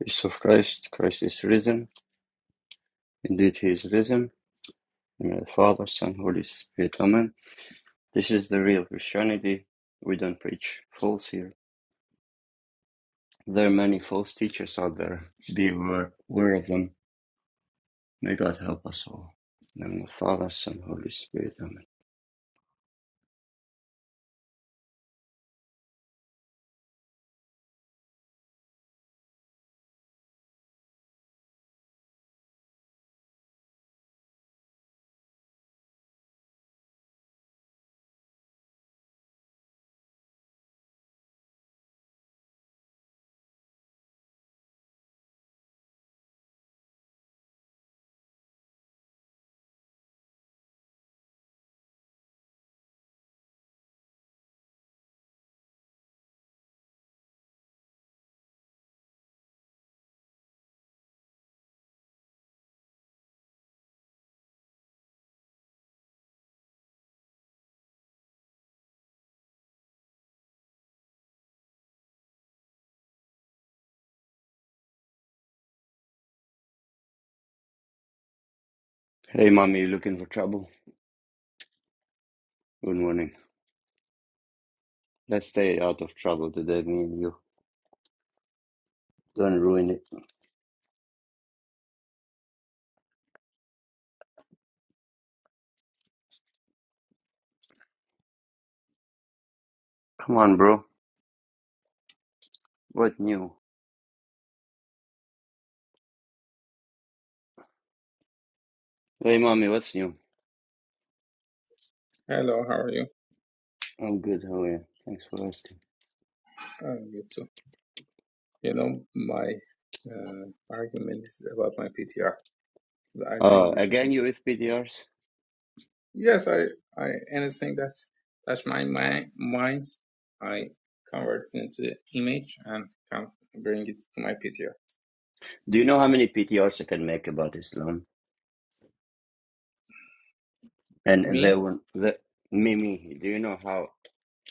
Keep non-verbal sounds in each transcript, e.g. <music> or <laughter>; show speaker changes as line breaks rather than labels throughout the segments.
Peace of Christ, Christ is risen. Indeed, he is risen. In the name of the Father, Son, Holy Spirit. Amen. This is the real Christianity. We don't preach false here. There are many false teachers out there. Be aware, of them. May God help us all. In the name of the Father, Son, Holy Spirit. Amen. Hey, mommy, you looking for trouble? Good morning. Let's stay out of trouble today, me and you. Don't ruin it. Come on, bro. What new? Hey, mommy, what's new?
Hello, how are you?
I'm good. How are you? Thanks for asking.
I'm good too. You know, my uh, argument is about my PTR. I think
Uh,
we
again,
didn't.
you with PDRs?
Yes, I, I understand that. That's my, my mind. I convert it into image and can bring it to my PTR.
Do you know how many PTRs I can make about Islam? And there
Me,
were the Mimi, do you know how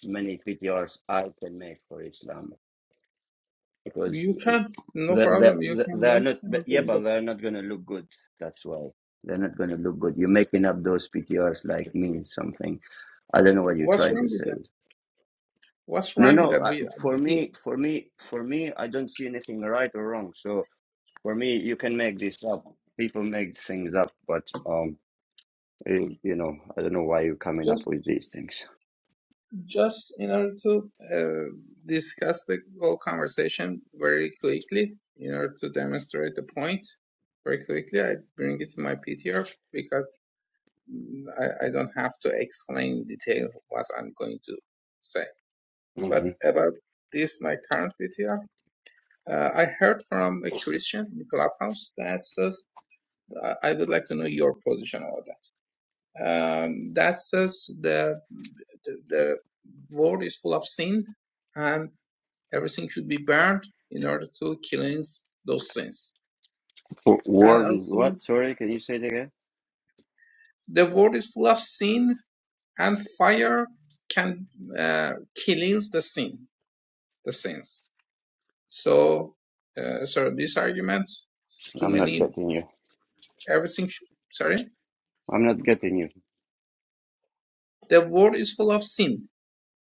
many PTRs I can make for Islam? Because
you
the,
can, no
the,
problem. You
the,
can
they are
make
not, but
and
yeah,
bring
but
it.
they're not going to look good. That's why they're not going to look good. You're making up those PTRs like means something. I don't know what you're
What's
trying
wrong
to
with
say.
that?
with-
What's
No,
wrong with
no.
that?
uh,
We,
For
it,
me, for me, for me, I don't see anything right or wrong. So for me, you can make this up. People make things up, but um. You, you know, I don't know why you're coming
just
up with these things.
Just in order to uh, discuss the whole conversation very quickly, in order to demonstrate the point very quickly, I bring it to my PTR because mm, I, I don't have to explain in detail what I'm going to say. But
hmm
about this, my current PTR, uh, I heard from a Christian in Clubhouse that says, I would like to know your position about that. Um, that says the, the, the world is full of sin and. Everything should be burned in order to cleanse those sins. And
World is
also,
what? Sorry, can you say it again?
the world is full of sin, and fire can uh, cleanse the sin, the sins. So, uh, sorry, this argument, too
I'm not
many,
getting you.
everything, should, sorry,
I'm not getting you.
the world is full of sin.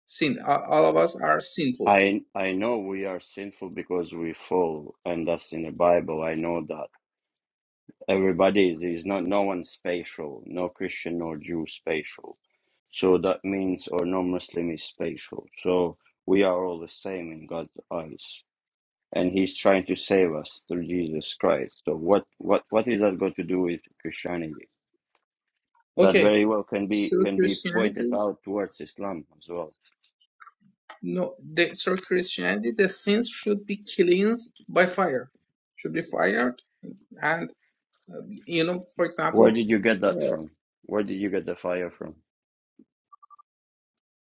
Sin, all of us are sinful.
I I know we are sinful because we fall, and that's in the Bible. I know that everybody is, is not no one spatial, no Christian nor Jew spatial. So that means, or no Muslim is spatial. So we are all the same in God's eyes, and He's trying to save us through Jesus Christ. So what what what is that got to do with Christianity? that
Okay,
very well can be
through
can be pointed
Christianity,
out towards Islam as well.
no, the, through Christianity, the sins should be cleansed by fire, should be fired, and Uh, You know, for
Where
example,
did you get that
uh,
from? Where did you get the fire from?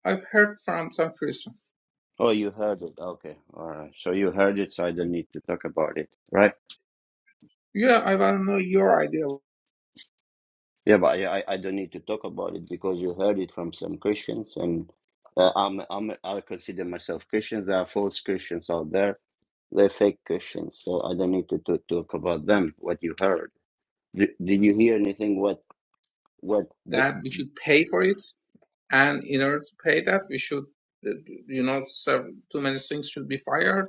I've heard from some Christians,
Oh, you heard it. Okay, all right. So you heard it, so I don't need to talk about it, right?
yeah, I want to know your idea
Yeah, but I I I don't need to talk about it because you heard it from some Christians, and uh, I'm I'm I consider myself Christian. There are false Christians out there. They're fake Christians, so I don't need to, to talk about them. What you heard? Did, did you hear anything? What what?
that we should pay for it, and in order to pay that, we should, uh, you know, serve, too many things should be fired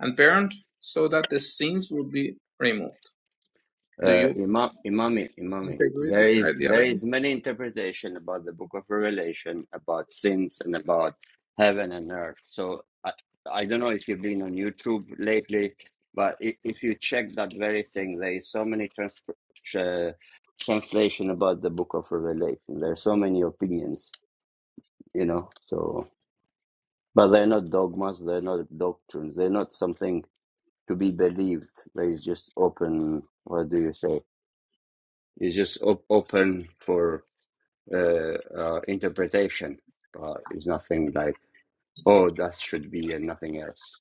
and burned so that the sins will be removed. Do
Uh,
you
Imam, Imami, Imami,
disagree with
there
this
is there
ideology?
is many interpretation about the Book of Revelation, about sins, and about heaven and earth. So I, I don't know if you've been on YouTube lately, but if, if you check that very thing, there is so many trans uh, translation about the Book of Revelation. There are so many opinions, you know. So, but they're not dogmas. They're not doctrines. They're not something to be believed. There is just open. What do you say? It's just op- open for uh, uh, interpretation. Uh, it's nothing like, oh, that should be and nothing else.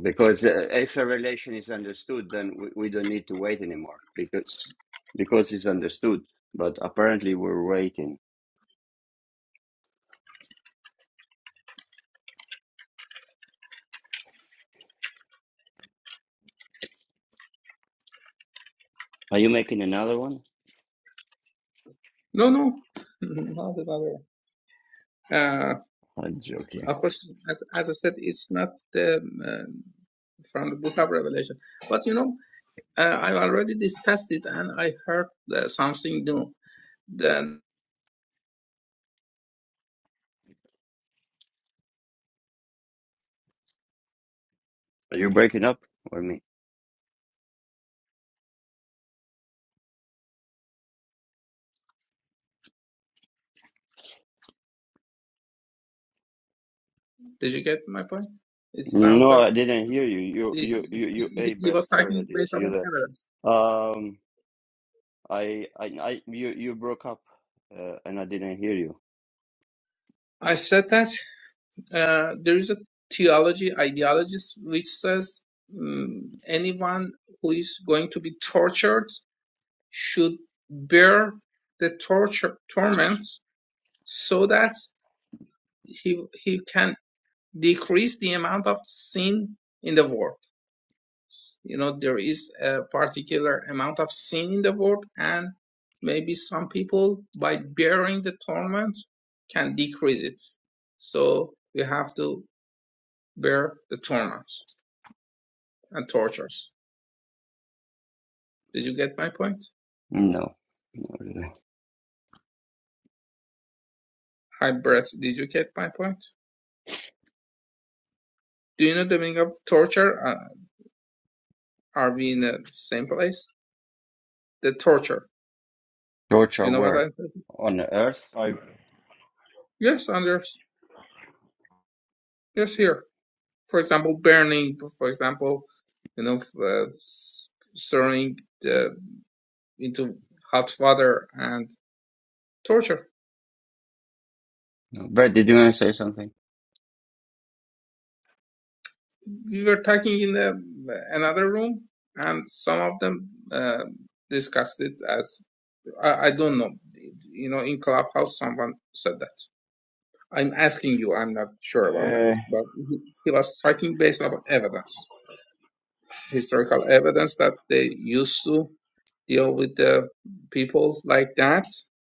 Because uh, if a relation is understood, then we, we don't need to wait anymore because because it's understood. But apparently, we're waiting. Are you making another one?
No, no, <laughs> not at all. Uh,
I'm joking.
of course, as, as I said, it's not the um, from the Book of Revelation, but you know. Uh, I've already discussed it and I heard uh, something new. Then,
Are you breaking up or me?
did you get my point? It sounds
No,
like
I didn't hear you. You, you,
he,
you, you.
he,
Hey,
he
Brett.
was
Sorry, I
talking
didn't
based
see
on
you
evidence.
there. Um, I, I, I you, you broke up, uh, and I didn't hear you.
I said that uh, there is a theology, ideologist, which says mm anyone who is going to be tortured should bear the torture torment so that he, he can decrease the amount of sin in the world you know there is a particular amount of sin in the world and maybe some people by bearing the torment can decrease it so we have to bear the torment and tortures did you get my point
No, not really.
hi brett did you get my point do you know the meaning of torture uh, are we in the same place the torture you
Torture
know what i
where?
mean?
On earth?
type
yes anders yes here for example burning for example you know uh, throwing the into hot water and torture.
No. Brett, did you want to say something?
We were talking in the, another room, and some of them uh, discussed it as I, I don't know. You know, in clubhouse, someone said that. I'm asking you. I'm not sure about that,
uh,
but he, he was talking based on evidence, historical evidence that they used to deal with the people like that,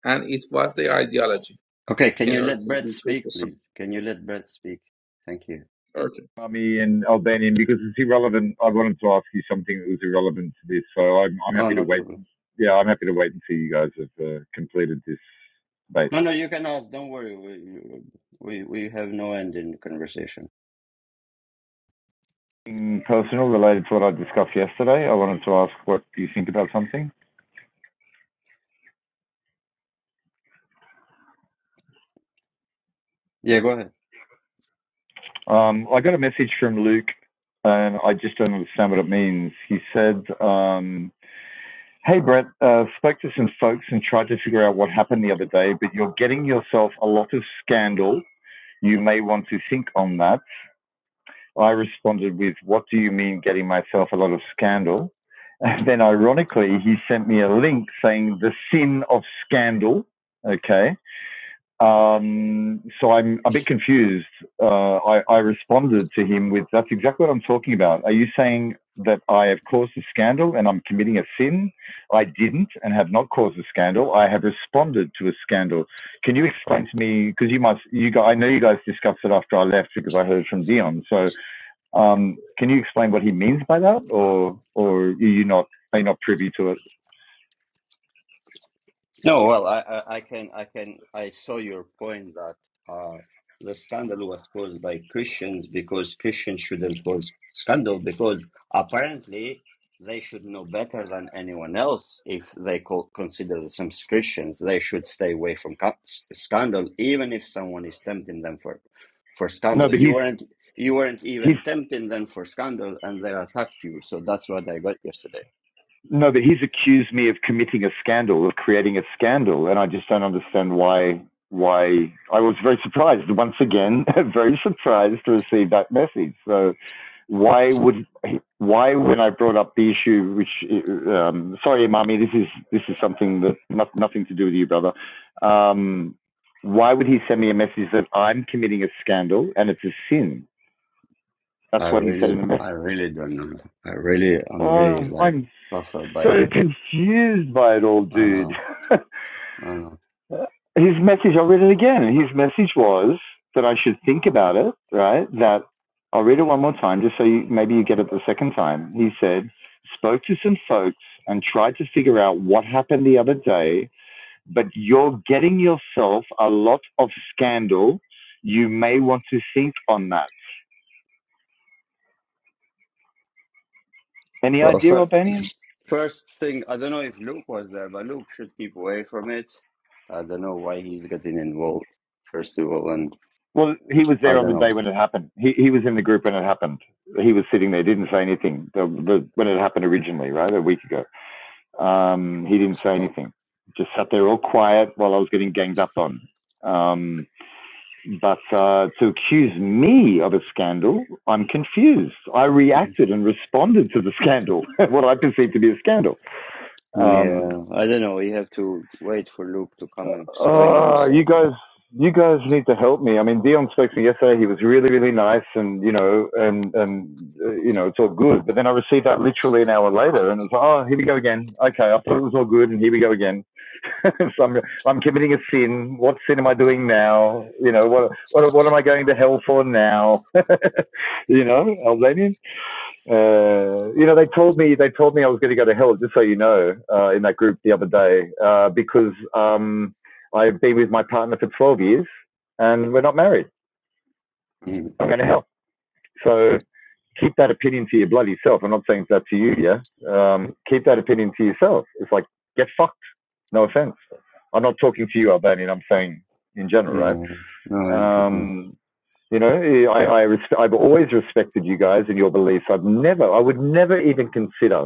and it was the ideology
Okay, can
in
you
order
let
to
Brett
be
speak,
the sun.
please? Can you let Brett speak? Thank you.
Okay,
Ami and Albanian because it's irrelevant. I wanted to ask you something that was irrelevant to this, so I'm I'm
Oh,
happy to
no
wait.
problem.
Yeah, I'm happy to wait until you guys have uh, completed this debate.
No, no, you can ask. Don't worry. We we, we have no end in conversation.
Something Personal, related to what I discussed yesterday, I wanted to ask what do you think about something.
Yeah, go ahead.
Um, I got a message from Luke, and I just don't understand what it means. He said. Um, Hey Brett, uh, spoke to some folks and tried to figure out what happened the other day, but you're getting yourself a lot of scandal You may want to think on that. I responded with, What do you mean getting myself a lot of scandal? And then, ironically, he sent me a link saying, The sin of scandal. Okay. Um, so I'm a bit confused. Uh, I, I responded to him with, "That's exactly what I'm talking about. Are you saying that I have caused a scandal and I'm committing a sin? I didn't and have not caused a scandal. I have responded to a scandal. Can you explain to me? Because you must, you guys, I know you guys discussed it after I left because I heard from Dion. So um, can you explain what he means by that, or or are you not are you not privy to it?
No, well, I, I, I can, I can, I saw your point that uh, the scandal was caused by Christians because Christians shouldn't cause scandal because apparently they should know better than anyone else if they co- consider themselves Christians. They should stay away from ca- s- scandal, even if someone is tempting them for, for
No,
scandal.
but
You
he's
weren't, you weren't
he's
even tempting them for scandal, and they attacked you. So that's what I got yesterday.
No, but he's accused me of committing a scandal, of creating a scandal, and I just don't understand why. Why I was very surprised once again, <laughs> very surprised to receive that message. So, why would why when I brought up the issue, which um, sorry, Imami, this is this is something that not, nothing to do with you, brother. Um, why would he send me a message that I'm committing a scandal and it's a sin? That's
I
what he said
really,
in the message.
I really don't know. I really, I'm really
Oh,
like
I'm
baffled by.
so confused by it all,
I
dude.
know.
<laughs>
I know.
his message, I'll read it again. His message was that I should think about it, right? That I'll read it one more time just so you, maybe you get it the second time. He said, spoke to some folks and tried to figure out what happened the other day, but you're getting yourself a lot of scandal. You may want to think on that. Any
Well,
idea,
fir-
Albanian?
first thing, I don't know if Luke was there, but Luke should keep away from it. I don't know why he's getting involved. First of all, and
Well, he was
I
there on
don't
the
know.
day when it happened. He he was in the group when it happened. He was sitting there, didn't say anything. The, the, when it happened originally, right, a week ago, um, he didn't say
Uh,
anything. Just sat there all quiet while I was getting ganged up on. Um, but uh, to accuse me of a scandal, I'm confused. I reacted and responded to the scandal, <laughs> what I perceived to be a scandal. Um,
yeah, I don't know. You have to wait for Luke to come and explain
Uh, you
himself.
guys, you guys need to help me. I mean, Dion spoke to me yesterday. He was really, really nice, and you know, and and uh, you know, it's all good. But then I received that literally an hour later, and it's like, oh, here we go again. Okay, I thought it was all good, and here we go again. <laughs> so I'm, I'm committing a sin. What sin am I doing now? You know, what, what, what am I going to hell for now? <laughs> you know, Albanian. Uh, you know, they told me they told me I was going to go to hell. Just so you know, uh, in that group the other day, uh, because um, I've been with my partner for 12 years and we're not married.
Mm,
I'm going to hell. So keep that opinion to your bloody self. I'm not saying that to you, yeah. Um, keep that opinion to yourself. It's like get fucked. No offense. I'm not talking to you, Albanian. I'm saying in general, right?
No, no, I get you.
Um, you know, I, I resp- I've always respected you guys and your beliefs. I've never, I would never even consider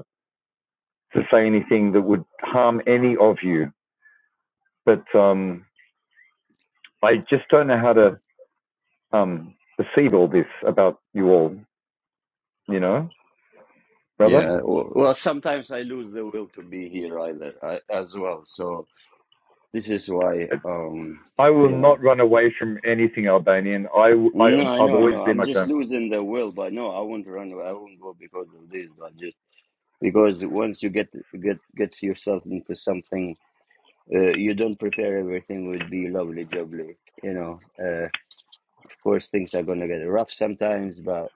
to say anything that would harm any of you, but um, I just don't know how to um, perceive all this about you all, you know, brother.
Yeah. Well, well, sometimes I lose the will to be here either I, as well. So. This is why, um,
I will
you
not
know.
run away from anything Albanian. I,
No, I
have
know, I
always
know.
been
I'm
like
just
that.
losing the will, but no, I won't run. I won't go because of this, but just because once you get get gets yourself into something, uh, you don't prepare everything will be lovely jubbly. You know, uh, of course things are gonna get rough sometimes, but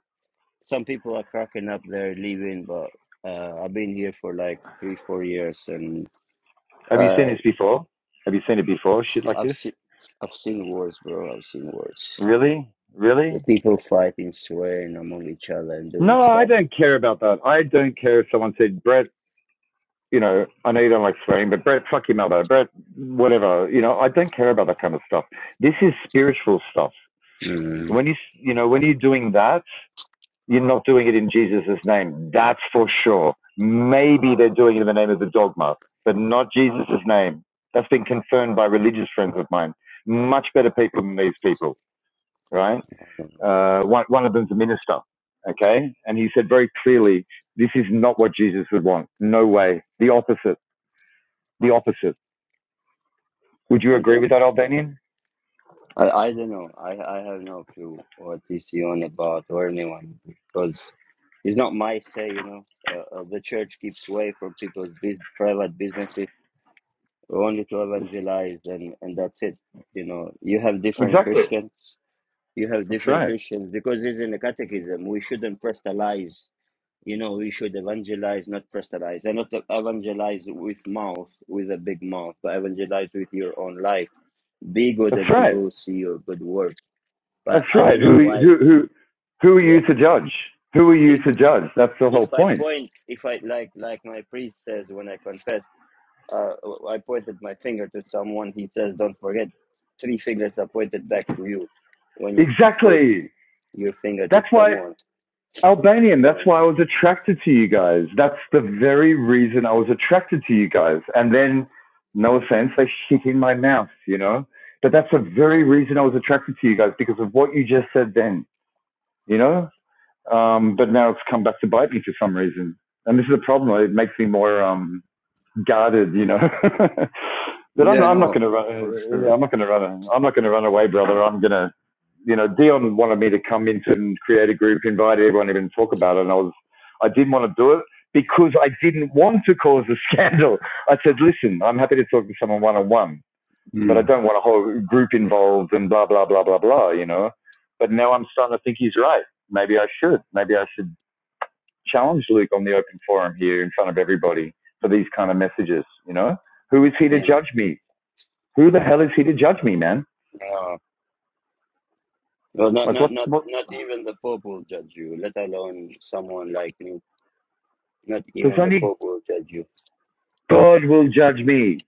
some people are cracking up, they're leaving. But uh, I've been here for like three, four years, and
Have you seen
uh,
this before? Have you seen it before? Shit like
I've
this?
seen I've seen wars, bro. I've seen wars.
Really?
The
Really?
people fighting, swearing among each other and doing
No, I
stuff.
don't care about that. I don't care if someone said, Brett, you know, I know you don't like swearing, but Brett, fuck your mother. Brett, whatever. You know, I don't care about that kind of stuff. This is spiritual stuff.
Mm.
When you you know when you're doing that, you're not doing it in Jesus' name. That's for sure. Maybe they're doing it in the name of the dogma, but not Jesus' name. That's been confirmed by religious friends of mine. Much better people than these people, right? Uh, one, one of them's a minister, okay? And he said very clearly, this is not what Jesus would want. No way. The opposite. The opposite. Would you
I
agree with
don't.
that, Albanian?
I, I don't know. I I have no clue what is he on about or anyone because it's not my say. You know, uh, uh, the church keeps away from people's bus private businesses only to evangelize and and that's it. You know, you have different
Exactly.
Christians. You have
That's
different
right.
Christians because it's in the catechism. We shouldn't personalize You know, we should evangelize, not proselytize, and not evangelize with mouth, with a big mouth, but evangelize with your own life. Be good,
That's
and
right.
people will see your good works.
That's
But I
right.
don't know
Who
why.
who who who are you
Yeah,
to judge? Who are you
if
to judge? That's the whole
if I
point.
point, if I like, like my priest says when I confess, uh, I pointed my finger to someone. He says, "Don't forget, three fingers are pointed back to you when you point
Exactly.
your finger to
That's why
someone."
Albanian. That's
So,
why I was attracted to you guys. That's the very reason I was attracted to you guys. And then, no offense, they shit in my mouth, you know. But that's the very
yeah,
reason I was attracted to you guys because of what you just said then, you know. Um, but now it's come back to bite me for some reason, and this is a problem. It makes me more um, guarded, you know. <laughs> but I'm
yeah,
not, I'm not
no,
going to run.
for
Yeah, I'm
sure.
not going to run. I'm not going to run away, brother. I'm going to, you know, Dion wanted me to come into and create a group, invite everyone, even talk about it. And I was, I didn't want to do it because I didn't want to cause a <laughs> scandal. I said, listen, I'm happy to talk to someone one on one, but I
Mm.
don't want a whole group involved and blah blah blah blah blah. You know. But now I'm starting to think he's right. Maybe I should. Maybe I should challenge Luke on the open forum here in front of everybody for these kind of messages. You know, who is he to judge me? Who the hell is he to judge me, man?
Yeah. Well, not
Like,
not
what?
not
What?
not even the Pope will judge you, let alone someone like me. Not
There's
even the
only
Pope will judge you,
God will judge me.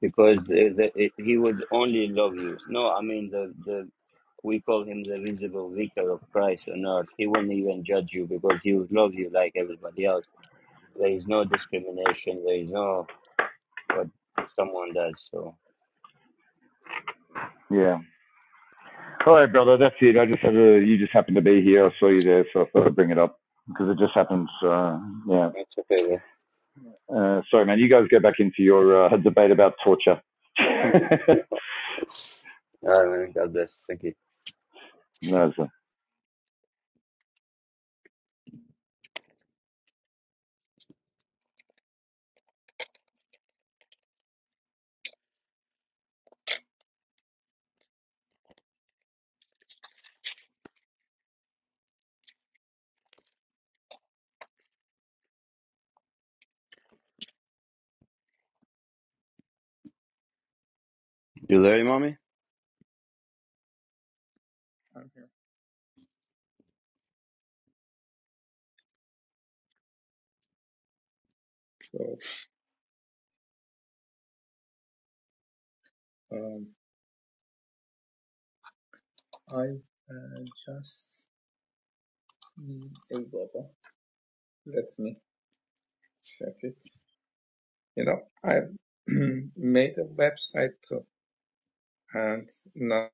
because the, the, it, he would only love you. No, I mean the the we call him the visible vicar of Christ on earth. He wouldn't even judge you because he would love you like everybody else. There is no discrimination. There is no what someone does. So
Yeah. All right, brother. That's it. I just had to, you just happened to be here. I saw you there, so I thought I'd bring it up because it just happens. Uh, yeah.
that's okay.
Uh, sorry, man. You guys go back into your uh, debate about torture. <laughs>
Yeah. All right, man. God bless. Thank you.
no, sir.
You there, Imami?
so. am I uh, just need a bubble. Let me check it. You know, I <clears throat> made a website too, and not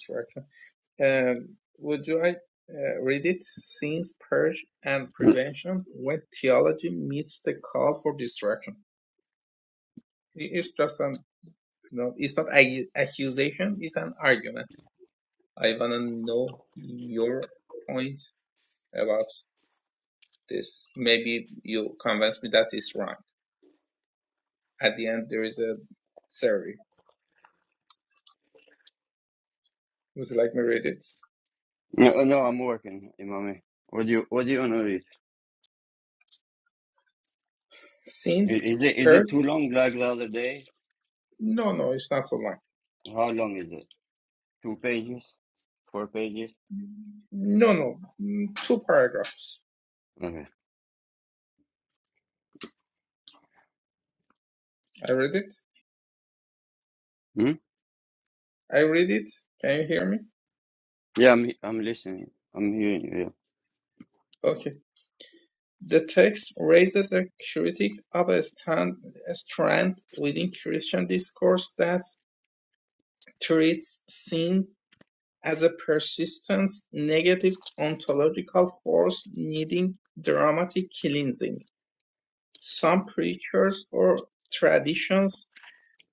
tracker. Um, would you I uh, read it? Since purge and
No,
prevention, when theology meets the call for destruction, it's just an you know, it's not a accusation. It's an argument. I wanna know your point about this. Maybe you convince me that it's wrong. At the end, there is a survey. Would you like me to read it?
no, I'm working, Imami. What do you What do you want to read? I-
Seen?
Is it is it
Heard?
too long like the other day?
No, no, it's not so long.
How long is it? Two pages? Four pages?
No, no, mm, two paragraphs.
Okay.
I read it.
Hmm?
I read it. Can you hear me?
Yeah, I'm I'm listening. I'm hearing you. Yeah.
Okay. The text raises a critique of a, stand, a strand within Christian discourse that treats sin as a persistent negative ontological force needing dramatic cleansing. Some preachers or traditions,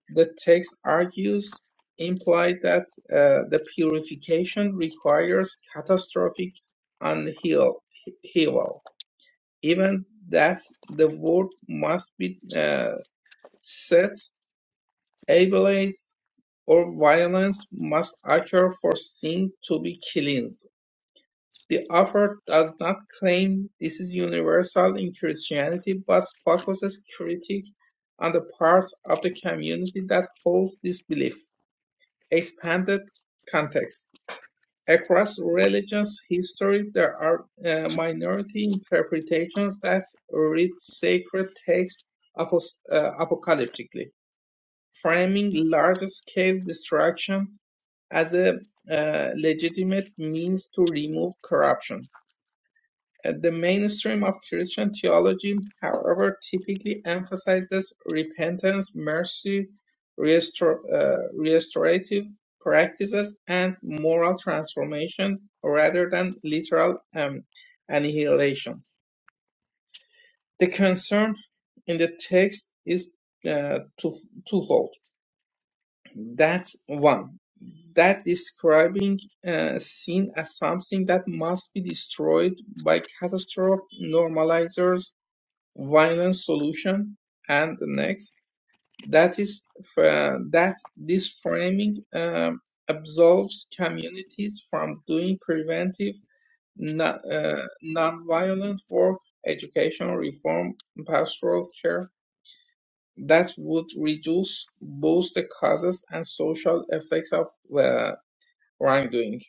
the text argues, imply that uh, the purification requires catastrophic unheal- heal, even that the word must be uh, set, ablaze, or violence must occur for sin to be cleansed. The author does not claim this is universal in Christianity but focuses critique on the parts of the community that holds this belief. Expanded context. Across religions history there are uh, minority interpretations that read sacred texts apos- uh, apocalyptically, framing large-scale destruction as a uh, legitimate means to remove corruption the mainstream of Christian theology, however, typically emphasizes repentance, mercy, restor- uh, restorative practices, and moral transformation rather than literal um, annihilation. The concern in the text is uh, two- twofold. That's one, that describing uh, sin as something that must be destroyed by catastrophe normalizers violent solution and the next that is fra- that this framing um, absolves communities from doing preventive non uh, non-violent work education reform pastoral care that would reduce both the causes and social effects of uh, wrongdoing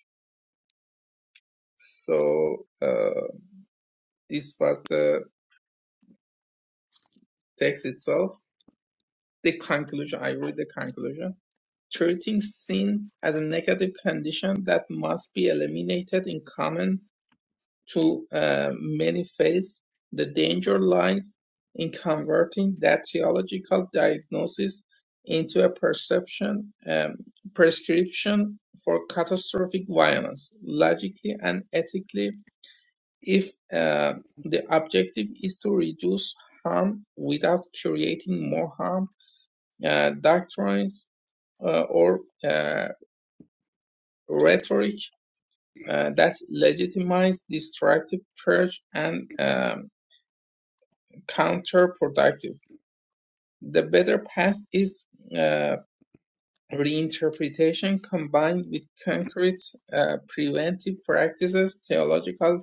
so uh, this was the text itself the conclusion i read the conclusion Treating sin as a negative condition that must be eliminated in common to uh, many faiths, the danger lies in converting that theological diagnosis into a perception um, prescription for catastrophic violence, logically and ethically, if uh, the objective is to reduce harm without creating more harm. Uh, doctrines uh, or uh, rhetoric uh, that legitimizes destructive purge and um, counterproductive. The better path is uh, reinterpretation combined with concrete uh, preventive practices, theological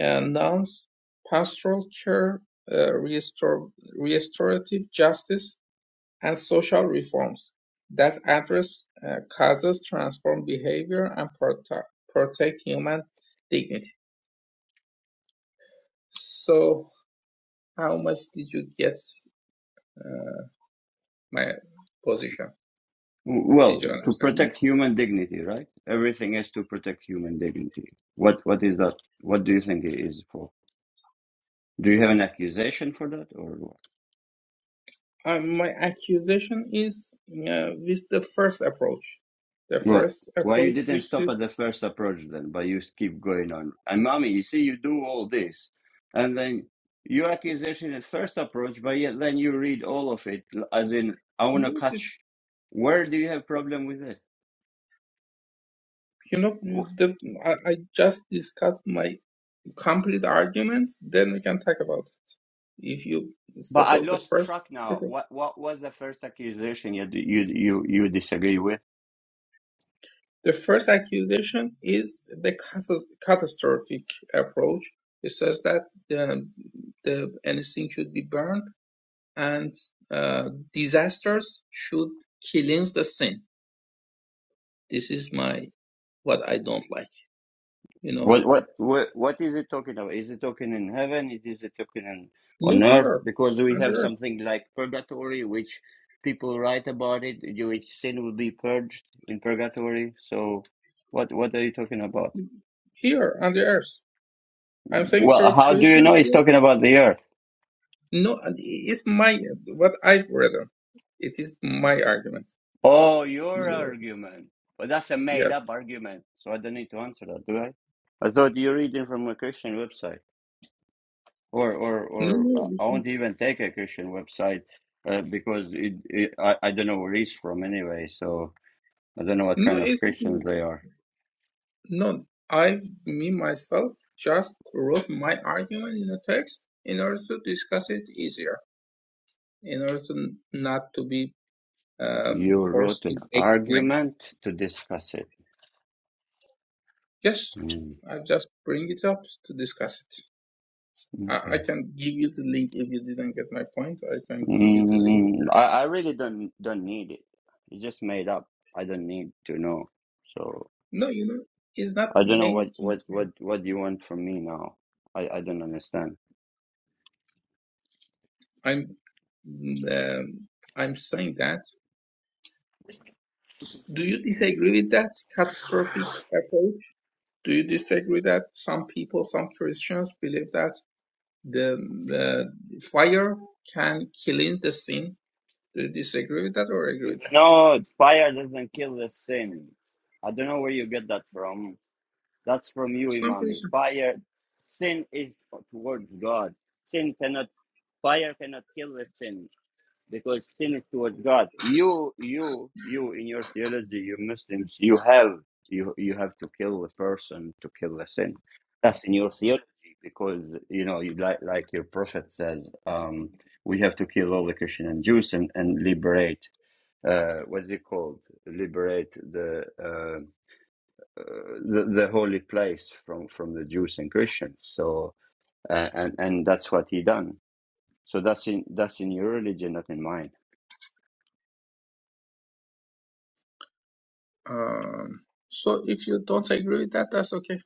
uh, norms, pastoral care, uh, restor- restorative justice, and social reforms that address uh, causes, transform behavior, and protect protect human dignity. So, how much did you get uh, my position?
W- Well,
Did you
to
understand?
protect human dignity, right? Everything is to protect human dignity. What what is that? What do you think it is for? Do you have an accusation for that, or?
Uh, my accusation is uh, with the first approach. The
What?
first
Why you
approach,
didn't
which
stop
is,
at the first approach then, but you keep going on? And mommy, you see, you do all this, and then your accusation at first approach, but yet then you read all of it, l- as in, I want to
yes, it's,
catch. Where do you have problem with it?
you know, the, I, I just discussed my complete argument, then we can talk about it. If you
But I
suppose the
lost
first,
track now.
okay.
What what was the first accusation you you you you disagree with?
the first accusation is the cas- catastrophic approach. It says that the, the anything should be burned and uh, disasters should killings the sin. This is my what I don't like. You know,
What what what what is it talking about? Is it talking in heaven? It is it talking in, on
no
earth?
here
Because we
on the
have
earth,
something like purgatory, which people write about it. Which sin will be purged in purgatory. So, what what are you talking about?
here on the earth. I'm saying
Well,
so
how do you
creation.
know he's talking about the earth?
No, and it's my what I've read. It is my argument.
Oh,
My
your
right.
argument. But that's a made
Yes.
up argument, so I don't need to answer that, do I? I thought you're reading from a Christian website, or or
No,
or
no,
uh,
it's
I
not.
won't even take a Christian website uh, because it, it I I don't know where he's from anyway, so I don't know what
no.
kind of
It's
Christians they are.
no. I've me myself just wrote my argument in a text in order to discuss it easier. in order to not to be um,
You wrote
forced to
an
explain.
argument to discuss it.
Yes,
Mm,
I just bring it up to discuss it. I, I
okay.
can give you the link if you didn't get my point. I can give you the link if
Mm,
you
I
read
I
it
really
yourself.
don't don't need it. It's just made up. I don't need to know. So.
No, you know, it's not
I don't know what
making.
what what what you want from me now. I I don't understand.
I'm um, I'm saying that. Do you disagree with that catastrophic approach? Do you disagree that some people, some Christians, believe that the uh, fire can kill in the sin? Do you disagree with that or agree with that?
No, fire doesn't kill the sin. I don't know where you get that from. That's from you,
It's not
Imami.
reason.
Fire, sin is towards God. Sin cannot, fire cannot kill the sin. because sin is towards God. You, you, you in your theology, you Muslims, you have you you have to kill the person to kill the sin. That's in your theology because you know you like like your prophet says, um, we have to kill all the Christian and Jews and, and liberate uh what's it called? Liberate the uh, uh, the, the holy place from, from the Jews and Christians. So uh, and and that's what he done. So that's in that's in your religion, not in mine.
Um, so if you don't agree with that, that's okay.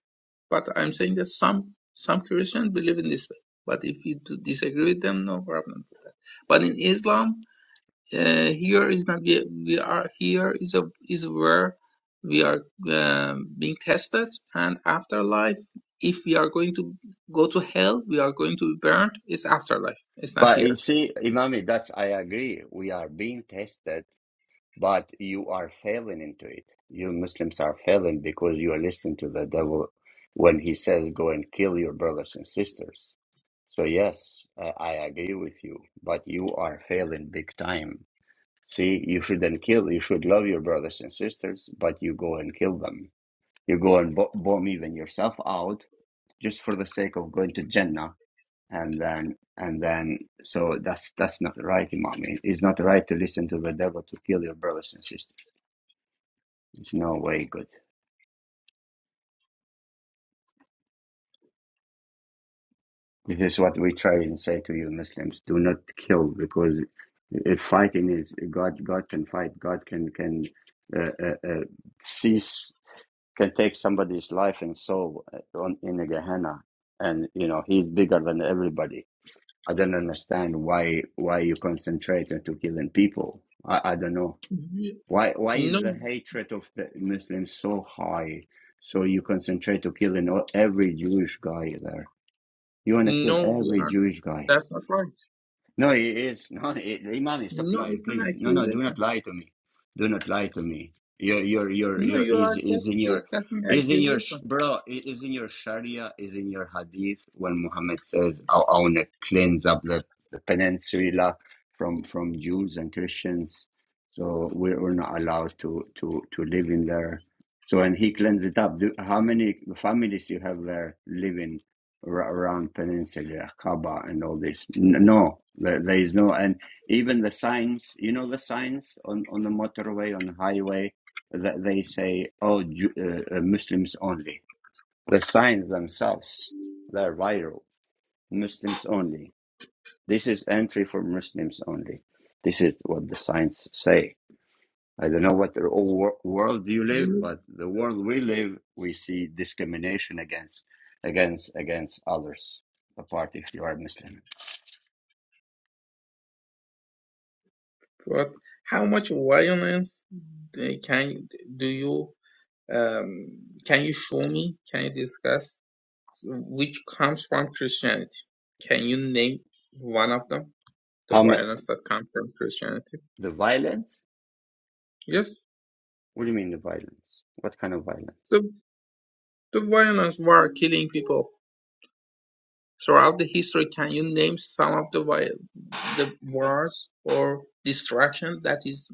But I'm saying that some some Christians believe in this way. But if you do disagree with them, no problem with that. But in Islam, uh, here is not we, we are here is a is where we are um, being tested, and afterlife. If we are going to go to hell, we are going to be burned. It's afterlife. It's not
But
here.
you see, Imami, that's I agree. We are being tested, but you are failing into it. You Muslims are failing because you are listening to the devil when he says, "Go and kill your brothers and sisters." So yes, I, I agree with you, but you are failing big time. See, you shouldn't kill. You should love your brothers and sisters, but you go and kill them. You go and bo- bomb even yourself out just for the sake of going to Jannah and then and then so that's that's not right imam It- it's not right to listen to the devil to kill your brothers and sisters it's no way good this is what we try and say to you muslims do not kill because if fighting is god god can fight god can can uh, uh, uh, cease can take somebody's life and soul uh, on in a gehenna and you know he's bigger than everybody i don't understand why why you concentrate into killing people i, I don't know
You-
Why why
No,
is the hatred of the Muslims so high? So you concentrate to killing all- every Jewish guy there. You want to kill
no, we
every
are.
Jewish guy.
That's not right.
No, he is No, it, Imam, stop
No,
lying,
it's an
please. No, no, do
accusation.
not lie to me. Do not lie to me. Your, your, your,
No,
your
you
is
are
is
just
in your
discussing
is in your sh-
accusation.
bro. It is in your Sharia. Is in your Hadith when Muhammad says, "I I want to cleanse up the, the peninsula from from Jews and Christians." So we're, we're not allowed to to to live in there. So and he cleansed it up. Do, how many families you have there living? ar- around Peninsula, Kaaba, and all this. N- No, there, there is no, and even the signs. You know the signs on on the motorway, on the highway, that they say, "Oh, Ju- uh, uh, Muslims only." The signs themselves, they're viral. Muslims only. This is entry for Muslims only. This is what the signs say. I don't know what the whole wor- world you live,
You
but the world we live, we see discrimination against against against others. Apart if you are Muslim,
look what? How much violence they can do you? Um, can you show me? Can you discuss which comes from Christianity? Can you name one of them? The
how ma-
violence that comes from Christianity.
the violence?
Yes,
What do you mean the violence? What kind of violence?
the the violence, war, killing people throughout the history. Can you name some of the the wars or destruction that is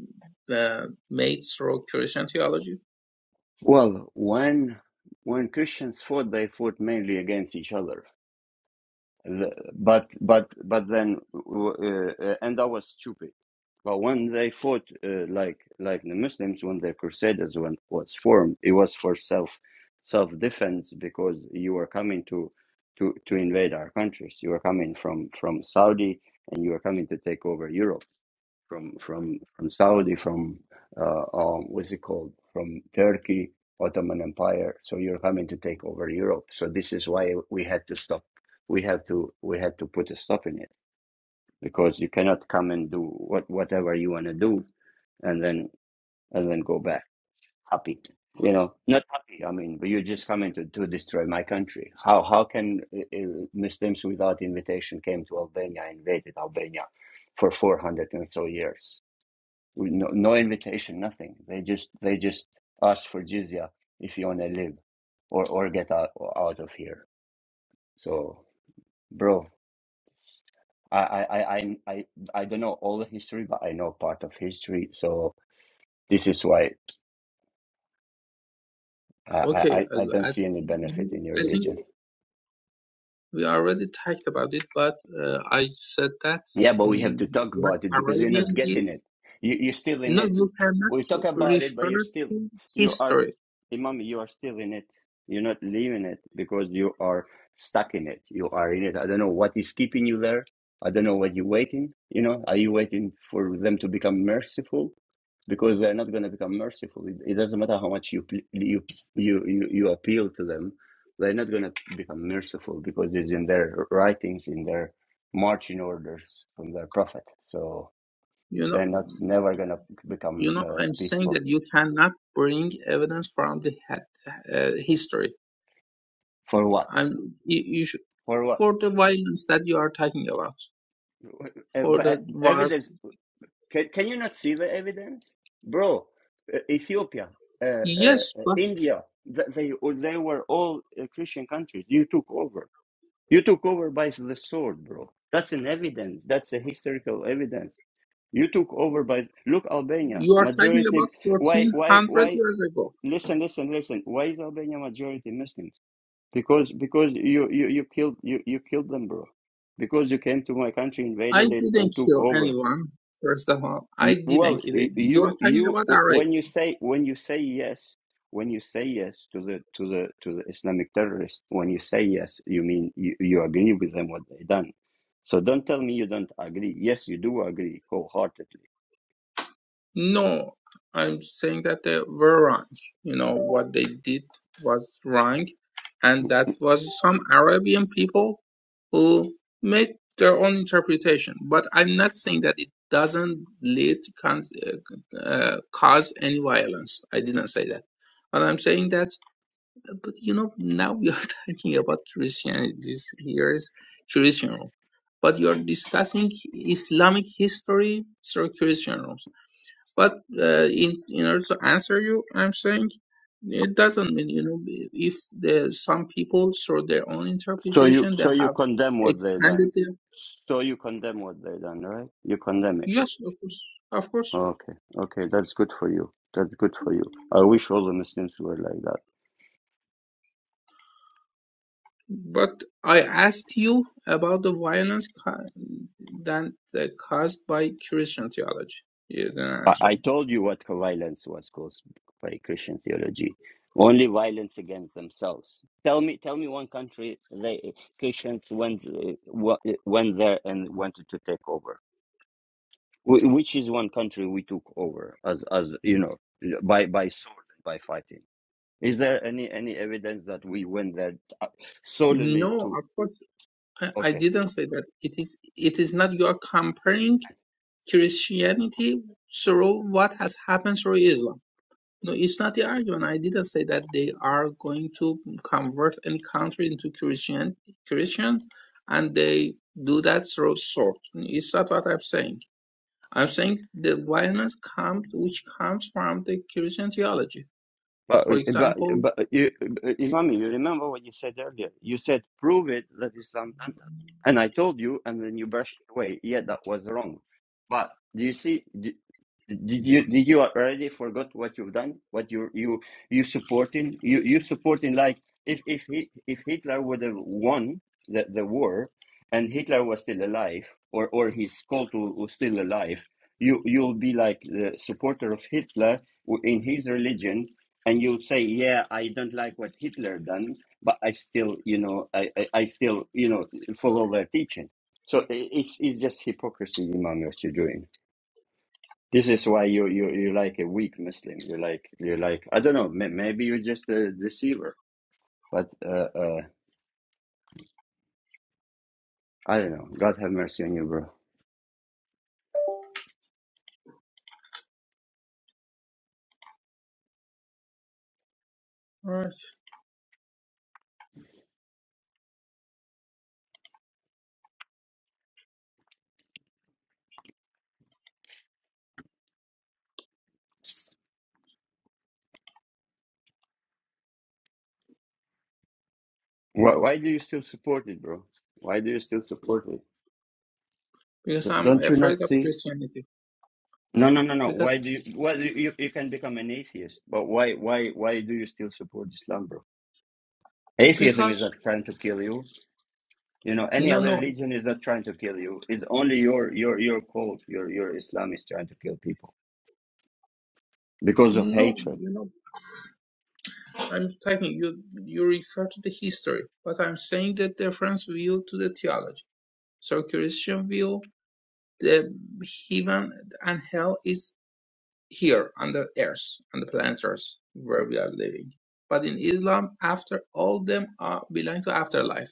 uh, made through Christian theology?
Well, when when Christians fought, they fought mainly against each other. The- but but but then w- uh, uh, and I was stupid but when they fought uh, like like the muslims when the crusaders when was formed it was for self self defense because you were coming to to to invade our countries you were coming from from saudi and you were coming to take over europe from from from Saudi, from uh, um, what's it called, from Turkey, Ottoman Empire. So you're coming to take over Europe. So this is why we had to stop. We have to we had to put a stop in it because you cannot come and do what whatever you want to do and then and then go back happy. You know, not happy. I mean, but you're just coming to, to destroy my country. How how can uh, uh, Muslims without invitation came to Albania, invaded Albania for 400 and so years? No, no invitation, nothing. They just they just ask for jizya if you want to live or or get out out of here. So, bro, I I I I I I don't know all the history, but I know part of history. So this is why I
Okay,
I I
uh,
I
I,
don't see any benefit in your
I think
religion.
we already talked about it, but uh, I said that
Yeah, but we have
mm,
to talk
what
about it because you're not
Arabian did.
getting it. You, you're still in
No,
it.
you cannot
We talk about it, but
refer
you're still,
to
you are,
history.
Imam, you are still in it. You're not leaving it because you are stuck in it. You are in it. I don't know what is keeping you there. I don't know what you're waiting. You know, are you waiting for them to become merciful? Because they're not going to become merciful. It, it doesn't matter how much you, pl- you you you you appeal to them. They're not going to become merciful because it's in their writings, in their marching orders from their prophet. So
You know,
they're not never gonna become
You know,
uh,
I'm saying
peaceful.
that you cannot bring evidence from the he- uh, history.
For what?
I'm you, you should
For what?
for the violence that you are talking about for the wars.
Evidence? Can, can you not see the evidence, bro? uh, Ethiopia, uh, uh, uh,
Yes, but
India, they oh, they were all uh, Christian countries. You took over. You took over by the sword, bro. That's an evidence. That's a historical evidence. You took over by look Albania
you are talking
majority.
about
Why why
1400
why
years ago.
listen, listen, listen. Why is Albania majority Muslims? Because because you you you killed you you killed them, bro. Because you came to my country,
I
invaded it, and
didn't
took
kill
over.
anyone. First of all, I
Y-
didn't
Well,
kill
y-
it. You are
you
talking
you
about Arabs.
when you say when you say yes, when you say yes to the to the to the Islamic terrorists, when you say yes, you mean you, you agree with them what they done. So don't tell me you don't agree. Yes, you do agree wholeheartedly.
No, I'm saying that they were wrong. You know, what they did was wrong. And that was some Arabian people who made their own interpretation. But I'm not saying that it doesn't lead, con- uh, uh, cause any violence. I didn't say that. But I'm saying that, but you know, now we are <laughs> talking about Christianity. This here is Christian rule. But you're discussing Islamic history through Christian rules. But uh, in in order to answer you, I'm saying it doesn't mean you know if the some people through their own
So you
interpretation they
so you
have
condemn what they
expanded
done.
their
So you condemn what they done, right? You condemn it.
yes of course of course.
Okay, okay, that's good for you. That's good for you. I wish all the Muslims were like that.
But I asked you about the violence ca- that uh, caused by Christian theology. You didn't
I,
answer.
I told you what violence was caused by Christian theology. Only violence against themselves. Tell me, tell me one country they Christians went uh, wa- uh, went there and wanted to take over. Wh- Which is one country we took over as as you know by by sword and by fighting. Is there any any evidence that we went there uh,
me.
solely
No,
to?
of course I, I
okay.
didn't say that. It is it is not you are comparing Christianity through what has happened through Islam. No, it's not the argument. I didn't say that they are going to convert any country into Christian Christian, and they do that through sword. It's not what I'm saying. I'm saying the violence comes, which comes from the Christian theology.
But
For
but
example,
but you, Imami, you remember what you said earlier? You said prove it that Islam done that, and I told you, and then you brushed it away. Yeah, that was wrong. But do you see? Did, did you did you already forgot what you've done? What you you you supporting? You you supporting like if if he, if Hitler would have won the, the war, and Hitler was still alive, or or his cult wa- was still alive, you you'll be like the supporter of Hitler w- in his religion and you say, "Yeah, I don't like what Hitler done, but I still, you know, I, I, I still, you know, follow their teaching." So i- it's it's just hypocrisy, Imam, what you're doing. This is why you you you like a weak Muslim. You like you like I don't know. May, maybe you're just a deceiver, but uh, uh, I don't know. God have mercy on you, bro.
right?
Why, why do you still support it, bro? Why do you still support it?
Because
D-
I'm
don't you
afraid
not
of
see?
Christianity.
No, no, no, no.
Because
Why do you? Well, you, you you can become an atheist, but why, why, why do you still support Islam, bro? Atheism is
because
not trying to kill you. You know, any
no
other
no
religion is not trying to kill you. It's only your your your cult, your your Islam is trying to kill people because of
no
hatred.
you know I'm talking you you refer to the history, but I'm saying the difference view to the theology. So Christian view The heaven and hell is here on the earth, on the planet earth where we are living. But in Islam, after all them are belong to afterlife.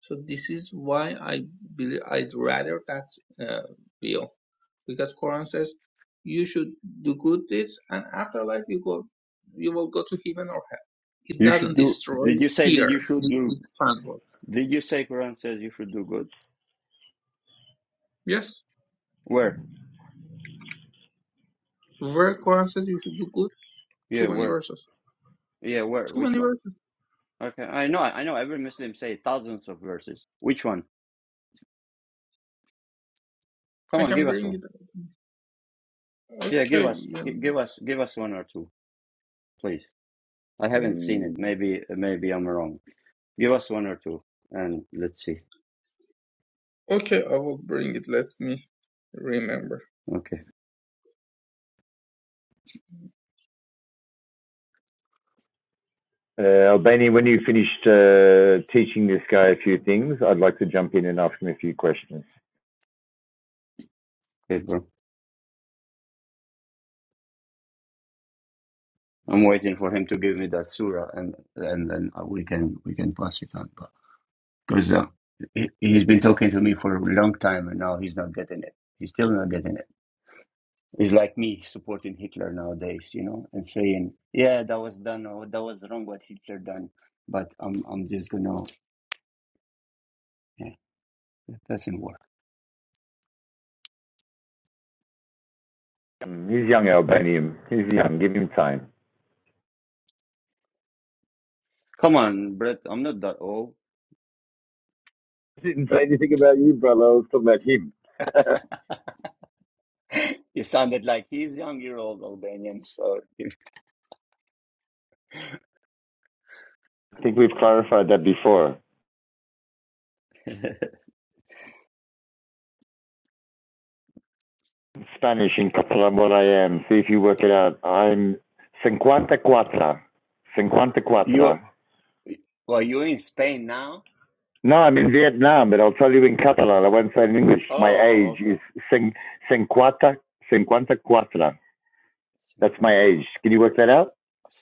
So this is why I believe I'd rather that uh, view, because Quran says you should do good deeds and afterlife you go, you will go to heaven or hell. It
You
doesn't
should do.
destroy
Did you say? Did you
here
should
th-
do?
this planet world.
Did you say Quran says you should do good?
Yes,
Where?
where Quran says you should do good, too
Yeah,
many
where?
verses.
Yeah, where?
Too
Which
many
one?
verses.
Okay, I know, I know. Every Muslim say thousands of verses. Which one? Come
I
on,
can
give us
bring
one.
it
Yeah, give
Okay.
us, gi-
um,
give us, give us one or two. please. I haven't seen
mm,
it. Maybe maybe I'm wrong. Give us one or two, and let's see.
okay, I will bring it. Let me remember.
Okay,
Uh, Albani, when you finished uh, teaching this guy a few things, I'd like to jump in and ask him a few questions.
okay, bro. I'm waiting for him to give me that surah, and and then we can we can pass it on. Because uh, he, he's been talking to me for a long time, and now he's not getting it. He's still not getting it. It's like me supporting Hitler nowadays, you know, and saying, "Yeah, that was done. Or that was wrong. What Hitler done." But I'm I'm just gonna. Yeah, that doesn't work.
Um, He's young, Albanian. He's young. Give him time.
Come on, Brett. I'm not that old.
He didn't say anything about you, brother. I was talking about him. <laughs> I
<laughs> You sounded like he's young year old Albanian. So
think we've clarified that before.
<laughs>
In Spanish in Catalan, what I am. See if you work it out. I'm 54.
you
54.
well, you're in Spain now?
No, I'm in Vietnam, but I'll tell you in Catalan. I won't say in English.
Oh,
My age
oh, okay.
is 54. 54. That's
50,
my age. Can you work that out?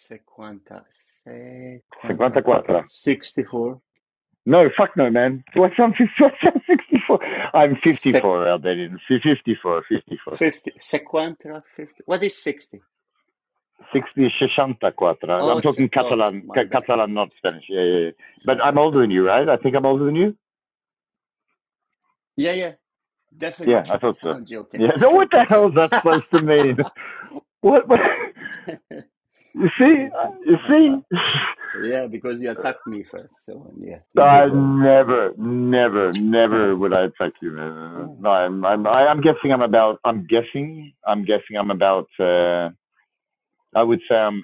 50, 50,
54.
64,
No, fuck no, man. What's I'm, what's I'm 64? <laughs> I'm
sec,
54, Albanian. Fi- 54, 54.
50, 50, 50. What is 60?
64.
Oh,
I'm
se-
talking
oh,
Catalan,
my bad,
Catalan, not Spanish. Yeah, yeah, yeah.
my
But I'm
bad.
older than you, right? I think I'm older than you?
Yeah, yeah,
Yeah,
definitely.
I thought
<laughs>
so.
I'm joking.
Yeah. <laughs> No, what the hell is that
<laughs>
supposed to mean? What? what <laughs> you see? You
<laughs>
see? <laughs>
Yeah, because you attacked me first, so yeah, you
I
deserve
never, never,
it. <laughs>
never would I attack you, man.
Mm.
No, I'm, I'm, I- I'm guessing I'm about, I'm guessing, I'm guessing I'm about, uh, I would say I'm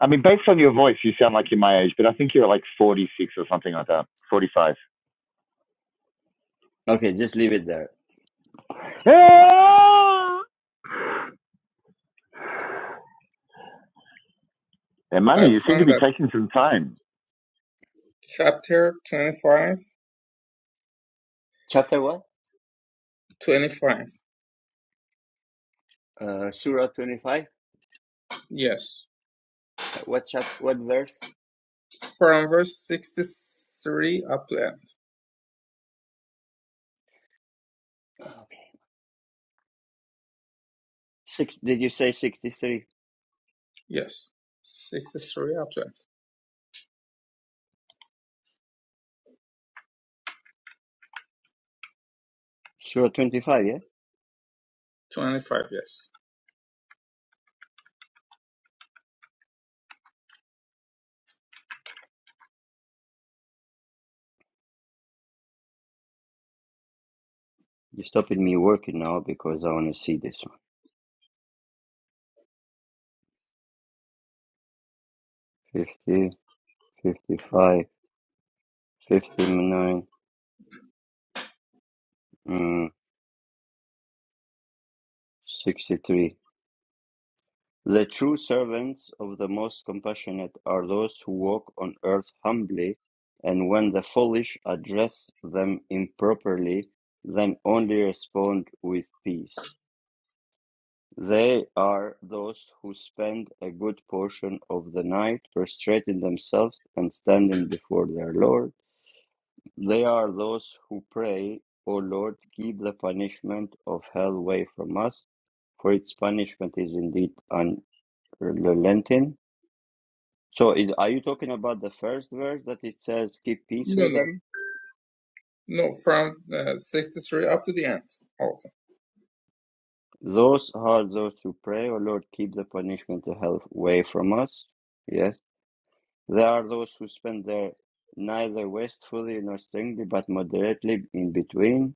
I mean, based on your voice, you sound like you're my age, but I think you're like 46 or something like that, 45.
Okay, just leave it there.
<laughs>
I
Imani, you seem to
found
be
that
taking some time.
chapter 25,
Chapter what?
25.
Uh, Surah 25?
Yes.
Uh, what chap? What verse?
From verse 63 up to end.
Okay. Six. Did you say 63?
Yes. 63 up to end.
Surah 25, yeah?
25, yes.
you stopping me working now because I want to see this one. 50, fifty-five, fifty-nine, mm, 63. The true servants of the most compassionate are those who walk on earth humbly, and when the foolish address them improperly, then only respond with peace. They are those who spend a good portion of the night prostrating themselves and standing before their Lord. They are those who pray, O Lord, keep the punishment of hell away from us, for its punishment is indeed unrelenting. So, is, are you talking about the first verse that it says, keep peace
No,
with
no.
them?
No, from uh, 63 up to the end. Okay.
Those are those who pray, O Lord, keep the punishment of hell away from us. Yes. There are those who spend their neither wastefully nor strictly, but moderately in between.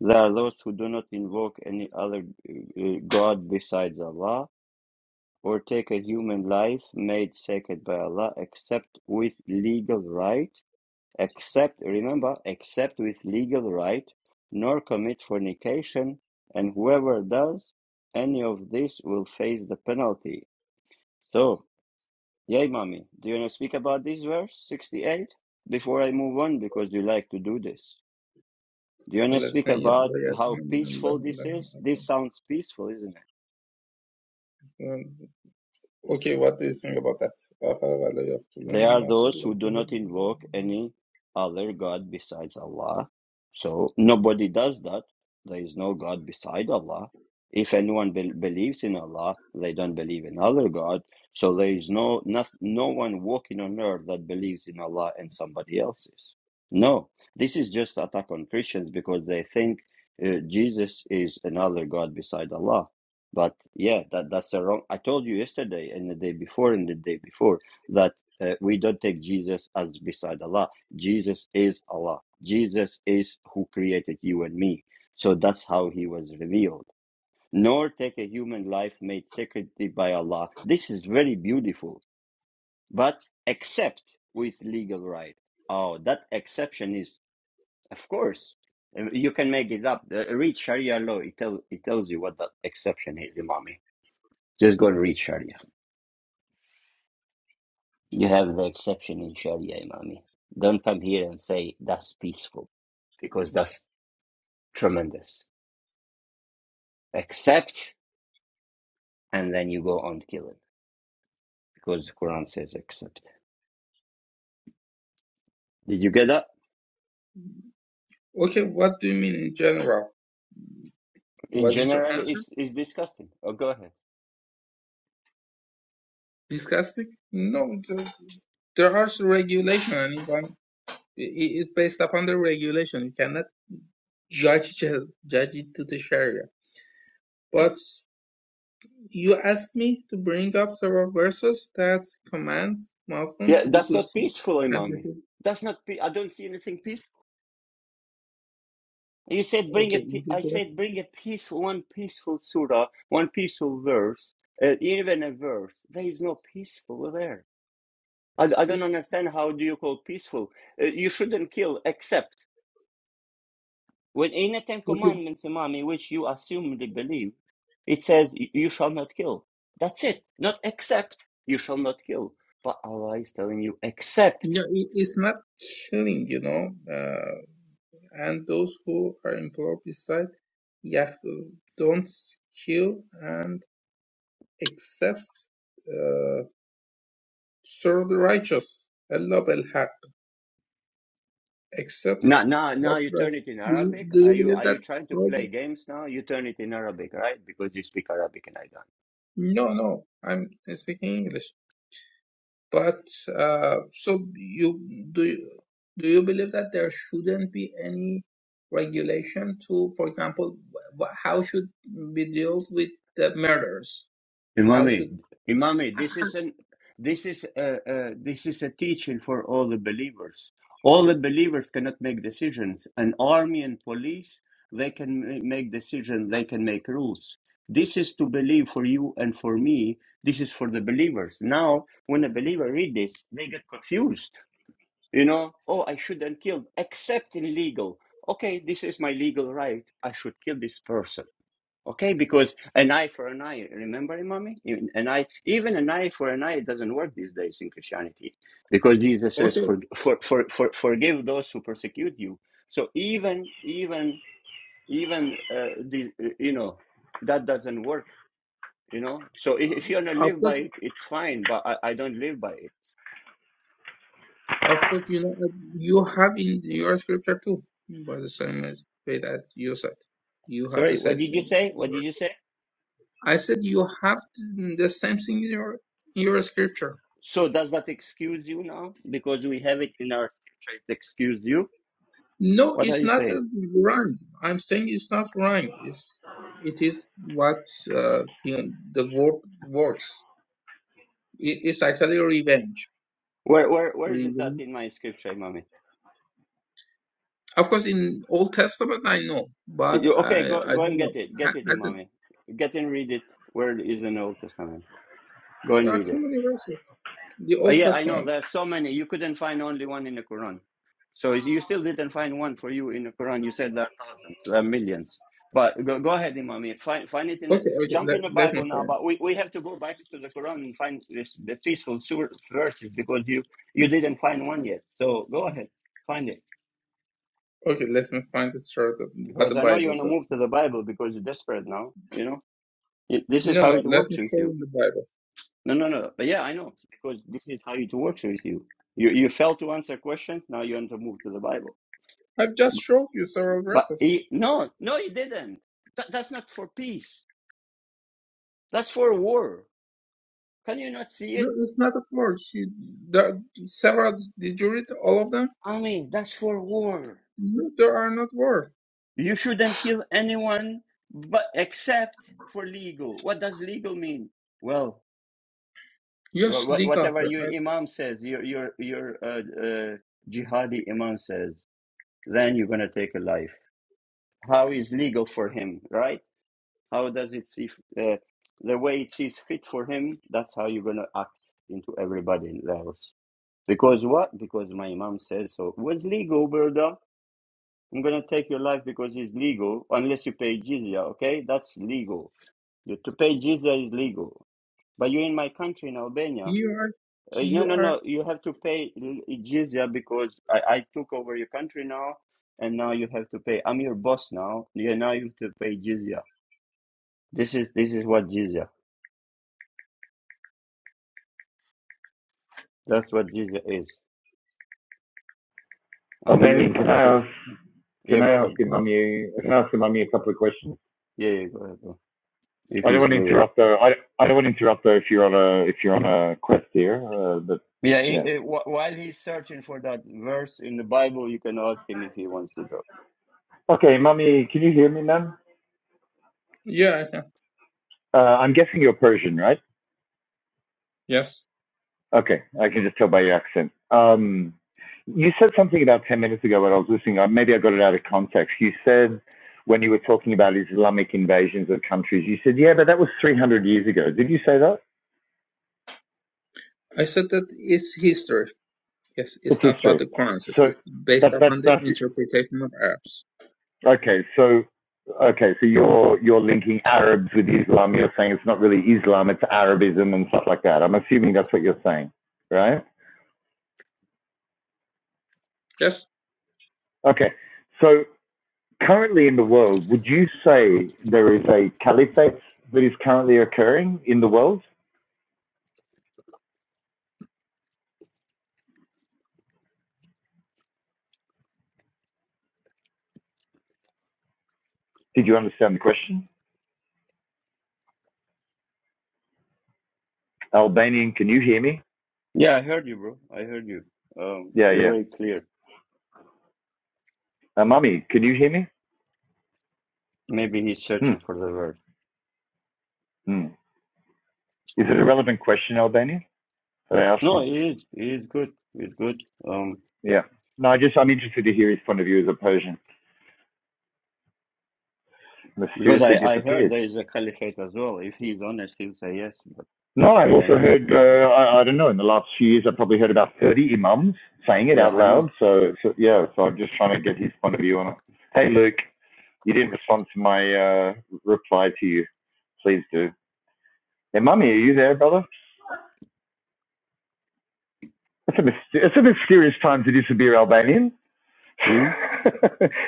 There are those who do not invoke any other uh, uh, god besides Allah, or take a human life made sacred by Allah, except with legal right, except, remember, except with legal right, nor commit fornication, and whoever does any of this will face the penalty. So, Yay, mommy. Do you want to speak about this verse 68 before I move on? Because you like to do this. Do you want to
Let's
speak
see.
about how peaceful this is? This sounds peaceful, isn't it?
Okay, what do you think about that?
They are those who do not invoke any other God besides Allah. So nobody does that. There is no God beside Allah. If anyone be- believes in Allah, they don't believe in other God. So there is no, no no one walking on earth that believes in Allah and somebody else's. No, this is just attack on Christians because they think uh, Jesus is another God beside Allah. But yeah, that that's the wrong. I told you yesterday and the day before and the day before that. Uh, we don't take Jesus as beside Allah. Jesus is Allah. Jesus is who created you and me. So that's how he was revealed. Nor take a human life made sacredly by Allah. This is very beautiful, but except with legal right. Oh, that exception is, of course, uh, you can make it up. Uh, Read Sharia law. It, tell, it tells you what that exception is, Imami. Just go and read Sharia. You have the exception in Sharia, Imami. Don't come here and say that's peaceful, because that's tremendous. Accept, and then you go on killing, because the Quran says accept. Did you get that?
Okay, what do you mean in general?
In
Was it your
general,
answer?
it's, it's disgusting. Oh, go ahead.
Disgusting? No, th- there are some regulation, and if I'm- i- i- it's based upon the regulation. You cannot judge it- judge it to the Sharia. But you asked me to bring up several verses that commands
Yeah,
Muslims to do
that's
good
not
things,
peaceful,
and
Imami.
this is
That's not. Pe- I don't see anything peaceful. You said bring
okay.
a.
You
Pe-
did
I
that.
said bring a peaceful one, peaceful surah, one peaceful verse, uh, even a verse. There is no peaceful there. I, I don't
So
understand how do you call peaceful? Uh, you shouldn't kill except when in the Ten
okay,
Commandments, Imam, in which you assumedly believe, it says y- you shall not kill. That's it. Not except you shall not kill. But Allah is telling you
yeah,
except.
it, it's not killing, you know. Uh, and those who are employed beside not kill and accept uh, serve the righteous. Allah al-Haq
Now,
accepts
now, now
what
you
right.
turn it in
Do you,
Arabic.
do
Are
you
you
believe
are
that?
you trying to
all
play games now? You turn it in Arabic, right? Because you speak Arabic, and I don't.
No, no, I'm speaking English. But uh, so you do you, do you believe that there shouldn't be any regulation to, for example, wh- wh- how should we deal with the murders? How
Imami,
should
Imami, this is an this is a, a this is a teaching for all the believers. All the believers cannot make decisions. An army and police, they can ma- make decisions. They can make rules. This is to believe for you and for me. This is for the believers. Now, when a believer read this, they get confused. You know, oh, I shouldn't kill, except in legal. Okay, this is my legal right. I should kill this person Okay, because an eye for an eye, remember, Imami? Even An eye, even an eye for an eye doesn't work these days in Christianity, because Jesus says,
Okay,
for, for, for, for, "Forgive those who persecute you." So even, even, even uh, the, uh, you know, that doesn't work. You know, so if, if
um,
you don't
of
live by
course,
it, it's fine. But I, I don't live by it.
of course, you know, you have in your scripture too, by the same way that you said, you have the
Sorry, what
same
did you
thing.
say?
in
What did
your-
you say?
I said you have the the same thing in your in your scripture.
So does that excuse you now? Because we have it in our scripture, it excuse you.
No,
What are
it's
you
not
saying?
uh, wrong. I'm saying it's not wrong. It's it is what uh, you know, the word works. It, it's actually revenge.
Where where where is it that
Revenge.
in my scripture, Imami?
Of course, in Old Testament, I know, but
You,
I
okay, go
I
go and
don't
get it. Get it,
know.
Imami. Get and read it. Where is in the Old Testament? Go and
There are
read
too
it.
many verses. The
Oh,
Old
yeah, I know.
Testament.
There's so many. You couldn't find only one in the Quran. So you still didn't find one for you in the Quran. You said there are thousands, there are millions. But go, go ahead, Imami. Find find it in the,
Okay, okay,
jump
let,
in the
let me
Bible now.
find.
But we, we have to go back to the Quran and find this the peaceful sur- verses because you you didn't find one yet. So go ahead, find it.
Okay, let me find it short of what the
because I know you
Bible
want to
says.
move to the Bible because you're desperate now. You know, Y- this is
No,
how
no,
it
let
works
me
with
show
you.
you the Bible.
No, no, no. But yeah, I know because this is how it works with you. You you failed to answer questions. Now you want to move to the Bible.
I've just showed you several
But
verses.
he, no, no, you didn't. That, that's not for peace. That's for war. Can you not see
No,
it?
it's not a floor. She, there, several, did you read all of them?
I mean, that's for war.
No, there are not words.
You shouldn't kill anyone, but except for legal. What does legal mean? Well, Wha-
Yes,
wha-
legal.
Whatever
There
your
are,
imam says, your your your uh, uh, jihadi imam says, then you're gonna take a life. How is legal for him, right? How does it see uh, the way it sees fit for him? That's how you're gonna act into everybody else. Because what? Because my imam says so. It was legal, brother. I'm gonna take your life because it's legal, unless you pay jizya. Okay, that's legal. You, to pay jizya is legal, but you're in my country in Albania.
you are,
Uh, no,
you
no,
are.
no. You have to pay l- jizya because I, I took over your country now, and now you have to pay. I'm your boss now. Yeah, now you have to pay jizya. This is this is what jizya. That's what jizya is.
Well,
I'm in your
Benny, can I
country.
ask?
Yeah,
Can
go
I ask
ahead,
your
bro.
mummy? Can I ask your mummy a couple of questions?
Yeah, yeah, go ahead, bro. If
I don't
he's
want to
willing.
interrupt though. I, I don't want to interrupt though if you're on a if you're on a quest here. Uh, but
Yeah, i
yeah.
i wh- while he's searching for that verse in the Bible, you can ask him if he wants to talk.
Okay, mummy, can you hear me, ma'am?
Yeah, I can.
Uh, I'm guessing you're Persian, right?
Yes.
Okay, I can just tell by your accent. Um, you said something about 10 minutes ago when I was listening. uh, Maybe I got it out of context. You said when you were talking about Islamic invasions of countries, you said, yeah, but that was 300 years ago. Did you say that?
I said that it's history. Yes,
It's
it's not what
history.
the Quran says.
So,
It's based
but, but
upon the
that's,
interpretation of Arabs.
okay, so, okay, so you're, you're linking Arabs with Islam. You're saying it's not really Islam, it's Arabism and stuff like that. I'm assuming that's what you're saying, right?
Yes.
Okay, so Currently in the world, would you say there is a caliphate that is currently occurring in the world? Did you understand the question? Albanian, can you hear me?
Yeah, I heard you, bro. I heard you. Um,
Yeah,
you're
yeah.
very clear.
Uh, mummy, can you hear me?
Maybe he's
Hmm.
searching for the verse.
Hmm. Is it a relevant question, Albanian, that I asked
No,
him?
it is. It is good. It's good. Um,
Yeah. No, I just I'm interested to hear his point of view as a Persian.
Because
Mysteriously
I, I heard
disappeared.
there is a caliphate as well. If he's honest, he'll say yes, but
No, I've
I don't
also
know.
heard. Uh, I, I don't know. In the last few years, I've probably heard about thirty imams saying it
Yeah,
out
I
loud.
know.
So, so yeah. So I'm just trying to get his point of view on it. Hey, Luke. You didn't respond to my uh, reply to you. Please do. Hey, mummy, are you there, brother? It's a, myst- it's a mysterious time to disappear, Albanian.
Hmm?
<laughs>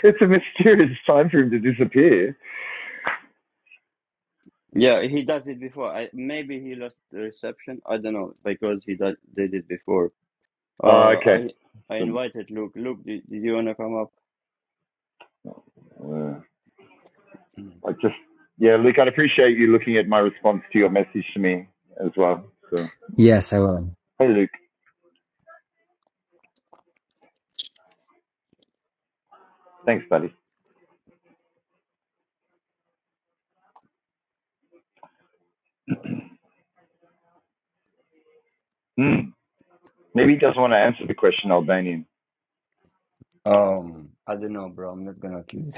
it's a mysterious time for him to disappear.
Yeah, he does it before. I, maybe he lost the reception. I don't know because he does, did it before.
Uh,
Uh,
okay.
I I
So,
invited Luke. Luke, did, did you wanna come up?
uh, I just, yeah, Luke, I'd appreciate you looking at my response to your message to me as well. So,
Yes, I will.
hey, Luke. Thanks, buddy. Hmm. Maybe he doesn't want to answer the question, Albanian.
Um, I don't know, bro. I'm not gonna accuse.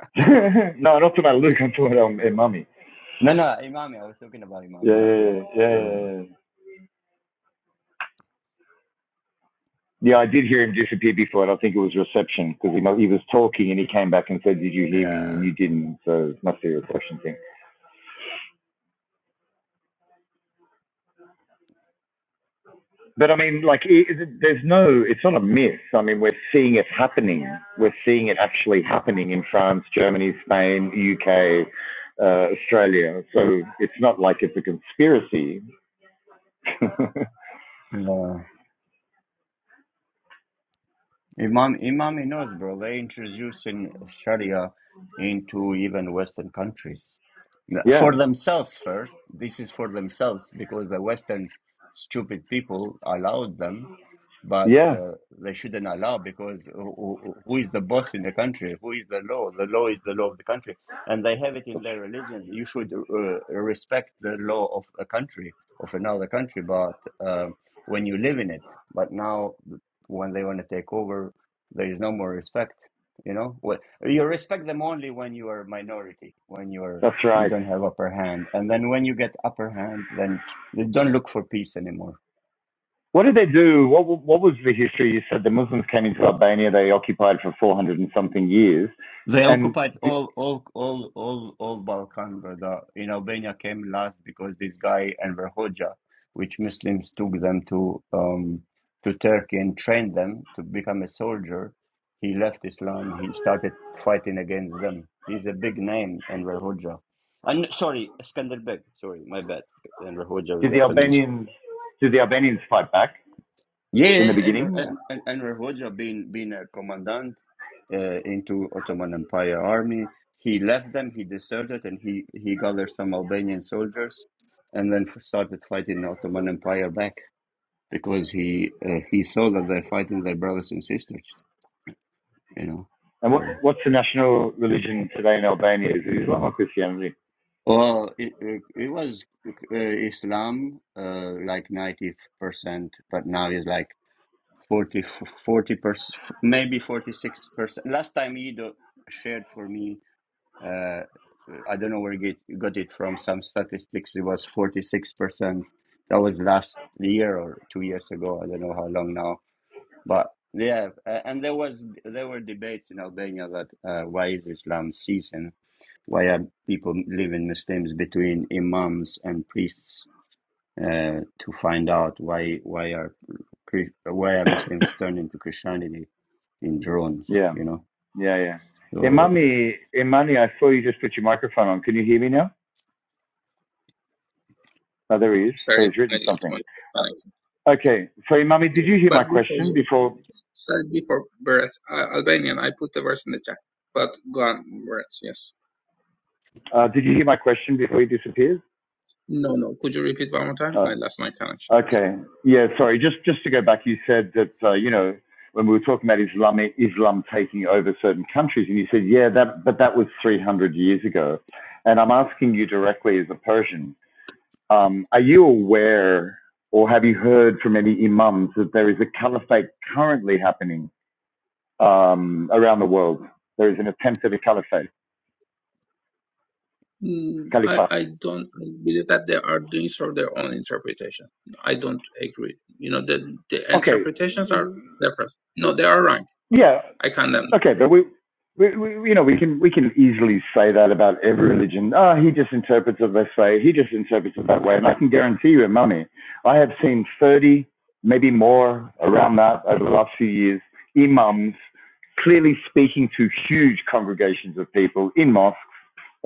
<laughs> no, not to my Luke. I'm talking about um, hey, mummy.
<laughs> no, no, Imami. I was talking about
Yeah,
Imami,
yeah, yeah,
not
yeah.
Luke.
yeah,
No,
yeah.
no.
yeah. Yeah, I did hear him disappear before, and I think it was reception because he, he was talking and he came back and said, "Did you hear me?" And
Yeah.
you didn't, so it must be a reception thing. But I mean, like, it- there's no, it's not a myth. I mean, we're seeing it happening. We're seeing it actually happening in France, Germany, Spain, UK, uh, Australia. So it's not like it's a conspiracy. <laughs>
No. Imam Imami knows, bro. They introducing Sharia into even Western countries
yeah,
for themselves first. This is for themselves because the Western stupid people allowed them, but
yeah,
uh, they shouldn't allow because who who- who is the boss in the country? Who is the law? The law is the law of the country, and they have it in
that's,
their religion. You should uh, respect the law of a country of another country, but uh, when you live in it. But now when they want to take over, there is no more respect. You know, what you respect them only when you are a minority, when you are
that's
you
right.
don't have upper hand, and then when you get upper hand, then they don't look for peace anymore.
What did they do? What, what was the history? You said the Muslims came into Albania, they occupied for 400 and something years.
They
And
occupied
did,
all all all all all Balkan, brother. In Albania came last because this guy Enver Hoxha, which Muslims took them to um to Turkey and trained them to become a soldier. He left Islam. He started fighting against them. He's a big name, Enver Hoxha. And sorry, Skanderbeg. Sorry, my bad. Enver Hoxha was
did the
a communist.
Albanians did the Albanians fight back in the
Yeah, Enver,
beginning?
En- En- Enver Hoxha being being a commandant uh, into Ottoman Empire army, he left them, he deserted, and he he gathered some Albanian soldiers, and then f- started fighting the Ottoman Empire back because he uh, he saw that they're fighting their brothers and sisters, you know.
And what,
So,
what's the national religion today in Albania? Is it Islam or Christianity?
well, it it, it was uh, Islam uh, like ninety percent, but now it's like 40, 40 percent, maybe 46 percent. Last time Ido shared for me, uh, I don't know where he got it from, some statistics, it was 46 percent. That was last year or two years ago. I don't know how long now, but yeah. And there was, there were debates in Albania that uh, why is Islam ceasing? Why are people living Muslims between imams and priests? uh, to find out why why are why are Muslims turning to Christianity in drones,
Yeah,
you know?
yeah, yeah.
So
Imami, Imani, I saw you just put your microphone on. Can you hear me now? Oh, there he is.
I'm
So
sorry,
he's
I
written
left
something.
my connection.
Okay. So, Imami, did you hear my
But before
question
you
before?
started before Beres, uh, Albanian, I put the verse in the chat. But go on, Beres, yes.
Uh, did you hear my question before he disappeared?
No, no. Could you repeat one more time? I
Oh,
lost my connection. So.
Okay. Yeah, sorry. Just just to go back, you said that, uh, you know, when we were talking about Islam, Islam taking over certain countries, and you said, yeah, that, but that was 300 years ago. And I'm asking you directly as a Persian, um, are you aware or have you heard from any imams that there is a caliphate currently happening um, around the world? There is an attempt at a caliphate,
Mm, I,
caliphate.
I don't believe that they are doing sort of their own interpretation. I don't agree. You know, the, the
Okay.
interpretations are different. No, they are wrong.
Yeah.
I condemn them.
Okay, but we, we, we, you know, we can we can easily say that about every religion. Ah, oh, he just interprets it this way. He just interprets it that way. And I can guarantee you, mummy, I have seen thirty, maybe more, around that over the last few years, imams clearly speaking to huge congregations of people in mosques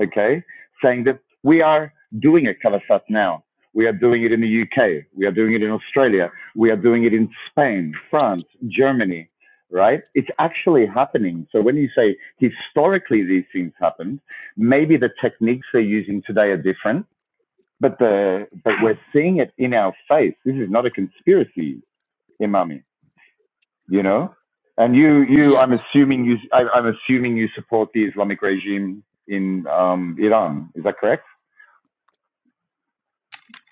okay, saying that we are doing a Kalafat now. We are doing it in the UK. We are doing it in Australia. We are doing it in Spain, France, Germany, right? It's actually happening. So when you say historically these things happened, maybe the techniques they're using today are different, but the but we're seeing it in our face. This is not a conspiracy, Imami. You know, and you you
Yes.
I'm assuming you I, I'm assuming you support the Islamic regime in um, Iran. Is that correct?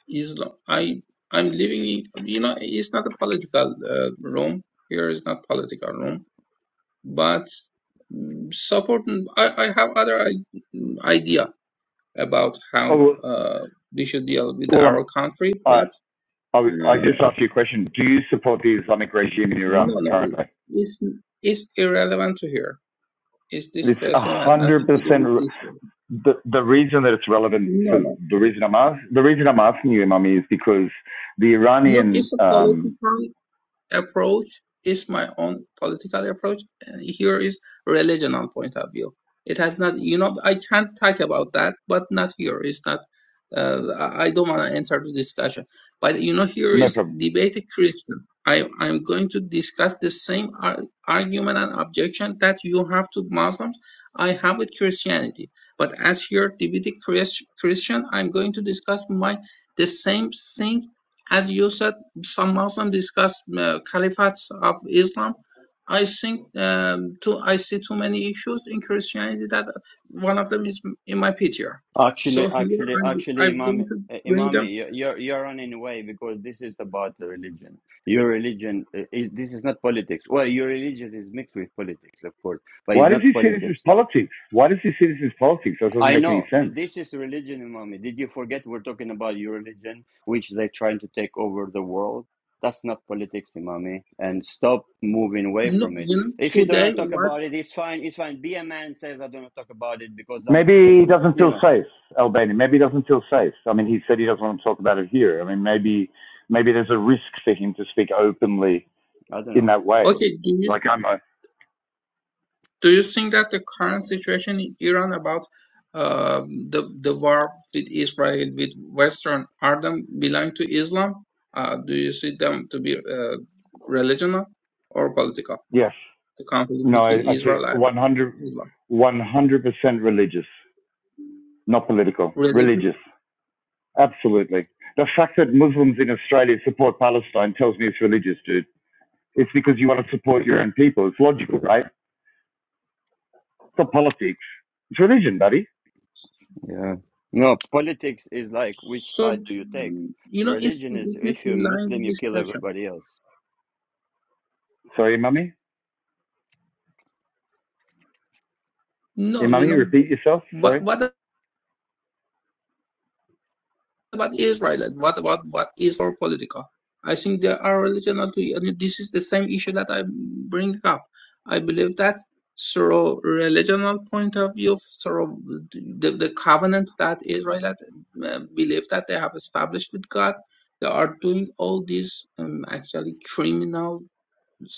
Islam. I I'm living in you know it's not a political uh, room here is not political room, but supporting I, I have other i- idea about
Oh,
how
well,
uh, we should deal with
well, um,
our country,
I,
but
I, I
uh,
just asked you a question. Do you support the Islamic regime in
no
Iran
no
currently?
it's it's irrelevant to here. Is this
It's a
question has
hundred
nothing to do
percent.
with this? one.
The the reason that it's relevant
No
for
no
the reason I'm ask, the reason I'm asking you, Imami, is because the
no.
Iranian
It's a
um,
political. approach is my own political approach and here is religional point of view it has not you know i can't talk about that but not here it's not uh, i I don't want to enter the discussion but you know here
no
is
problem.
debate christian i i'm going to discuss the same ar- argument and objection that you have to muslims i have with christianity but as here debate Chris, christian i'm going to discuss my the same thing as you said some Muslims discuss uh, caliphates of Islam. I think um, too, I see too many issues in Christianity that one of them is in my PTR. So
actually,
here
actually,
I'm,
actually,
I'm
Imam,
going to
uh,
bring
Imami,
them.
you- you're you're running away because this is about the religion. Your religion uh, is this is not politics. Well, your religion is mixed with politics, of course, but
Why
it's
does
not
he see this as
politics.
politics? Why does he see this as politics? That doesn't
I
make any
know Th-
sense.
this is religion, Imami. Did you forget we're talking about your religion, which they're trying to take over the world? That's not politics, Imami. And stop moving away
No,
from it.
you
If
know,
you don't
today
want to talk
what?
about it, it's fine. It's fine. Be a man says I don't want to talk about it because I'm,
Maybe he doesn't
you
feel
know,
safe, Albania. Maybe he doesn't feel safe. I mean, he said he doesn't want to talk about it here. I mean, maybe maybe there's a risk for him to speak openly
I don't
in
know.
that way.
Okay, do you
Like I'm a
do you think that the current situation in Iran about um the the war with Israel with Western are them belong to Islam? Uh, do you see them to be uh, religional or political?
Yes.
the conflict
No,
between
I, I see
Israel and
100,
Islam.
percent religious, not political.
Religious.
Religious. Absolutely. The fact that Muslims in Australia support Palestine tells me it's religious, dude. It's because you want to support your own people. It's logical, right? It's not politics. It's religion, buddy.
Yeah. No, politics is like which
So,
side do you take?
mm, you know, it's,
Religion is
it's
if you're Muslim,
line
you kill
discussion.
everybody else.
Sorry, mummy. Hey,
No, you
mummy,
know,
repeat yourself.
what,
Sorry.
what about Israel and what about what is for political? I think there are relational to, and this is the same issue that I bring up. I believe that through relational point of view, through the, the covenant that Israel had, uh, believe that they have established with God, they are doing all these um, actually criminal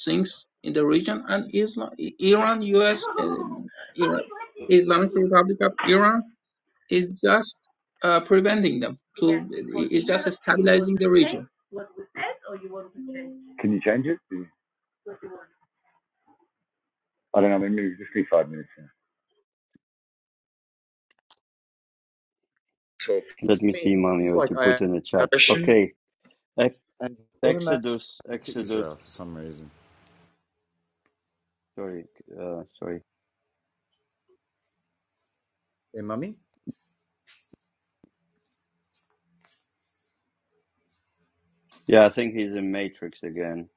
things in the region and Islam, Iran, U.S., and Iran, Islamic Republic of Iran is just uh, preventing them to is just stabilizing the region.
Can you change it? I don't know. Maybe just give me five minutes. Now. to
Let me see, Imami, what you put in the chat.
oppression
Okay. Ex- Exodus, Exodus. Sorry, uh, sorry. Yeah, I think he's in Matrix again.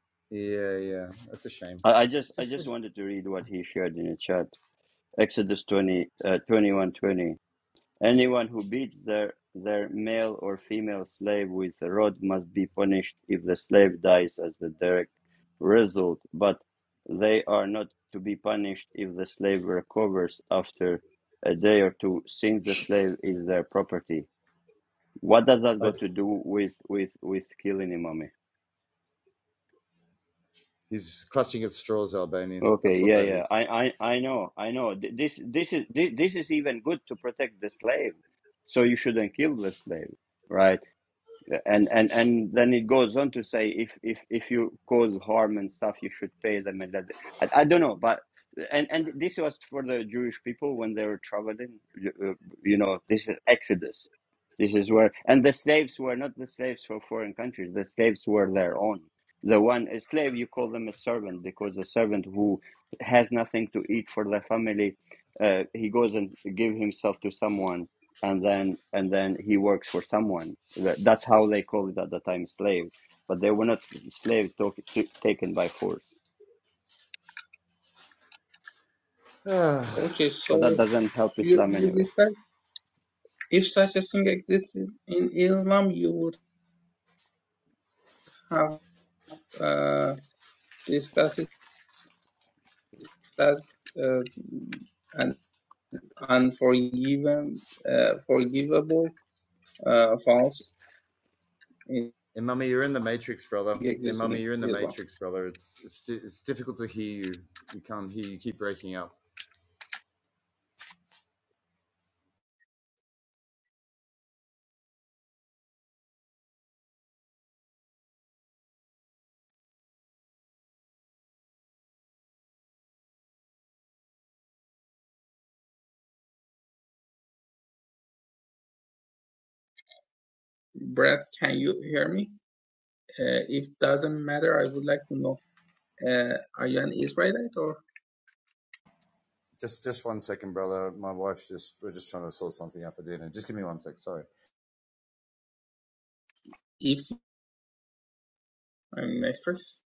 I, I just I just wanted to read what he shared in the chat. Exodus 20, uh, 21 Anyone who beats their their male or female slave with a rod must be punished if the slave dies as the direct result, but they are not to be punished if the slave recovers after a day or two, since the slave is their property. What does that got to do with with with killing Imam? Okay, yeah, yeah. I, I, I know, I know. Th- This, this is, this, this is even good to protect the slave. So you shouldn't kill the slave, right? and and and then it goes on to say if if if you cause harm and stuff you should pay them and that I, I don't know but and and this was for the jewish people when they were traveling you, uh, you know this is exodus this is where and the slaves were not the slaves for foreign countries the slaves were their own the one a slave you call them a servant because a servant who has nothing to eat for their family uh, he goes and give himself to someone and then and then he works for someone. That's how they called it at the time, slave. But they were not s- slave taken by force.
Okay,
But
so
that doesn't help
you
Islam
you
anyway.
discuss if such a thing exists in Islam, you would have uh, discussed it as uh, an unforgiven, uh, forgivable uh, faults in existing Islam. Brad, can you hear me? Uh, if doesn't matter, I would like to know, uh, are you an Israelite or if I'm Mephiles?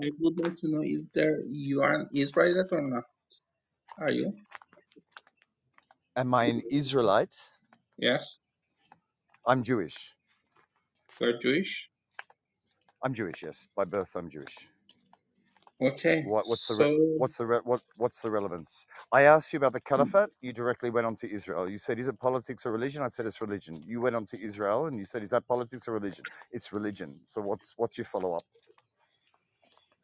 I would like to know if there you are an Israelite or not? Are you? Yes. You're Jewish? Okay. So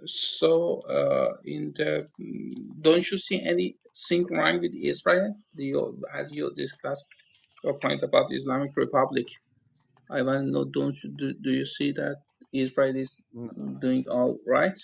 so uh in the mm, don't you see anything wrong with Israel? Do you as you discussed your point about the Islamic Republic? I want to know don't you do, do you see that Israel is doing all right?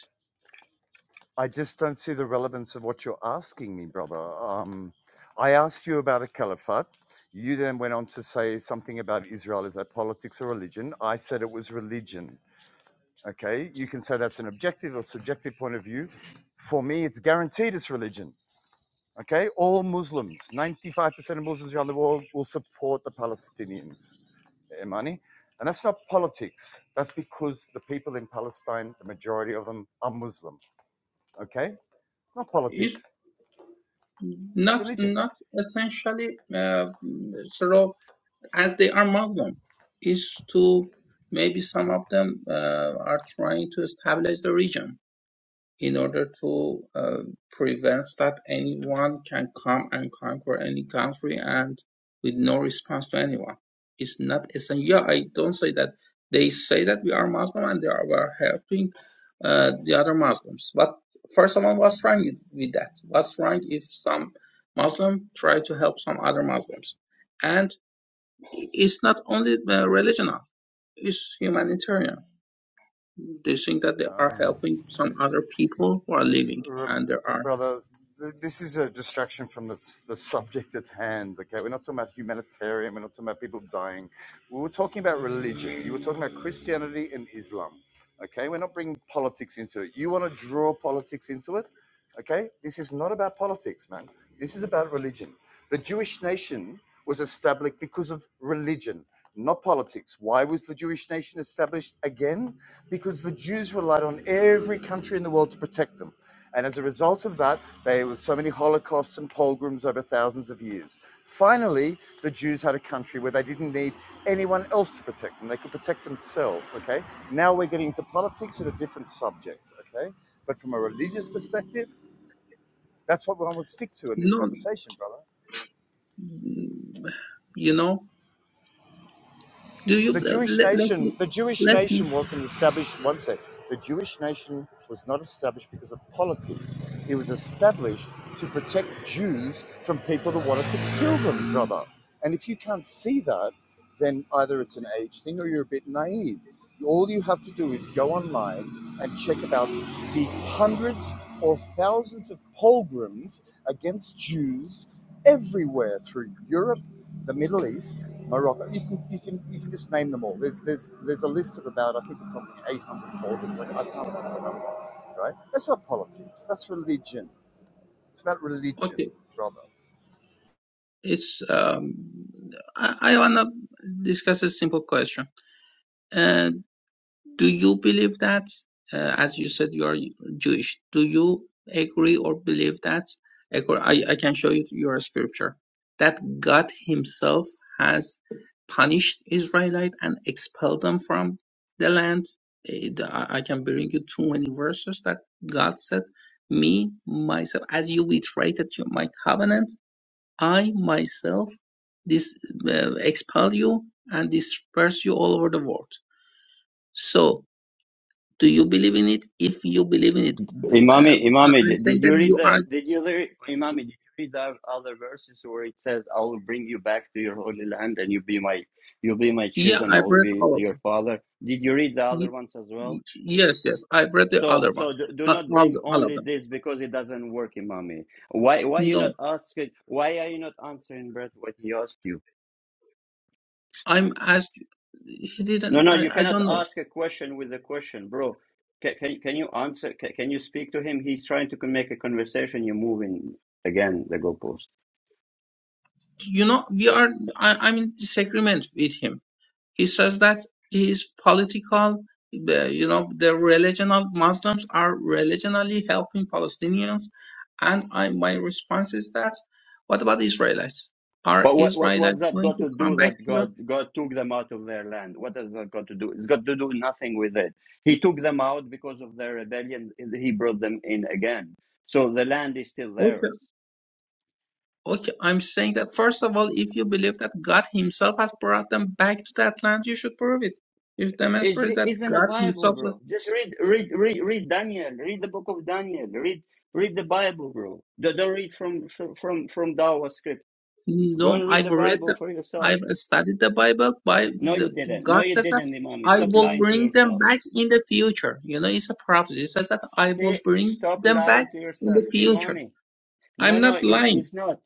is not not essentially uh, sort of as they are Muslim is to maybe some of them uh, are trying to establish the region in order to uh, prevent that anyone can come and conquer any country and with no response to anyone. It's not essential. Yeah, I don't say that. They say that we are Muslim and they are helping uh, the other Muslims. But first of all, what's wrong with with that? What's wrong if some Muslim try to help some other Muslims? And it's not only uh, religional; it's humanitarian they think that they are helping some other people who are living under our no. mm, You know, do you let, let me let me? Okay, it's um. I, I wanna discuss a simple question. Do you believe that, uh, as you said, you are Jewish? Do you agree or believe that? accor- I, I can show you your scripture that God Himself has punished Israelite and expelled them from the land. It- I I can bring you too many verses that God said, "Me myself, as you betrayed to my covenant, I myself this uh, expel you and disperse you all over the world." So do you believe in it? If you believe in it, uh,
Imami,
I-
Imami,
I'm saying
did
that
you
you
read the?
are.
Did you read Imami? Did you read the other verses where it says, "I will bring you back to your holy land, and you be my, you be my
Yeah,
children. I
I've
will
read
be
all of
your
them.
father." Did you read the other
Y-
ones as well?
y- yes, yes, I've read the
So,
other one,
so do, do
uh,
not
all
bring
the, all of
only
them.
this because it doesn't work, Imami. Why, why you
No,
not asking? Why are you not answering, Brett, what he asked you?
I'm asked. He didn't.
No, no,
I,
you
I
cannot
don't know.
ask a question with a question, bro. Can, can, can you answer? Can, can you speak to him? He's trying to make a conversation. You're moving again the goalpost.
You know, we are. I, I'm in disagreement with him He says that his political, the- you know, the religion of Muslims are religionally helping Palestinians. And I, my response is that, what about Israelites? Are
But what, what, what's
Israelites
that
going
got
to
to
come
do
back
that
here?
God, God took them out of their land? What has that got to do? It's got to do nothing with it. He took them out because of their rebellion. and He brought them in again. So the land is still
Okay,
theirs.
okay. I'm saying that first of all, if you believe that God Himself has brought them back to that land, you should prove it. you demonstrate
It's,
that
it's in the
God
Bible,
Himself.
bro. Just read, read, read, read Daniel. Read the book of Daniel. Read, read the Bible, bro. Don't don't read from from from Dawa script. Go
No,
and read
I've
the
read,
Bible for yourself.
I've studied the Bible. By
No, you
the,
didn't. No,
God
you
says that
didn't, Imami.
I
Stop
will
lying to
bring them
yourself.
back in the future. You know, it's a prophecy. It says that I will
Hey,
bring
Stop
them back
lying to
in
yourself,
the future.
Imami. No,
I'm not
no, it,
lying.
it's not.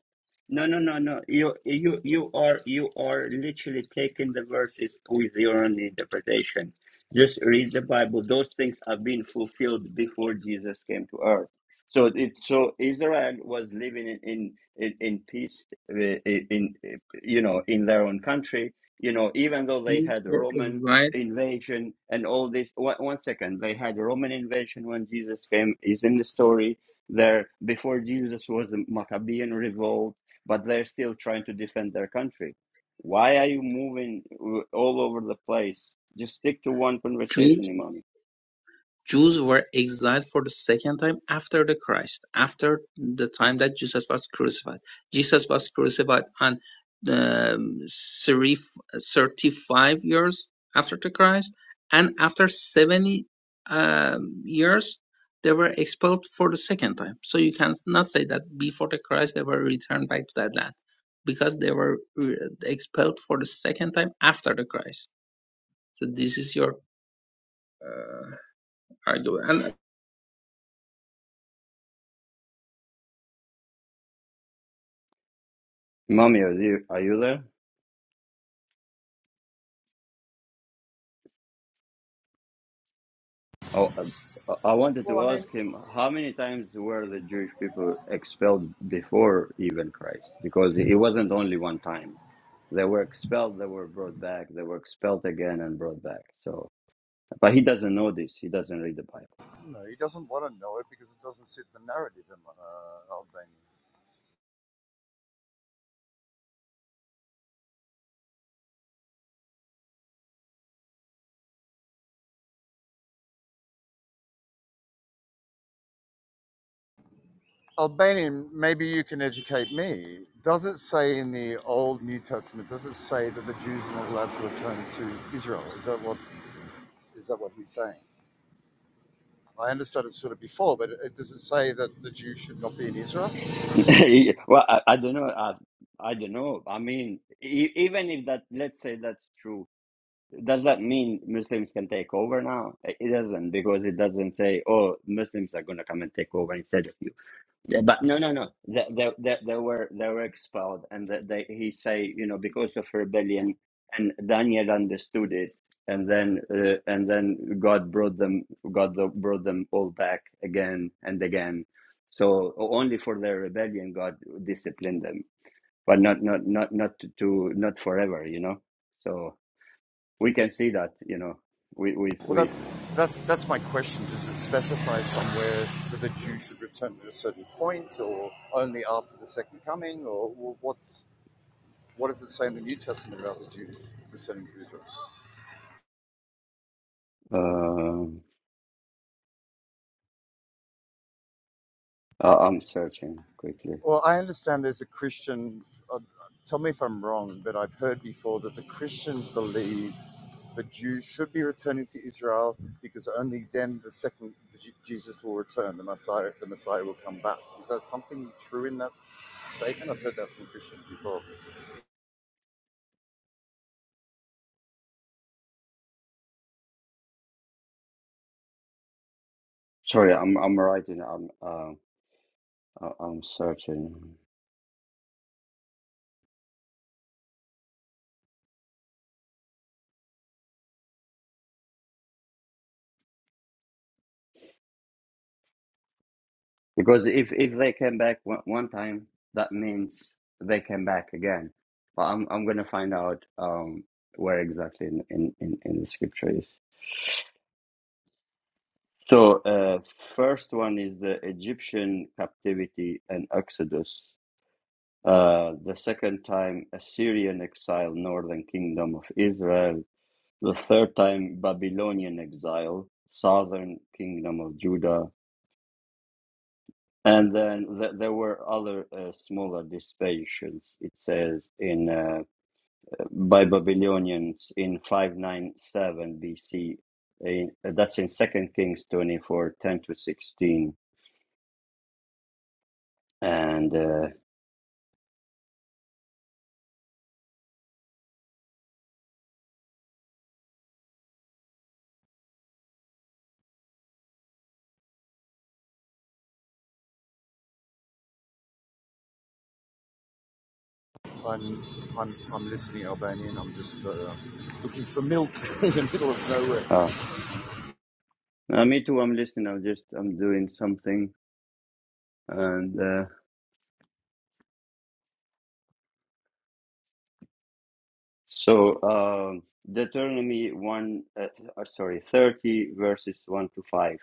No, no, no, no. You, you, you are, you are literally taking the verses with your own interpretation. Just read the Bible. Those things have been fulfilled before Jesus came to earth. So it, so Israel was living in in in, in peace, uh, in, in uh, you know, in their own country. You know, even though they
Jews
had
were
Roman
exiled.
invasion and all this. One, one second, they had Roman invasion when Jesus came. Is in the story there, before Jesus was the Maccabean revolt, but they're still trying to defend their country. Why are you moving all over the place? Just stick to one conversation, Imami.
Jews were exiled for the second time after the Christ, after the time that Jesus was crucified. Jesus was crucified on um, 35 years after the Christ, and after 70 um, years, they were expelled for the second time. So you cannot say that before the Christ they were returned back to that land, because they were uh, expelled for the second time after the Christ. So this is your uh, argument. And
Imami, are you, are you there? Oh, uh, I wanted to ask him how many times were the Jewish people expelled before even Christ? Because it wasn't only one time. They were expelled, they were brought back, they were expelled again and brought back. So, but he doesn't know this. He doesn't read the Bible. <laughs> well, I, I don't know. I, I don't know. I mean, e- even if that, let's say that's true, does that mean Muslims can take over now? It doesn't because it doesn't say, oh, Muslims are going to come and take over instead of you. Yeah, but no, no, no. They, they, they, they were they were expelled, and that they he say you know because of rebellion, and Daniel understood it, and then uh, and then God brought them God the- brought them all back again and again. So o- only for their rebellion God disciplined them, but not not not not to, to not forever, you know. So we can see that you know with with with. um, Uh, I'm searching quickly. Sorry, I'm I'm writing. Um. I- I'm certain because if if they came back one, one time, that means they came back again. But I'm I'm gonna find out um where exactly in in in, in the scripture is. So uh, first one is the Egyptian captivity and Exodus. Uh, the second time, Assyrian exile, northern kingdom of Israel. The third time, Babylonian exile, southern kingdom of Judah And then th- there were other uh, smaller dispersions, it says, in uh, by Babylonians in 597 BC. In, uh, that's in Second Kings 24 10 to 16. And uh, oh, uh, me too, I'm listening. I'm just, I'm doing something. And uh, so um Deuteronomy 1, uh, th- uh, sorry, 30 verses 1 to 5.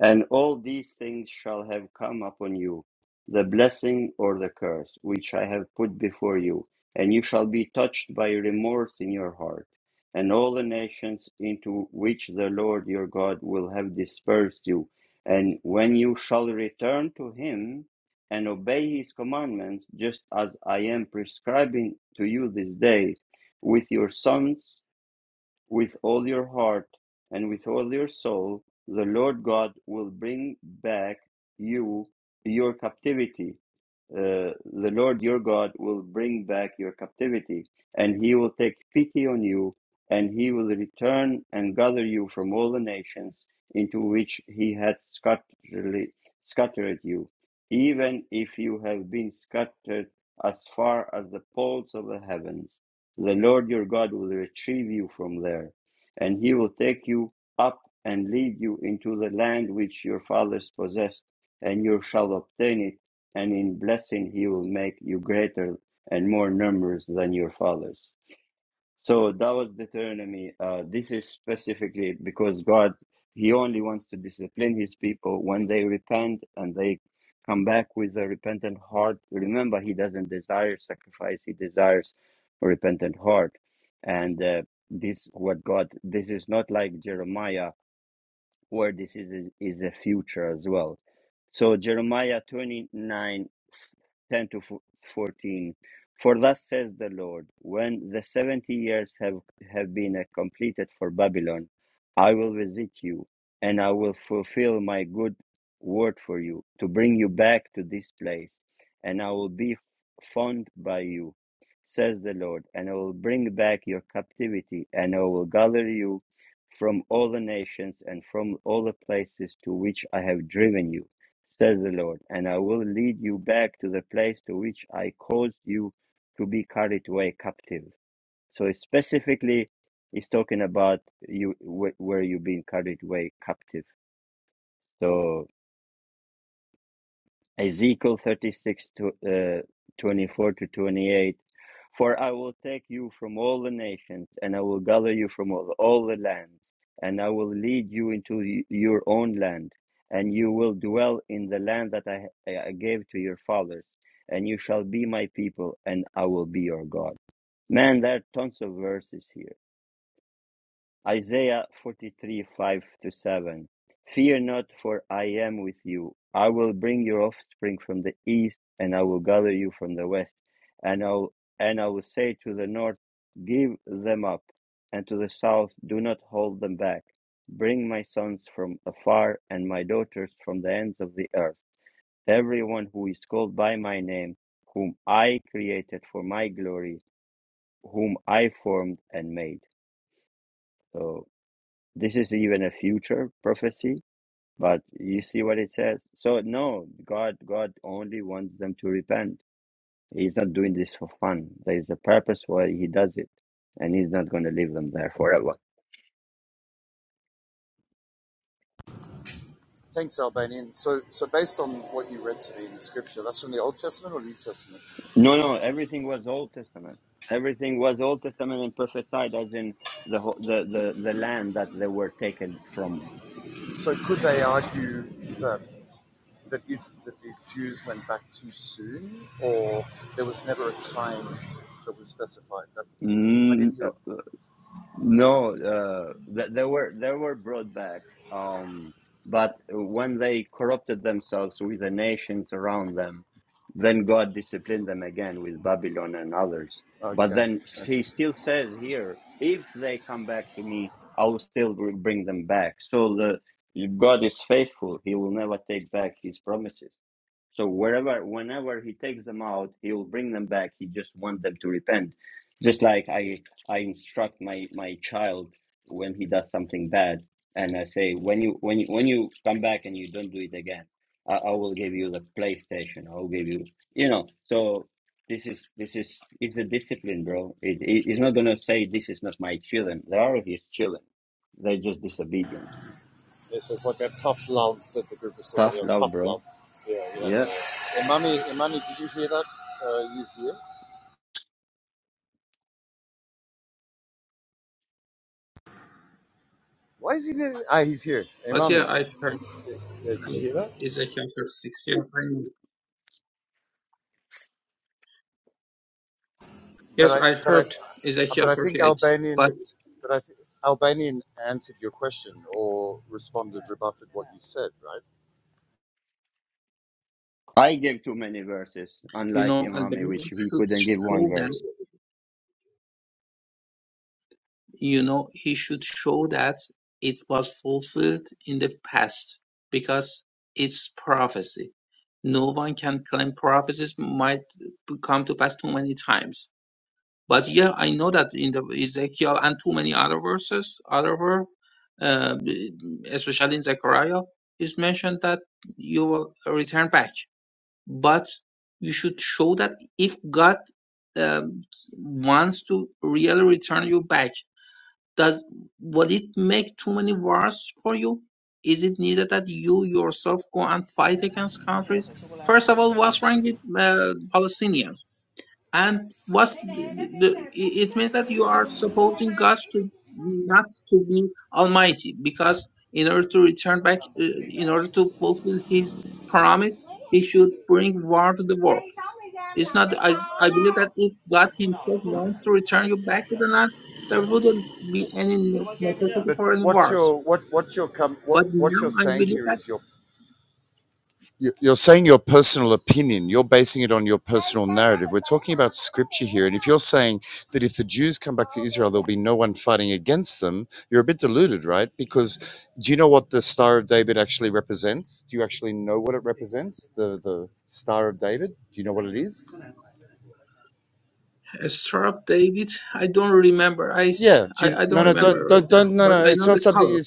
And all these things shall have come upon you, the blessing or the curse, which I have put before you, and you shall be touched by remorse in your heart. And all the nations into which the Lord your God will have dispersed you, and when you shall return to him and obey his commandments, just as I am prescribing to you this day, with your sons with all your heart and with all your soul, the Lord God will bring back you your captivity. Uh, the Lord your God will bring back your captivity, and he will take pity on you, and he will return and gather you from all the nations into which he had scatterly- scattered you, even if you have been scattered as far as the poles of the heavens. The Lord your God will retrieve you from there, and he will take you up and lead you into the land which your fathers possessed, and you shall obtain it, and in blessing he will make you greater and more numerous than your fathers. So that was Deuteronomy. Uh, this is specifically because God, He only wants to discipline His people when they repent and they come back with a repentant heart. Remember, He doesn't desire sacrifice; He desires a repentant heart. And uh, this, what God, this is not like Jeremiah where this is is the future as well. So Jeremiah 29 10 to 14 For thus says the Lord when the 70 years have have been uh, completed for Babylon I will visit you and I will fulfill my good word for you to bring you back to this place and I will be fond by you says the Lord and I will bring back your captivity and I will gather you from all the nations and from all the places to which I have driven you, says the Lord, and I will lead you back to the place to which I caused you to be carried away captive. So it's specifically, he's talking about you wh- where you've been carried away captive. So Ezekiel 36 to, uh, 24 to 28. For I will take you from all the nations, and I will gather you from all, all the lands, and I will lead you into y- your own land, and you will dwell in the land that I, I gave to your fathers, and you shall be my people, and I will be your God. Man, there are tons of verses here Isaiah 43, 5 to 7. Fear not, for I am with you. I will bring your offspring from the east, and I will gather you from the west. And I will, and I will say to the north, Give them up, and to the south, Do not hold them back. Bring my sons from afar, and my daughters from the ends of the earth. Everyone who is called by my name, whom I created for my glory, whom I formed and made. So this is even a future prophecy, but you see what it says. So no, God God only wants them to repent. He's not doing this for fun. There is a purpose why he does it. And he's not gonna leave them there forever. No, no, everything was Old Testament. Everything was Old Testament and prophesied as in the ho- the the, the land that they were taken from. Mm, No, uh, th they were they were brought back, um, but when they corrupted themselves with the nations around them, then God disciplined them again with Babylon and others. But then he still says here, if they come back to me, I will still br- bring them back. So the God is faithful; He will never take back His promises. So wherever, whenever He takes them out, He will bring them back. He just wants them to repent, just like I I instruct my my child when he does something bad, and I say when you when you when you come back and you don't do it again, I, I will give you the PlayStation. I will give you you know. So this is this is it's a discipline, bro. It, it it's not gonna say this is not my children. They are his children. They're just disobedient. Tough love, bro. Yeah.
but yeah, I've heard. Um, Ezekiel 36. Yeah, I know. Yes, I've heard Ezekiel 38. But,
I gave too many verses,
you
unlike
know,
Imami, which
Albanian
he
should
couldn't give one
show that,
verse.
you know, he should show that it was fulfilled in the past because it's prophecy. No one can claim prophecies might come to pass too many times. But yeah, I know that in the Ezekiel and too many other verses, other verse, uh, especially in Zechariah, is mentioned that you will return back. but you should show that if God um, wants to really return you back, does will it make too many wars for you? Is it needed that you yourself go and fight against countries? First of all, what's wrong with uh, Palestinians? and what's the, it it means that you are supposing god to not to be almighty because in order to return back uh, in order to fulfill his promise he should bring war to the world it's not i i believe that if god himself wants to return you back to the land there wouldn't be any ne- necessity for any wars but now i believe that a star of david i don't remember i s- i, I don't remember right now but i know the color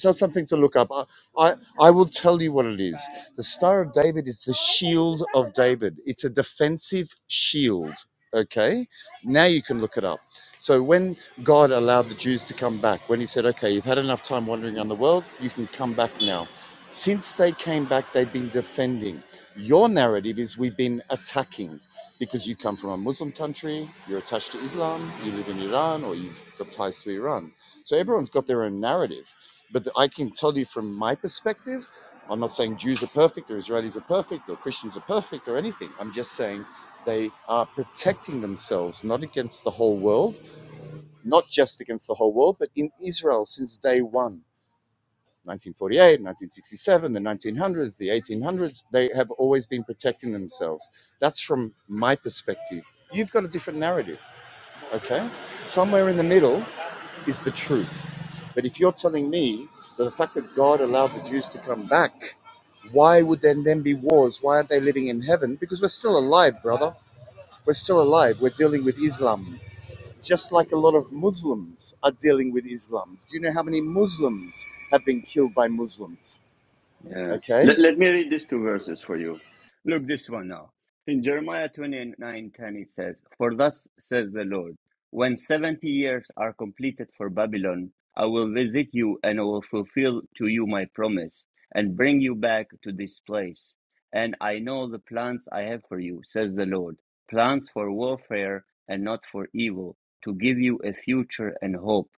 Yeah. Let, let me read these two verses for you. Look this one now. In Jeremiah 29 10, it says, For thus says the Lord, when 70 years are completed for Babylon, I will visit you and I will fulfill to you my promise and bring you back to this place. And I know the plans I have for you, says the Lord plans for warfare and not for evil, to give you a future and hope.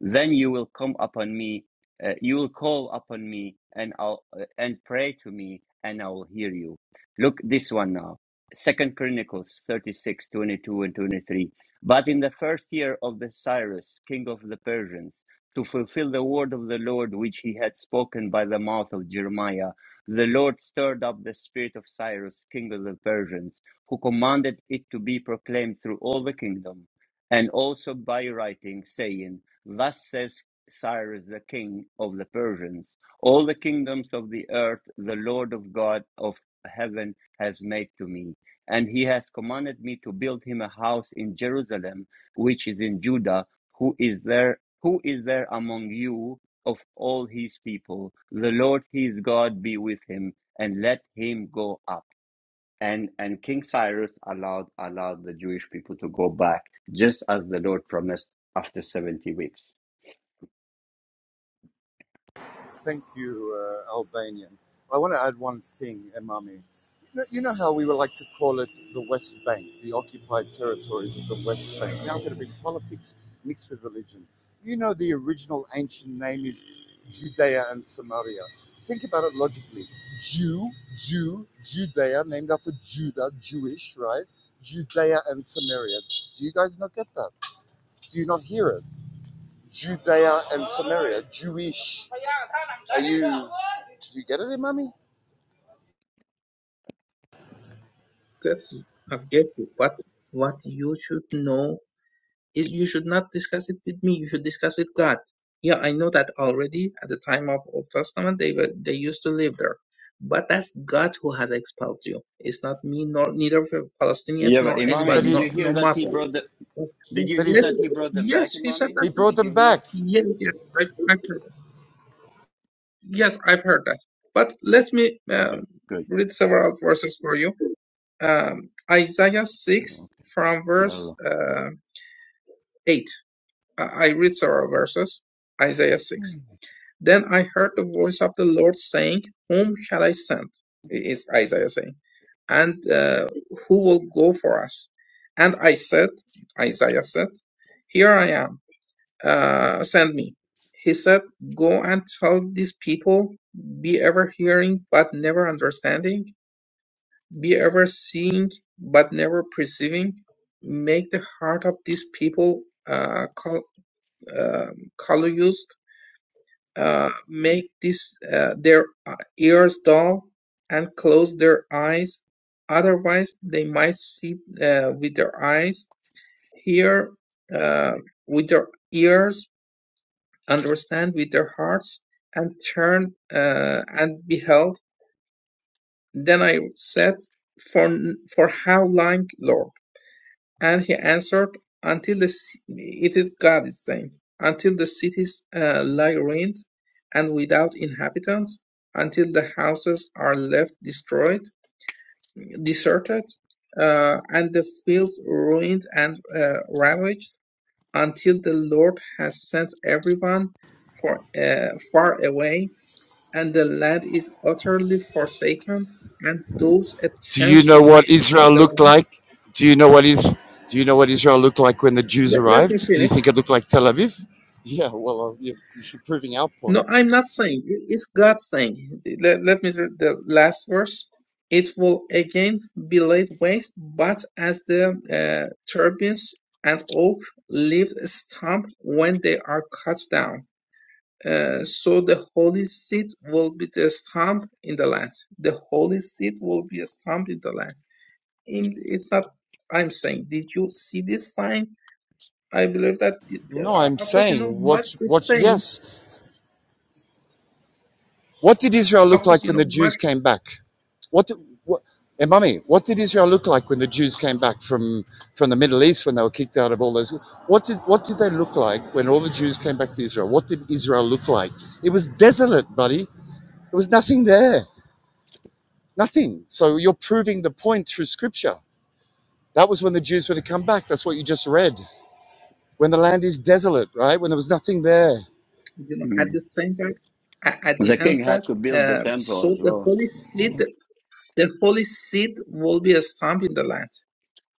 Then you will come upon me uh, you will call upon me and I'll uh, and pray to me and I will hear you. Look this one now. Second Chronicles 36 22 and 23. But in the first year of the Cyrus, king of the Persians, to fulfill the word of the Lord which he had spoken by the mouth of Jeremiah, the Lord stirred up the spirit of Cyrus, king of the Persians, who commanded it to be proclaimed through all the kingdom, and also by writing, saying, Thus says Cyrus the king of the Persians. All the kingdoms of the earth the Lord of God of heaven has made to me. And he has commanded me to build him a house in Jerusalem, which is in Judah, who is there who is there among you of all his people? The Lord his God be with him, and let him go up. And and King Cyrus allowed allowed the Jewish people to go back just as the Lord promised after 70 weeks.
Careful, I'm careful. What what you should know is you should not discuss it with me. You should discuss with God. Yeah, I know that already. At the time of Old Testament, they were they used to live there, but that's God who has expelled you. It's not me, nor neither for Palestinians,
Yeah, but
nor
Imami,
anybody,
did
nor
you hear
nor
that he
Muslims.
brought the?
But-
Did
but
you hear
let-
that he brought them
yes,
back,
he said
Imami?
that.
Did you hear?
Yes, yes, I, I heard. Yes, I've heard that. But let me uh,
Okay, good.
read several verses for you. Um, Isaiah 6
Okay,
from verse
yalla.
uh, 8. I I read several verses. Isaiah 6. Then I heard the voice of the Lord saying, Whom shall I send? It Is Isaiah saying. And uh, who will go for us? And I said, Isaiah said, Here I am uh, sent me. He said, Go and tell these people, be ever hearing but never understanding, be ever seeing but never perceiving. Make the heart of these people uh, col- uh, colorless, uh, make this, uh, their uh, ears dull and close their eyes. Otherwise, they might see uh, with their eyes, hear uh, with their ears, understand with their hearts and turned uh, and beheld. Then I said, for, for how long, Lord? And he answered, until the, it is God is saying, until the cities uh, lie ruined and without inhabitants, until the houses are left destroyed, deserted, uh, and the fields ruined and uh, ravaged, until the Lord has sent everyone for, uh, far away And the land is utterly forsaken, and those a tenth remains in the land. Let, let me finish. No, I'm not saying. It's God saying. Let, let me read the last verse. It will again be laid waste, but as the uh, turbines and oak leave stump when they are cut down. Uh, so the holy seed will be the stump in the land. The holy seed will be a stump in the land. in it's not i'm saying did you see this sign i believe that uh, of course you know what it's saying of course you know what you know
Hmm.
at the same time a- at
The
the
king had
onset
to build the
uh,
temple
so
as
the
well.
holy seed the holy seed will be a stamp in the land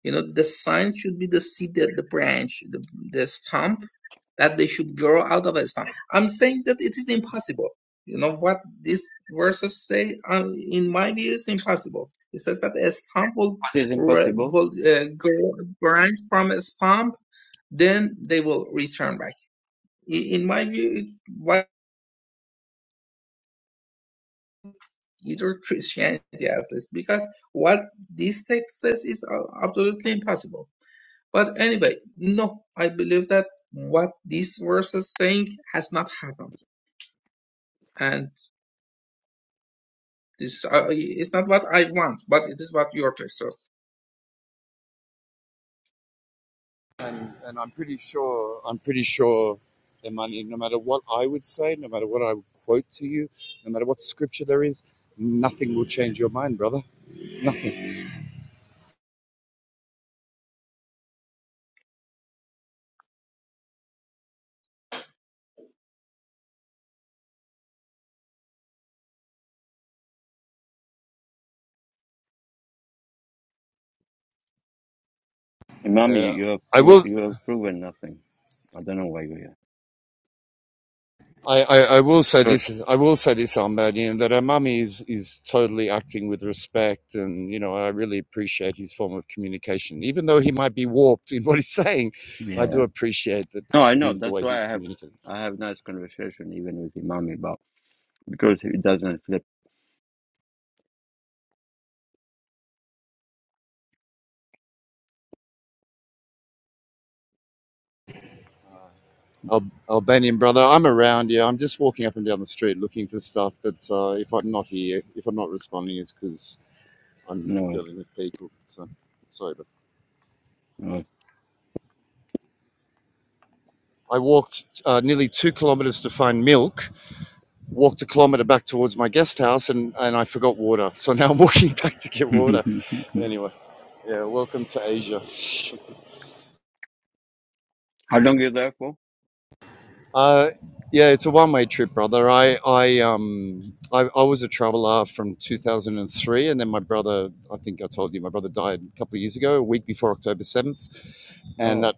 You know, the sign should be the seed, that the branch, the, the stump that they should grow out of a stump. I'm saying that it is impossible. You know what these verses say? Um, in my view, it's impossible. It says that a stump will,
What is
re-
impossible?
will uh, grow a branch from a stump, then they will return back. I- In my view, it's what either Christianity at least, because what this text says is uh, absolutely impossible But anyway, no, I believe that what this verse is saying has not happened, and this uh, is not what I want, but it is what your text says.
Imami, you have pro- you have proven nothing. I don't know why you're here. So yeah, no, I know. That's why I have I have nice conversation even with Imami about because he doesn't flip. No, it's- no. it's- <laughs> How long you there for? Oh,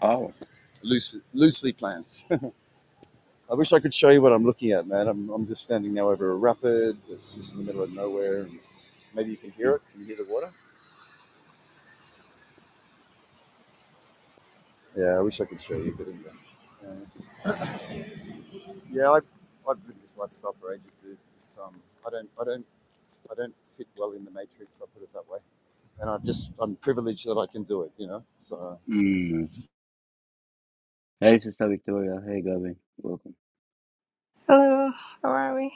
wow. Mm. Hey, Sister Victoria. Hey, Gavin. Welcome.
Hello, how are we?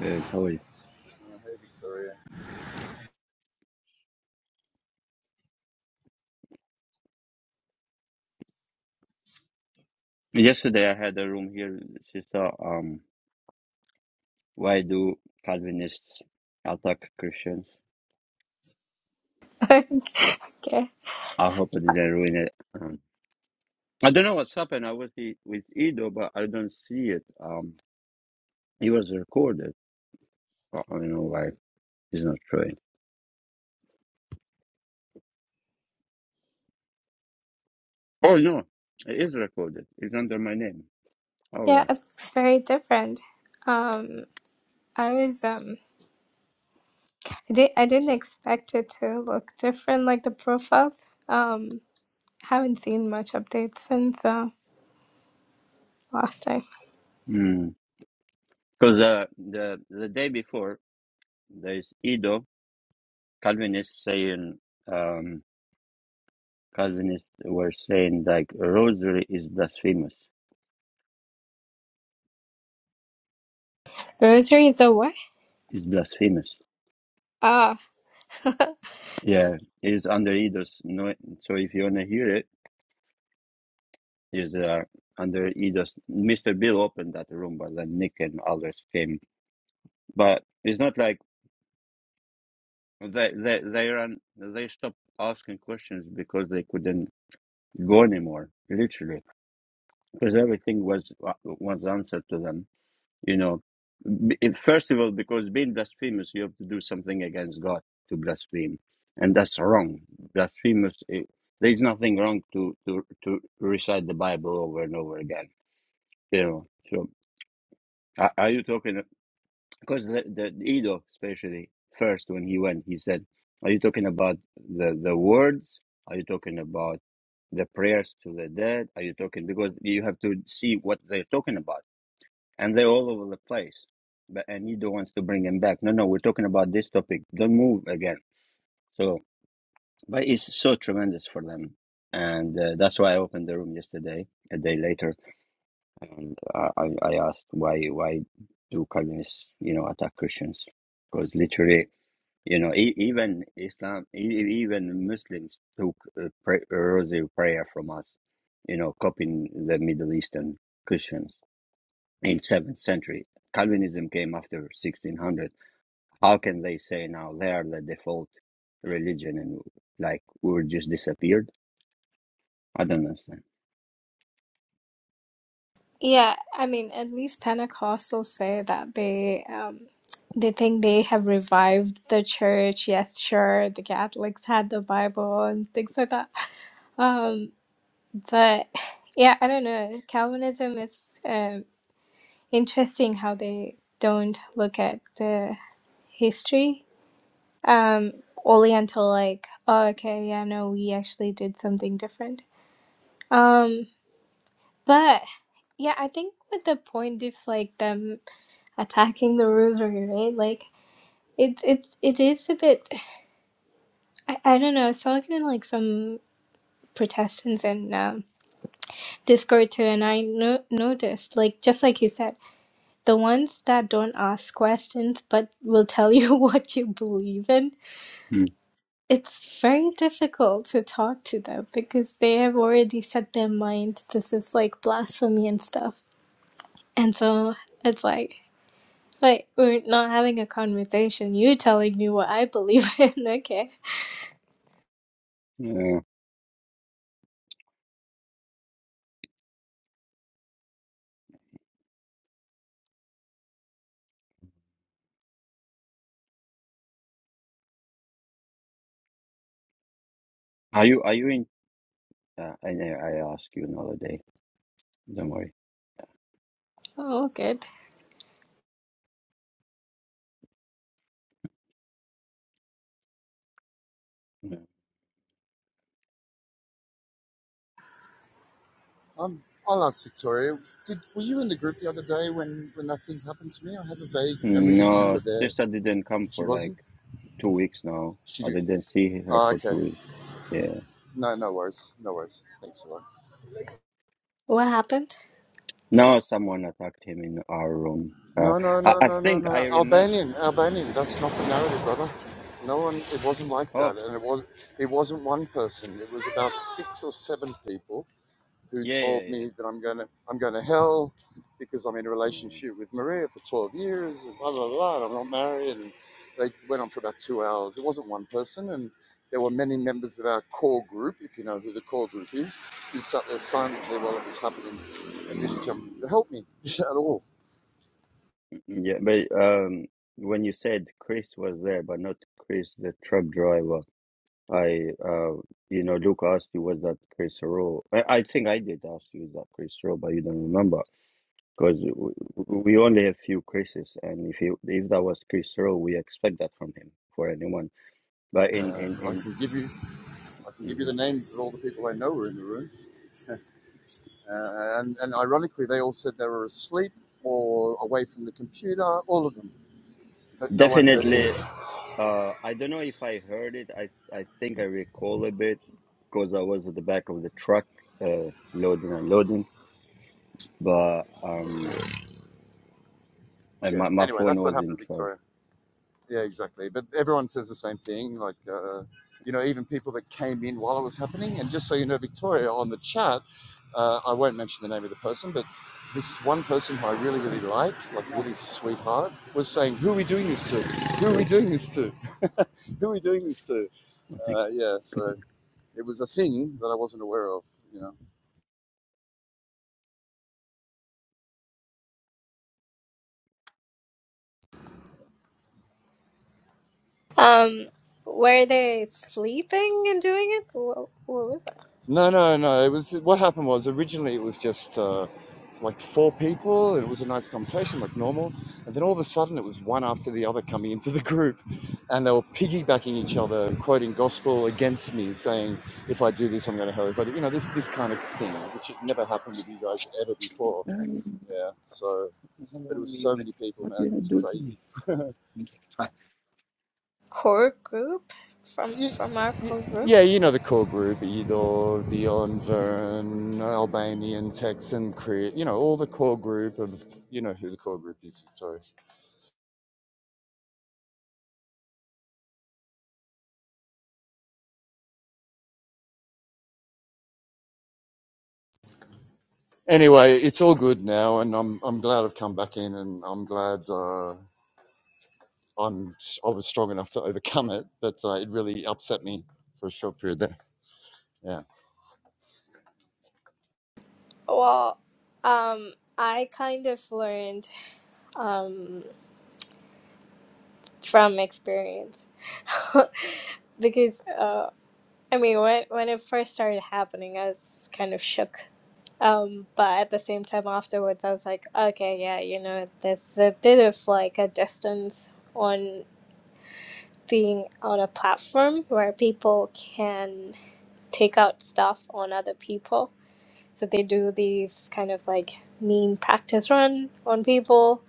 Good. How are you? Yesterday, I had a room here, Sister. Um, why do Calvinists attack Christians?
<laughs> okay.
I hope I didn't ruin it. Um, I don't know what's happened. I was i- with Edo, but I don't see it. Um, it was recorded. I don't know why it's not showing. Oh no, it is recorded. It's under my name. All
Yeah, it
right.
looks very different. Um, I was um, I did I didn't expect it to look different like the profiles. Um, haven't seen much updates since uh last time.
Because uh, the the day before, there's Edo Calvinist saying. Um, Calvinists were saying like rosary is blasphemous.
Rosary is away.
Is blasphemous.
Ah,
Yeah, it is under Eidos. No, so if you wanna hear it, is uh, under Eidos. Mister Bill opened that room, but then Nick and others came. But it's not like they they they ran they stopped asking questions because they couldn't go anymore. Literally, because everything was uh, was answered to them You know, B- if- first of all, because being blasphemous, you have to do something against God to blaspheme, and that's wrong. Blasphemous. eh, there is nothing wrong to to to recite the Bible over and over again. You know. So are, are you talking? Because the, the Edo, especially first when he went, he said, "Are you talking about the the words? Are you talking about?" the prayers to the dead are you talking because you have to see what they're talking about and they're all over the place. But and you don't want to bring them back. No, no, we're talking about this topic. Don't move again. So, but it's so tremendous for them, and uh, that's why I opened the room yesterday. A day later, and I, I asked why why do Calvinists you know attack Christians? Because literally, you know, e- even Islam, e- e- even Muslims took a, pray, a rosary prayer from us. You know, copying the Middle Eastern Christians in 7th century. Calvinism came after 1600. How can they say now they are the default religion and like we were just disappeared? I don't understand.
yeah. I mean, at least Pentecostals say that they um. They think they have revived the church. Yes, sure, the Catholics had the Bible and things like that. Um, But yeah, I don't know. Calvinism is um, interesting how they don't look at the history um, only until like, oh, okay, yeah, no, we actually did something different. Um, but yeah, I think with the point of like them attacking the rosary, right? right, Like it's it's it is a bit. I, I don't know. I was talking to like some Protestants and um, Discord too, and I no- noticed like just like you said the ones that don't ask questions but will tell you <laughs> what you believe in,
Hmm.
it's very difficult to talk to them because they have already set their mind this is like blasphemy and stuff. And so it's like, wait, we're not having a conversation. You're telling me what I believe <laughs> in. Okay.
Yeah. Are you are you in? Uh, I I ask you another day. Don't worry.
Oh, good.
Yeah. No, sister didn't come for like two weeks now. I didn't see her for two weeks. Yeah.
What happened?
No, someone attacked him in our room. Uh, I, I think I remember. Oh, yeah, yeah, yeah. Yeah. Yeah, but um, when you said Chris was there, but not Chris the truck driver, I uh, you know, Luke asked you was that Chris Rowe? I, I think I did ask you is that Chris Rowe, but you don't remember because we only have few Chris's, and if he, if that was Chris Rowe, we expect that from him for anyone. But in in in mhm. definitely, uh, I don't know if I heard it. I I think I recall a bit because I was at the back of the truck, uh, loading and unloading But um, and my, my phone was in charge. Thank good. Oh, thank you. Goodness.
Um, were they sleeping and doing it? What, what was that?
Um, how long were you at? What did I do to me? Thank Fine.
Core group from from our core group? Well, um, I kind of learned um, from experience <laughs> because uh, I mean, when when it first started happening, I was kind of shook. Um, but at the same time, afterwards, I was like, okay, yeah, you know, there's a bit of like a distance on being on a platform where people can take out stuff on other people. So they do these kind of like mean practice run on people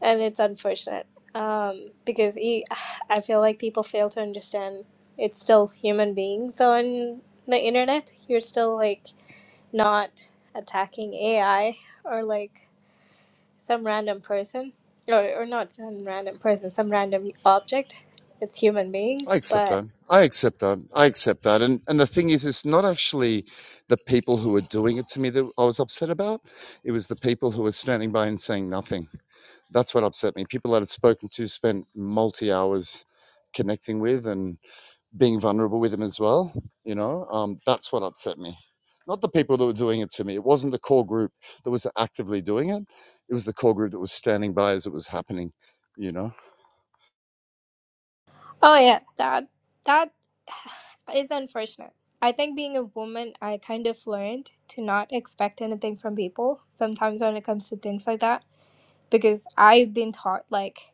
and it's unfortunate um, because e- <sighs> I feel like people fail to understand it's still human beings on the internet. You're still like not attacking AI or like some random person or, or not some random person, some random object. It's human beings, but oh yeah, that that <sighs> is unfortunate. I think being a woman, I kind of learned to not expect anything from people sometimes when it comes to things like that because I've been taught like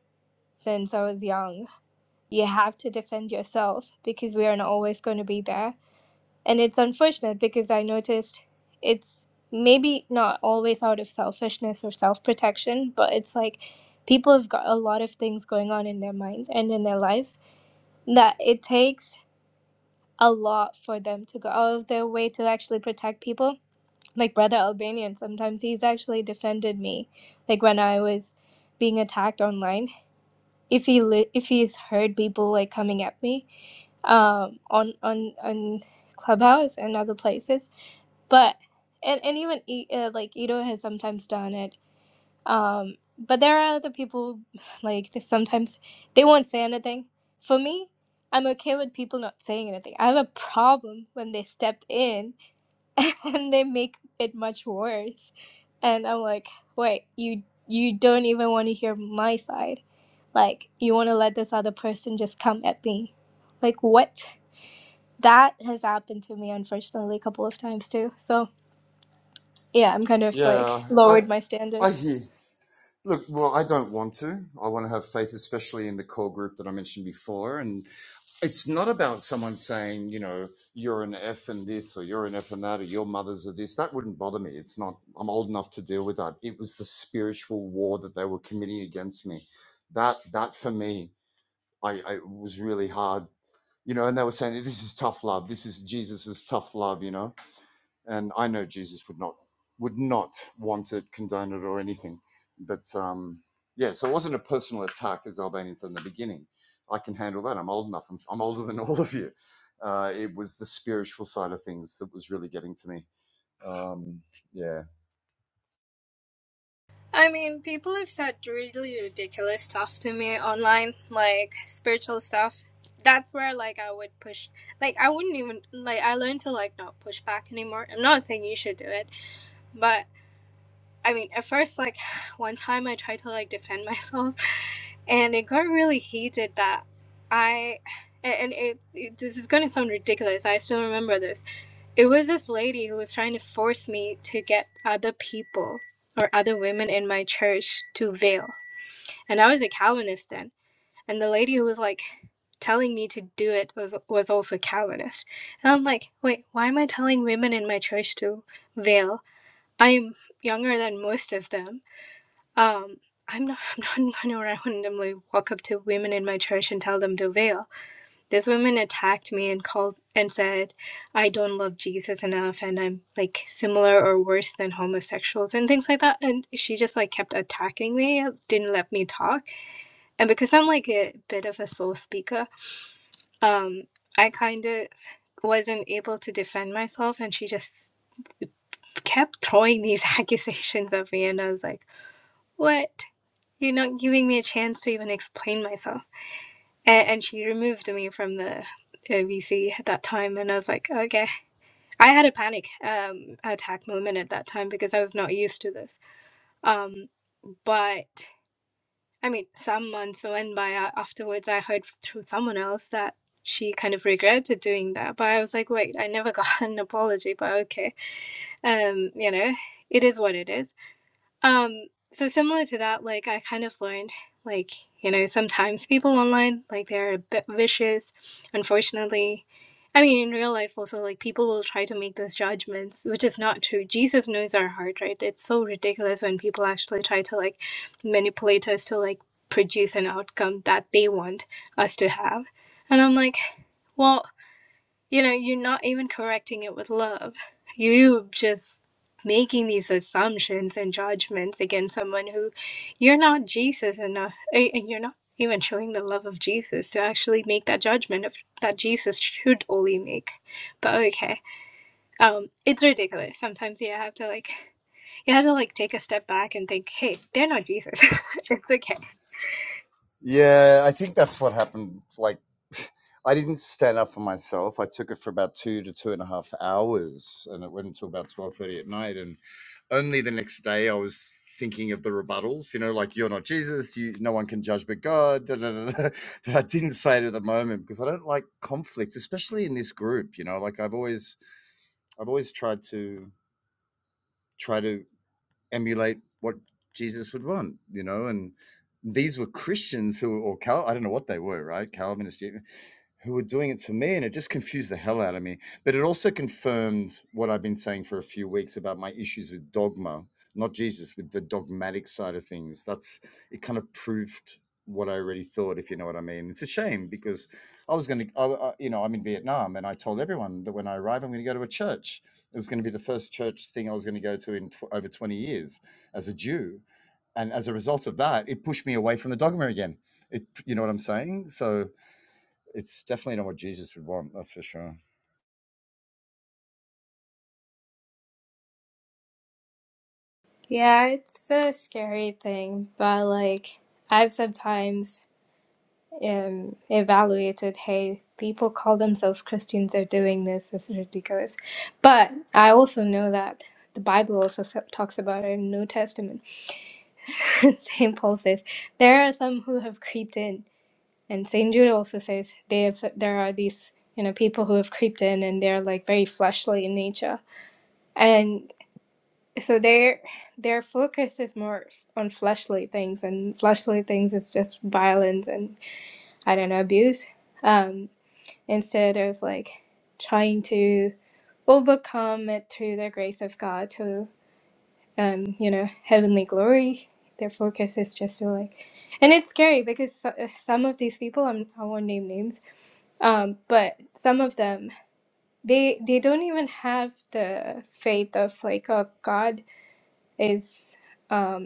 since I was young, you have to defend yourself because we are not always going to be there. And it's unfortunate because I noticed it's maybe not always out of selfishness or self protection, but it's like people have got a lot of things going on in their mind and in their lives that it takes a lot for them to go out of their way to actually protect people. Like Brother Albanian, sometimes he's actually defended me. Like when I was being attacked online, if he li- if he's heard people like coming at me um on on on clubhouse and other places but and, and even E- uh, like Ito has sometimes done it um but there are other people <laughs> like they sometimes they won't say anything for me i'm okay with people not saying anything i have a problem when they step in <laughs> and they make it much worse and i'm like wait you you don't even want to hear my side like, you want to let this other person just come at me. Like, what? That has happened to me, unfortunately, a couple of times too. So, yeah, I'm kind of like lowered my standards. I mean, people have said really ridiculous stuff to me online, like spiritual stuff. That's where like I would push. Like I wouldn't even like I learned to like not push back anymore. I'm not saying you should do it, but. I mean, at first, like <sighs> one time I tried to like defend myself, <laughs> and it got really heated that I, <sighs> and and it, it this is gonna sound ridiculous. I still remember this. It was this lady who was trying to force me to get other people or other women in my church to veil, and I was a Calvinist then, and the lady who was like telling me to do it was was also Calvinist, and I'm like, wait, why am I telling women in my church to veil? I'm younger than most of them um, I'm not. <laughs> I'm not going to randomly walk up to women in my church and tell them to veil. This woman attacked me and called and said, "I don't love Jesus enough, and I'm like similar or worse than homosexuals and things like that." And she just like kept attacking me, didn't let me talk. And because I'm like a bit of a slow speaker, um, I kind of wasn't able to defend myself, and she just kept throwing these <laughs> accusations at me, and I was like. What? You're not giving me a chance to even explain myself. And, and she removed me from the uh, VC at that time. And I was like, okay. I had a panic um, attack moment at that time because I was not used to this. Um, but I mean, some months went by a- afterwards. I heard through someone else that she kind of regretted doing that. But I was like, wait, I never got <laughs> an apology. But okay. Um, you know, it is what it is Um, so similar to that, like I kind of learned, like, you know, sometimes people online, like they're a bit vicious, unfortunately. I mean, in real life also, like people will try to make those judgments, which is not true. Jesus knows our heart, right? It's so ridiculous when people actually try to like manipulate us to like produce an outcome that they want us to have. And I'm like, well, you know, you're not even correcting it with love. You are just making these assumptions and judgments against someone who you're not Jesus enough, eh, and you're not even showing the love of Jesus to actually make that judgment of that Jesus should only make. But okay, um, it's ridiculous. Sometimes you have to like, you have to like take a step back and think, hey, they're not Jesus. <laughs> it's okay. Yeah, it's a scary thing, but like I've sometimes um, evaluated, hey, people call themselves Christians, they're doing this, this is ridiculous. But I also know that the Bible also s- talks about it in New Testament. <laughs> St. Paul says, there are some who have creeped in. And St. Jude also says, they have, there are these, you know, people who have creeped in and they're like very fleshly in nature. And so their their focus is more on fleshly things and fleshly things is just violence and. I don't know, abuse, um, instead of like trying to overcome it through the grace of God to, um, you know, heavenly glory. Their focus is just to like, and it's scary because so- uh, some of these people, I'm, I won't name names, um, but some of them, they they don't even have the faith of like, oh, God is. Um,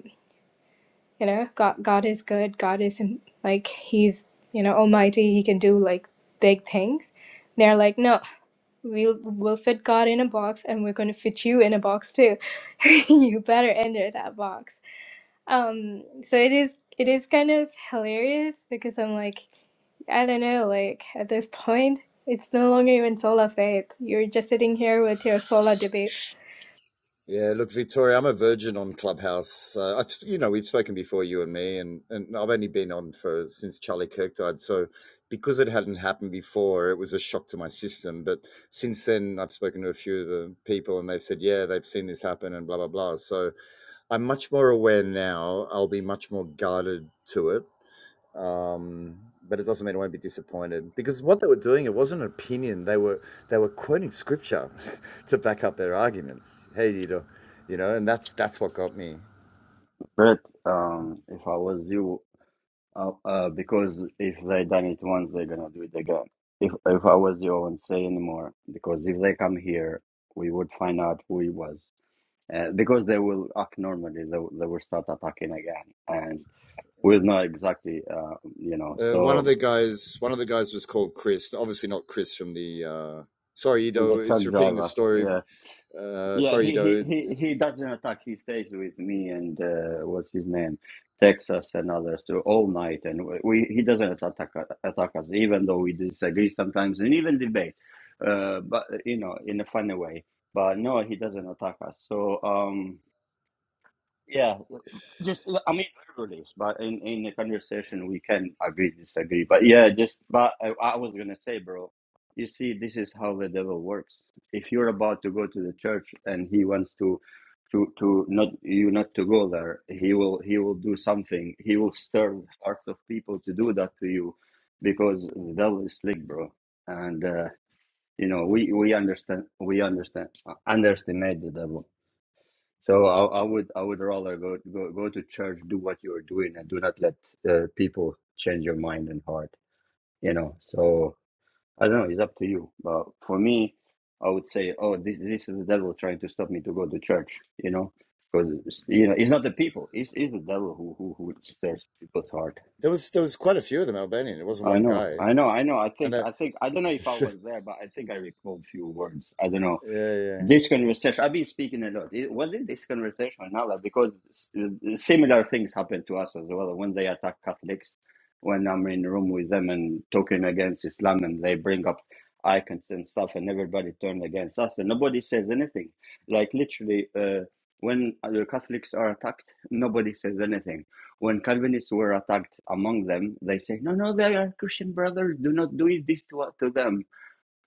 you know god god is good god is like he's you know almighty he can do like big things they're like no we'll we'll fit god in a box and we're going to fit you in a box too <laughs> you better enter that box um so it is it is kind of hilarious because i'm like i don't know like at this point it's no longer even sola faith you're just sitting here with your sola debate
But um, if I was you, uh, uh, because if they done it once, they're gonna do it again. If if I was you, I wouldn't say anymore because if they come here, we would find out who he was. Uh, because they will act normally, they, will- they will start attacking again, and we'll know exactly, uh, you know. So he's a truck driver. Yeah, Yeah, he, he, he, he doesn't attack. He stays with me and uh, what's his name, Texas and others too, all night. And we, we- he doesn't attack attack us, even though we disagree sometimes and even debate, uh, but you know, in a funny way. But no, he doesn't attack us. So um, yeah, just I mean, literally, but in in the conversation we can agree, disagree. But yeah, just but I, I was gonna say, bro, you see, this is how the devil works. If you're about to go to the church and he wants to to to not you not to go there, he will he will do something. He will stir hearts of people to do that to you, because the devil is slick, bro. And uh, you know we we understand we understand underestimate the devil so I, I would I would rather go go go to church, do what you are doing, and do not let uh, people change your mind and heart. You know. So I don't know. It's up to you. But for me, I would say, oh, this this is the devil trying to stop me to go to church. You know, because you know it's not the people. It's it's the devil who who who stirs people's heart. I know. I know. I know. I think. I think. I don't know if I was there, but I think I recall few words. I don't know this conversation, I've been speaking a lot. It wasn't this conversation, another? because s- uh, similar things happened to us as well when they attack Catholics, when I'm in a room with them and talking against Islam and they bring up icons and stuff and everybody turned against us and nobody says anything. Like literally, uh, when the Catholics are attacked, nobody says anything. When Calvinists were attacked among them, they say, no, no, they are Christian brothers. Do not do this to, to them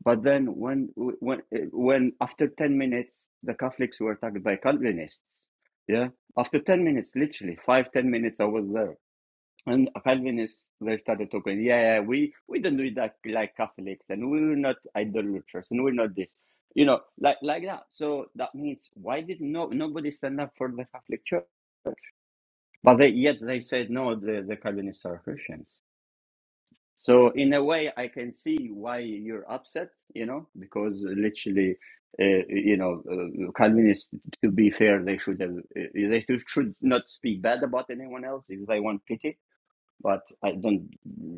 but then when when when after 10 minutes the Catholics were attacked by Calvinists. Yeah. After 10 minutes, literally, five ten minutes I was there. And Calvinists they started talking, yeah, yeah, we, we don't do that like Catholics and we're not idolaters and we're not this. You know, like like that. So that means why did no nobody stand up for the Catholic Church? But they, yet they said no, the, the Calvinists are Christians. So in a way, I can see why you're upset, you know, because literally, uh, you know, uh, Calvinists, to be fair, they should have, uh, they should not speak bad about anyone else if they want pity. But I don't,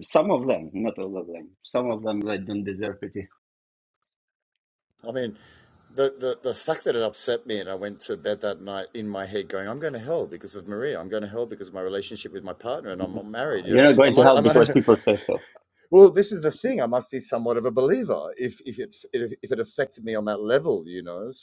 some of them, not all of them, some of them, they don't deserve pity. <laughs> Uh, You're not going to help because people say so.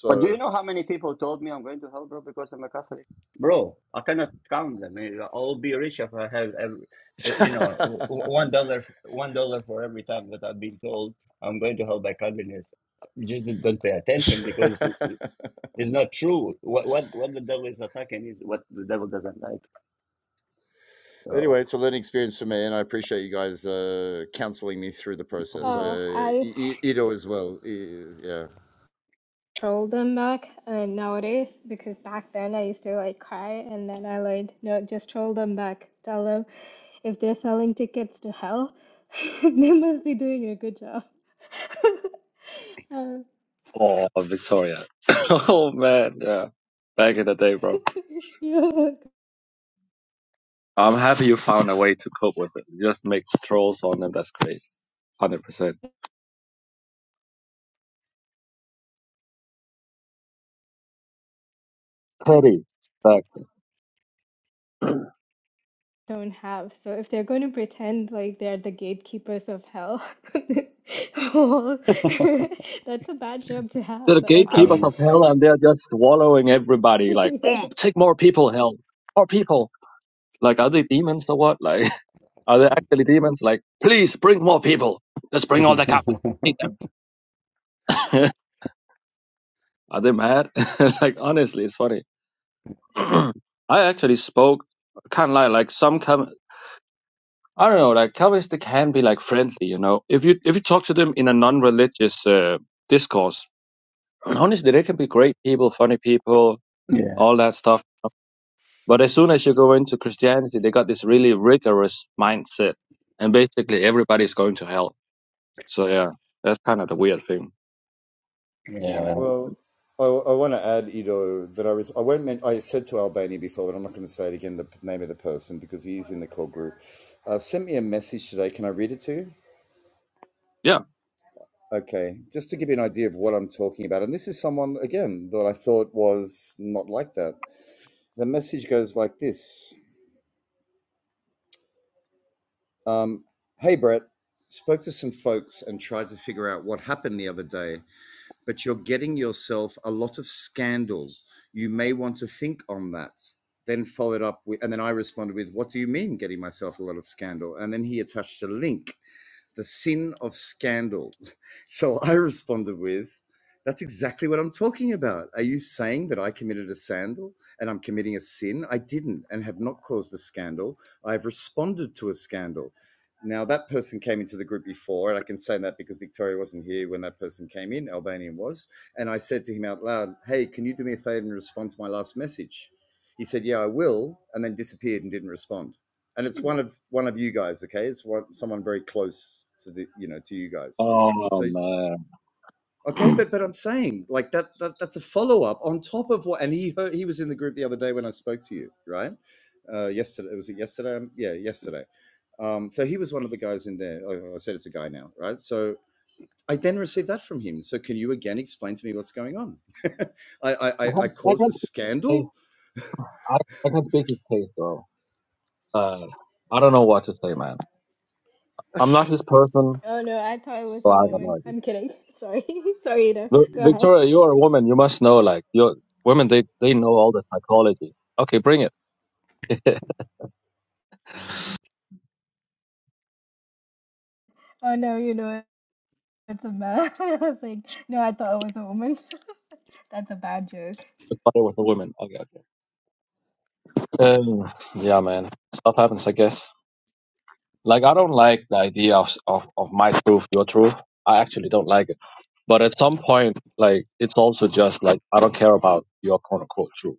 But do you know how many people told me I'm going to hell, bro, because I'm a Catholic? Bro, I cannot count them. Eh, I'll be rich if I have, every, eh, you know, one dollar, one dollar for every time that I've been told I'm going to hell by Calvinists. You just don't pay attention because it- it's not true. What what what the devil is attacking is what the devil doesn't like. So,
oh I. control them back uh, nowadays because back then I used to like cry and then I learned no, just troll them back. Tell them if they're selling tickets to hell, <laughs> they must be doing a good job. <laughs> uh,
Oh, Victoria. <laughs> oh man, yeah. Back in the day, bro.
<laughs> you
I'm happy you found a way to cope with it. You Just make trolls on them. That's great. Hundred percent. Petty. Like
don't have. So if they're going to pretend like they're the gatekeepers of hell, <laughs> well, <laughs> that's a bad job to
they're
have,
the
but okay.
gatekeepers
um,
of hell, and
<laughs>
they're just swallowing everybody. Like,
Yeah.
"Um, take more people, hell, more people. Like, are they demons or what? Like, <laughs> are they actually demons? Like, please bring more people. Let's bring all the Catholics. Hate them. <laughs> are they mad? <laughs> like, honestly, it's funny. <clears throat> I actually spoke. Can't lie. Like some com- I don't know, like Calvinists they can be like friendly, you know. If you if you talk to them in a non-religious uh, discourse, and honestly, they can be great people, funny people,
<laughs> yeah,
all that stuff. But as soon as you go into Christianity, they got this really rigorous mindset, and basically everybody's going to hell. So yeah, that's kind of the weird thing. Yeah,
yeah.
man. Yeah. Oh man, <clears throat> I can't, I can't speak his case. I, I can't speak his case, bro. Uh, I don't know what to say, man. I'm not his person,
Oh no, I thought it was
so
a
I got no
woman.
idea.
I'm kidding. <laughs> Sorry. <laughs> Sorry, Ida.
Vi-
Go ahead.
Victoria, you are a woman. You must know, like, your women, they, they know all the psychology. Okay, bring it. <laughs>
Oh no, you know it's a man. <laughs> I was like, no, I thought it was a woman. <laughs> That's a bad joke.
Started with a woman. Okay, okay. Um, yeah, man. Stuff happens, I guess. Like, I don't like the idea of, of, of my truth, your truth. I actually don't like it. But at some point, like, it's also just like, I don't care about your quote unquote truth.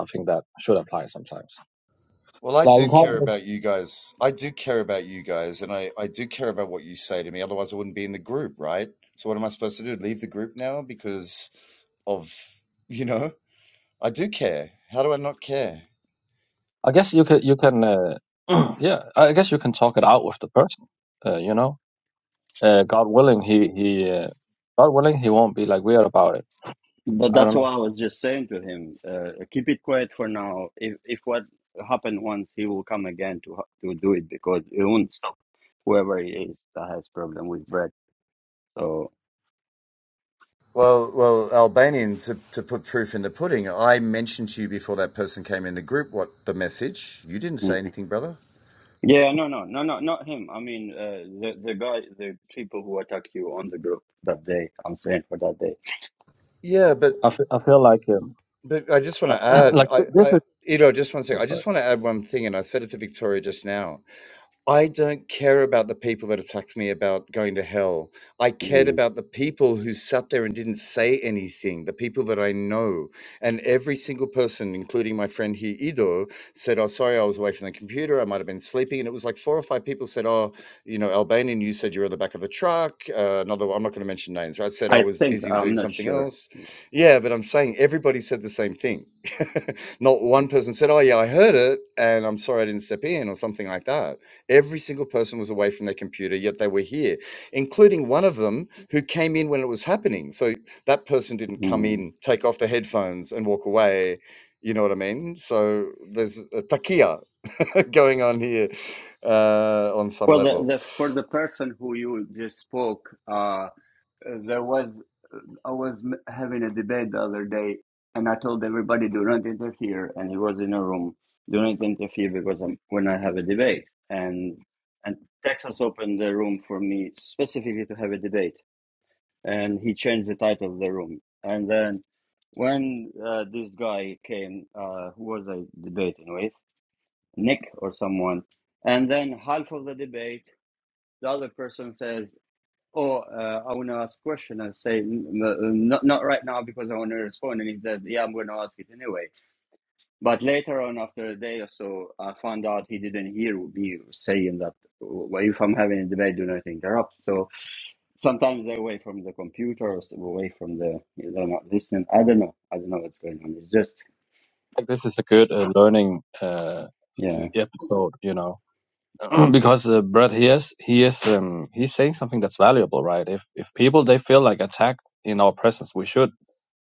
I think that should apply sometimes. Like, you have- I guess you can, you can, uh, <clears throat> yeah, I guess you can talk it out with the person, uh, you know? Uh, God willing, he he, uh, God willing, he won't be like weird about it.
But
I
that's
don't know.
what I was just saying to him, uh, keep it quiet for now. If if what happened once, he will come again to ha- to do it because it won't stop whoever he is that has problem with bread. So mhm. yeah, no, no, no, no, not him. I mean, uh, the the guy, the people who attacked you on the group that day. I'm saying for that day.
I fe- I feel like um, <coughs> <clears throat> like th- this is I'm sorry.
Mhm. I think I'm not sure. Mhm. Well, the, the for the person who you just spoke, uh, there was. I was having a debate the other day, and I told everybody do not interfere, and he was in a room. Do not interfere because I'm, when I have a debate, and and Texas opened the room for me specifically to have a debate, and he changed the title of the room. And then when uh, this guy came, uh, who was I debating with? Nick or someone. And then half of the debate, the other person says, or uh, I want to ask a question and say, n- n- not not right now because I want to respond. And he said, yeah, I'm going to ask it anyway. But later on, after a day or so, I found out he didn't hear me saying that. Well, if I'm having a debate, do not interrupt. So sometimes they're away from the computer or s- away from the, they're not listening. I don't know. I don't know what's going on. It's just,
Like this is a good uh, learning uh, e-,
yeah.
episode, you know, <clears throat> because uh, Brett he is he is um, he's saying something that's valuable, right? If if people they feel like attacked in our presence, we should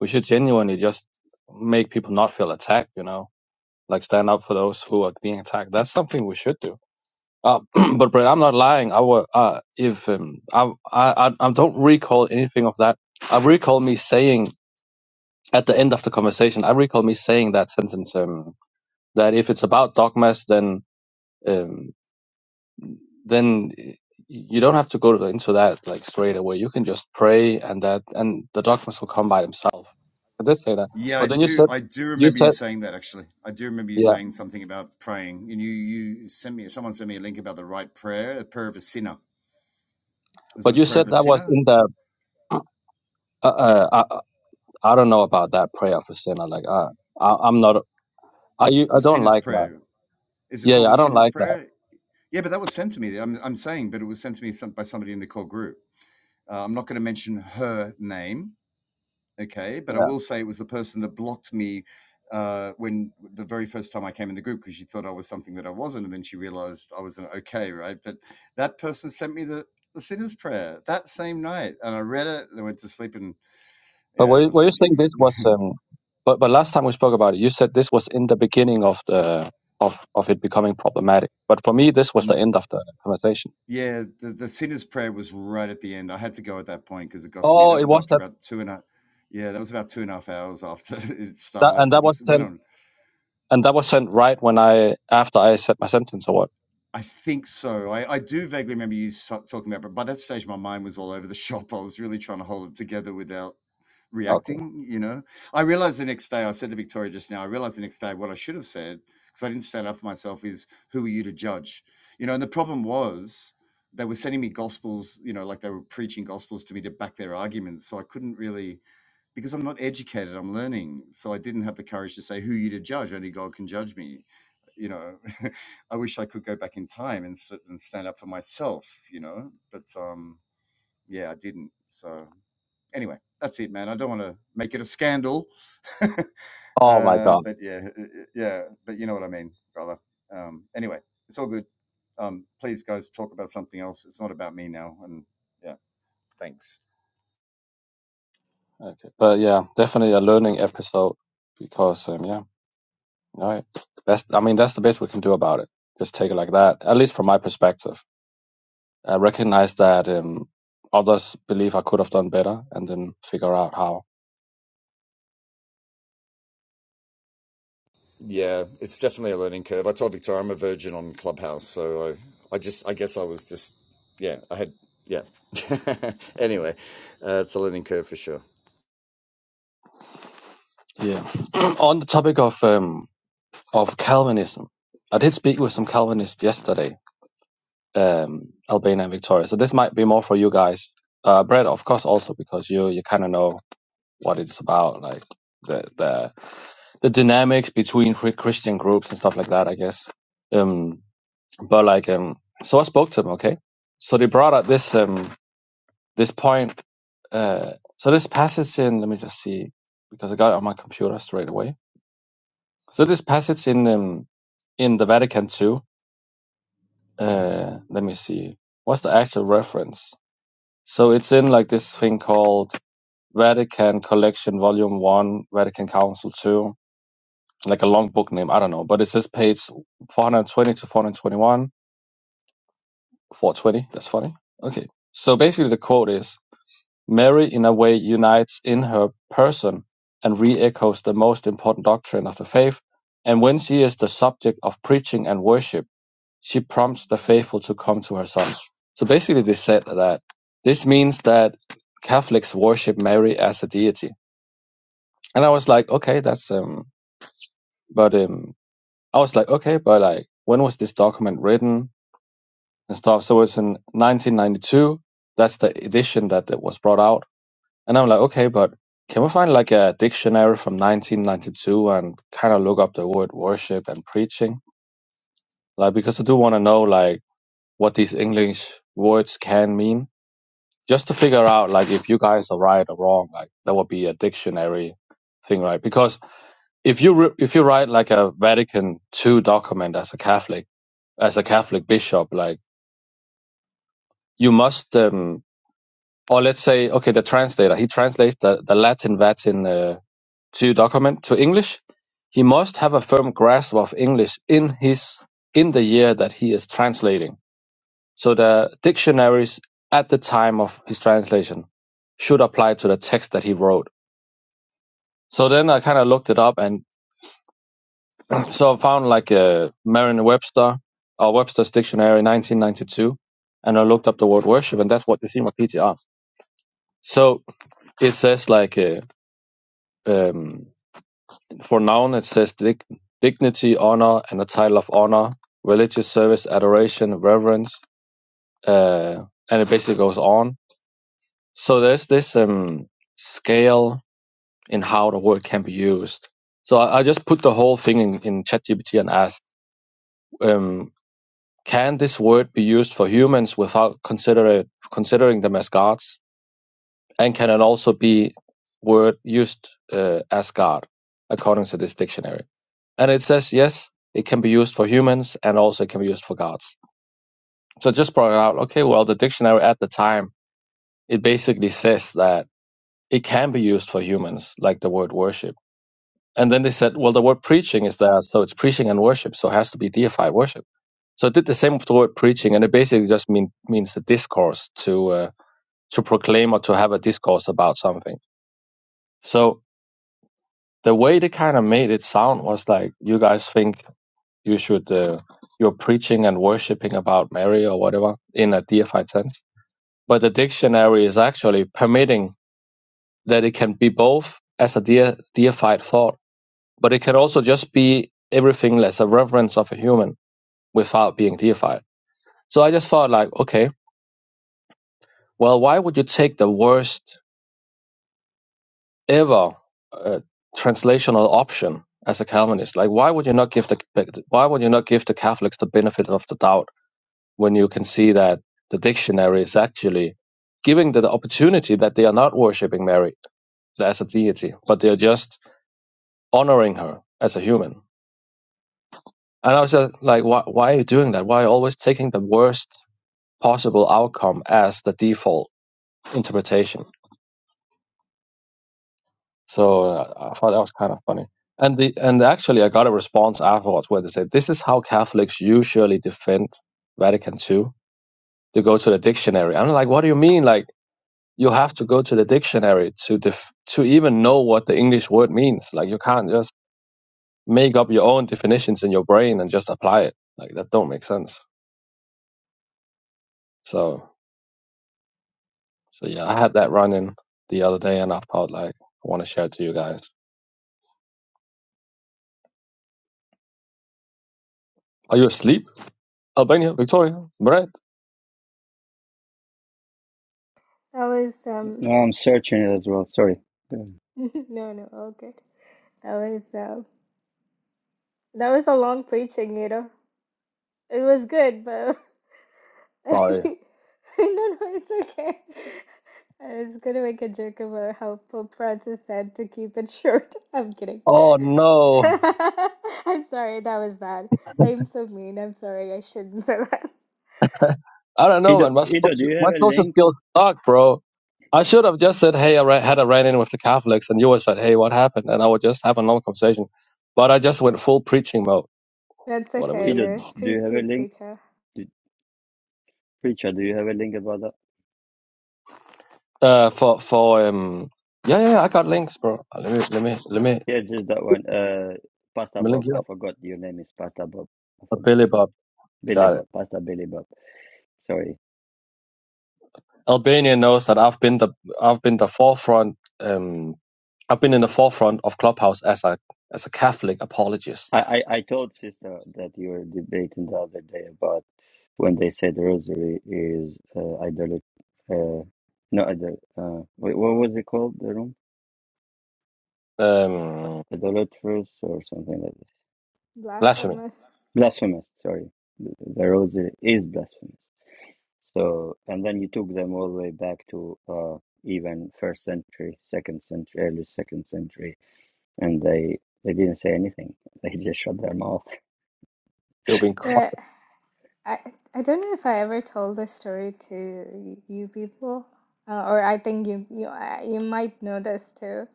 we should genuinely just make people not feel attacked, you know, like stand up for those who are being attacked. That's something we should do Uh, <clears throat> but Brett, I'm not lying. I wa uh, if um, I, I I don't recall anything of that. I recall me saying at the end of the conversation. I recall me saying that sentence um, that if it's about dogmas, then um, then you don't have to go to- into that like straight away. You can just pray, and that and the dogmas will come by themselves. I did say that, but then you said you said yeah, but you said that was in the uh, uh, I, I I don't know about that prayer for sinner. Like uh, I, I'm not. I u- I don't like that. Yeah, yeah, I don't like that. Yeah. But were you, were you saying this was um but but last time we spoke about it, you said this was in the beginning of the of of it becoming problematic. But for me this was the end of the conversation. Oh, it was that, that and that was sent and that was sent right when I after I said my sentence or what? Okay. Oh my god. Okay. But yeah, definitely a learning episode because um yeah, all right. That's I mean that's the best we can do about it. Just take it like that, at least from my perspective. I recognize that um, others believe I could have done better, and then figure out how. Yeah. <clears throat> On the topic of um, of Calvinism, I did speak with some Calvinists yesterday, um, Albania and Victoria. So this might be more for you guys, uh, Brett, of course, also because you you kind of know what it's about, like the the the dynamics between free Christian groups and stuff like that. I guess. Um, but like, um, so I spoke to them. Okay. So they brought up this. Um, this point, uh, so this passage in, let me just see, because I got it on my computer straight away. So this passage in um, in the Vatican II, uh, let me see, what's the actual reference? So it's in like this thing called Vatican Collection Volume One, Vatican Council Two, like a long book name, I don't know, but it says page 420 to 421, 420. That's funny. Okay, so basically the quote is. Mary in a way unites in her person and re-echoes the most important doctrine of the faith, and when she is the subject of preaching and worship, she prompts the faithful to come to her son. So basically they said that this means that Catholics worship Mary as a deity. And I was like, okay, that's um but um I was like, okay, but like when was this document written and stuff? So it's in 1992. That's the edition that, that was brought out And I'm like, okay, but can we find like a dictionary from 1992 and kind of look up the word worship and preaching? Like, because I do want to know like what these English words can mean, just to figure out like if you guys are right or wrong. Like, that would be a dictionary thing, right? Because if you re- if you write like a Vatican II document as a Catholic, as a Catholic bishop, like you must. Um, or let's say, okay, the translator, he translates the, the Latin Vatin uh, to document to English. He must have a firm grasp of English in his in the year that he is translating. So the dictionaries at the time of his translation should apply to the text that he wrote. So then I kind of looked it up and <clears throat> so I found like a Merriam-Webster or Webster's Dictionary 1992 and I looked up the word worship and that's what you see in PTR. So it says like uh, um, For noun it says dig- dignity, honor, and a title of honor, religious service, adoration, reverence, uh, and it basically goes on. So there's this um, scale in how the word can be used. So I, I just put the whole thing in, in ChatGPT and asked, um, can this word be used for humans without consider considering them as gods? And can it also be word used uh, as God according to this dictionary? And it says, yes, it can be used for humans and also it can be used for gods. So I just brought it out, okay, well, the dictionary at the time, it basically says that it can be used for humans, like the word worship. And then they said, well, the word preaching is there, so it's preaching and worship, so it has to be deified worship. So it did the same with the word preaching, and it basically just mean, means a discourse to uh, to proclaim or to have a discourse about something. So the way they kind of made it sound was like you guys think you should uh, you're preaching and worshiping about Mary or whatever in a deified sense. But the dictionary is actually permitting that it can be both as a de- deified thought, but it can also just be everything as a reverence of a human without being deified. So I just thought like, okay, well, why would you take the worst ever uh, translational option as a Calvinist? Like, why would you not give the why would you not give the Catholics the benefit of the doubt? when you can see that the dictionary is actually giving the, the opportunity that they are not worshiping Mary as a deity, but they are just honoring her as a human. And I was just like, why, why are you doing that? Why are you always taking the worst possible outcome as the default interpretation? So uh, I thought that was kind of funny. And the and actually, I got a response afterwards where they said, "This is how Catholics usually defend Vatican II. They go to the dictionary." I'm like, "What do you mean? Like, you have to go to the dictionary to def- to even know what the English word means. Like you can't just make up your own definitions in your brain and just apply it. Like that don't make sense. So so yeah, I had that run in the other day, and I felt like I want to share it to you guys. Are you asleep, Albania, Victoria, Brett?
That was um
No, I'm searching it as well. Sorry. Yeah.
<laughs> no no, all good. That was uh. that was a long preaching, you know. It was good, but <laughs>
Sorry.
<laughs> No, no, it's okay. I was gonna make a joke about how Pope Francis said to keep it short. <laughs> I'm kidding.
Oh
<laughs>
no,
I'm sorry, that was bad. I'm so mean. I'm sorry. I shouldn't say <laughs> that.
I don't know,
Ido,
man. My
Ido, do
social,
you
my
have a
social
link?
skills suck, bro. I should have just said, "Hey, I ra- had a run-in with the Catholics," and you would have said, "Hey, what happened?" And I would just have a normal conversation. But I just went full preaching mode
That's
What are we?
okay.
At?
Ido,
You're a
do you
street
have a
pe
link?
preacher.
Do- Preacher, do you have a link about that?
Uh, for for um, yeah, yeah, yeah, I got links, bro. Uh, Let me let me let me let
Yeah, just that one. Uh, Pastor
me link
Bob.
you
I
up.
forgot your name is Pastor Bob. I
Uh,
forgot.
Billy Bob, you
Billy
got it.
Bob. Pastor Billy Bob. Sorry.
Albania knows that I've been the I've been the forefront. Um, I've been in the forefront of Clubhouse as a as a Catholic apologist.
I, I, I told sister that you were debating the other day about when they said rosary is uh, idol. Uh, no, idol. Uh, wait, what was it called? The room?
Um,
Idolatrous or something like that.
blasphemy.
Blasphemous.
Blasphemous. Sorry. The, the rosary is blasphemous. So, and then you took them all the way back to uh, even first century, second century, early second century and they they didn't say anything. They <laughs> just shut their mouth.
You've been. cr-
But I, I don't know if I ever told this story to you people, uh, or I think you, you, I- you might know this too.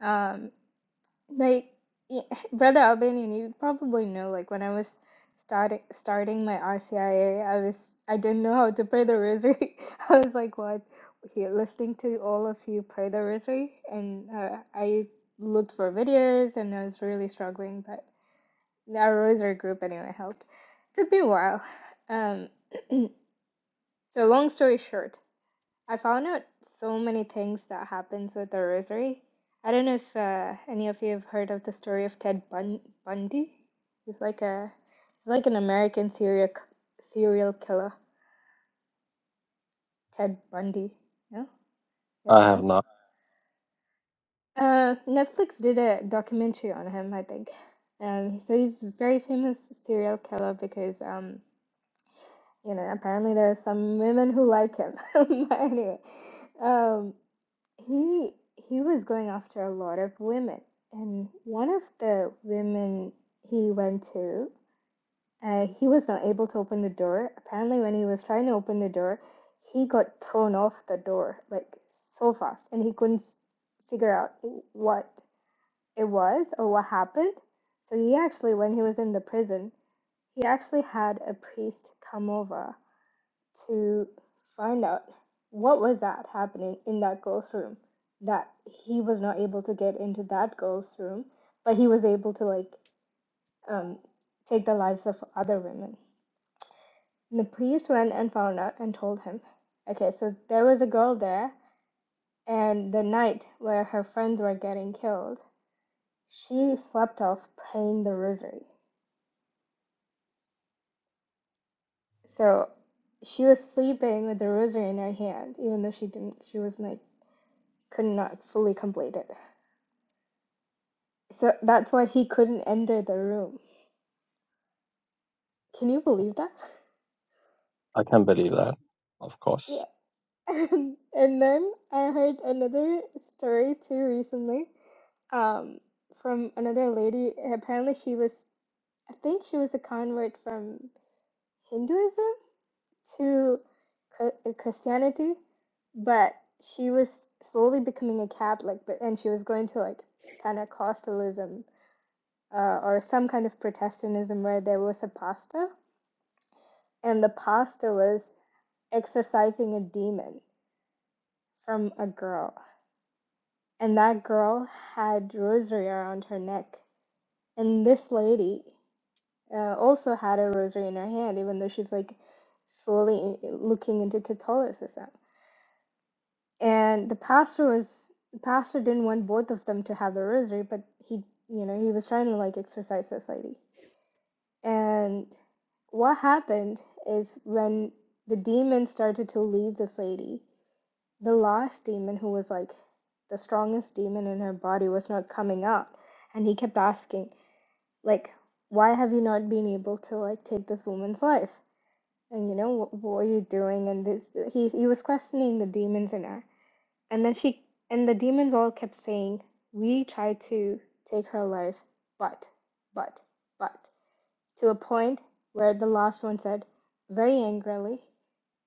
Um. Like, y- <laughs> Brother Albanian, you probably know, like, when I was starting starting my RCIA, I A, I was I didn't know how to pray the rosary. <laughs> I was like, what? Here, listening to all of you pray the rosary, and uh, I looked for videos, and I was really struggling, but our rosary group anyway helped. took me a while. Um, so long story short. I found out so many things that happens with the rosary. I don't know if uh, any of you have heard of the story of Ted Bun Bundy. He's like a he's like an American serial c- serial killer. Ted Bundy. No? Yes,
I have
no.
not.
Uh, Netflix did a documentary on him, I think. Um, so he's a very famous serial killer because um You know, apparently there are some women who like him. <laughs> But anyway, um, he he was going after a lot of women, and one of the women he went to, uh, he was not able to open the door. Apparently, when he was trying to open the door, he got thrown off the door like so fast, and he couldn't figure out what it was or what happened. So he actually, when he was in the prison, he actually had a priest come over to find out what was that happening in that girl's room that he was not able to get into that girl's room but he was able to like um, take the lives of other women and the police went and found out and told him okay so there was a girl there and the night where her friends were getting killed she slept off praying the rosary so she was sleeping with the rosary in her hand even though she didn't she was like could not fully complete it So that's why he couldn't enter the room. Can you believe that? <laughs>
I can't believe that. Of course.
Yeah. <laughs> And, and then I heard another story too recently, um, from another lady. Apparently, she was, I think she was a convert from Hinduism to Chri- uh, Christianity, but she was slowly becoming a Catholic, but and she was going to like Pentecostalism uh, or some kind of Protestantism where there was a pastor, and the pastor was exorcising a demon from a girl. And that girl had rosary around her neck. And this lady uh, also had a rosary in her hand, even though she's like slowly looking into Catholicism. And the pastor was, the pastor didn't want both of them to have the rosary, but he, you know, he was trying to like exorcise this lady. And what happened is when the demon started to leave this lady, The last demon, who was like the strongest demon in her body, was not coming out. And he kept asking, like, why have you not been able to like take this woman's life? And you know, what, what are you doing? And this, he he was questioning the demons in her. And then she and the demons all kept saying, we tried to take her life, but, but, but, to a point where the last one said, very angrily,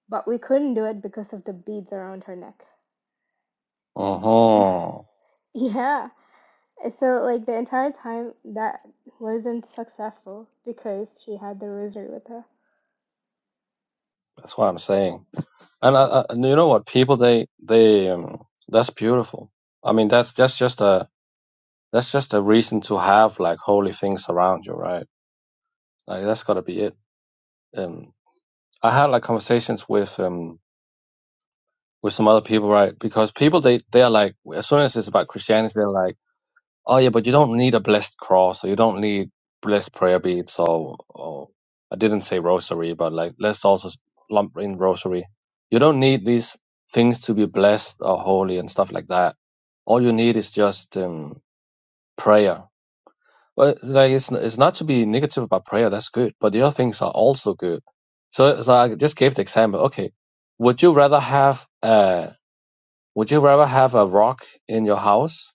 but we couldn't do it because of the beads around her neck. <sighs> <laughs>
Uh-huh.
Yeah. So like the entire time that wasn't successful because she had the rosary with her.
That's what I'm saying. And I, I, and you know what? People, they they um, that's beautiful. I mean, that's that's just a that's just a reason to have like holy things around you, right? Like that's gotta be it. Um, I had like conversations with um with some other people, right? Because people they they are like as soon as it's about Christianity, they're like, oh yeah, but you don't need a blessed cross or you don't need blessed prayer beads or or I didn't say rosary, but like let's also lump in rosary. You don't need these things to be blessed or holy and stuff like that. All you need is just um prayer Well, like it's it's not to be negative about prayer. That's good, but the other things are also good. So, so I just gave the example. Okay, would you rather have uh would you rather have a rock in your house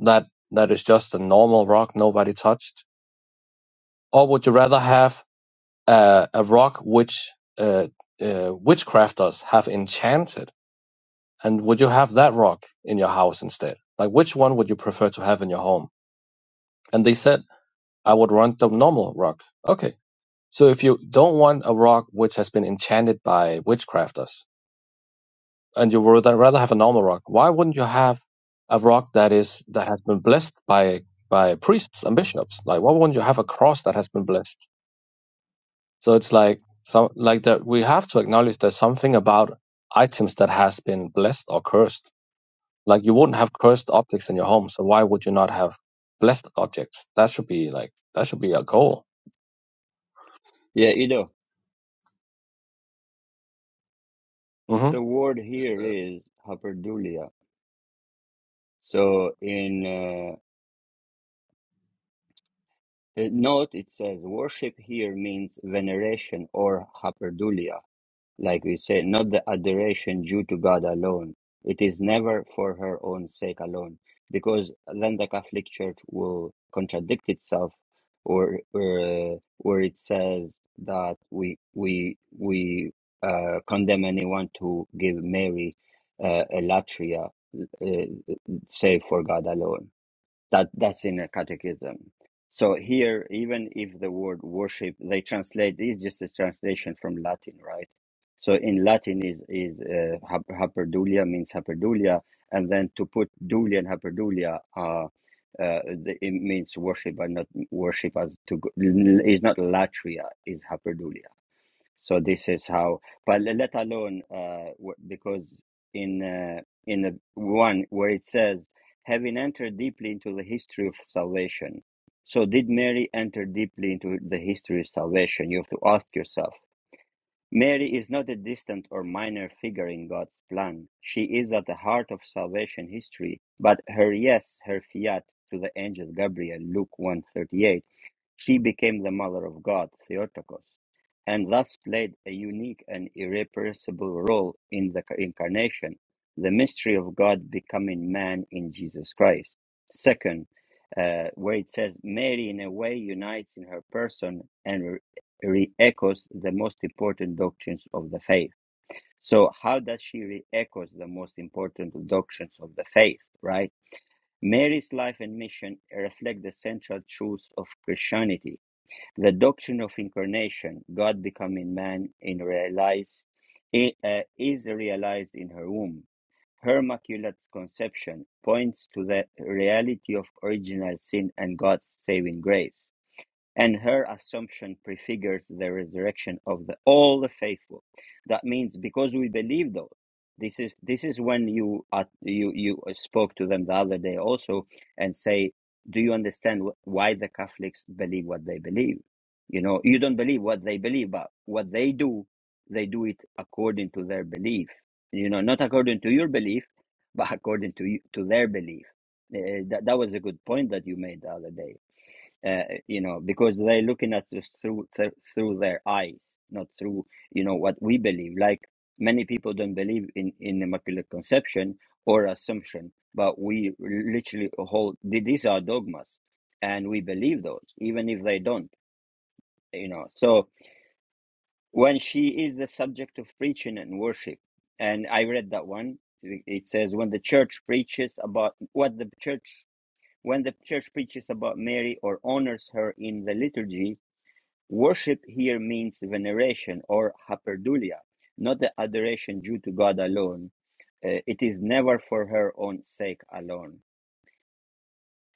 that that is just a normal rock nobody touched, or would you rather have uh, a rock which uh, uh witchcrafters have enchanted, and would you have that rock in your house instead? Like, which one would you prefer to have in your home? And they said I would want the normal rock. Okay So if you don't want a rock which has been enchanted by witchcrafters, and you would rather have a normal rock, why wouldn't you have a rock that is that has been blessed by by priests and bishops? Like why wouldn't you have a cross that has been blessed? So it's like some like that we have to acknowledge there's something about items that has been blessed or cursed. Like you wouldn't have cursed objects in your home, so why would you not have blessed objects? That should be like that should be a goal.
Yeah, you know,
hmm
the word here is haperdulia. So in uh, uh, note, it says worship here means veneration or haperdulia. like we say, not the adoration due to God alone. It is never for her own sake alone, because then the Catholic Church will contradict itself, or or, or it says that we we we uh, condemn anyone to give Mary uh, a latria, uh, say for God alone. That that's in a catechism. So here, even if the word worship, they translate it's just a translation from Latin, right? So in Latin is is uh, hap- hyperdulia means hyperdulia, and then to put dulia and hyperdulia, uh, uh, the, it means worship, but not worship as to go- is not latria is hyperdulia. So this is how, but le- let alone uh, w- because in uh, in the one where it says, having entered deeply into the history of salvation. So did Mary enter deeply into the history of salvation? You have to ask yourself. Mary is not a distant or minor figure in God's plan. She is at the heart of salvation history, but her yes, her fiat to the angel Gabriel, Luke one thirty eight. She became the mother of God, Theotokos, and thus played a unique and irrepressible role in the incarnation, the mystery of God becoming man in Jesus Christ. Second, uh, where it says Mary, in a way, unites in her person and re echoes the most important doctrines of the faith. So, how does she re echoes the most important doctrines of the faith, right? Mary's life and mission reflect the central truths of Christianity the doctrine of incarnation, God becoming man, in realize, i- uh, is realized in her womb. Her immaculate conception points to the reality of original sin and God's saving grace and her assumption prefigures the resurrection of the, all the faithful that means because we believe those this is this is when you uh, you you uh, spoke to them the other day also and say do you understand wh- why the catholics believe what they believe you know you don't believe what they believe but what they do they do it according to their belief you know not according to your belief but according to you, to their belief uh, that, that was a good point that you made the other day uh, you know, because they're looking at us through th- through their eyes, not through you know what we believe. Like many people don't believe in in immaculate conception or assumption, but we literally hold th- these are dogmas, and we believe those, even if they don't. You know, so when she is the subject of preaching and worship, and I read that one. It it says when the church preaches about what the church when the church preaches about Mary or honors her in the liturgy, Worship here means veneration or hyperdulia, not the adoration due to God alone. Uh, it is never for her own sake alone.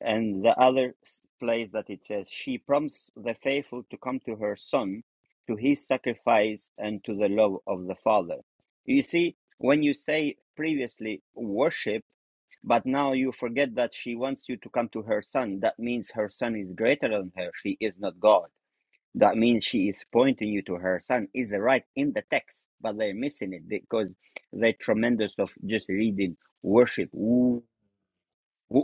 And the other place that it says, she prompts the faithful to come to her son, to his sacrifice, and to the love of the Father. You see, when you say previously worship, but now you forget that she wants you to come to her son, that means her son is greater than her. She is not God that means she is pointing you to her son is right in the text, but they're missing it because they're tremendous of just reading worship. Wo-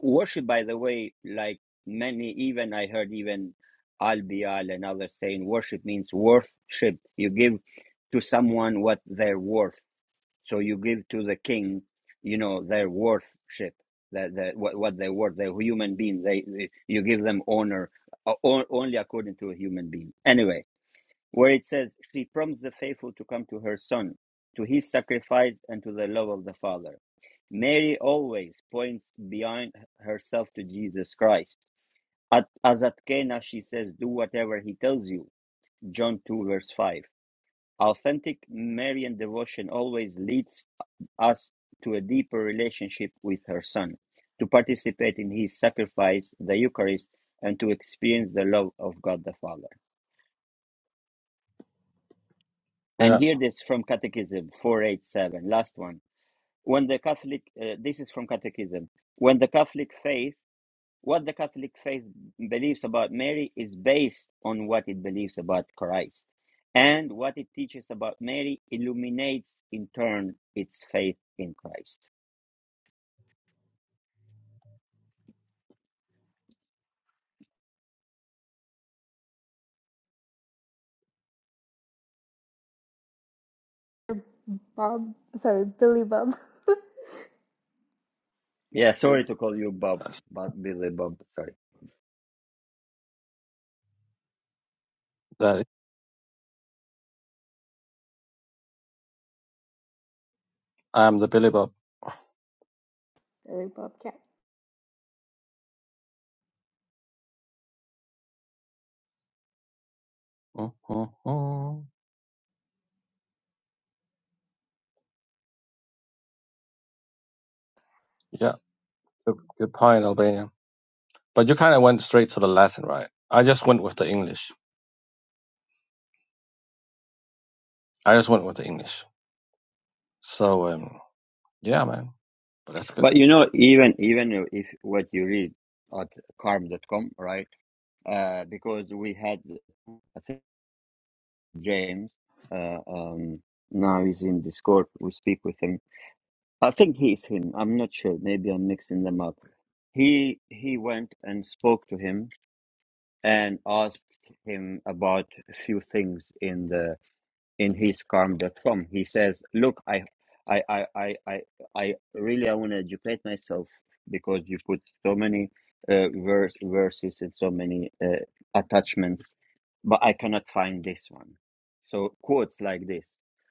Worship, by the way, like many, even I heard even Albial and others saying worship means worship. You give to someone what they're worth. So you give to the king, you know, their worthship, that the, what, what they're worth. They're human being. They, they you give them honor uh, on- only according to a human being. Anyway where it says, She prompts the faithful to come to her son, to his sacrifice, and to the love of the Father. Mary always points beyond herself to Jesus Christ. At, as at Cana, she says, Do whatever he tells you. John 2, verse 5. Authentic Marian devotion always leads us to a deeper relationship with her son, to participate in his sacrifice, the Eucharist, and to experience the love of God the Father. And
Yeah,
hear this from Catechism 487, last one. When the Catholic, uh, this is from Catechism, when the Catholic faith, what the Catholic faith believes about Mary is based on what it believes about Christ. And what it teaches about Mary illuminates in turn its faith in Christ.
Bob, sorry, Billy Bob.
Yeah,
<laughs> See,
sorry to call you Bob,
that's,
but Billy Bob, sorry.
that I'm the Billy Bob.
Billy Bobcat.
Oh, oh, oh. Yeah, good, good point, Albanian. But you kind of went straight to the Latin, right? I just went with the English. I just went with the English. So, um, yeah, man. But that's good.
But you know, even even if what you read at Carm. dot com, right? Uh, because we had I think. James. Uh, um, now he's in Discord. We speak with him. I think he's him. I'm not sure. Maybe I'm mixing them up. He he went and spoke to him and asked him about a few things in the in his calm.com. He says, "Look, I." I, I, I, I, I really I want to educate myself because you put so many uh, verse, verses and so many uh, attachments but I cannot find this one. So quotes like this,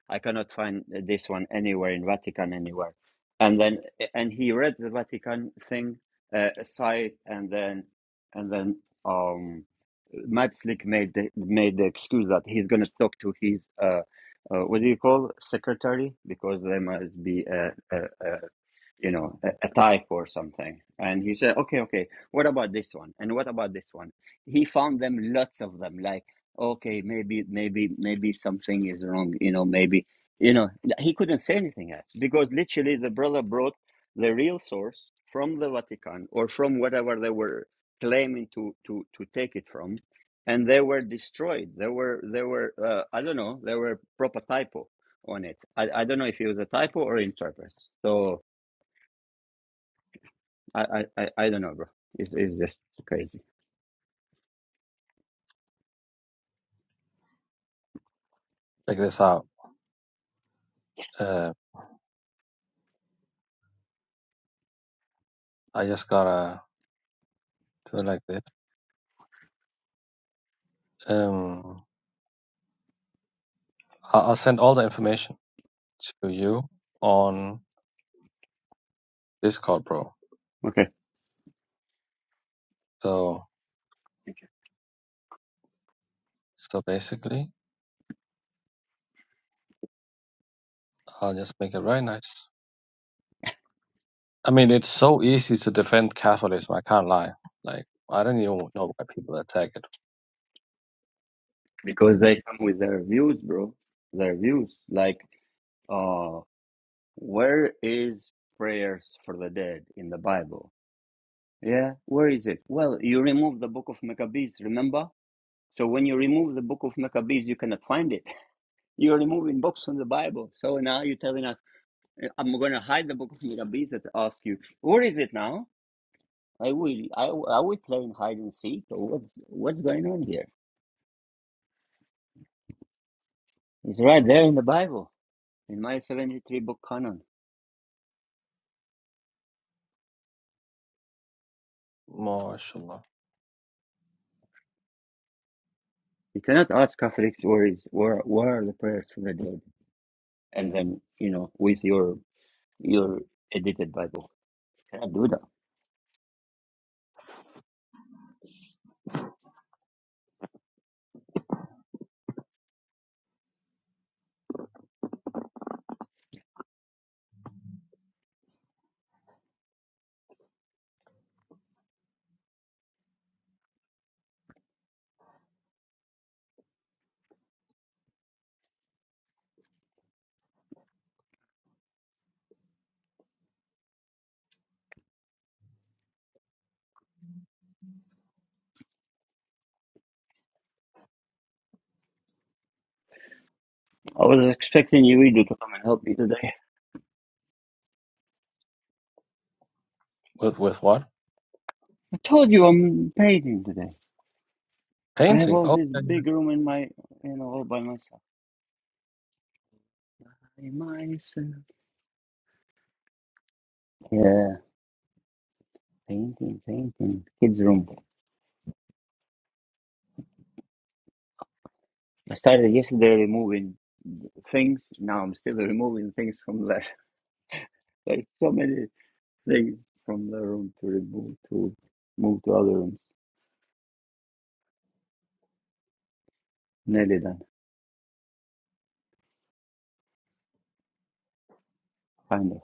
I cannot find uh, this one anywhere in Vatican anywhere. And then and he read the Vatican thing uh, aside, and then and then um, Matzlik made the, made the excuse that he's going to talk to his uh, uh, what do you call secretary because there must be a a, you know, a, a type or something. And he said, okay, okay, what about this one? And what about this one? He found them lots of them, like, okay, maybe, maybe, maybe something is wrong, you know, maybe, you know, he couldn't say anything else because literally the brother brought the real source from the Vatican or from whatever they were claiming to, to, to take it from. And they were destroyed. They were, they were, uh, I don't know, they were proper typo on it. I, I don't know if it was a typo or interpret. So, I, I, I, I don't know, bro. It's, it's just crazy.
Check this out. Uh, I just gotta do it like this. Um, I- I'll send all the information to you on Discord, bro.
Okay.
So, so basically, I'll just make it very nice. I mean, it's so easy to defend Catholicism. I can't lie. Like, I don't even know why people attack it.
Because they come with their views, bro. Their views. Like, uh, where is prayers for the dead in the Bible? Yeah, where is it? Well, you remove the book of Maccabees, remember? So when you remove the book of Maccabees, you cannot find it. <laughs> You're removing books from the Bible. So now you're telling us, eh, I'm going to hide the book of Maccabees and ask you, where is it now? I will, I, I will play in hide and seek. So What's, what's going on here? It's right there in the Bible, in my 73 book canon.
MashaAllah.
You cannot ask Catholics where is where where are the prayers for the dead, and then you know with your your edited Bible. You cannot do that. I was expecting you Edu, to come and help me today.
With with what?
<laughs> I told you I'm painting today. I have
Painting.
all
Oh,
this
yeah, yeah.
big room in my you know all by myself. By myself. Yeah, painting, painting. Kids room. I started yesterday removing things. Now I'm still removing things from there. <laughs> There's so many. They from the room to remove to move to other rooms. Nearly done, kind of.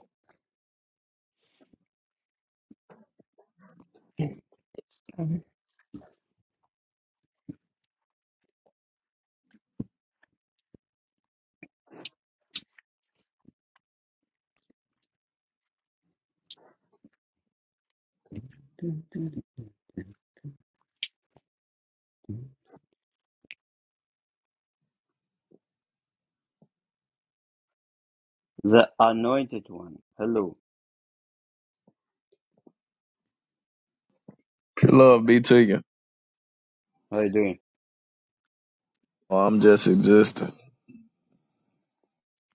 The anointed one. Hello,
Pure Love be to you.
how you doing?
Well, I'm just existing.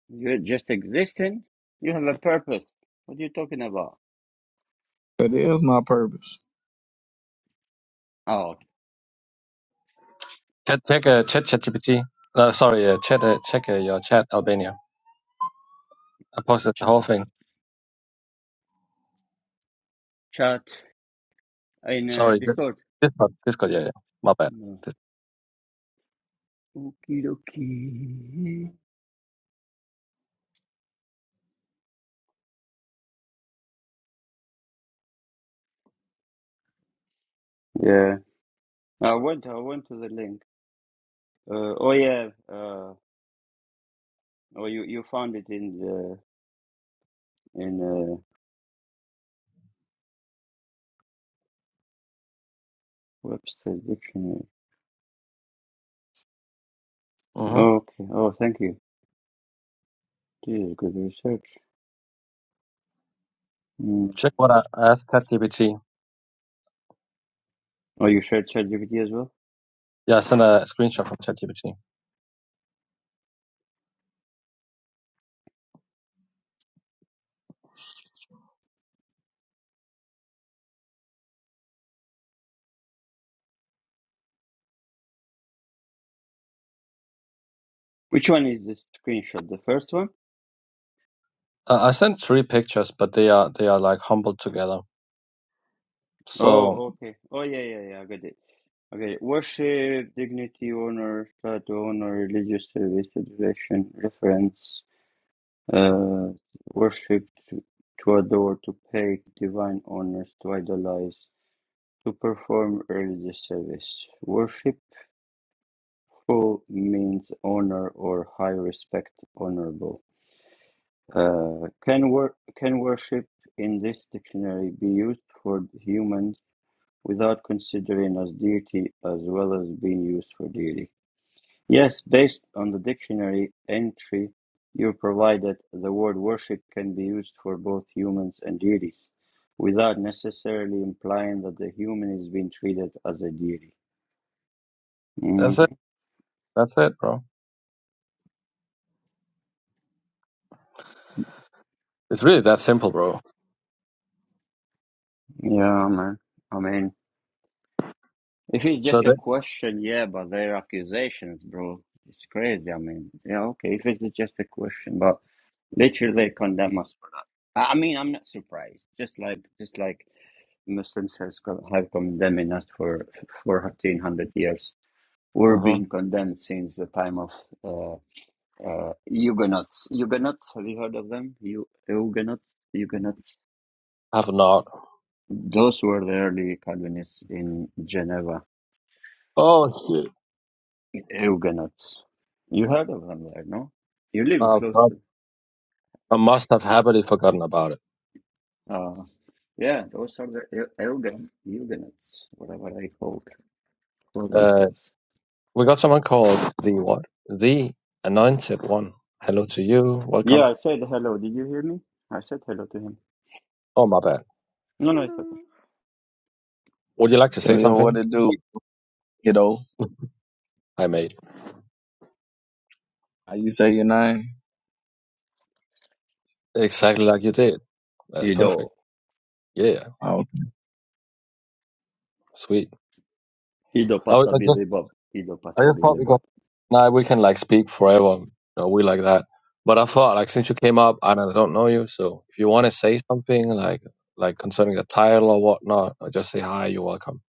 You're just existing. You have a purpose. What are you talking about?
That is my purpose.
Oh,
Check check uh, chat ChatGPT. No, sorry, uh, chat uh, check uh, your chat Albania. I posted the
chat,
whole thing.
chat in uh,
Sorry, Di-
Discord.
Discord, Discord. Yeah, yeah. My bad.
No. Okie dokie. Yeah, I went. I went to the link. Uh, oh yeah. Uh, oh, you you found it in the in uh, Webster's dictionary.
Mm-hmm.
Okay. Oh, thank you. Geez, good research. Mm.
Check what I I asked ChatGPT.
Oh, you shared ChatGPT as well?
Yeah, I sent a screenshot from ChatGPT.
Which one is this screenshot? The first one?
Uh, I sent three pictures, but they are they are like humbled together. So
Oh, okay. Oh, yeah, yeah, yeah. I got it. Okay. Worship, dignity, honor, start to honor, religious service, adoration, reference, uh, worship, to, to adore, to pay divine honors, to idolize, to perform religious service. Worshipful means honor or high respect, honorable. Uh, can wor- can worship in this dictionary be used for humans without considering as deity as well as being used for deity? Yes, based on the dictionary entry you provided, the word worship can be used for both humans and deities without necessarily implying that the human is being treated as a deity. Mm,
that's it. That's it, bro. It's really that simple, bro.
yeah, man. I mean, If it's
So
just a
that
question, yeah, but they're accusations, bro. It's crazy. I mean, yeah, okay. If it's just a question, but literally they condemn us for that. I I mean, I'm not surprised. Just like, just like Muslims has co- have condemning us for for 1400 years. We're
mm-hmm.
being condemned since the time of uh, uh, Huguenots. Huguenots, have you heard of them? You Huguenots, Huguenots.
have not.
Those were the early Calvinists in Geneva
Oh shit.
Eugenuts. You heard of them there, no? You live
Uh,
close
I
to.
I must have happily forgotten about it.
Uh, yeah, those are the Eu- Eugen, Eugenuts, whatever they call, call
Uh,
themselves.
we got someone called the what? The Anointed One. Hello to you. Welcome.
Yeah, I said hello. Did you hear me? I said hello to him.
Oh, my bad.
No, no, it's
Hello.
okay.
Would you like to say
Yo, yo, what
something?
it do? You know,
I made
how you say your name?
exactly like you did. That's perfect.
Ido.
Yeah,
Oh,
sweet.
Ido
I,
Pasta
I just,
Billy Bob. Ido
I
Pasta
just thought
Billy Bob.
because now we can like speak forever. No, we like that. But I thought like since you came up and I don't know you, so if you want to say something like like concerning the title or whatnot, or just say hi. You're welcome.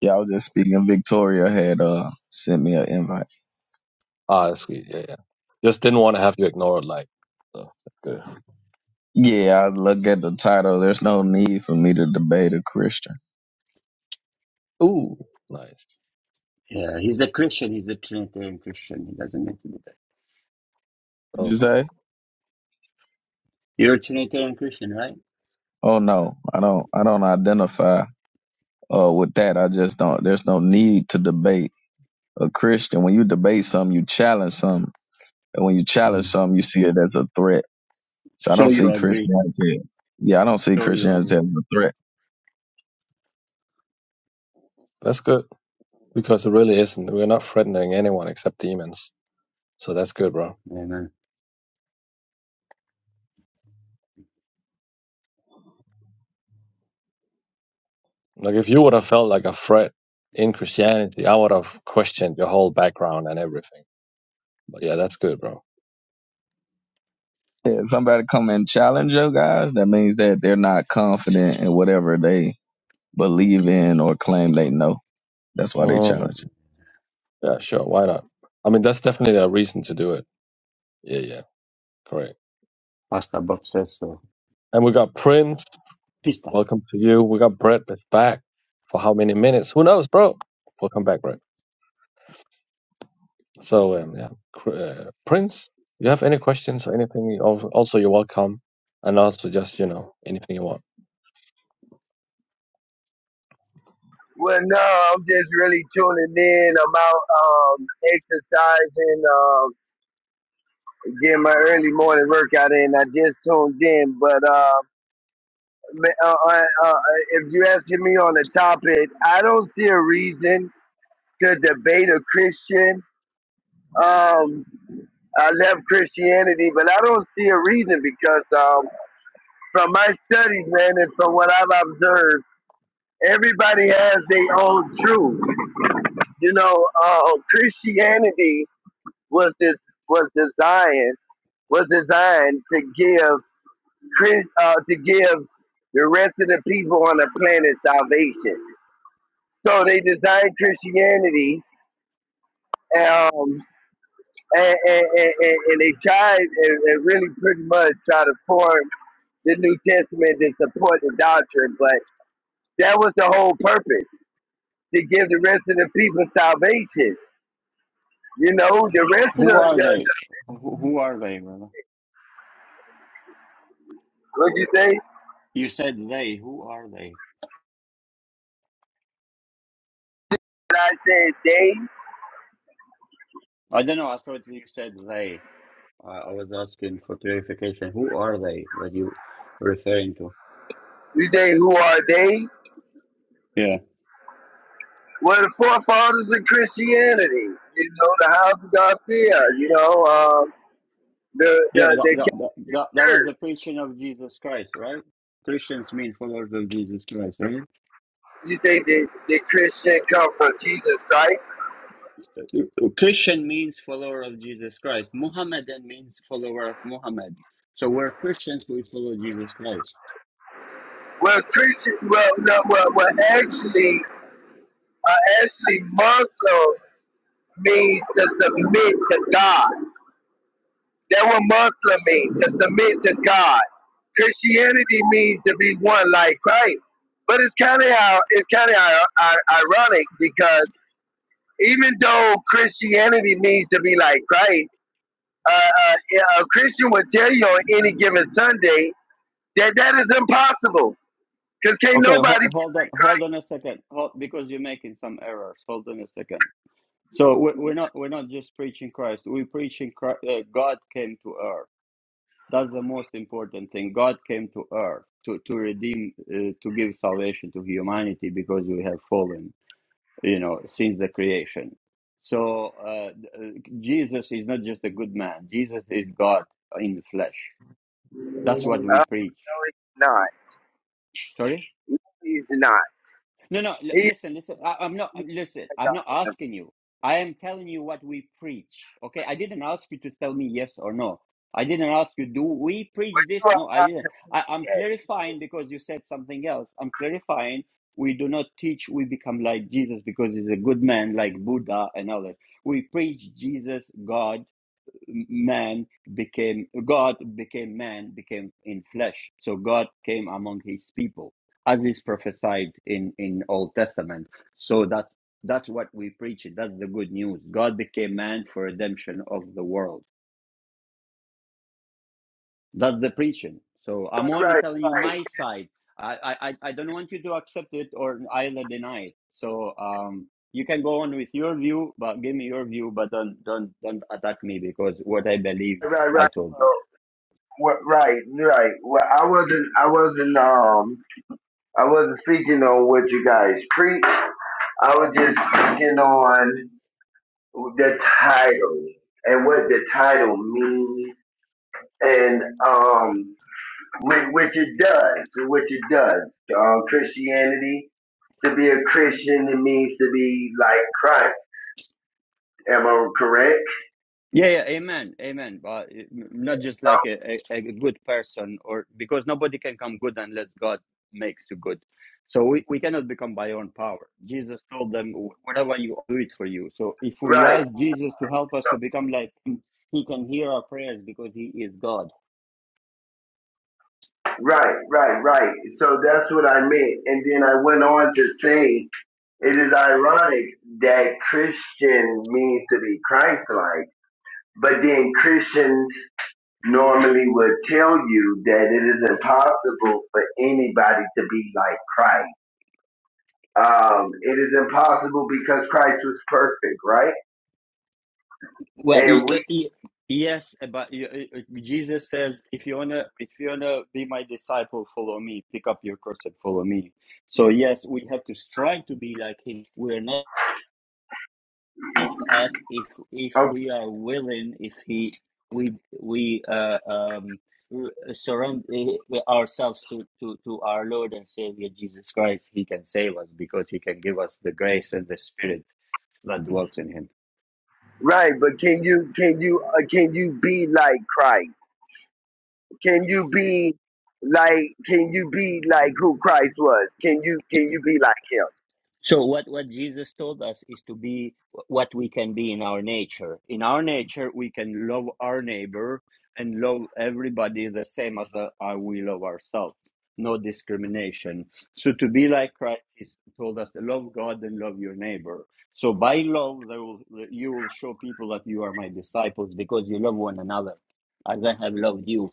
y'all just speaking. Victoria had uh sent me an invite.
Ah, that's sweet. Yeah, yeah. Just didn't want to have you ignored. Like, so, that's
Yeah, I look at the title. There's no need for me to debate a Christian.
good. Ooh, nice.
Yeah, he's a Christian. He's a Trinitarian Christian. He doesn't need to do that.
Did
Oh.
you say?
You're a Trinitarian Christian, right?
Oh no, I don't. I don't identify uh with that. I just don't. There's no need to debate a Christian. When you debate something, you challenge something, and when you challenge
Mm.
something, you see it as a threat. So I
So
don't
you
see
agree.
Christianity. Yeah, I don't see
So you
Christianity
agree.
as a threat.
That's good because it really isn't. We're not threatening anyone except demons. So that's good, bro.
Amen.
Like if you would have felt like a threat in Christianity, I would have questioned your whole background and everything. But yeah, that's good, bro.
If somebody come and challenge your guys, that means that they're not confident in whatever they believe in or claim they know. That's why they challenge
Mm.
you.
Yeah, sure. Why not? I mean, that's definitely a reason to do it. Yeah, yeah. Correct.
Pasta Bob says so.
And we got Prince.
Pista.
Welcome to you. We got Brett back for how many minutes? Who knows, bro? Welcome back, Brett. So um, yeah, Cr- uh, Prince, you have any questions or anything? you al- Also, you're welcome, and also just you know anything you want.
Well, no, I'm just really tuning in. I'm out um, exercising, um, getting my early morning workout in. I just tuned in, but uh, uh, uh, uh, if you're asking me on the topic, I don't see a reason to debate a Christian. Um, I left Christianity, but I don't see a reason because um, from my studies, man, and from what I've observed, everybody has their own truth. You know, uh, Christianity. was this was designed was designed to give uh, to give the rest of the people on the planet salvation. So they designed Christianity, um, and, and, and, and and they tried and, and really pretty much try to form the New Testament to support the doctrine, but that was the whole purpose to give the rest of the people salvation. You know, the rest of
Who
the,
are
the
they? Who, who are they, brother?
what you say?
You said they. Who are they?
I said they.
I don't know. I thought you said they. I, I was asking for clarification. Who are they that you referring to?
You say who are they?
Yeah.
Well, the forefathers of Christianity, you know, the house of Garcia, you know, um, the,
Yeah, but
the,
that,
the
that, that, that that was
church.
the preaching of Jesus Christ, right? Christians mean followers of Jesus Christ, right?
You say the the Christian come from Jesus Christ?
Christian means follower of Jesus Christ. Muhammadan means follower of Muhammad. So we're Christians, we follow Jesus Christ.
Well, Christian, well, no, well, well actually, uh, actually, Muslim means to submit to God. That what Muslim means, to submit to God. Christianity means to be one like Christ. But it's kind of how it's kind of ironic because even though Christianity means to be like Christ, uh, uh, a Christian would tell you on any given Sunday that that is impossible. Because can't
Okay, ho-
nobody.
hold on, hold on a second, hold, because you're making some errors. Hold on a second. So we're, we're not we're not just preaching Christ. We're preaching Christ, uh, God came to earth. That's the most important thing. God came to earth to to redeem, uh, to give salvation to humanity because we have fallen, you know, since the creation. So uh, th- uh, Jesus is not just a good man. Jesus is God in the flesh. That's
Uh,
what
no,
we preach.
it's not.
Sorry.
No, He's not.
No, no. L-
He is
listen, listen. I- I'm not. Listen, I'm not asking you. I am telling you what we preach. Okay. I didn't ask you to tell me yes or no. I didn't ask you. Do we preach this? No, I
not
didn't. I, I'm
that.
clarifying because you said something else. I'm clarifying. We do not teach. We become like Jesus because he's a good man, like Buddha and others. We preach Jesus, God, man became God became man became in flesh. So God came among his people as is prophesied in in Old Testament. So that's that's what we preach. That's the good news. God became man for redemption of the world. That's the preaching. So
Right,
I'm only
right,
telling you my side. I I I I don't want you to accept it or either deny it. So um you can go on with your view, but give me your view, but don't don't don't attack me because what I believe
right, right.
I
right.
told you.
Well, right, right. Well, I wasn't, I wasn't, um, I wasn't speaking on what you guys preach. I was just speaking on the title and what the title means and um which, it does which it does um christianity to be a christian it means to be like christ am i correct
Yeah, yeah, amen, amen. But uh, not just
So,
like a, a, a good person, or because nobody can come good unless God makes you good. So we, we cannot become by our own power. Jesus told them, whatever you do it for you. So if we
right
ask Jesus to help us to become like him, he can hear our prayers because he is God.
right right right so that's what i meant and then i went on to say it is ironic that christian means to be christ-like but then christian normally would tell you that it is impossible for anybody to be like Christ. Um, it is impossible because Christ was perfect, right?
Well, he,
And we,
he, yes, but you- uh, uh, Jesus says, if you wanna, if you wanna be my disciple, follow me. Pick up your cross and follow me. So yes, we have to strive to be like him. We're not make us if if
oh,
we are willing if he we we uh, um r- surrender ourselves to, to to our lord and savior jesus christ he can save us because he can give us the grace and the spirit that dwells in him
right? But can you, can you, uh, can you be like Christ? Can you be like, can you be like who Christ was? Can you, can you be like Him?
So what, what Jesus told us is to be what we can be in our nature. In our nature, we can love our neighbor and love everybody the same as the, uh, we love ourselves. No discrimination. So to be like Christ is told us to love God and love your neighbor. So by love, there will, you will show people that you are my disciples because you love one another as I have loved you.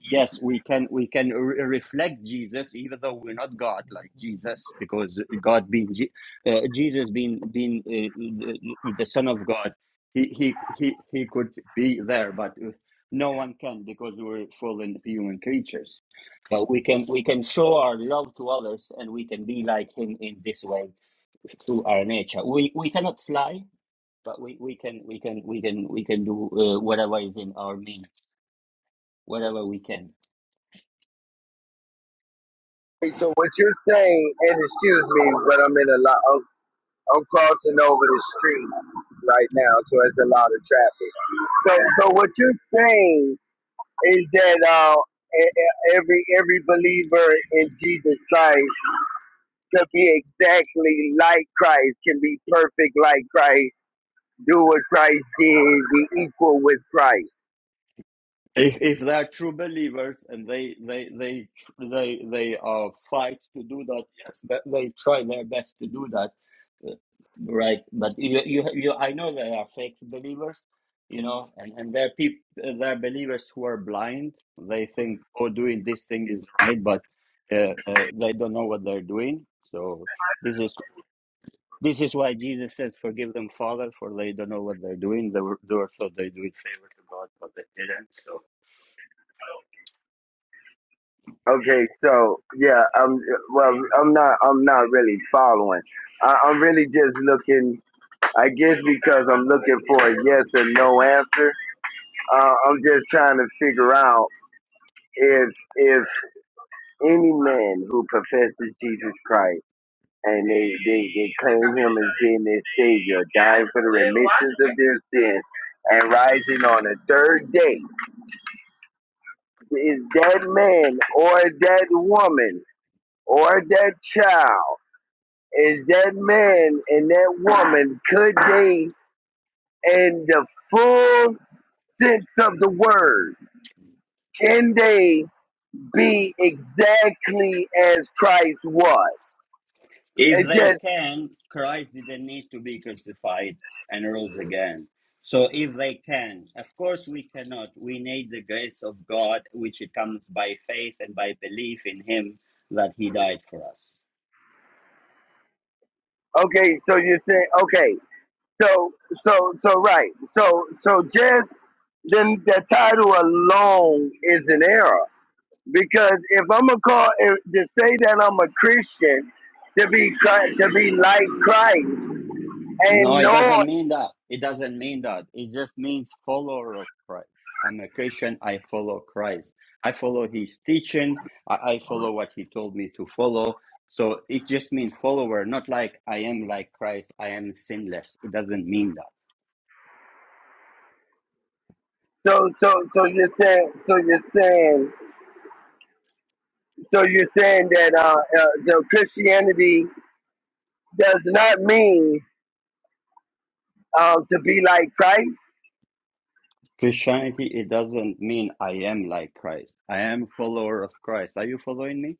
Yes, we can we can re- reflect Jesus, even though we're not God like Jesus, because God being Je- uh, Jesus being being uh, the the Son of God, he he he he could be there, but uh, no one can because we're fallen human creatures. But we can we can show our love to others, and we can be like Him in this way through our nature. We we cannot fly, but we we can we can we can we can do uh, whatever is in our means, whatever we can.
Okay, So what you're saying, and excuse me, but I'm in a lot. I'm crossing over the street right now, so it's a lot of traffic. So, so what you're saying is that uh, e- e- every every believer in Jesus Christ can be exactly like Christ, can be perfect like Christ, do what Christ did, be equal with Christ.
if if they are true believers and they they they tr- they they uh, fight to do that yes they, they try their best to do that uh, right but you, you you i know they are fake believers you know and and there are people there are believers who are blind they think oh doing this thing is right but uh, uh, they don't know what they're doing so this is this is why jesus says forgive them father for they don't know what they're doing they were, they were thought they do it favor to god but they didn't so
Okay, so yeah, I'm well. I'm not. I'm not really following. I, I'm really just looking. I guess because I'm looking for a yes or no answer Uh, I'm just trying to figure out if if any man who professes Jesus Christ and they, they, they claim him as being their savior, dying for the remissions of their sins and rising on the third day, is that man or that woman or that child, is that man and that woman, could they in the full sense of the word, can they be exactly as Christ was.
If
And
they
just
can, Christ didn't need to be crucified and rose again. So if they can, of course we cannot. We need the grace of God, which it comes by faith and by belief in Him that He died for us.
okay, so you're saying okay, so so so right. So so just then the title alone is an error. Because if I'm gonna call if, to say that I'm a Christian to be Chri- to be like Christ
No,
and
it
knowing
doesn't mean that. It doesn't mean that. It just means follower of Christ. I'm a Christian. I follow Christ. I follow his teaching. I, I follow what he told me to follow. So it just means follower, not like I am like Christ. I am sinless. It doesn't mean that.
so so so you're saying so you're saying so you're saying that uh, uh the Christianity does not mean uh, to be like Christ.
Christianity, it doesn't mean I am like Christ. I am follower of Christ. Are you following me?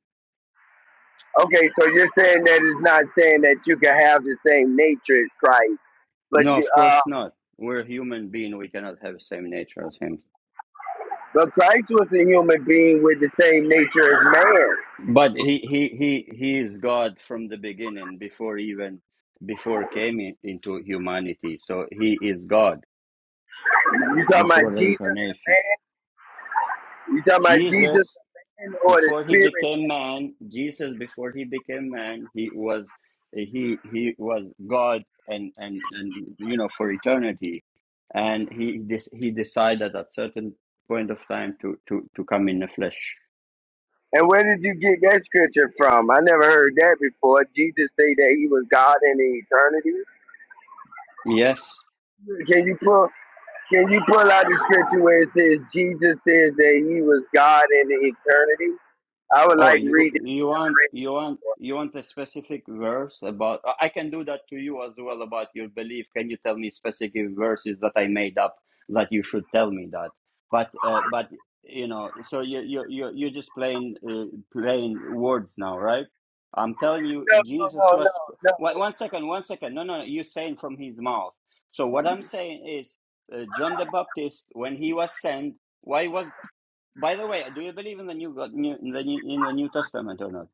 Okay, so you're saying that it's not saying that you can have the same nature as Christ, but
No, of
uh,
course not. We're human being. We cannot have the same nature as him.
but Christ was a human being with the same nature as man.
But he he he he is God from the beginning, before even before came in- into humanity. So he is God
You talking
before
about
the
Jesus and
incarnation.
man? You talking about Jesus
Jesus
and man or the
before he
Spirit?
became man, Jesus before he became man, he was he he was God and and and you know for eternity, and he this he decided at certain point of time to to to come in the flesh.
And where did you get that scripture from? I never heard that before. Jesus say that he was God in the eternity.
Yes,
Can you pull? Can you pull out the scripture where it says Jesus says that he was God in the eternity? I would
Oh,
like to
you
read
you want
that.
you want you want a specific verse about? I I can do that to you as well about your belief. Can you tell me specific verses that I made up that you should tell me that? But uh, but you know, so you you you you're just playing uh, playing words now, right? I'm telling you,
No, no,
Jesus
no, no,
was.
no.
One, one second, one second. No, no, no, you're saying from his mouth. So what I'm saying is, uh, John the Baptist, when he was sent, why was by the way, do you believe in the new God, new, in the new in the New Testament or not?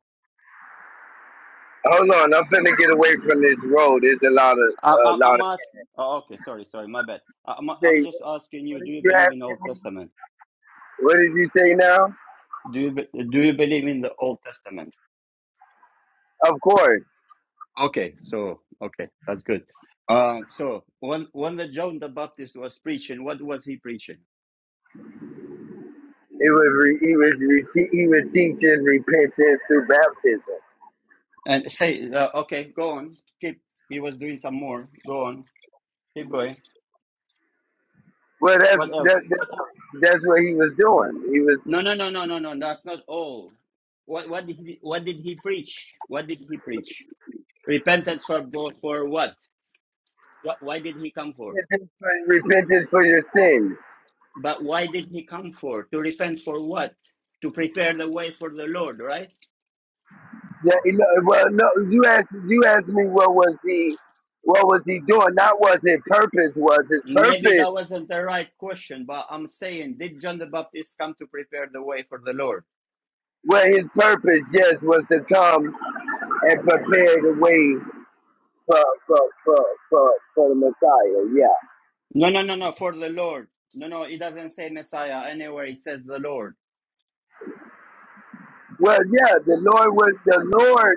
Hold on, I'm finna get away from this road. There's a lot of
I,
a
I,
lot
I'm
of.
ask. Oh, okay, sorry, sorry, my bad. I, I'm
You
I'm
say,
just asking you.
what
Do
did
you
you
believe
ask
in Old
me?
Testament?
What did you say now?
Do you be- do you believe in the Old Testament?
Of course,
Okay, so okay, that's good. Uh, so when when the John the Baptist was preaching, what was he preaching?
it was re, he was re, he was teaching repentance through baptism.
And say, uh, okay, go on, keep. He was doing some more. Go on, keep going.
Well, that's
What else?
that, that's that's what he was doing. He was
No, no, no, no, no, no. That's not all. What what did he what did he preach? What did he preach? Repentance for bo- for what? What why did he come for?
repentance for, repentance for your sins.
But why did he come for? To repent for what? To prepare the way for the Lord, right?
Yeah, you know, well, no, you asked you asked me what was he what was he doing? Not what his purpose was. His
Maybe
purpose,
that wasn't the right question, but I'm saying, did John the Baptist come to prepare the way for the Lord?
well, his purpose, yes, was to come and prepare the way for for for for, for the Messiah. Yeah.
No, no, no, no, for the Lord. No, no, it doesn't say Messiah anywhere. It says the Lord.
Well, yeah, the Lord was the Lord.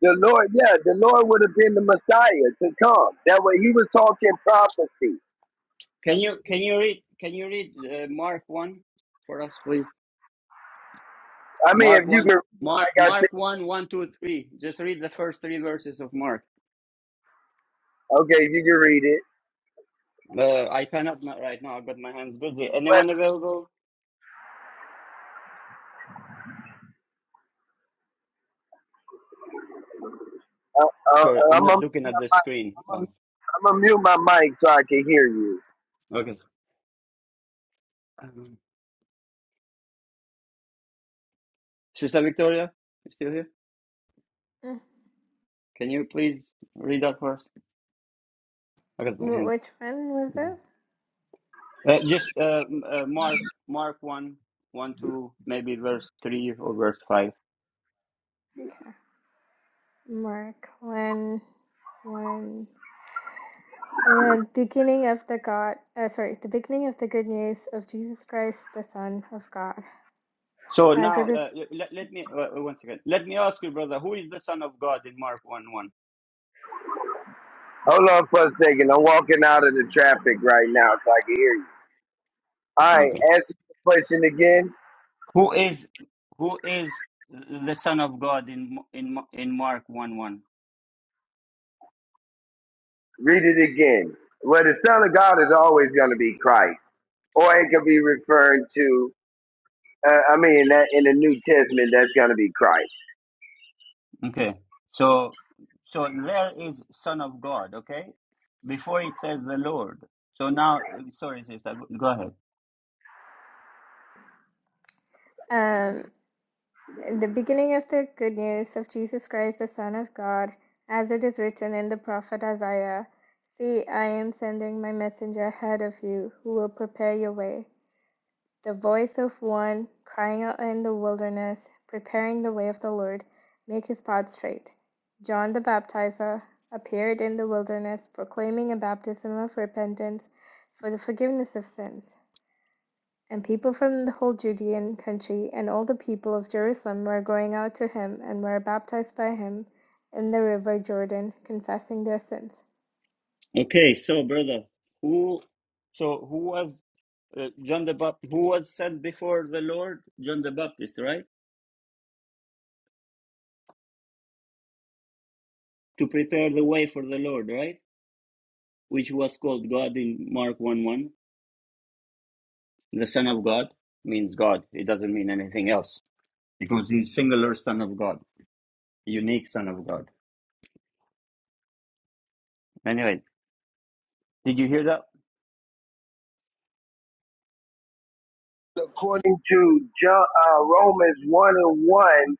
The Lord, yeah, the Lord would have been the Messiah to come. That way, he was talking prophecy.
Can you can you read can you read uh, Mark one for us, please?
I mean, if
Mark
you
1,
can, read it,
Mark,
like I said,
Mark one, one, 2, 3. Just read the first three verses of Mark.
okay, if you can read it.
Uh, I cannot not right now. I've got my hands busy.
But
Anyone available?
uh, uh,
Sorry, I'm not looking at the screen. Oh,
I'm gonna mute my mic so I can hear you.
okay. Um, Sister Victoria, you still here?
Uh,
Can you please read that for us? I got my
wh-
hands
which one was
busy.
it?
Uh, just uh, m- uh, Mark, Mark one, one, 2, maybe verse 3 or verse 5.
Okay. Mark when when the beginning of the God, uh, sorry, the beginning of the good news of Jesus Christ, the Son of God,
So
as it
now, uh,
is.
let, let me, uh, one second. Let me ask you, brother, who is the Son of God in Mark 1,
Hold on for a second. I'm walking out of the traffic right now so I can hear you. All
1?
right, ask the question again.
Who is who is the Son of God in in in Mark one one?
Read it again. Well, the Son of God is always going to be Christ, or it could be referring to. Uh, I mean, that in the New Testament, that's going to be Christ,
Okay, so so there is Son of God. Okay, before it says the Lord. So now, sorry, sister, go go ahead.
Um. The beginning of the good news of Jesus Christ, the Son of God, as it is written in the prophet Isaiah See, I am sending my messenger ahead of you, who will prepare your way. The voice of one crying out in the wilderness, preparing the way of the Lord, make his path straight. John the Baptizer appeared in the wilderness, proclaiming a baptism of repentance for the forgiveness of sins. And people from the whole Judean country and all the people of Jerusalem were going out to him and were baptized by him in the river Jordan, confessing their sins.
Okay, so brother, who so who was uh, John the Baptist? Who was sent before the Lord? John the Baptist, right? To prepare the way for the Lord, right? Which was called God in Mark one one. The Son of God means God. It doesn't mean anything else. because he's singular Son of God, unique Son of God. Anyway, did you hear that?
according to John, uh, Romans one and one.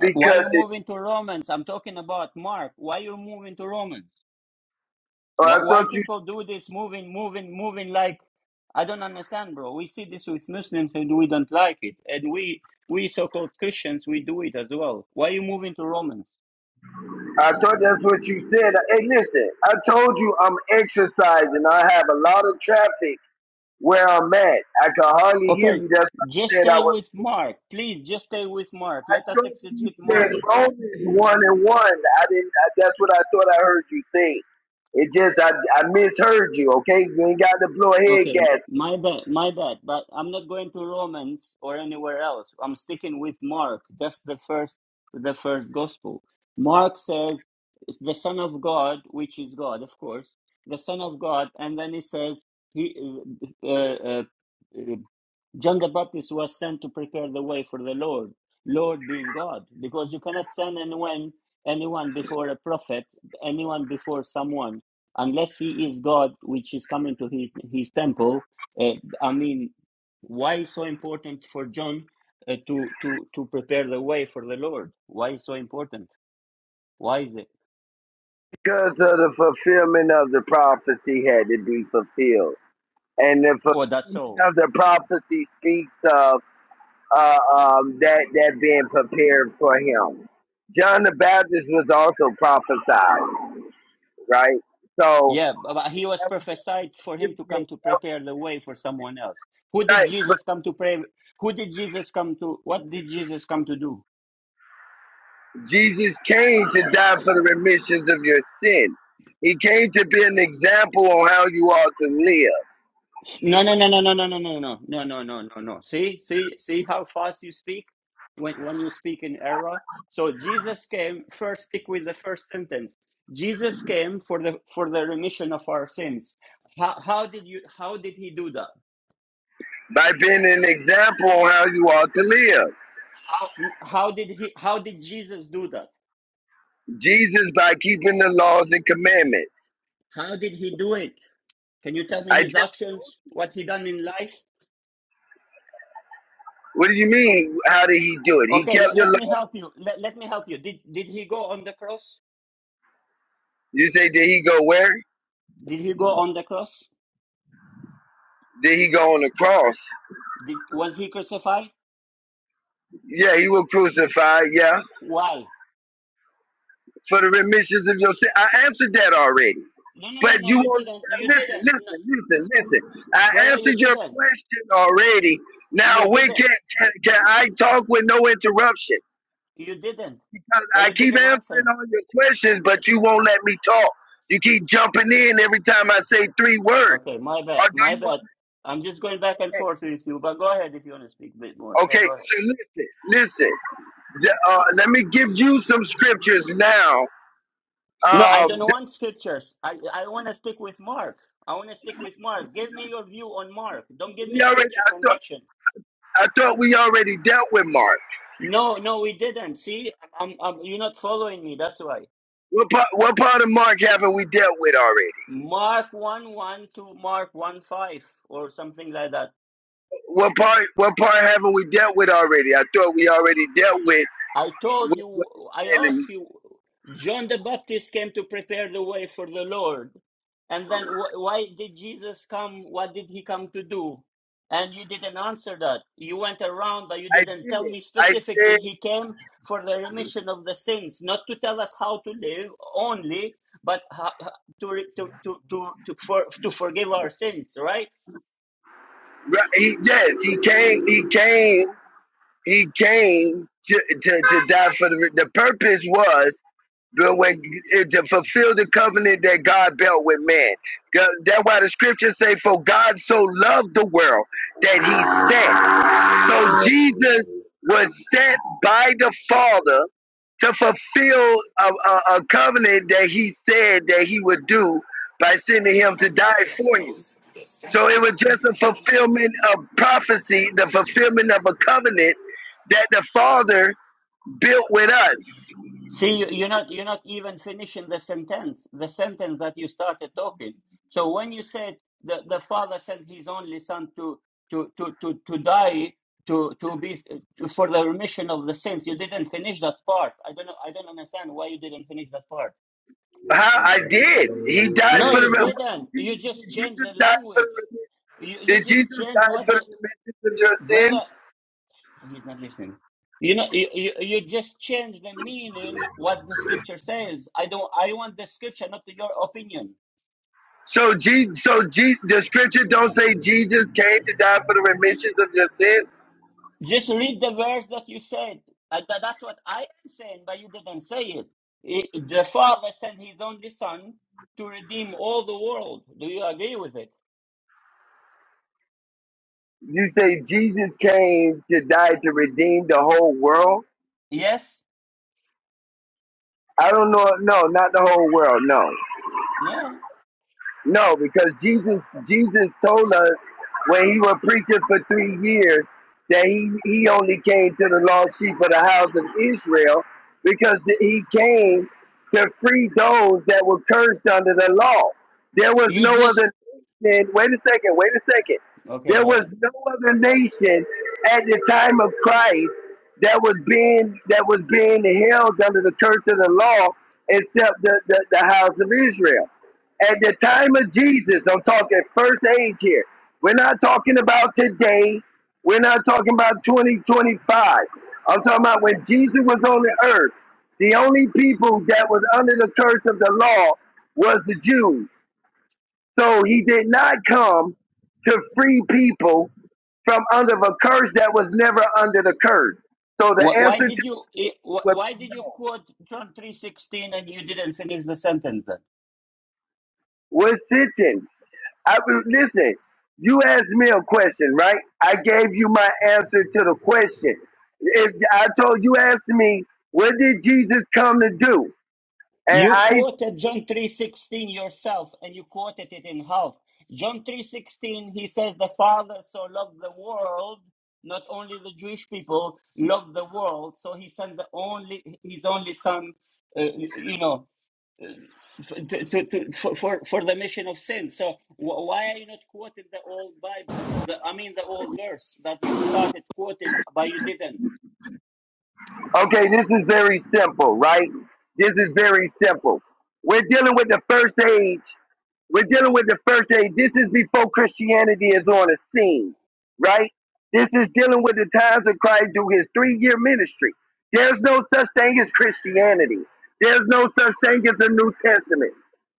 Uh, Why
Because
you
it,
moving to Romans? I'm talking about Mark. Why you moving to Romans?
oh,
Why,
I thought
why
you,
people do this moving, moving, moving like I don't understand, bro. We see this with Muslims and we don't like it, and we we so-called Christians we do it as well. Why you moving to Romans?
I thought that's what you said. Hey, listen, I told you I'm exercising. I have a lot of traffic where I'm at. I can hardly hear
Okay,
you. That's what
just
I said. I
stay
was.
with Mark, please. Just stay with Mark.
I
Let us
thought you
exegete
said
Mark.
Romans one and one. I didn't. I, that's what I thought I heard you say. It just I, I misheard you, okay? You ain't got to blow a head
Okay,
gas
my bad, my bad. But I'm not going to Romans or anywhere else. I'm sticking with Mark. That's the first, the first gospel. Mark says "It's the Son of God, which is God, of course, the Son of God, and then he says he, uh, uh, uh, John the Baptist was sent to prepare the way for the Lord, Lord being God, because you cannot send anyone, anyone before a prophet, anyone before someone, unless he is God, which is coming to his, his temple. Uh, I mean, why so important for John uh, to to to prepare the way for the Lord? Why so important? Why is it?
because of the fulfillment of the prophecy had to be fulfilled, and the
Oh, that's
fulfillment
all.
of the prophecy speaks of uh, um, that that being prepared for him. John the Baptist was also prophesied, right? So
Yeah, but he was
that was
prophesied for him to come
fulfillment,
to prepare the way for someone else. Who did
right? But
Jesus come to pray? Who did Jesus come to? What did Jesus come to do?
Jesus came to die for the remissions of your sin. He came to be an example on how you ought to live.
No, no, no, no, no, no, no, no, no, no, no, no, no, no. See, see, see how fast you speak when when you speak in error. So Jesus came. First, stick with the first sentence. Jesus came for the for the remission of our sins. How how did you? How did he do that?
by being an example on how you ought to live.
How how did he? How did Jesus do that?
Jesus by keeping the laws and commandments.
How did he do it? Can you tell me
I
his
just
actions, what he done in life?
what do you mean? How did he do it? He
Okay,
kept
let,
the
let
law.
me help you. Let, let me help you. Did did he go on the cross?
You say did he go where?
Did he go on the cross?
Did he go on the cross?
Did was he crucified?
Yeah, he was crucified, yeah.
Why?
For the remissions of your sin. I answered that already.
No, no, no,
But
no.
you
You
want
didn't.
to
You
listen,
didn't, no.
listen, listen, listen. I
brother. You
answered your
didn't.
question already.
You
Now when
didn't.
can can, can I talk with no interruption?
You didn't. But
I
you
keep
didn't
answering
answer.
all your questions, but you won't let me talk. You keep jumping in every time I say three words.
Okay, my bad.
Or do
My
you want
bad.
to?
I'm just going back and forth with you. But go ahead if you want to speak a bit more. Yeah,
Okay,
go ahead.
so listen, listen. The- Uh, let me give you some scriptures now.
No, I
Um,
don't want scriptures. I, I want to stick with Mark. I want to stick with Mark. Give me your view on Mark. Don't give me
we already,
scriptures
I
from
thought,
election.
I thought we already dealt with Mark.
No, no, we didn't. See, I'm, I'm, you're not following me. That's why.
What part, what part of Mark haven't we dealt with already?
Mark 1 1 to Mark 1 5 or something like that.
What part, what part haven't we dealt with already? I thought we already dealt with.
I told
with
you,
what you
I
said
asked
in-
you, John the Baptist came to prepare the way for the Lord. And then wh- why did Jesus come? What did he come to do? And you didn't answer that. You went around, but you
I
didn't
did.
tell me
I
specifically
did.
he came for the remission of the sins, not to tell us how to live only, but ho- ho- to, re- to, to, to, to, for, to forgive our sins, right?
Right, He, yes, he came. He came. He came to, to, to die for the. The purpose was but when to fulfill the covenant that God built with man. Go- That's why the scriptures say, "For God so loved the world that He sent." So Jesus was sent by the Father to fulfill a, a, a covenant that He said that He would do by sending Him to die for you. So it was just a fulfillment of prophecy, the fulfillment of a covenant that the Father built with us.
See, you- you're not you're not even finishing the sentence, the sentence that you started talking. So when you said the, the father sent his only son to to to to, to die to to be to, for the remission of the sins, you didn't finish that part. I don't know. I don't understand why you didn't finish that part.
How I did. He died
No,
for
you
the
didn't. You just changed the language. You you
did Jesus died for the remission. did
just
Jesus
changed
die
what
for the
the
remission of your sin?
brother. He's not listening. You know, you, you, you just change the meaning what the scripture says. I don't. I want the scripture, not your opinion.
So, Je- so Je- the scripture don't say Jesus came to die for the remissions of your sin.
Just read the verse that you said. Uh, tha- that's what I am saying, but you didn't say it. It- The Father sent His only Son to redeem all the world. Do you agree with it?
You say Jesus came to die to redeem the whole world.
Yes.
I don't know. No, not the whole world. No.
No.
No, because Jesus Jesus told us when he was preaching for three years that he, he only came to the lost sheep of the house of Israel because he came to free those that were cursed under the law. There was
You
no
just
other nation. Wait a second, wait a second.
okay.
There
Go
was
ahead.
no other nation at the time of Christ that was being that was being held under the curse of the law except the, the, the house of Israel. At the time of Jesus, I'm talking first age here. We're not talking about today. We're not talking about 2025. I'm talking about when Jesus was on the earth. The only people that was under the curse of the law was the Jews. So he did not come to free people from under a curse that was never under the curse. So the
Wh- Why
answer
did
to
you? eh, wh-
was
Why did you quote John three sixteen and you didn't finish the sentence?
was sitting. I will- listen. You asked me a question, right? I gave you my answer to the question. If I told you, asked me, what did Jesus come to do? And
You
I,
quoted John 3:16 yourself and you quoted it in half. John 3:16 he says the father so loved the world not only the Jewish people loved the world so he sent the only his only son uh, you know uh, f- to, to, to, for, for for the mission of sin. So wh- why are you not quoting the old Bible? The, I mean the old verse that you started quoting but you didn't.
okay, this is very simple, right? This is very simple. We're dealing with the first age We're dealing with the first age. This is before Christianity is on the scene, right? This is dealing with the times of Christ through his three year ministry. There's no such thing as Christianity. There's no such thing as the New Testament.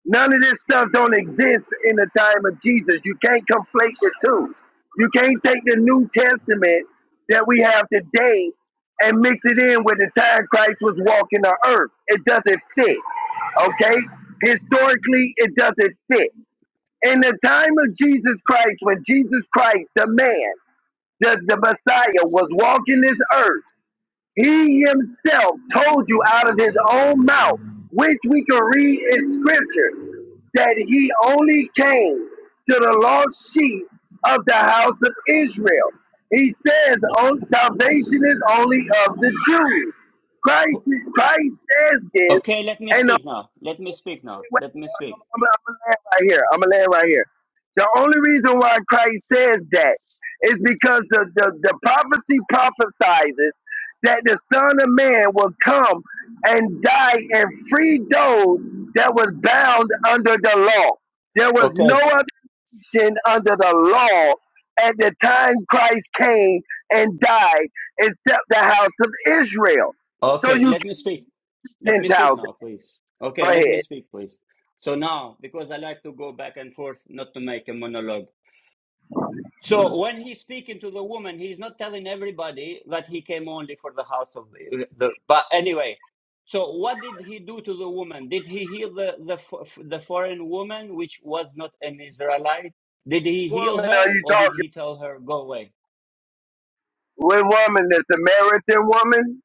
None of this stuff don't exist in the time of Jesus. You can't conflate the two. You can't take the New Testament that we have today and mix it in with the time Christ was walking the earth. It doesn't fit. Okay? Historically, it doesn't fit. In the time of Jesus Christ, when Jesus Christ, the man, the, the Messiah, was walking this earth, he himself told you out of his own mouth, which we can read in scripture, that he only came to the lost sheep of the house of Israel. He says, "Oh, salvation is only of the Jews. Christ, Christ says this,
Okay, let me
and the
speak now. Let me speak now. Let me speak.
I'm, I'm gonna land right here. I'm gonna land right here. The only reason why Christ says that is because the, the, the prophecy prophesizes that the Son of Man will come and die and free those that was bound under the law. There was no
Okay.
other under the law at the time Christ came and died except the house of Israel. So
Okay,
you
let me speak. Let me speak
Gentiles,
now, please. Okay,
go
let me
ahead.
speak, please. So now, because I like to go back and forth, not to make a monologue. So when he's speaking to the woman, he's not telling everybody that he came only for the house of the. the but anyway, so what did he do to the woman? Did he heal the the fo- the foreign woman, which was not an Israelite? Did he heal
Woman, are
her,
you
or did
talking?
he tell her go away?
What woman? The Samaritan woman?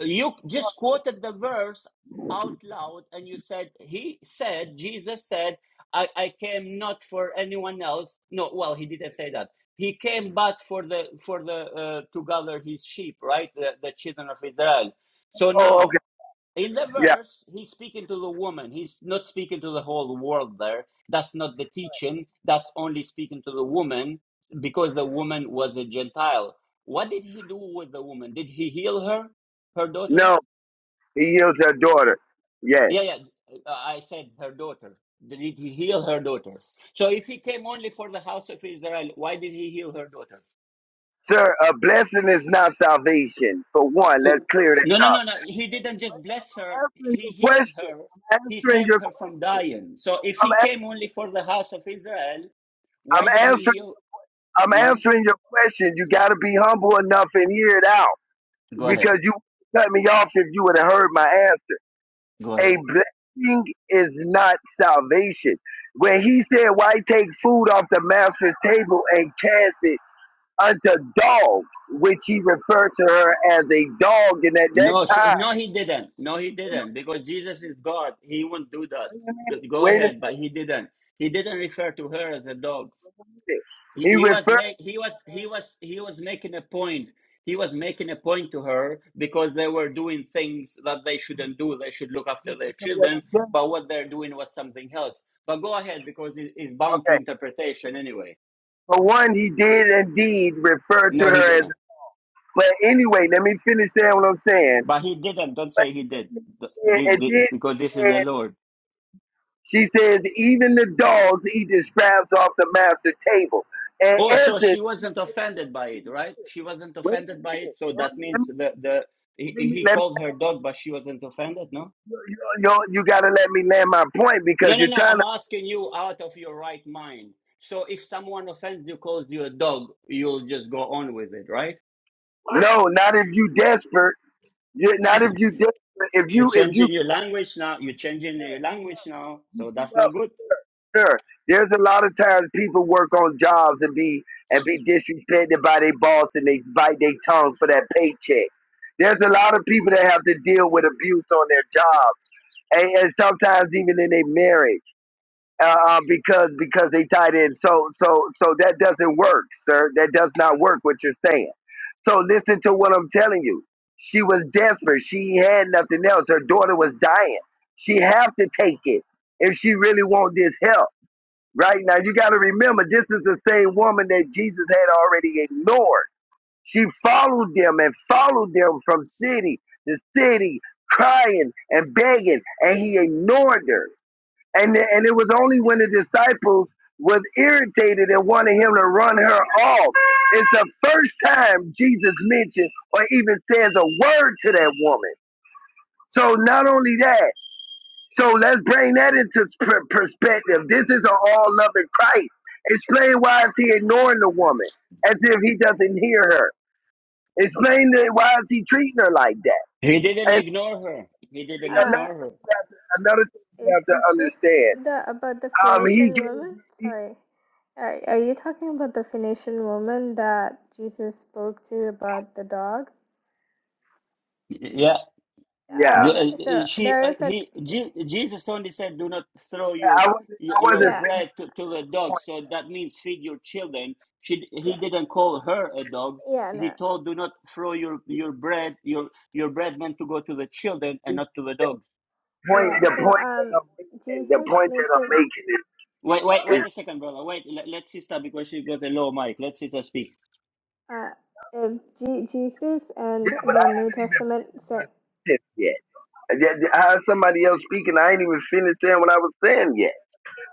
you just quoted the verse out loud and you said he said jesus said i i came not for anyone else no well he didn't say that he came but for the for the uh, to gather his sheep right the, the children of israel so
Oh,
now
okay.
in the
Yeah.
verse, he's speaking to the woman. He's not speaking to the whole world there. That's not the teaching. That's only speaking to the woman because the woman was a Gentile. What did he do with the woman? Did he heal her, her daughter?
No, he heals her daughter. Yes.
Yeah, yeah. uh, I said her daughter. Did he heal her daughter? So if he came only for the house of Israel, why did he heal her daughter?
Sir, a blessing is not salvation. For one, let's
Oh,
clear
No,
that
no,
up.
no, no. He didn't just bless her, he
I'm
healed her, he
Answering your question. I'm answering
saved
your
her from
question.
dying. So if
I'm,
he
a-
came only for the house of Israel,
I'm
why did he
answering.
heal?
I'm
hmm
answering your question. You got to be humble enough and hear it out
Go ahead.
because you cut me off if you would have heard my answer.
Go ahead.
A blessing is not salvation. When he said, "Why take food off the master's table and cast it?" unto dogs, which he referred to her as a dog. And at that
No, she,
time,
no, he didn't. No, he didn't. Because Jesus is God. He won't do that.
wait a minute,
Go go
wait a
ahead. But he didn't. He didn't refer to her as a dog.
minute.
he,
He
he was
referred
make he was he was he was making a point he was making a point to her because they were doing things that they shouldn't do they should look after their
to what
children
I'm saying.
but what they're doing was something else but go ahead because it is bound to
Okay.
interpretation anyway
For one, he did indeed refer to
no he
her as,
didn't
but anyway, let me finish that what I'm saying.
but he didn't don't
But
say he did Th- th-
it
th-
did
because this is
say,
the lord
she says, even the dogs eat the scraps off the master table. And
oh so
essence,
she wasn't offended by it right she wasn't
wait a
offended by it
minute.
so
Let
that
me, let
means
me,
the the
let
he,
me,
he
let me
called her dog but she wasn't offended no
you, you, you, you got to let me land my point because
No, no,
you're
no.
trying to
I'm asking you out of your right mind. So if someone offends you, calls you a dog, you'll just go on with it, right?
No, not if you desperate. You- Not if you desperate. If
You're
you if you
changing your language now. You're changing your language now. So that's
give
not
up
good.
sure. There's a lot of times people work on jobs and be and be disrespected by their boss and they bite their tongues for that paycheck. There's a lot of people that have to deal with abuse on their jobs and, and sometimes even in their marriage. uh, uh, because because they tied in. So so so that doesn't work, sir. That does not work. What you're saying. So listen to what I'm telling you. She was desperate. She had nothing else. Her daughter was dying. She have to take it if she really want this help. Right now, you got to remember, this is the same woman that Jesus had already ignored. She followed them and followed them from city to city, crying and begging, and he ignored her. And, and it was only when the disciples was irritated and wanted him to run her off. It's the first time Jesus mentions or even says a word to that woman. So not only that, so let's bring that into per- perspective. This is an all-loving Christ. Explain why is he ignoring the woman as if he doesn't hear her. Explain that why is he treating her like that.
He didn't
And
ignore her. He didn't
another
Uh,
ignore her.
thing you have to, another thing you
is
have to
is this
understand.
the about the
Um, he
Phoenician
gave,
woman?
he,
Sorry, are are you talking about the Phoenician woman that Jesus spoke to about the dog?
Yeah.
Ah,
yeah.
Do, uh,
Okay,
uh,
so
she,
there
uh,
is a
he, Je- Jesus only said, "Do not throw your
I wasn't,
y-
I
your
wasn't
yeah
finished
bread to, to the dogs."
point.
So that means feed your children. She,
yeah
he didn't call her a dog.
yeah
He
no
told, "Do not throw your your bread. Your your bread meant to go to the children
The
and not to the dogs."
point,
yeah.
the
So
point that
um,
I'm making, the
Jesus
point that
makes
I'm
it
making is,
Wait, wait, wait a second, brother. Wait, let, let sister because she got a low mic. Let sister speak.
uh, if G- Jesus and
yeah, but I
the New
haven't even
Testament, so,
finished it yet. Yeah, yeah, How is somebody else speaking? I ain't even finished saying what I was saying yet.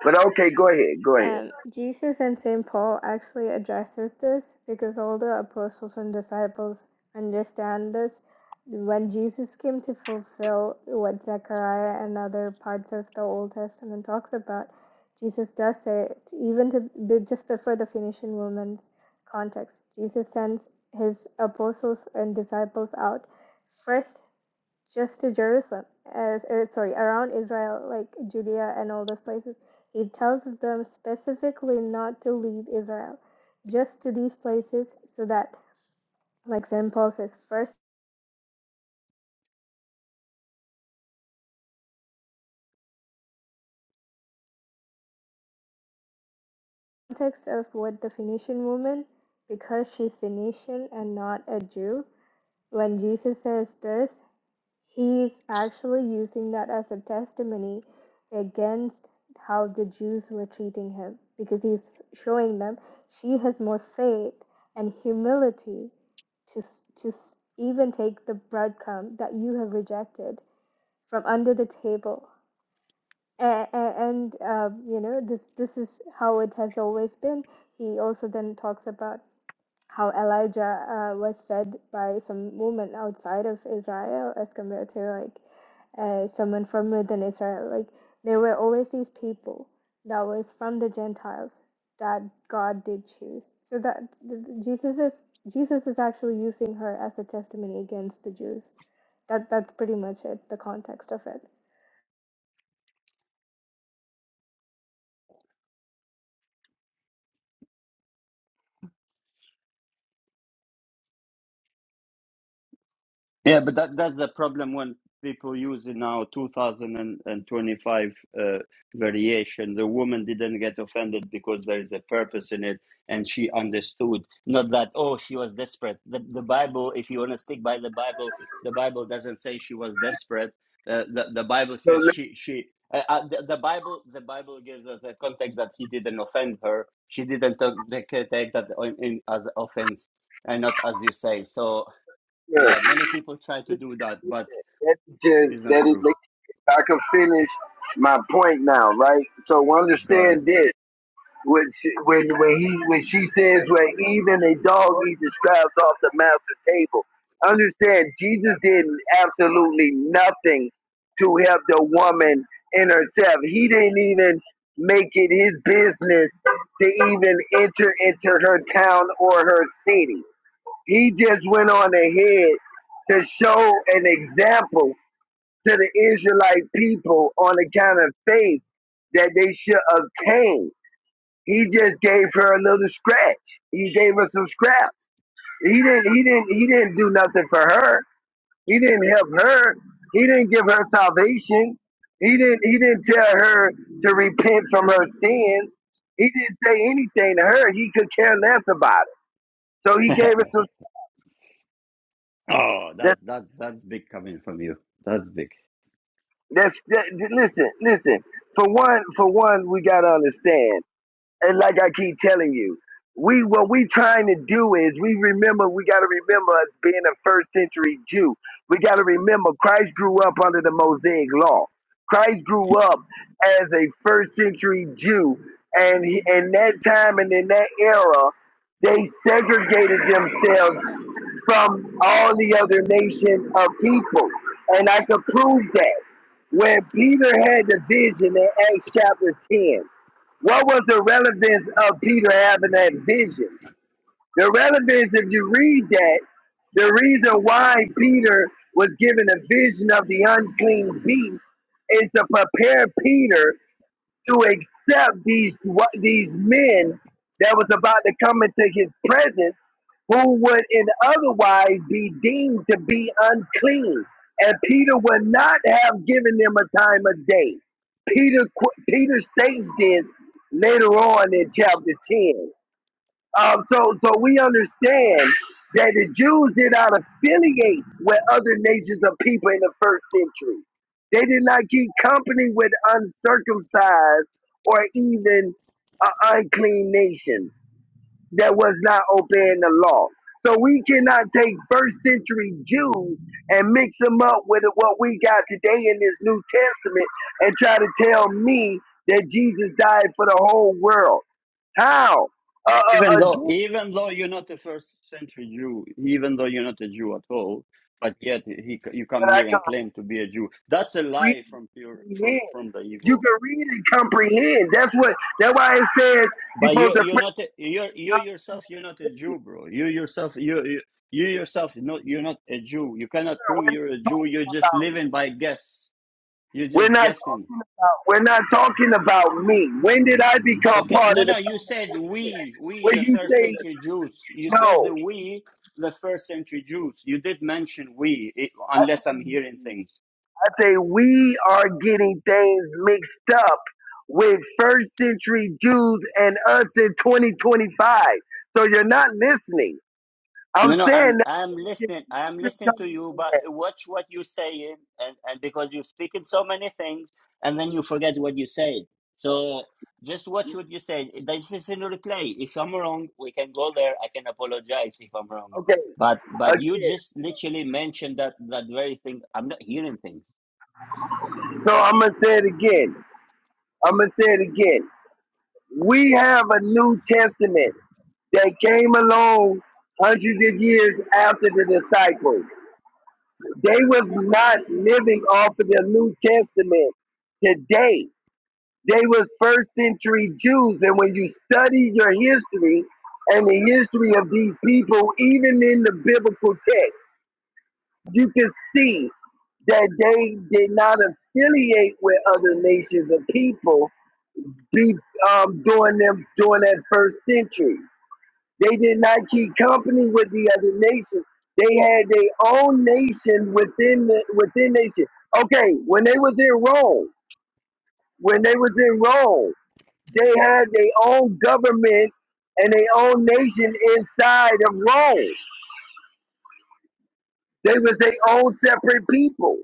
But okay, go ahead, go ahead.
um, Jesus and Saint Paul actually addresses this because all the apostles and disciples understand this. When Jesus came to fulfill what Zechariah and other parts of the Old Testament talks about, Jesus does say it, even to be- just for the Phoenician woman's context. Jesus sends his apostles and disciples out first just to Jerusalem, as er, sorry, around Israel, like Judea and all those places. He tells them specifically not to leave Israel, just to these places, so that, like St. Paul says, first context of what the Phoenician woman, because she's Phoenician and not a Jew, when Jesus says this, He's actually using that as a testimony against how the Jews were treating him because he's showing them she has more faith and humility to, to even take the breadcrumb that you have rejected from under the table. And, and um, you know, this, this is how it has always been. He also then talks about how Elijah uh, was judged by some woman outside of Israel as compared to like uh, someone from within Israel. Like there were always these people that was from the Gentiles that God did choose. So that th- th- Jesus is Jesus is actually using her as a testimony against the Jews. That that's pretty much it. The context of it.
Yeah, but that that's the problem when people use it now 2025 uh, variation. The woman didn't get offended because there is a purpose in it, and she understood. Not that oh she was desperate. The the Bible, if you want to stick by the Bible, the Bible doesn't say she was desperate. Uh, the the Bible
So
says
let
she she. Uh, uh, the, the Bible, the Bible gives us a context that he didn't offend her. She didn't take, take that in, in, as offense, and not as you say. So
me uh,
yeah, many people try to do that, but
that is just
it's not
that is.
true.
I can finish my point now, right? So
Go
understand this. when she, when when he when she says where even a dog eats the scraps off the master table. Understand, Jesus did absolutely nothing to help the woman in herself. He didn't even make it his business to even enter into her town or her city. He just went on ahead to show an example to the Israelite people on account of faith that they should obtain. He just gave her a little scratch. He gave her some scraps. He didn't he didn't he didn't do nothing for her. He didn't help her. He didn't give her salvation. He didn't he didn't tell her to repent from her sins. He didn't say anything to her. He could care less about it. So he
ahead.
gave her some
<laughs> oh, that's
that
that that's big coming from you. That's big.
that's that, listen, listen. For one for one we gotta understand. And like I keep telling you, we what we trying to do is we remember we got to remember us being a first century Jew. We got to remember Christ grew up under the Mosaic law. Christ grew up as a first century Jew, and he, in that time and in that era, they segregated themselves from all the other nation of people, and I could prove that when Peter had the vision in Acts chapter ten. What was the relevance of Peter having that vision? The relevance, if you read that, the reason why Peter was given a vision of the unclean beast is to prepare Peter to accept these these men that was about to come into his presence who would in otherwise be deemed to be unclean. And Peter would not have given them a time of day. Peter Peter states this later on in chapter 10. Um, so, so we understand that the Jews did not affiliate with other nations of people in the first century. They did not keep company with uncircumcised or even uh, unclean nations that was not obeying the law. So we cannot take first century Jews and mix them up with what we got today in this New Testament and try to tell me that Jesus died for the whole world. How? A,
Even
a, a
though
Jew,
even though you're not a first century Jew, even though you're not a Jew at all, but yet he you come
but I
here
can
and claim to be a Jew. That's a
read
lie
and
from pure from
comprehend.
from the
You
evil.
can read and comprehend. That's what. That's why it says you're
But you
supposed to
you're
pray.
not a, you're you
not
yourself you're not a
sin.
Jew, bro. You yourself you you, you yourself no you're not a Jew. You cannot prove you're a Jew. You're just living by guess. You're
We're
just
not
guessing.
talking about. We're not talking about me. When did I become
Okay.
part
No,
of
no,
the
you said
covenant?
we, we,
When
the
you
first
say
century Jews. You said
No,
the we, the first century Jews. You did mention we, it, unless I'm
I
hearing things.
say we are getting things mixed up with first century Jews and us in 2025. So you're not listening. I'm
No, no, I'm,
saying that
I'm
the
listening. I'm
confusion
listening to
coming
you,
in
but
there.
watch what you're saying. And, and because you're speaking so many things and then you forget what you said. So just watch what you said. This is in replay. If I'm wrong, we can go there. I can apologize if I'm wrong.
Okay,
But, but you
again.
just literally mentioned that, that very thing. I'm not hearing things.
So I'm gonna say it again. I'm gonna say it again. We have a New Testament that came along hundreds of years after the disciples. They was not living off of the New Testament today. They was first century Jews, and when you study your history and the history of these people, even in the biblical text, you can see that they did not affiliate with other nations of people be, um, during them during that first century. They did not keep company with the other nations. They had their own nation within the within nation. Okay, when they was in Rome, when they was in Rome. they had their own government and their own nation inside of Rome. They was their own separate people.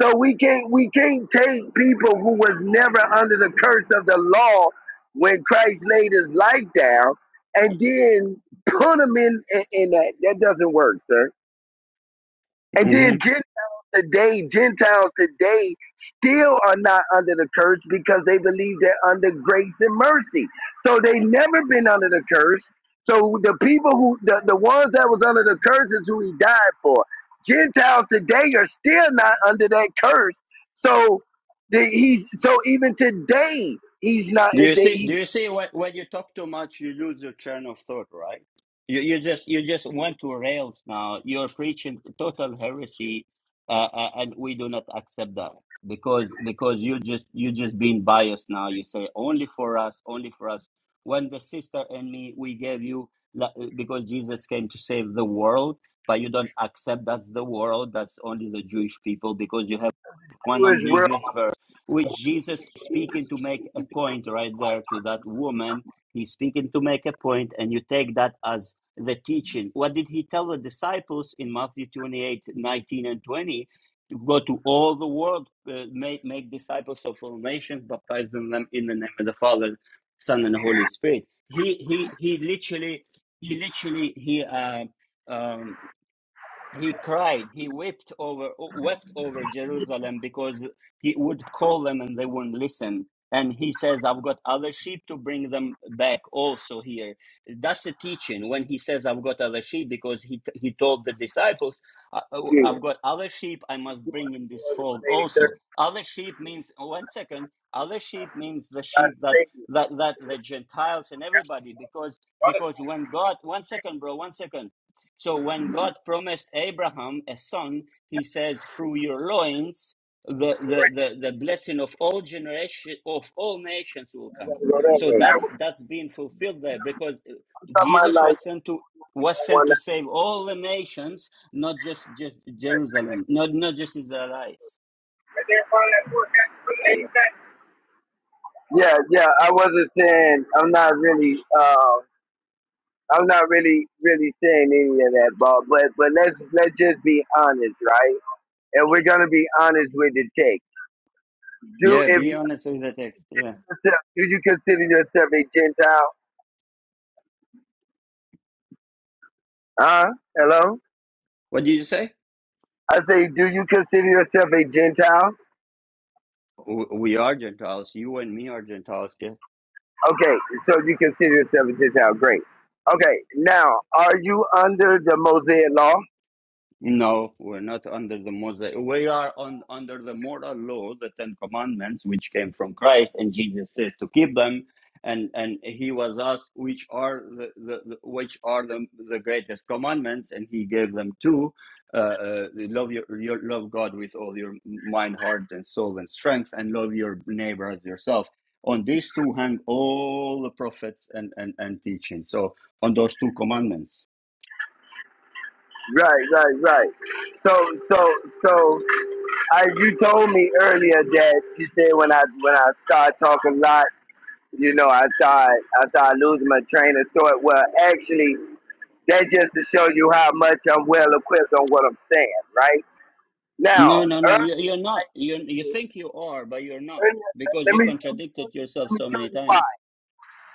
So we can't we can't take people who was never under the curse of the law when Christ laid his life down and then put them in in, in that. That doesn't work, sir. And then Gentiles today, Gentiles today still are not under the curse because they believe they're under grace and mercy. So they never been under the curse. So the people who the, the ones that was under the curse is who he died for. Gentiles today are still not under that curse. So the, he's so even today he's not
Do you
they,
see?
he
Do you see? When, when you talk too much, you lose your train of thought, right? You you just you just went to rails now. You're preaching total heresy, uh, uh, and we do not accept that because because you just you just being biased now. You say only for us, only for us. When the sister and me, we gave you la- because Jesus came to save the world, but you don't accept that's the world. That's only the Jewish people because you have one
through his real
ambiguous verse, which Jesus is speaking to make a point right there to that woman. He's speaking to make a point, and you take that as the teaching. What did he tell the disciples in Matthew 28 19 and 20? To go to all the world, uh, make, make disciples of all nations, baptizing them in the name of the Father, Son, and Holy Spirit. He he he literally he literally he uh, um, he cried he wept over wept over jerusalem because he would call them and they wouldn't listen and he says i've got other sheep to bring them back also here that's the teaching when he says i've got other sheep because he he told the disciples "I- oh, i've
spirit.
got other sheep i
going
must bring in this
towards
fold also
183rd
other sheep means oh, one second. other sheep means the
by
sheep
the
that
state.
that that the gentiles and everybody because
I
because when god one second bro one second so when God promised Abraham a son, he says, through your loins, the, the, the, the blessing of all generation of all nations will come.
gotta go that
So
way. I
that's
was
that's being fulfilled there because uh,
talking about
Jesus
like
was sent to was sent
183rd.
to save all the nations, not just just Jerusalem, not not just Israelites.
Yeah, yeah. I wasn't saying I'm not really um I'm not really really saying any of that, Bob. But but let's let's just be honest, right? And we're gonna be honest with the take. Do
Yeah,
if
be honest with the text. Yeah,
do you consider yourself a Gentile? Huh? Hello?
what did you say?
I say, do you consider yourself a Gentile?
W- We are Gentiles. You and me are Gentiles.
Okay, so you consider yourself a Gentile. Great. Okay, now are you under the Mosaic law?
No, we're not under the Mosaic. We are on, under the moral law, the Ten Commandments, which came from Christ, and Jesus says to keep them. And and he was asked which are the, the, the which are the, the greatest commandments, and he gave them two: uh, uh, love your, your love God with all your mind, heart, and soul and strength, and love your neighbor as yourself. On these two hang all the prophets and and and teaching. So on those two commandments.
Right, right, right. So so so I, you told me earlier that you said when I when I start talking a lot, you know, I start I start losing my train of thought. Well, actually, that's just to show you how much I'm well equipped on what I'm saying, right? Now,
No, no, no.
earlier,
You, you're not. You you think you are, but you're not
earlier,
because
let
you
me
contradicted yourself
let me show you let me
so
show
many
you why.
times.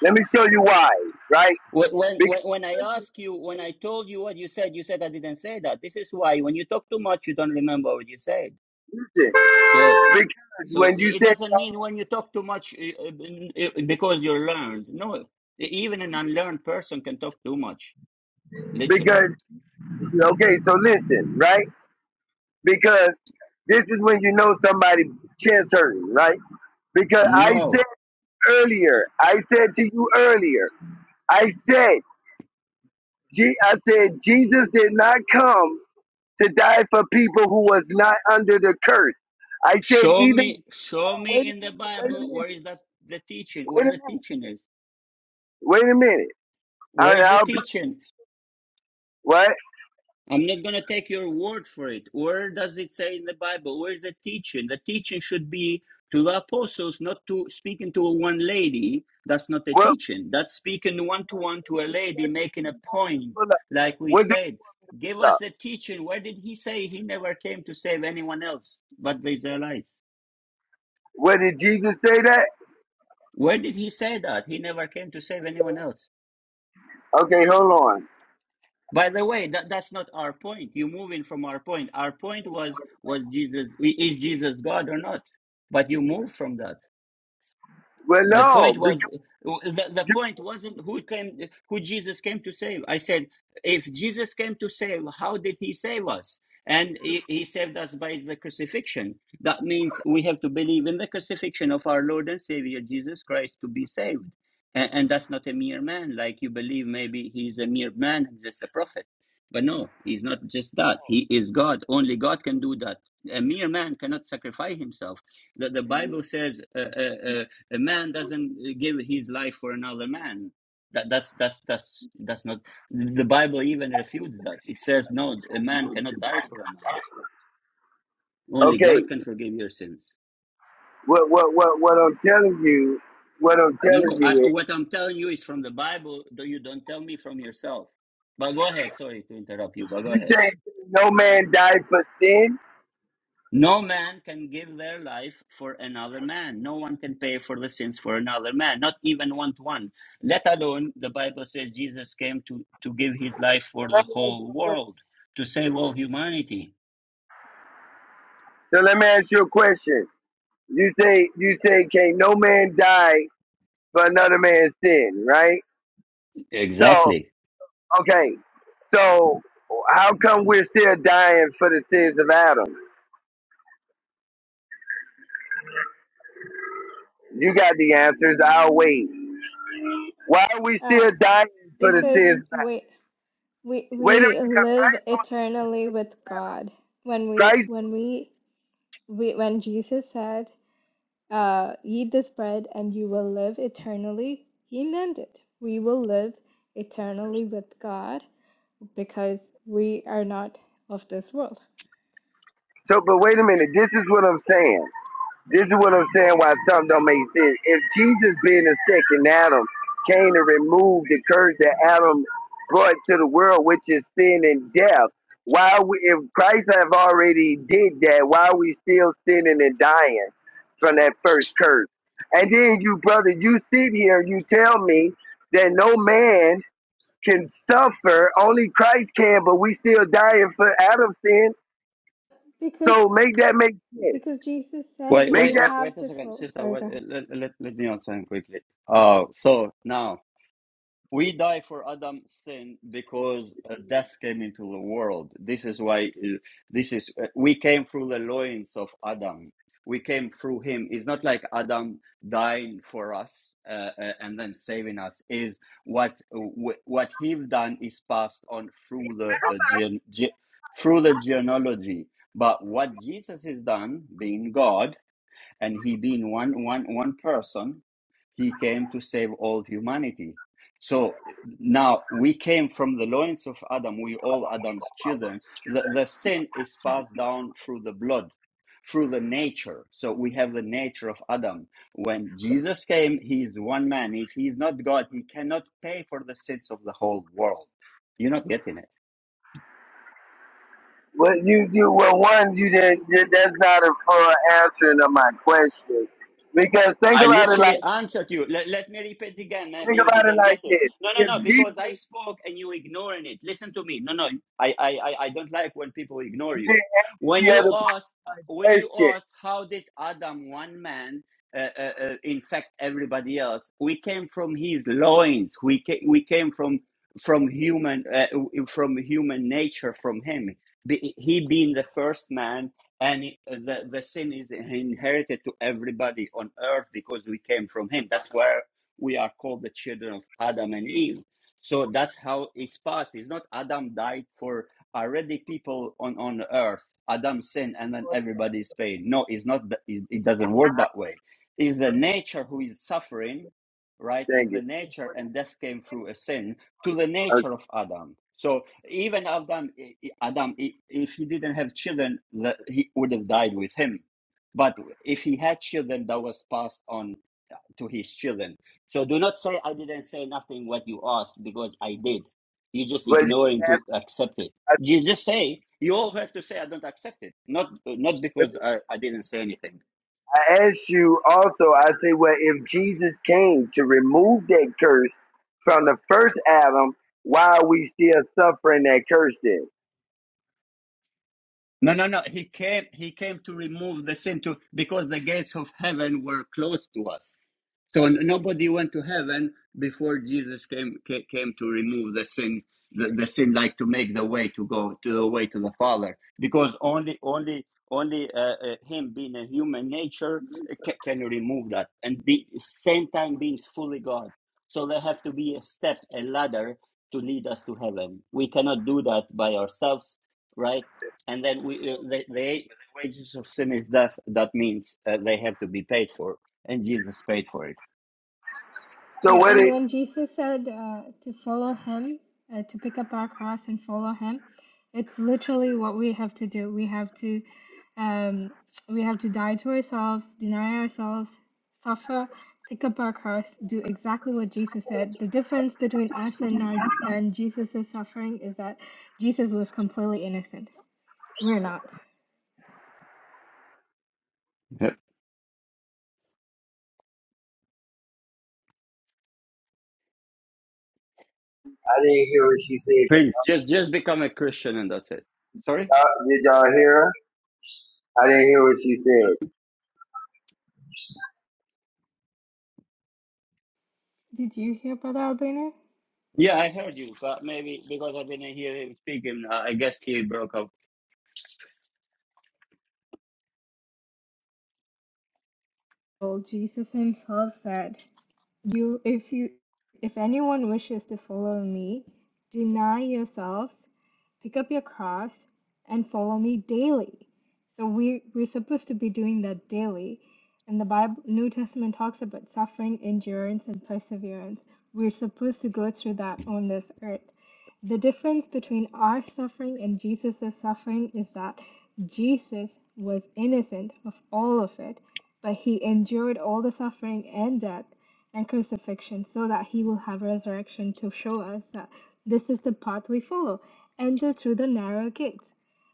Let me show you why, right?
When when when when I
Because
asked you, when I told you what you said, you said I didn't say that. This is why when you talk too much, you don't remember what you said.
listen,
So
because
so
when
it
you
it
said
doesn't mean when you talk too much uh, uh, because you're learned. No, e-, even an unlearned person can talk too much. Literally,
because okay, so listen, right? Because this is when you know somebody chest hurting, right? Because I
no.
said earlier, I said to you earlier, I said, Je- I said Jesus did not come to die for people who was not under the curse. I said
Show
even
me, show
wait
me
a
in the
minute, wait a
Bible
minute,
where is that the teaching?
wait
Where
a
the
minute,
teaching is?
wait a minute. I,
Where is the
I'll put
teaching?
what
I'm not going to take your word for it. Where does it say in the Bible? Where's the teaching? The teaching should be to the apostles, not to speaking to one lady. That's not the
what
teaching. That's speaking one to one to a lady,
what
making a point, like we
what did, what
said. Give
did,
us the teaching. Where did he say he never came to save anyone else but the Israelites?
what did Jesus say that?
Where did he say that? He never came to save anyone else.
Okay, hold on.
By the way, that, that's not our point. You're moving from our point. Our point was was Jesus is Jesus God or not? But you move from that.
Well,
The
no,
point
because
was the, the
you-
point wasn't who came who Jesus came to save. I said if Jesus came to save, how did he save us? And he, he saved us by the crucifixion. That means we have to believe in the crucifixion of our Lord and Savior Jesus Christ to be saved. And, and that's not a mere man, like you believe maybe he's a mere man and just a prophet. But no, he's not just that. He is God. Only God can do that. A mere man cannot sacrifice himself. The, the Bible says. Uh, uh, uh, a man doesn't give his life for another man. That, that's that's that's that's not. The Bible even refutes that. It says no, a man cannot die for a man. Only
okay.
God can forgive your sins.
What what what what I'm telling you, what I'm
No,
telling
no.
you
I,
is.
what I'm telling you is from the Bible. Though you don't tell me from yourself. But go ahead. Sorry to interrupt you. But go
You
ahead.
say no man died for sin?
No man can give their life for another man. No one can pay for the sins for another man, not even one to one. Let alone, the Bible says Jesus came to, to give his life for the whole world, to save all humanity.
So let me ask you a question. So let me ask you a question. You say you say can no man die for another man's sin, right? So
Exactly.
okay, so how come we're still dying for the sins of Adam? You got the answers. I'll wait. Why are we
Uh,
still dying for the
because
sins?
we we
Wait a minute,
we
'cause
live
Christ.
eternally with God when we
Christ.
when we we- when Jesus said, uh, Eat this bread and you will live eternally, he meant it. We will live eternally with God because we are not of this world.
So, but wait a minute. This is what I'm saying. This is what I'm saying why something don't make sense. If Jesus being the second Adam came to remove the curse that Adam brought to the world, which is sin and death, why we, if Christ have already did that, why are we still sinning and dying from that first curse? And then you, brother, you sit here and you tell me that no man can suffer, only Christ can, but we still dying for Adam's sin.
Because
So make that make sense.
because Jesus said
Wait,
Make
you
wait,
that
wait, wait
have
a
to
second,
fulfill.
sister.
Sorry,
Wait,
go ahead.
uh, let, let, let me answer him quickly. Oh, so now We die for Adam's sin because uh, death came into the world. This is why uh, this is uh, we came through the loins of Adam. We came through him. It's not like Adam dying for us uh, uh, and then saving us. Is what wh- what he've done is passed on through the uh, gen, ge, through the genealogy. But what Jesus has done, being God, and he being one one one person he came to save all humanity so now we came from the loins of adam we all adam's children the, the sin is passed down through the blood through the nature so we have the nature of adam when jesus came he is one man if he is not god he cannot pay for the sins of the whole world you're not getting it
Well, you, you, well, one, you did, you, that's not a full answer to my question. Because think
I
about it like,
literally answered you. Let, let me repeat again. Maybe
think
you
about it
didn't get
like
it.
this.
No, no,
If
no. Because I
Jesus
spoke and you ignoring it. Listen to me. No, no. I, I, I I don't like when people ignore you.
did
When
any
you
other
asked, when you
question,
asked, how did Adam, one man, uh, uh, uh, infect everybody else? We came from his loins. We came, we came from from human uh, from human nature from him. Be- He being the first man and it- uh, the, the sin is inherited to everybody on earth because we came from him that's where we are called the children of adam and eve so that's how it's passed it's not adam died for already people on on earth adam sinned and then everybody is paid no it's not th- it, it doesn't work that way is the nature who is suffering right
thank
is the
you.
nature and death came through a sin to the
Uh,
nature of adam so even Adam, Adam, if he didn't have children, the- he would have died with him. But if he had children, that was passed on to his children. So do not say I didn't say nothing what you asked because I did. You're just
But you
ignoring to
asked-
accept it.
I think-
You just say you all have to say I don't accept it. Not not because I, I didn't say anything.
I asked you also, I say, well, if Jesus came to remove that curse from the first Adam, why are we still suffering that curse then?
No, no, no. He came. He came to remove the sin to because the gates of heaven were closed to us. So n- nobody went to heaven before Jesus came ca- came to remove the sin, the, the sin like to make the way to go to the way to the Father, because only only only uh, uh, him being a human nature can, can remove that, and be same time being fully God. So there have to be a step, a ladder to lead us to heaven. We cannot do that by ourselves, right? And then we uh, the, the wages of sin is death. That means uh, they have to be paid for, and Jesus paid for it.
So
Yeah,
what
and
it,
when Jesus said uh, to follow him, uh, to pick up our cross and follow him, it's literally what we have to do. We have to um, we have to die to ourselves, deny ourselves, suffer, pick up our cross, do exactly what Jesus said. The difference between us and our and Jesus's suffering is that Jesus was completely innocent. We're not.
I didn't hear what she said.
Prince, just just become a Christian and that's it. Sorry?
Uh, Did y'all hear her? I didn't hear what she said.
Did you hear Brother Albino?
Yeah, I heard you, but maybe because I didn't hear him speaking, uh, I guess he broke up.
Well, Jesus himself said, You, if you, if anyone wishes to follow me, deny yourselves, pick up your cross, and follow me daily. So we we're supposed to be doing that daily. And the Bible, New Testament talks about suffering, endurance, and perseverance. We're supposed to go through that on this earth. The difference between our suffering and Jesus' suffering is that Jesus was innocent of all of it, but he endured all the suffering and death and crucifixion, so that he will have resurrection to show us that this is the path we follow. Enter through the narrow gates.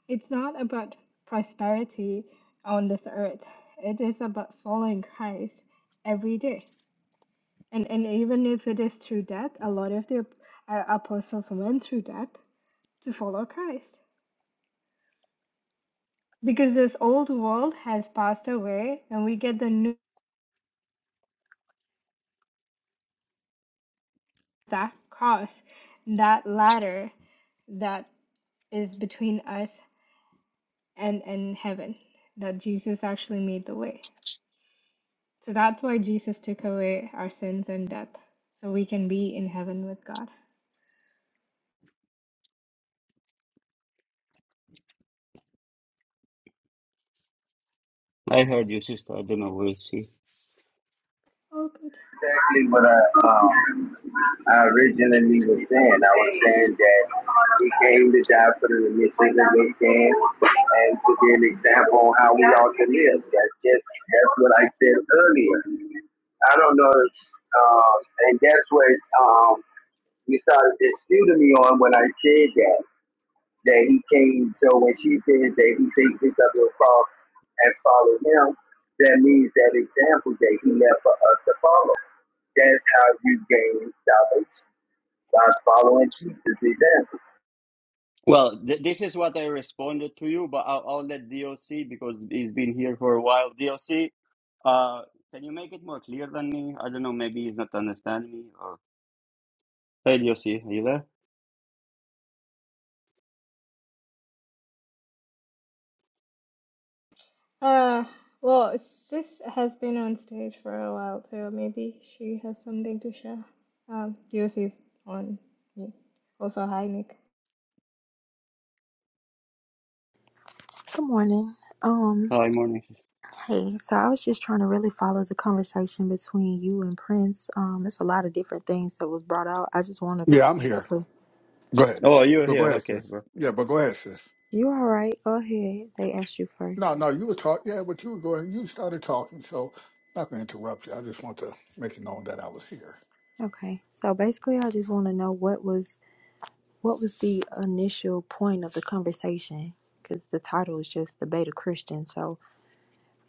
It's not about prosperity on this earth, it is about following Christ every day. And, and even if it is through death, a lot of the uh, apostles went through death to follow Christ. Because this old world has passed away, and we get the new that cross, that ladder that is between us and and heaven that jesus actually made the way so that's why jesus took away our sins and death so we can be in heaven with god
I heard you, sister. I don't know where is he.
oh good
exactly what I, um, I originally was saying. I was saying that he came to die for the remission of his sins and to be an example on how we ought to live. That's just that's what I said earlier. I don't know, if, um, and that's what um, you started disputing me on when I said that that he came. So when she said that he takes his up your cross and follow him, that means that example that he left for us to follow. That's how you gain salvation by following Jesus. He said,
Well, th- this is what I responded to you, but I'll, I'll let DOC because he's been here for a while. DOC, uh, can you make it more clear than me? I don't know. Maybe he's not understanding me. Or hey, DOC, are you there?
uh well sis has been on stage for a while too maybe she has something to share um doc is on me also hi nick
Good morning. Um,
Hi, morning.
hey, so I was just trying to really follow the conversation between you and Prince. Um, it's a lot of different things that was brought out. I just want
Yeah, I'm here.
to.
Go ahead.
Oh, you're
But go
here.
ahead,
Okay,
sis. Yeah, but go ahead, sis.
You all right? Go ahead. They asked you first.
No, no, you were talking. Yeah, but you were going. You started talking, so I'm not going to interrupt you. I just want to make it known that I was here.
Okay. So basically, I just want to know what was what was the initial point of the conversation because the title is just the beta Christian. So,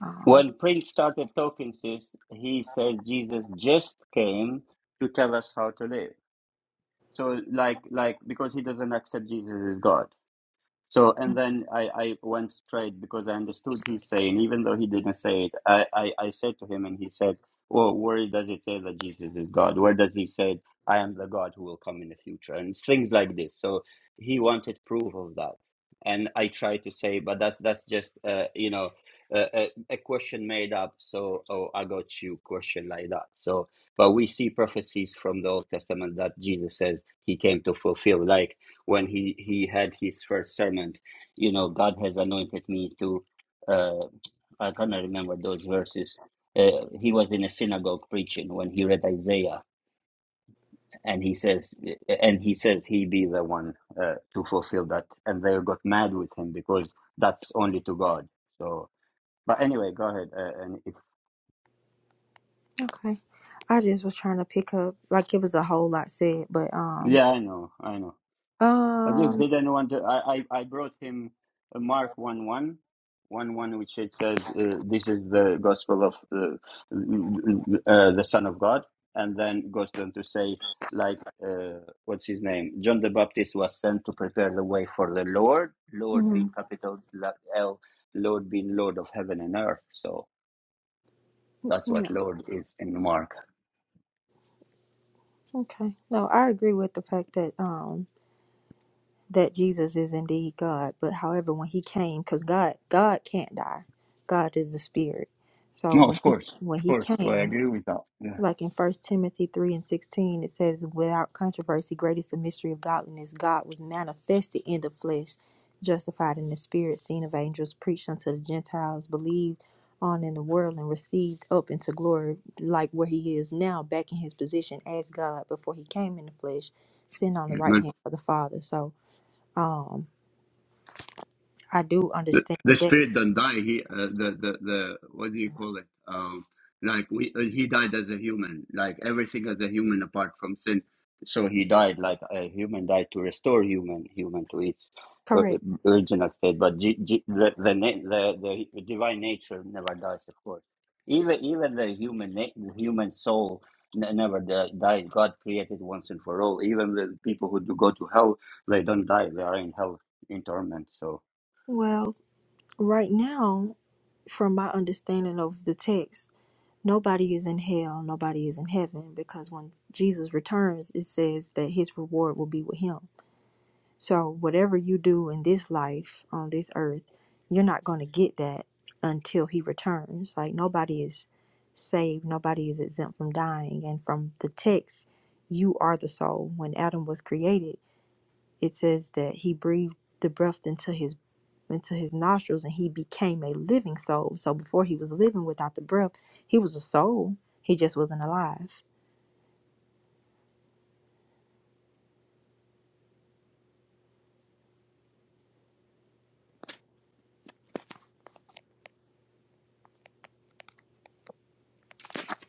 um,
When Prince started talking to us, he said Jesus just came to tell us how to live. So like like because he doesn't accept Jesus as God. So, and then I, I went straight because I understood he's saying, even though he didn't say it, I, I, I said to him, and he said, Well, where does it say that Jesus is God? Where does he say, I am the God who will come in the future? And things like this. So he wanted proof of that. And I tried to say, but that's that's just uh, you know uh, a, a question made up. So oh, I got you question like that. So, but we see prophecies from the Old Testament that Jesus says he came to fulfill. Like when he he had his first sermon you know god has anointed me to uh i cannot remember those verses uh, he was in a synagogue preaching when he read isaiah and he says and he says he be the one uh, to fulfill that and they got mad with him because that's only to god so but anyway go ahead uh, and if
okay. I just was trying to pick up like it was a whole lot said, but um,
yeah i know i know I just
um,
didn't want to. I, I, I brought him a Mark one one, one one, which it says, uh, This is the gospel of uh, uh, the Son of God. And then goes on to say, like, uh, what's his name? John the Baptist was sent to prepare the way for the Lord, Lord being
mhm,
capital L, Lord being Lord of heaven and earth. So that's
yeah.
what Lord is in Mark.
Okay. No, I agree with the fact that um that Jesus is indeed God, but however when he came cuz God God can't die. God is the spirit. So
No,
when
of
he
course.
when
Of
he
course. I
came,
agree with that. Yeah.
like in first timothy 3 and 16 it says without controversy great is the mystery of godliness god was manifested in the flesh justified in the spirit seen of angels preached unto the gentiles believed on in the world and received up into glory like where he is now back in his position as god before he came in the flesh sitting on the
Mm-hmm.
right hand of the father so um i do
the,
understand
the
that
spirit don't die. He uh, the the the what do you call it? Um, like we uh, he died as a human, like everything as a human apart from sin. So he died like a human died to restore human human to its uh,
correct
original state. But G, G, the the, na- the the divine nature never dies, of course. Even even the human na- the human soul n- never di- dies. God created once and for all. Even the people who do go to hell, they don't die. They are in hell in torment. So.
well right now from my understanding of the text nobody is in hell, nobody is in heaven, because when Jesus returns, it says that his reward will be with him. So, whatever you do in this life on this earth, you're not going to get that until he returns. Like, nobody is saved, nobody is exempt from dying. And from the text, you are the soul. When Adam was created, it says that he breathed the breath into his into his nostrils and he became a living soul. So before he was living without the breath, he was a soul. He just wasn't alive.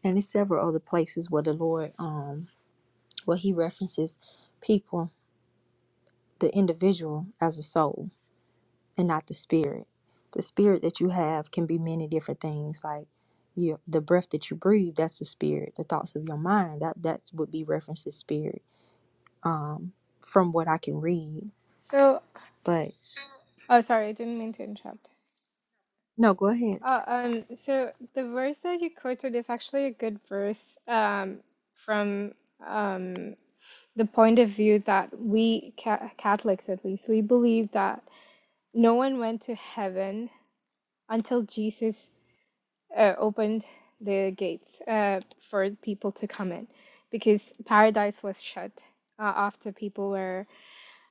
And there's several other places where the Lord um where he references people, the individual as a soul and not the spirit. The spirit that you have can be many different things like your the breath that you breathe, that's the spirit. The thoughts of your mind, that that would be referenced as spirit. Um from what I can read.
so
But
oh sorry i didn't mean to interrupt
no, go ahead.
uh, um so the verse that you quoted is actually a good verse um from um. the point of view that we ca- Catholics, at least, we believe that no one went to heaven until Jesus uh, opened the gates uh, for people to come in, because paradise was shut uh, after people were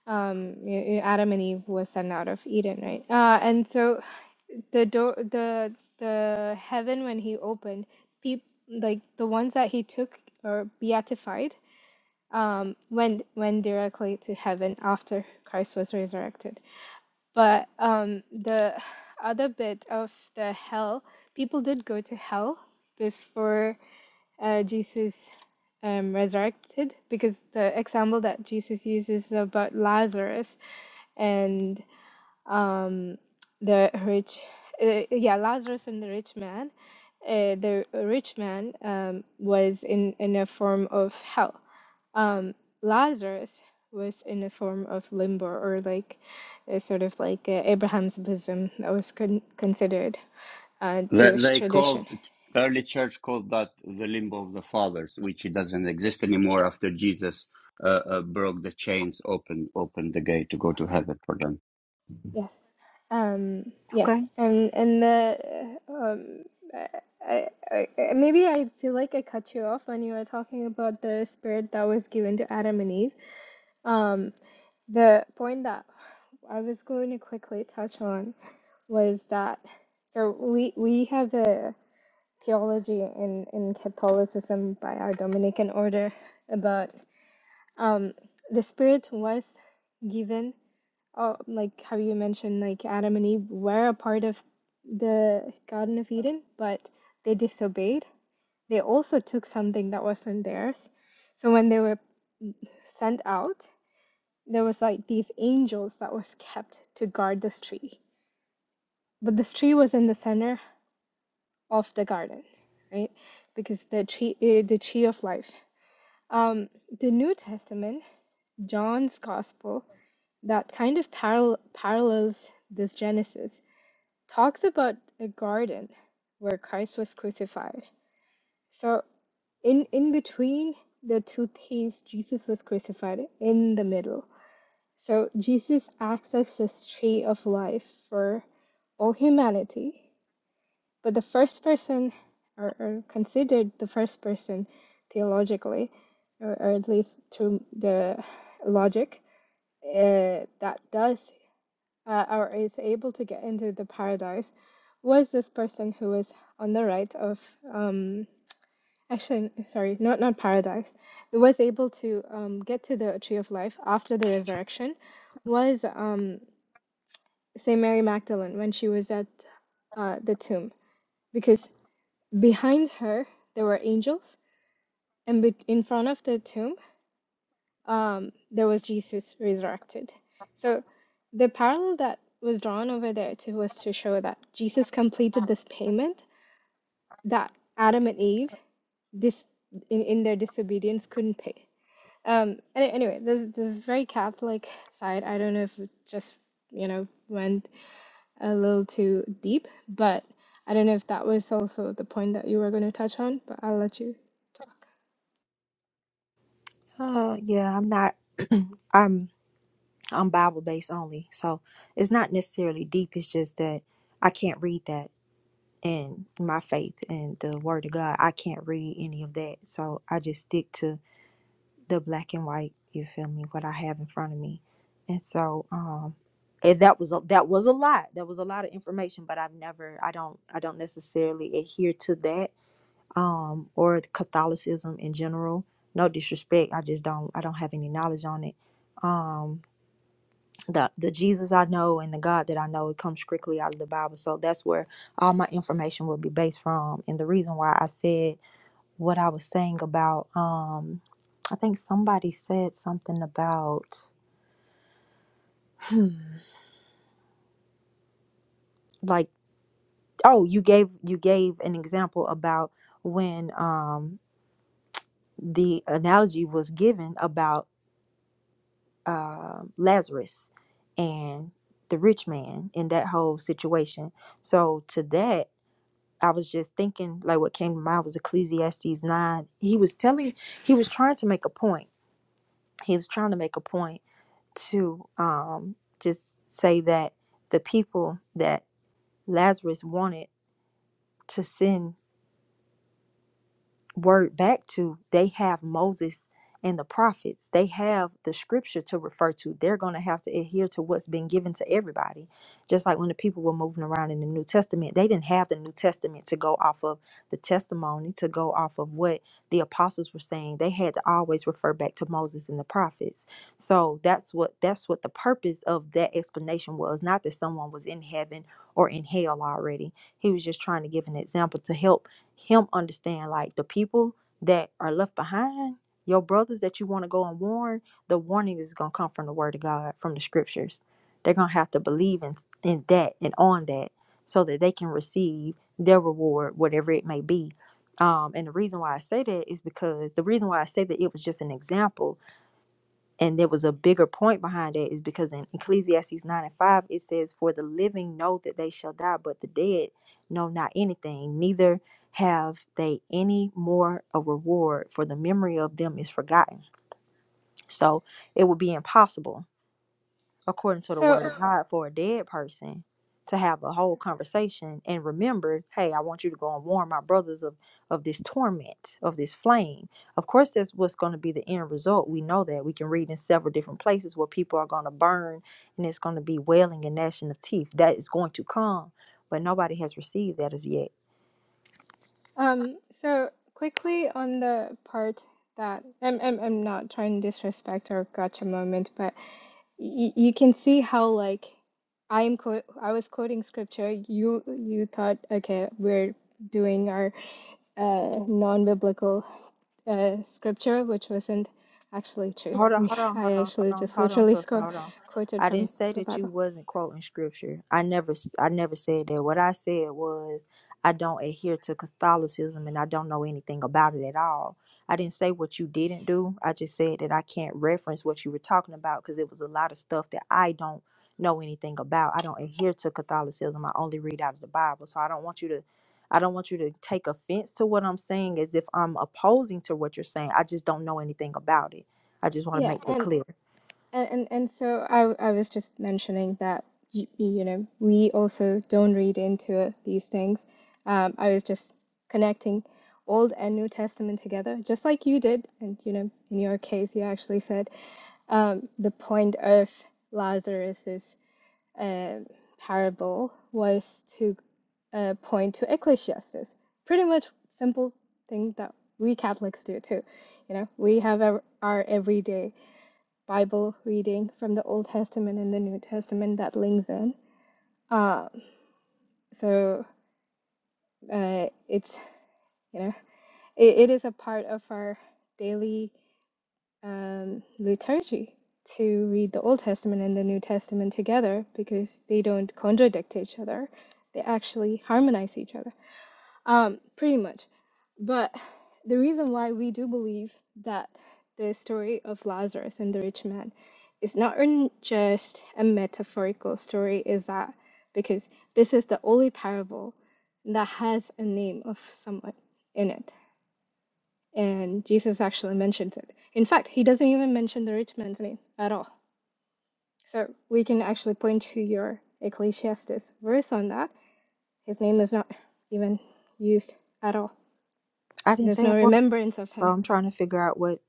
um, y- y- Adam and Eve was sent out of Eden, right? Uh, and so the door, the the heaven when he opened, peop like the ones that he took or beatified um, went went directly to heaven after Christ was resurrected. But um, the other bit of the hell, people did go to hell before uh, Jesus um, resurrected, because the example that Jesus uses is about Lazarus and um, the rich, uh, yeah, Lazarus and the rich man. Uh, the rich man um, was in in a form of hell um, Lazarus was in a form of limbo or like a sort of like uh, Abraham's bosom that was con considered uh,
That
Jewish
they called
tradition.
early church called that the limbo of the fathers, which it doesn't exist anymore after Jesus uh, uh, broke the chains, opened opened the gate to go to heaven for them.
Yes. Um, yes.
Okay.
And and the um, I, I, I maybe I feel like I cut you off when you were talking about the spirit that was given to Adam and Eve. Um, the point that I was going to quickly touch on was that so we we have a theology in, in Catholicism by our Dominican order about um, the Spirit was given, uh, like how you mentioned, like Adam and Eve were a part of the Garden of Eden, but they disobeyed. They also took something that wasn't theirs. So when they were sent out, there was like these angels that was kept to guard this tree. But this tree was in the center of the garden, right? Because the tree, eh, the tree of life Um, the New Testament, John's Gospel, that kind of parallel parallels this Genesis, talks about a garden where Christ was crucified. So, in in between the two thieves, Jesus was crucified in the middle. So Jesus acts as this tree of life for all humanity, but the first person, or, or considered the first person theologically, or, or at least to the logic, uh, that does uh, or is able to get into the paradise, was this person who was on the right of, um, actually, sorry, not, not paradise, who was able to um, get to the tree of life after the resurrection, was um, St. Mary Magdalene when she was at uh, the tomb. Because Behind her, there were angels, and be in front of the tomb, um, there was Jesus resurrected. So the parallel that was drawn over there to was to show that Jesus completed this payment that Adam and Eve dis in, in their disobedience couldn't pay. Um, any- anyway, this this very Catholic side. I don't know if it just, you know, went a little too deep, but I don't know if that was also the point that you were going to touch on, but I'll let you.
Uh, yeah, I'm not. I'm I'm Bible based only, so it's not necessarily deep. It's just that I can't read that in my faith and the Word of God. I can't read any of that, so I just stick to the black and white. You feel me? What I have in front of me, and so um, and that was a, that was a lot. That was a lot of information, but I've never. I don't. I don't necessarily adhere to that um or Catholicism in general. No disrespect. I just don't. I don't have any knowledge on it. Um the the Jesus I know and the God that I know it comes strictly out of the Bible. So that's where all my information will be based from. And the reason why I said what I was saying about um I think somebody said something about hmm, like oh you gave you gave an example about when um the analogy was given about uh, Lazarus and the rich man in that whole situation. So to that I was just thinking, like what came to mind was Ecclesiastes 9. He was telling, he was trying to make a point. He was trying to make a point to um, just say that the people that Lazarus wanted to send word back to, they have Moses and the prophets. They have the scripture to refer to. They're going to have to adhere to what's been given to everybody. Just like when the people were moving around in the New Testament, they didn't have the New Testament to go off of the testimony, to go off of what the apostles were saying. They had to always refer back to Moses and the prophets. So that's what that's what the purpose of that explanation was, not that someone was in heaven or in hell already. He was just trying to give an example to help him understand like the people that are left behind, your brothers that you want to go and warn, the warning is gonna come from the word of God, from the scriptures. They're gonna have to believe in in that and on that so that they can receive their reward, whatever it may be. Um, and the reason why I say that is because the reason why I say that it was just an example and there was a bigger point behind that is because in ecclesiastes 9 and 5 it says for the living know that they shall die but the dead know not anything neither have they any more a reward for the memory of them is forgotten so it would be impossible according to the word
So.
of God, for a dead person to have a whole conversation and remember, hey, I want you to go and warn my brothers of of this torment, of this flame. Of course, that's what's going to be the end result. We know that. We can read in several different places where people are going to burn and it's going to be wailing and gnashing of teeth. That is going to come, but nobody has received that as yet.
Um, so quickly on the part that I'm, I'm, I'm not trying to disrespect our gotcha moment, but y you can see how like I'm quote I was quoting scripture. You you thought okay we're doing our uh non-biblical uh scripture, which wasn't actually true.
Hold on,
We
hold on, hold
I
on,
actually
hold on,
just
hold on,
literally
sister,
sco-
hold on.
quoted
I
from
didn't say
the
that you
Bible.
wasn't quoting scripture. I never, s- I never said that. What I said was, I don't adhere to Catholicism and I don't know anything about it at all. I didn't say what you didn't do. I just said that I can't reference what you were talking about because it was a lot of stuff that I don't know anything about. I don't adhere to Catholicism. I only read out of the Bible, so I don't want you to. I don't want you to take offense to what I'm saying as if I'm opposing to what you're saying. I just don't know anything about it. I just want to
Yeah,
make that
and.
clear.
And and, and so I I was just mentioning that you, you know we also don't read into these things. Um, I was just connecting Old and New Testament together, just like you did, and you know in your case you actually said um, the point of Lazarus's uh, parable was to uh, point to ecclesiastes. Pretty much simple thing that we Catholics do too. You know we have our, our everyday. Bible reading from the Old Testament and the New Testament that links in. Um, so uh, it's you know it, it is a part of our daily um, liturgy to read the Old Testament and the New Testament together because they don't contradict each other; they actually harmonize each other. Um, pretty much. But the reason why we do believe that the story of Lazarus and the rich man is not in just a metaphorical story is that because this is the only parable that has a name of someone in it. And Jesus actually mentions it. In fact, he doesn't even mention the rich man's name at all. So we can actually point to your Ecclesiastes verse on that. His name is not even used at all.
I didn't
There's
say
no
it was,
remembrance of
so
him.
I'm trying to figure out what,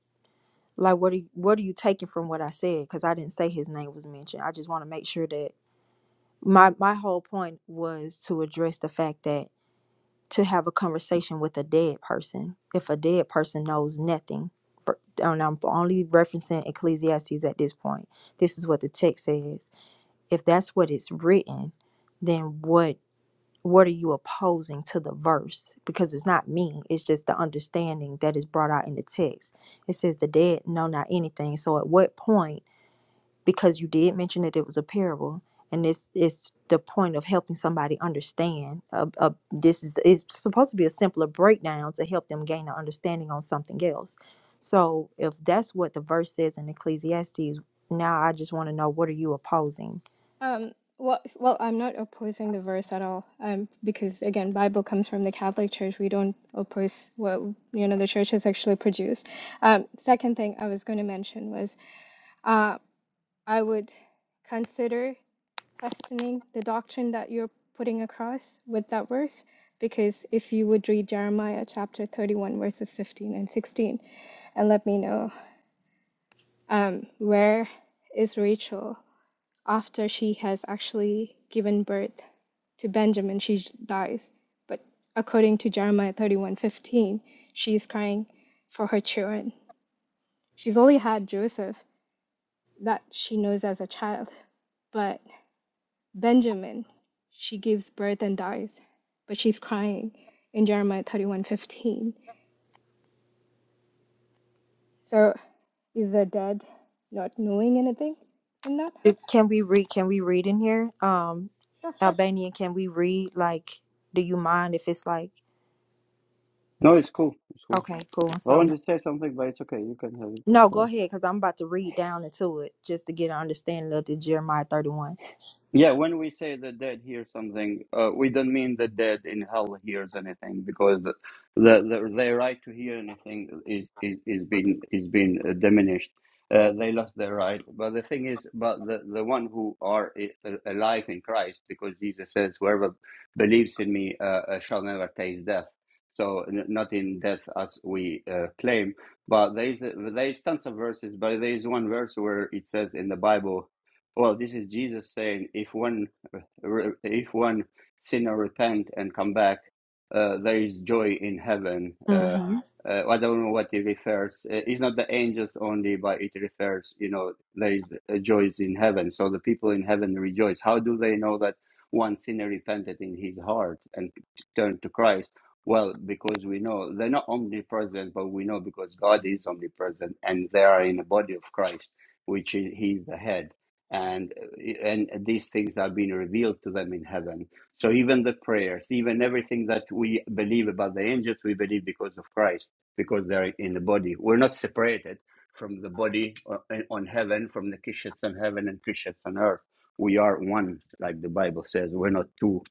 like, what are you, what are you taking from what I said? Because I didn't say his name was mentioned. I just want to make sure that my my whole point was to address the fact that to have a conversation with a dead person, if a dead person knows nothing, for- and I'm only referencing Ecclesiastes at this point. This is what the text says. If that's what it's written, then what? what are you opposing to the verse? Because it's not me, it's just the understanding that is brought out in the text. It says the dead know not anything. So at what point, because you did mention that it was a parable, and this is the point of helping somebody understand. Uh, uh, this is it's supposed to be a simpler breakdown to help them gain an understanding on something else. So if that's what the verse says in Ecclesiastes, now I just want to know what are you opposing?
Um, well, well, I'm not opposing the verse at all, um, because again, Bible comes from the Catholic Church. We don't oppose what you know the church has actually produced. Um, second thing I was going to mention was uh, I would consider questioning the doctrine that you're putting across with that verse, because if you would read Jeremiah chapter 31, verses 15 and 16, and let me know um, where is Rachel after she has actually given birth to Benjamin, she dies. But according to Jeremiah 31:15, she is crying for her children. She's only had Joseph that she knows as a child, but Benjamin, she gives birth and dies, but she's crying in Jeremiah 31:15. So is the dead not knowing anything in that?
Can we read? Can we read in here? Um,
Sure.
Albanian. Can we read? Like, do you mind if it's like?
No, it's cool. It's cool.
Okay, cool.
It's cool. I
So
wanted to say something, but it's okay. You can have
no,
it.
go ahead, cause I'm about to read down into it just to get an understanding of the Jeremiah 31.
Yeah, when we say the dead hear something, uh, we don't mean the dead in hell hears anything because the, the, the their right to hear anything is is is being is being uh, diminished. Uh, they lost their right. But the thing is, but the, the one who are i- a- alive in Christ, because Jesus says, "Whoever believes in me uh, uh, shall never taste death." So n- not in death as we uh, claim, but there is there is tons of verses, but there is one verse where it says in the Bible well, this is Jesus saying, if one re- if one sinner repent and come back, uh, there is joy in heaven. Uh,
Mm-hmm.
uh, I don't know what it refers. Uh, It's not the angels only, but it refers, you know, there is uh, joys in heaven. So the people in heaven rejoice. How do they know that one sinner repented in his heart and turned to Christ? Well, because we know they're not omnipresent, but we know because God is omnipresent and they are in the body of Christ, which is, He is the head and and these things are being revealed to them in heaven so even the prayers even everything that we believe about the angels we believe because of christ because they're in the body we're not separated from the body uh, on heaven from the christians on heaven and christians on earth we are one like the bible says we're not two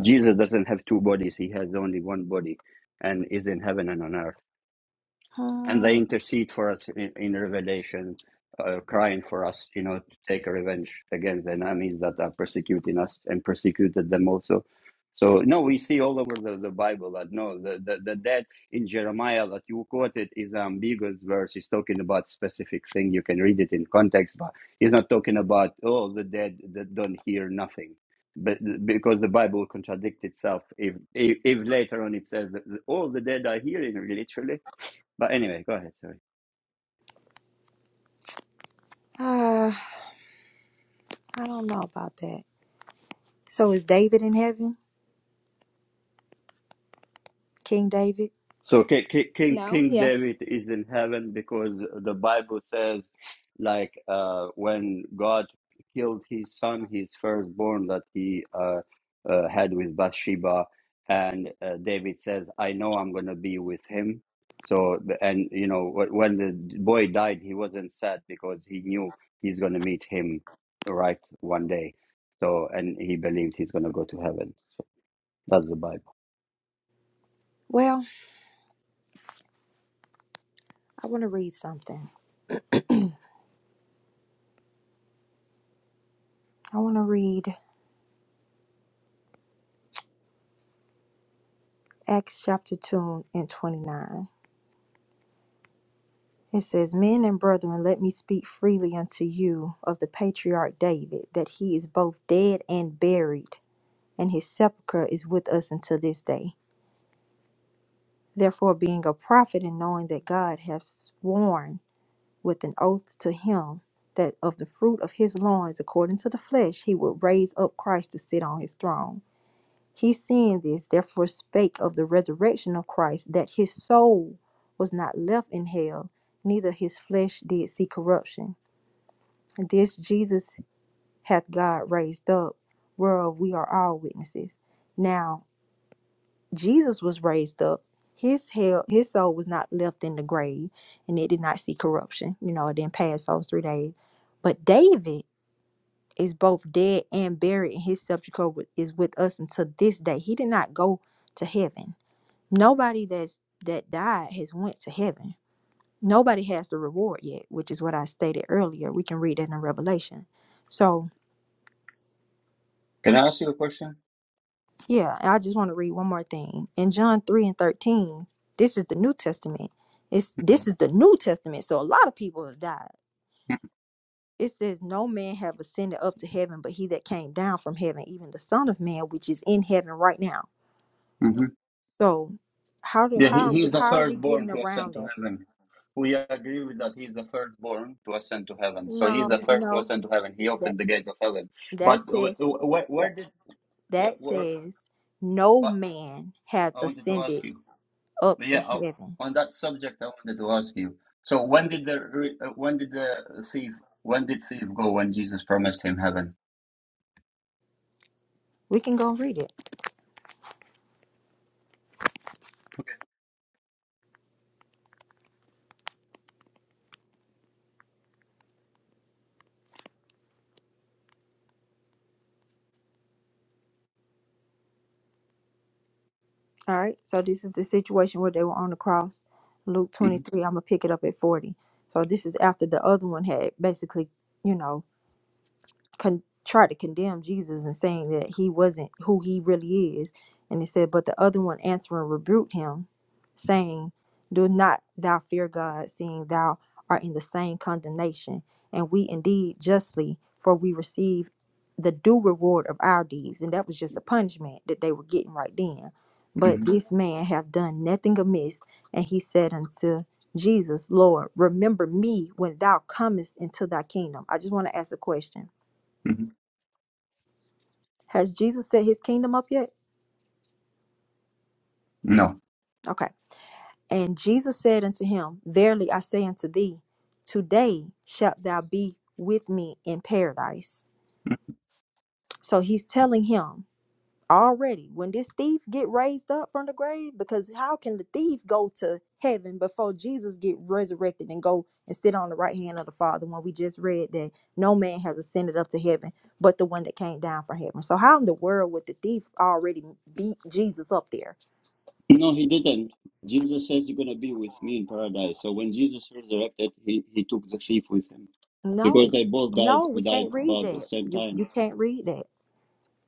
jesus doesn't have two bodies he has only one body and is in heaven and on earth and they
Uh,
intercede for us in, in revelation uh, crying for us you know to take revenge against the enemies that are persecuting us and persecuted them also so no we see all over the, the bible that no the, the, the dead in jeremiah that you quoted is an ambiguous verse he's talking about specific thing you can read it in context but he's not talking about oh the dead that don't hear nothing but because the bible contradicts itself if if, if later on it says that all the dead are hearing literally but anyway, go ahead. Sorry.
I don't know about that. So is David in heaven? King David?
So King King
No,
King
yes.
David is in heaven because the Bible says, like, uh, when God killed his son, his firstborn that he uh, uh, had with Bathsheba, and uh, David says, "I know I'm gonna be with him." So the- and you know wh- when the boy died, he wasn't sad because he knew he's gonna meet him right one day. So and he believed he's gonna go to heaven. So that's the Bible.
Well, I want to read something. I want to read Acts chapter 2 and 29. It says, Men and brethren, let me speak freely unto you of the patriarch David, that he is both dead and buried, and his sepulchre is with us until this day. Therefore, being a prophet and knowing that God hath sworn with an oath to him that of the fruit of his loins, according to the flesh, he would raise up Christ to sit on his throne. He seeing this, therefore spake of the resurrection of Christ, that his soul was not left in hell, neither his flesh did see corruption. This Jesus hath God raised up, whereof we are all witnesses. Now, Jesus was raised up. His hell, his soul was not left in the grave, and it did not see corruption. You know, it didn't pass those three days. But David is both dead and buried, and his sepulchre wi- is with us until this day. He did not go to heaven. Nobody that's that died has went to heaven. Nobody has the reward yet, which is what I stated earlier. We can read that in Revelation. So
Can I ask you a question?
Yeah, and I just want to read one more thing. In John 3 and 13, this is the New Testament. It's this is
Mm-hmm.
the New Testament. So a lot of people have died. It says, No man have ascended up to heaven but he that came down from heaven, even the Son of Man, which is in heaven right now.
Mm-hmm.
So how do
Yeah,
how
he,
are we
he's the
how are we getting
firstborn to ascend
around
to
that?
heaven. We agree with that. He's the firstborn to ascend to heaven. So he's
No,
the first to
no.
ascend to heaven. He
That
opened the gates of heaven.
that
But wh-
says
wh-
that
where did where,
that
where?
says no
But
man hath
I wanted to ask
ascended
you.
up to
Yeah, I-
heaven.
on that subject, I wanted to ask you. So when did the re- uh, when did the thief when did thief go when Jesus promised him heaven?
We can go read it. All right. So this is the situation where they were on the cross. Luke
hmm
23, I'm going to pick it up at 40. So this is after the other one had basically, you know, con- try to condemn Jesus and saying that he wasn't who he really is. And it said, but the other one answering rebuked him, saying, Do not thou fear God, seeing thou art in the same condemnation, and we indeed justly, for we receive the due reward of our deeds. And that was just the punishment that they were getting right then. But
hmm
this man have done nothing amiss, and he said unto Jesus, Lord, remember me when thou comest into thy kingdom. I just want to ask a question
hmm
has Jesus set his kingdom up yet?
No.
Okay. And Jesus said unto him, Verily I say unto thee, today shalt thou be with me in paradise. So he's telling him already when this thief get raised up from the grave, because how can the thief go to heaven before Jesus get resurrected and go and sit on the right hand of the Father when we just read that no man has ascended up to heaven but the one that came down from heaven. So how in the world would the thief already beat Jesus up there?
No, he didn't. Jesus says you're going to be with me in paradise. So when Jesus resurrected, he, he took the thief with him
No,
because they both died
no, we
died
can't read
about the
that.
same
You
time.
you can't read that.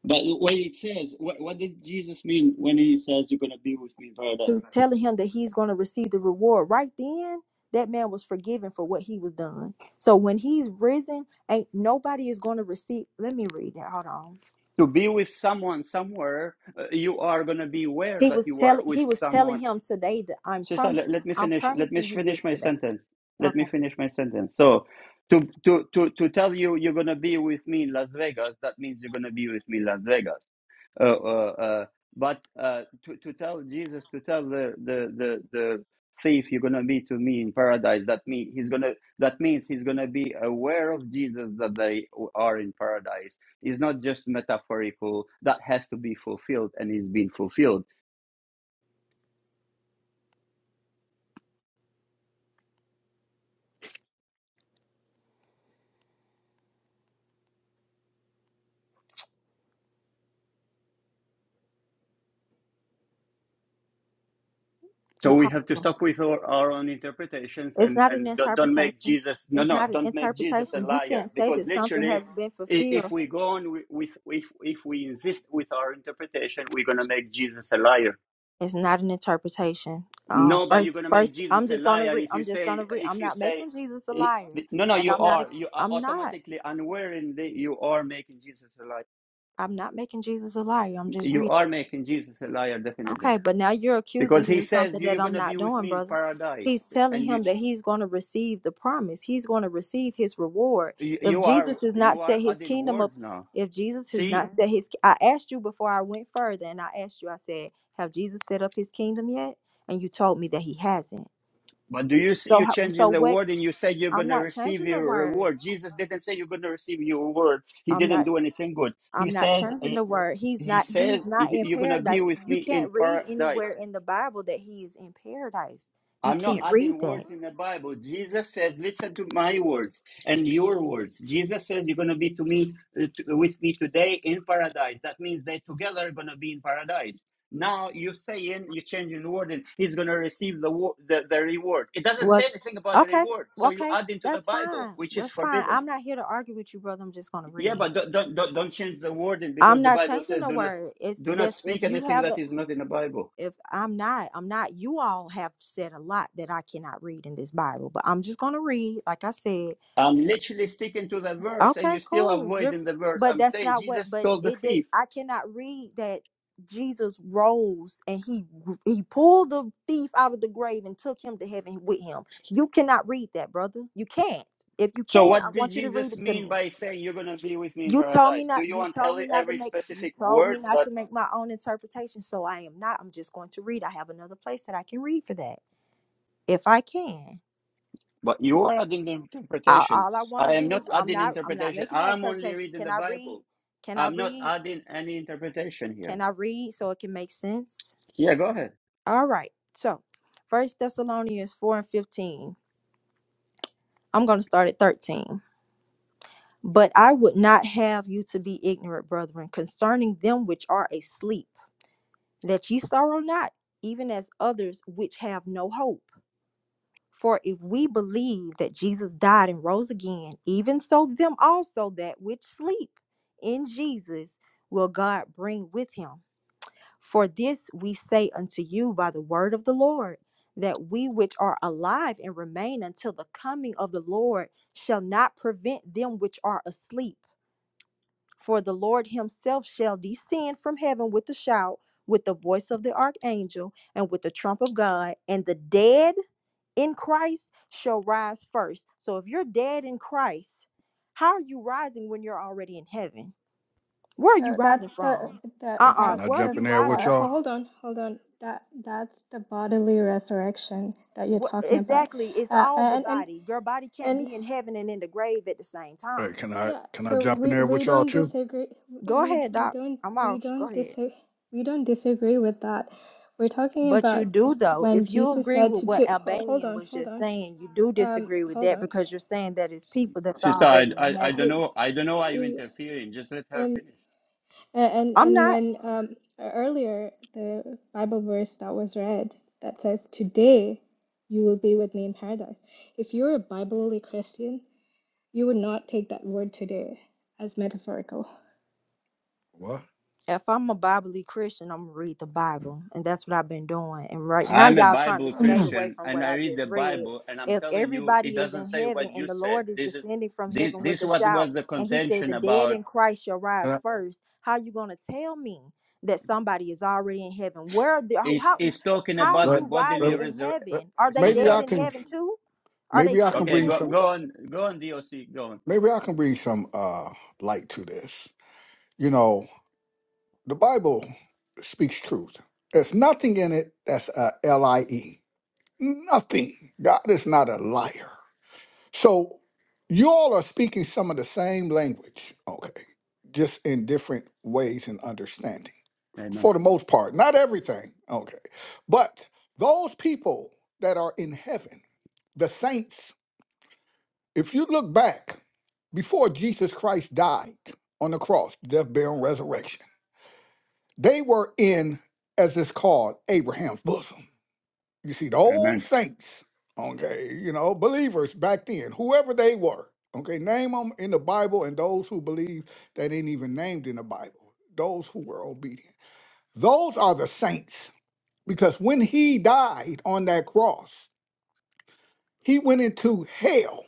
But when it says, what, what did Jesus mean when he says you're going to be with me in paradise?
He's telling him that he's going to receive the reward. Right then, that man was forgiven for what he was done. So when he's risen, ain't nobody is going to receive. Let me read that. Hold on.
To be with someone somewhere, uh, you are going to be aware
He
that
was
you are
telling
with
he was telling
someone.
him today that I'm
Sister,
prom
let, let me
I'm
finish. Let me
promising you this
finish my
today.
sentence. Let me
Okay,
finish my sentence. So, to to to to tell you you're going to be with me in Las Vegas, that means you're going to be with me in Las Vegas uh, uh, uh, but uh, to, to tell Jesus, to tell the, the, the, the thief, you're going to be to me in paradise, that, me, he's gonna, that means he's going to be aware of Jesus that they are in paradise. It's not just metaphorical, that has to be fulfilled and is being fulfilled So we have to
impossible.
stop with our, our own interpretations
It's
and,
not an
and don't, don't make
interpretation.
Jesus, no,
It's
no,
not an
don't make Jesus a
interpretation. You
liar.
can't say
Because
that something
literally,
has been
i-
fulfilled
if we go on wi- with, if, if we insist with our interpretation, we're going to make Jesus a liar.
It's not an interpretation. Um,
No, but you're
first,
going to make
first,
Jesus
I'm
a
just gonna
liar
read.
if you
I'm just gonna
say,
read. I'm
if you
not
say,
making Jesus a
i-
liar,
no, no,
and
you
I'm not.
are,
ex-
you are
I'm not.
automatically, unwittingly, you are making Jesus a liar.
I'm not making Jesus a liar. I'm just
You
reading.
are making Jesus a liar, definitely.
Okay, but now you're accusing
Because
me
he
of
says,
something
you-
that
you're going
I'm
to be
not
with
doing,
me in
brother.
paradise.
He's telling
and you.
him that he's going to receive the promise. He's going to receive his reward.
you,
If
you are
Jesus has not
you are
set his
adding
kingdom up,
words now
if Jesus has
see
not set his, I asked you before I went further, and I asked you, I said, have Jesus set up his kingdom yet? And you told me that he hasn't.
but do you see
So,
you
how- so
changing the
what
word and you said you're going
I'm
to
not
receive
changing the
your
word.
reward jesus didn't say you're going to receive your reward he
I'm
didn't
not
do anything good he
I'm not
says
changing
eh,
the word. He's
he
not he's
says
not
"You-
in
you're going to be
paradise.
with
You
me in
can't read
paradise
anywhere in the Bible that he is in paradise. You
I'm not
can't read
adding
that.
words in the Bible. Jesus says, "Listen to my words and your words." Jesus says, "You're going to be to me uh, to- with me today in paradise." That means they together are going to be in paradise. Now you're saying you're changing the word, and he's going to receive the, wo- the the reward. It doesn't
Well
say anything about the
okay.
reward, so you
Okay.
add into the
That's
Bible,
fine.
which is
That's fine.
forbidden.
I'm not here to argue with you, brother. I'm just gonna
Yeah,
read.
but don't don't don't, don't change the wording
I'm
because the
not
Bible
changing
says,
the
"Do not
word. It's
do not
this if
speak
you
anything
have
that
a
is not in the Bible."
if I'm not, I'm not. You all have said a lot that I cannot read in this Bible, but I'm just gonna read, like I said.
I'm literally sticking to the verse and
Okay,
you're still
cool. You're
avoiding the verse.
but
I'm
that's
saying
not what
Jesus
but
told the
it did
thief.
I cannot read that Jesus rose and he he pulled the thief out of the grave and took him to heaven with him. You cannot read that, brother. You can't. If you
So,
can, I
what did
want you to read
Jesus
it to
mean
me.
by saying you're going to be with me in
You told
paradise?
me
Do
not
you
you
want
told
every,
me not to
every
make you
specific
told me
word
not
that?
to make my own interpretation, so I am not. I'm just going to read. I have another place that I can read for that. If I can.
But you are adding the
I, all I
interpretations.
want to
I am
do is
not
I'm
adding
not I'm not
interpretation.
making no
I'm only
interpretation.
reading
Can
the
I read?
Bible.
Can I
I'm not
read?
adding any interpretation here.
Can I read so it can make sense?
Yeah, go ahead.
All right. So, First Thessalonians 4 and 15. I'm going to start at 13. But I would not have you to be ignorant, brethren, concerning them which are asleep, that ye sorrow not, even as others which have no hope. For if we believe that Jesus died and rose again, even so them also that which sleep in Jesus will God bring with him. For this we say unto you by the word of the Lord, that we which are alive and remain until the coming of the Lord shall not prevent them which are asleep. For the Lord himself shall descend from heaven with a shout, with the voice of the archangel, and with the trump of God, and the dead in Christ shall rise first. So if you're dead in Christ, how are you rising when you're already in heaven? Where are you
So that's
rising
the
from?
the
Hey,
Uh uh
can I
that's
Where are
jump
the
in
you
there with
rising
bo-
y'all?
from?
hold on, hold on. That that's the bodily resurrection that you're
What,
talking about.
exactly. It's
Uh,
all the
and and
body. Your body can't
and
be in heaven and in the grave at the same
Hey,
time.
can I
yeah,
can I
so
jump in
we
there
we
with y'all
don't
too?
disagree
Go
we
ahead,
we
Doc.
don't
I'm
we
off. Go
don't
ahead.
disagree we don't disagree with that. We're talking
But you
about
do, though.
when
If you
Jesus
agree
said
with
to,
what
to ho- hold
Albanian
on,
was
hold
just
on.
saying, you do
Um
disagree with
hold
that
on.
because you're saying that it's people that's
Sister, I,
already in
I, I
heaven.
don't
We
know. I don't know why you're
he-
interfering. Just let her
and
finish.
A- And
I'm
and
not.
when um, e-, earlier the Bible verse that was read that says, "Today you will be with me in paradise." If you're a Bible-only Christian, you would not take that word "today" as metaphorical.
What?
if I'm a Bible Christian, I'm gonna read the Bible, and that's what I've been doing. And right now,
I'm a
y'all trying to
Bible
skate
<clears throat>
away
Christian
from
and
what
I
I
read the
just read.
Bible and I'm
If
telling you it
everybody is
doesn't
in
say
heaven
what you
and the
said.
Lord is
This is
descending from
this
heaven with
this
a
what
shout,
was the
and He said,
contention
"The dead
about.
in Christ shall
Can
rise
I,
first," how you gonna tell me that somebody is already in heaven? Where the,
Is
how
is talking
how are
about the
let-
you
bodily
rising
let-
in
resur-
let-
heaven? Are they
maybe
sister.
dead
I
in
can.
heaven too? Are they
Maybe I can
sleeping
Okay,
in
bring
go
heaven?
some.
go on go on DOC, go on.
Maybe I can bring some uh light to this. You know, the Bible speaks truth. There's nothing in it that's a lie. Nothing. God is not a liar. So you all are speaking some of the same language, okay, just in different ways and understanding
Amen.
for the most part. Not everything, okay. But those people that are in heaven, the saints, if you look back before Jesus Christ died on the cross, death, burial, and resurrection, they were in, as it's called, Abraham's bosom. You see, the old
Amen.
saints, okay, you know, believers back then, whoever they were, okay, name them in the Bible and those who believe that ain't even named in the Bible, those who were obedient. Those are the saints because when he died on that cross, he went into hell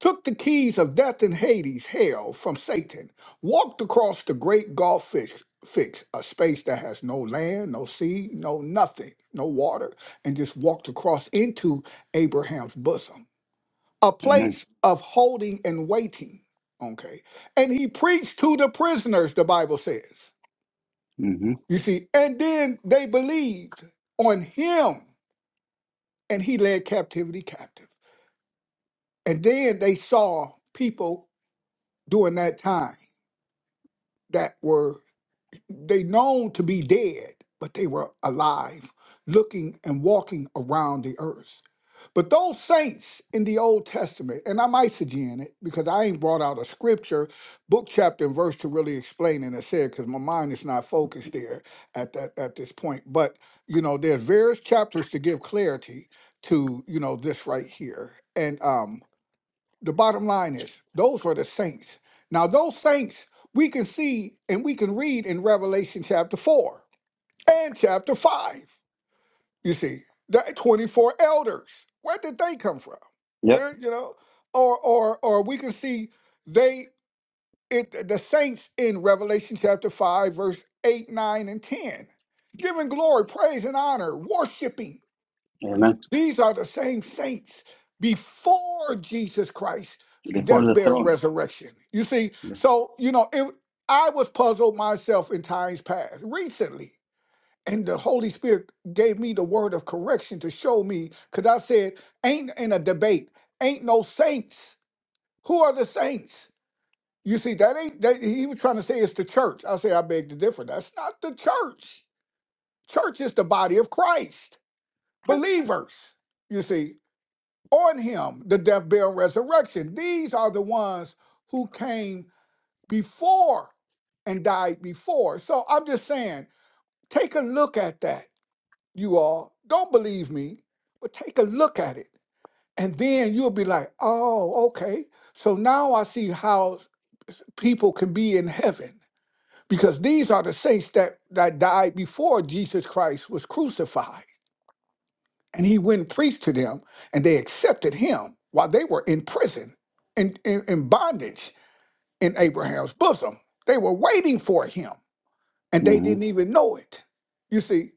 took the keys of death and Hades, hell, from Satan, walked across the great gulf fix, fix, a space that has no land, no sea, no nothing, no water, and just walked across into Abraham's bosom, a
Amen.
place of holding and waiting. Okay. And he preached to the prisoners, the Bible says.
hmm
You see, and then they believed on him, and he led captivity captive. And then they saw people during that time that were they known to be dead, but they were alive, looking and walking around the earth. But those saints in the Old Testament, and I'm eisegeting it because I ain't brought out a scripture, book, chapter, and verse to really explain it and say it because my mind is not focused there at that at this point. But you know, there's various chapters to give clarity to you know this right here, and um, the bottom line is, those are the saints. Now, those saints we can see and we can read in Revelation chapter 4 and chapter 5. You see, the 24 elders. Where did they come from?
Yep.
They're, you know, or or or we can see they it the saints in Revelation chapter 5, verse 8, 9, and 10, giving glory, praise, and honor, worshiping
Amen.
these are the same saints before Jesus Christ,
Before
death,
the
burial,
throne.
resurrection. You see,
Yes.
so you know, it, I was puzzled myself in times past recently, and the Holy Spirit gave me the word of correction to show me, because I said, "Ain't in a debate, ain't no saints. Who are the saints?" You see, that ain't that he was trying to say it's the church. I say, I beg to differ. That's not the church. Church is the body of Christ, believers. You see on him the death, burial, and resurrection. These are the ones who came before and died before. So I'm just saying, take a look at that, you all. Don't believe me, but take a look at it. And then you'll be like, oh, okay. So now I see how people can be in heaven because these are the saints that, that died before Jesus Christ was crucified. and he went and preached to them, and they accepted him while they were in prison and in, in bondage in Abraham's bosom. They were waiting for him, and they
hmm
didn't even know it. You see,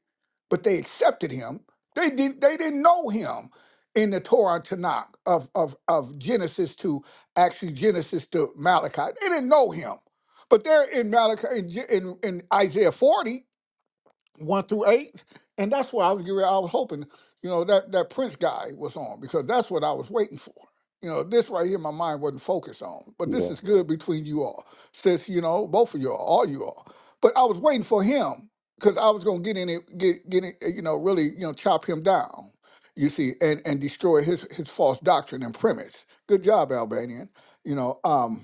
but they accepted him. They did. They didn't know him in the Torah Tanakh of of of Genesis to actually Genesis to Malachi. They didn't know him, but they're in Malachi in, Ge- in in Isaiah forty one through eight, and that's why I was getting ready- I was hoping, you know, that that Prince guy was on because that's what I was waiting for. You know, this right here, my mind wasn't focused on, but this
Yeah.
is good between you all, since you know both of you all, all you all. But I was waiting for him because I was gonna get in it, get get it, you know, really, you know, chop him down. You see, and and destroy his his false doctrine and premise. Good job, Albanian. You know, um,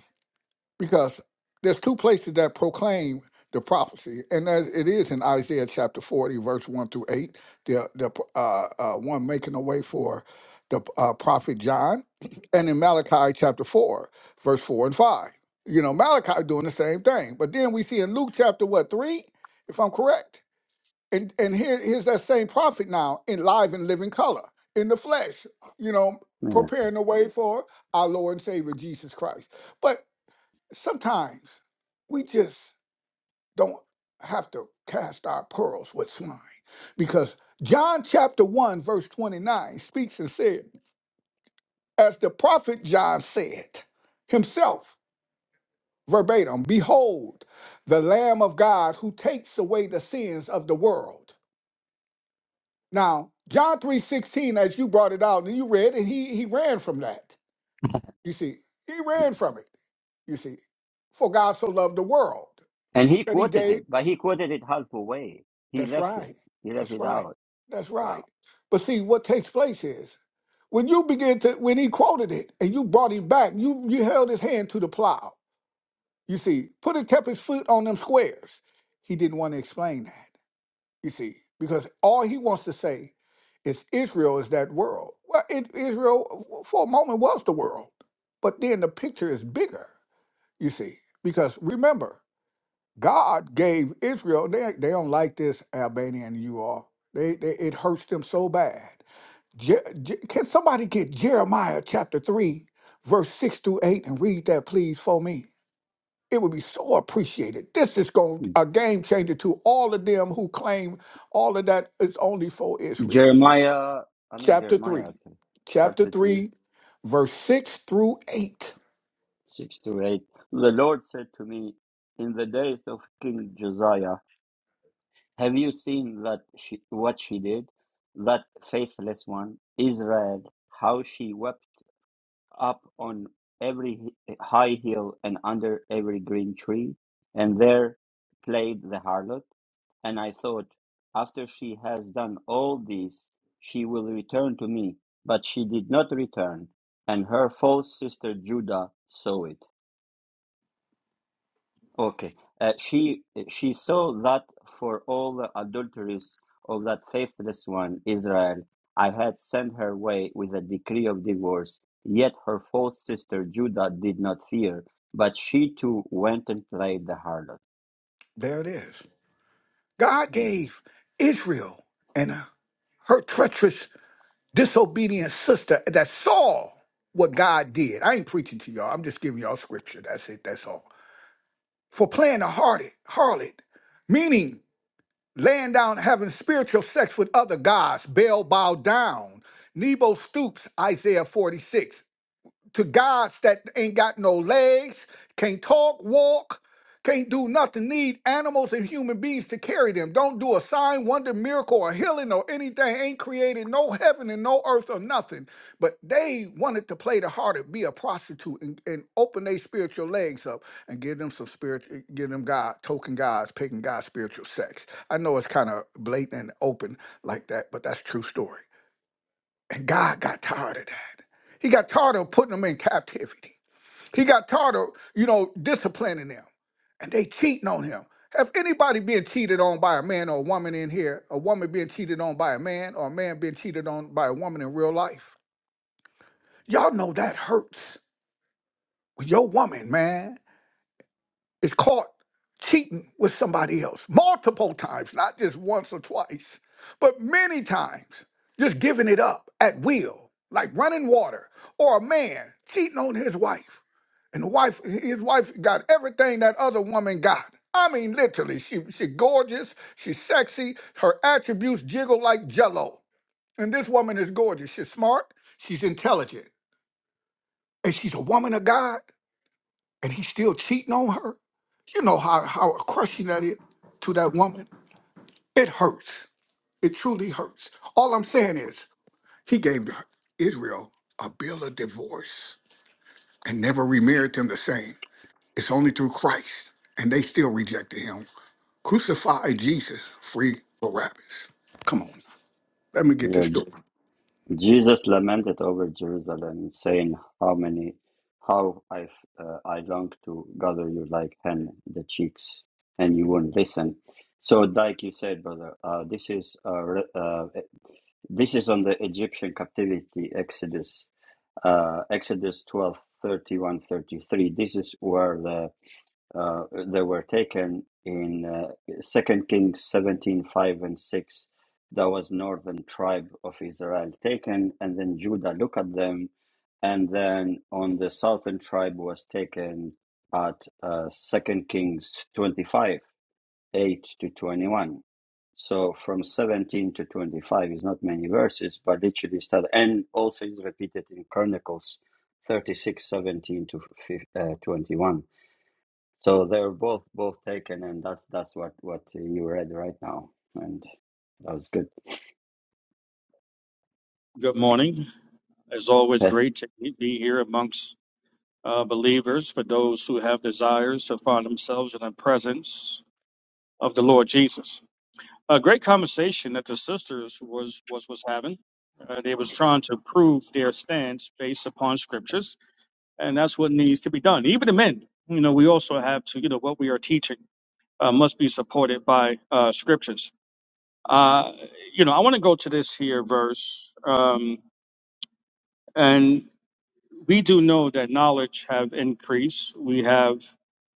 because there's two places that proclaim the prophecy, and that it is in Isaiah chapter 40, verse 1 through 8, the, the uh, uh, one making a way for the uh, prophet John, <clears throat> and in Malachi chapter 4, verse 4 and 5. You know, Malachi doing the same thing. But then we see in Luke chapter, what, 3, if I'm correct? And, and here, here's that same prophet now in live and living color, in the flesh, you know,
yeah.
preparing the way for our Lord and Savior Jesus Christ. But sometimes we just don't have to cast our pearls with swine because John chapter 1, verse 29 speaks and said, As the prophet John said himself, verbatim, Behold, the Lamb of God who takes away the sins of the world. Now, John 3:16, as you brought it out and you read, and he he ran from that. You see, he
Yeah.
ran from it. You see, for God so loved the world
And he
that he
quoted
gave.
it, but he quoted it half away. He
That's
left it.
right.
He left
That's
it
right.
out.
That's right.
Wow.
But see, what takes place is when you begin to when he quoted it and you brought him back, you you held his hand to the plow. You see, put it kept his foot on them squares. He didn't want to explain that. You see, because all he wants to say is Israel is that world. Well, it, Israel for a moment was the world, but then the picture is bigger. You see, because remember. God gave Israel, they, they don't like this Albania and you all. They, they it hurts them so bad. Je, Je- can somebody get Jeremiah chapter 3, verse 6 through 8 and read that please for me? It would be so appreciated. This is going a game changer to all of them who claim all of that is only for Israel.
Jeremiah, I mean
Chapter
Jeremiah,
3.
actually,
Chapter
chapter 3,
3, verse 6 through 8.
6 to 8. The Lord said to me, In the days of King Josiah, have you seen that she, what she did? That faithless one, Israel, how she wept up on every hi- high hill and under every green tree, and there played the harlot. And I thought, after she has done all this, she will return to me. But she did not return, and her false sister Judah saw it. Okay. Uh, she she saw that for all the adulteries of that faithless one, Israel, I had sent her way with a decree of divorce. Yet her false sister Judah did not fear, but she too went and played the harlot.
There it is. God
Mhm.
gave Israel and her treacherous disobedient sister that saw what God did. I ain't preaching to y'all. I'm just giving y'all scripture. That's it. That's all. For playing a harlot, harlot, meaning laying down, having spiritual sex with other gods. Baal bowed down. Nebo stoops. Isaiah 46 to gods that ain't got no legs, can't talk, walk, can't do nothing, need animals and human beings to carry them. Don't do a sign, wonder, miracle, or healing or anything. Ain't created no heaven and no earth or nothing. But they wanted to play the harlot, be a prostitute, and, and open their spiritual legs up and give them some spiritual, give them God, token gods, pagan God spiritual sex. I know it's kind of blatant and open like that, but that's true story. And God got tired of that. He got tired of putting them in captivity. He got tired of, you know, disciplining them. And they cheating on him. Have anybody been cheated on by a man or a woman in here? A woman being cheated on by a man or a man being cheated on by a woman in real life? Y'all know that hurts. When your woman, man. is caught cheating with somebody else multiple times, not just once or twice, but many times, just giving it up at will, like running water, or a man cheating on his wife. And the wife, his wife got everything that other woman got. I mean, literally, she she gorgeous, she's sexy, her attributes jiggle like jello. And this woman is gorgeous. She's smart, she's intelligent, and she's a woman of God, and he's still cheating on her. You know how, how crushing that is to that woman? It hurts. It truly hurts. All I'm saying is, he gave Israel a bill of divorce and never remarried them the same. It's only through Christ. And they still rejected him. Crucify Jesus, free Barabbas. Come on. now. Let me get
Yeah,
this story.
Jesus lamented over Jerusalem, saying, "How many, how I uh, I long to gather you like hen the chicks, and you won't listen." So, like you said, brother, uh, this is uh, re- uh, e, this is on the Egyptian captivity, Exodus, uh, Exodus 12 31 33. This is where the uh, that were taken in uh, Second uh, Kings seventeen five and six. That was northern tribe of Israel taken, and then Judah look at them, and then on the southern tribe was taken at uh, Second Kings twenty five eight to twenty one. So from seventeen to twenty five is not many verses, but literally start and also is repeated in Chronicles thirty six seventeen to uh, twenty one. So they are both both taken, and that's that's what what you read right now, and that was good. <laughs>
Good morning. It's always
Hey,
great to be here amongst uh, believers for those who have desires to find themselves in the presence of the Lord Jesus. A great conversation that the sisters was was was having. Uh, they was trying to prove their stance based upon scriptures, and that's what needs to be done. Even the men, you know, we also have to, you know, what we are teaching uh, must be supported by uh, scriptures. Uh, you know, I want to go to this here verse. Um, and we do know that knowledge have increased. We have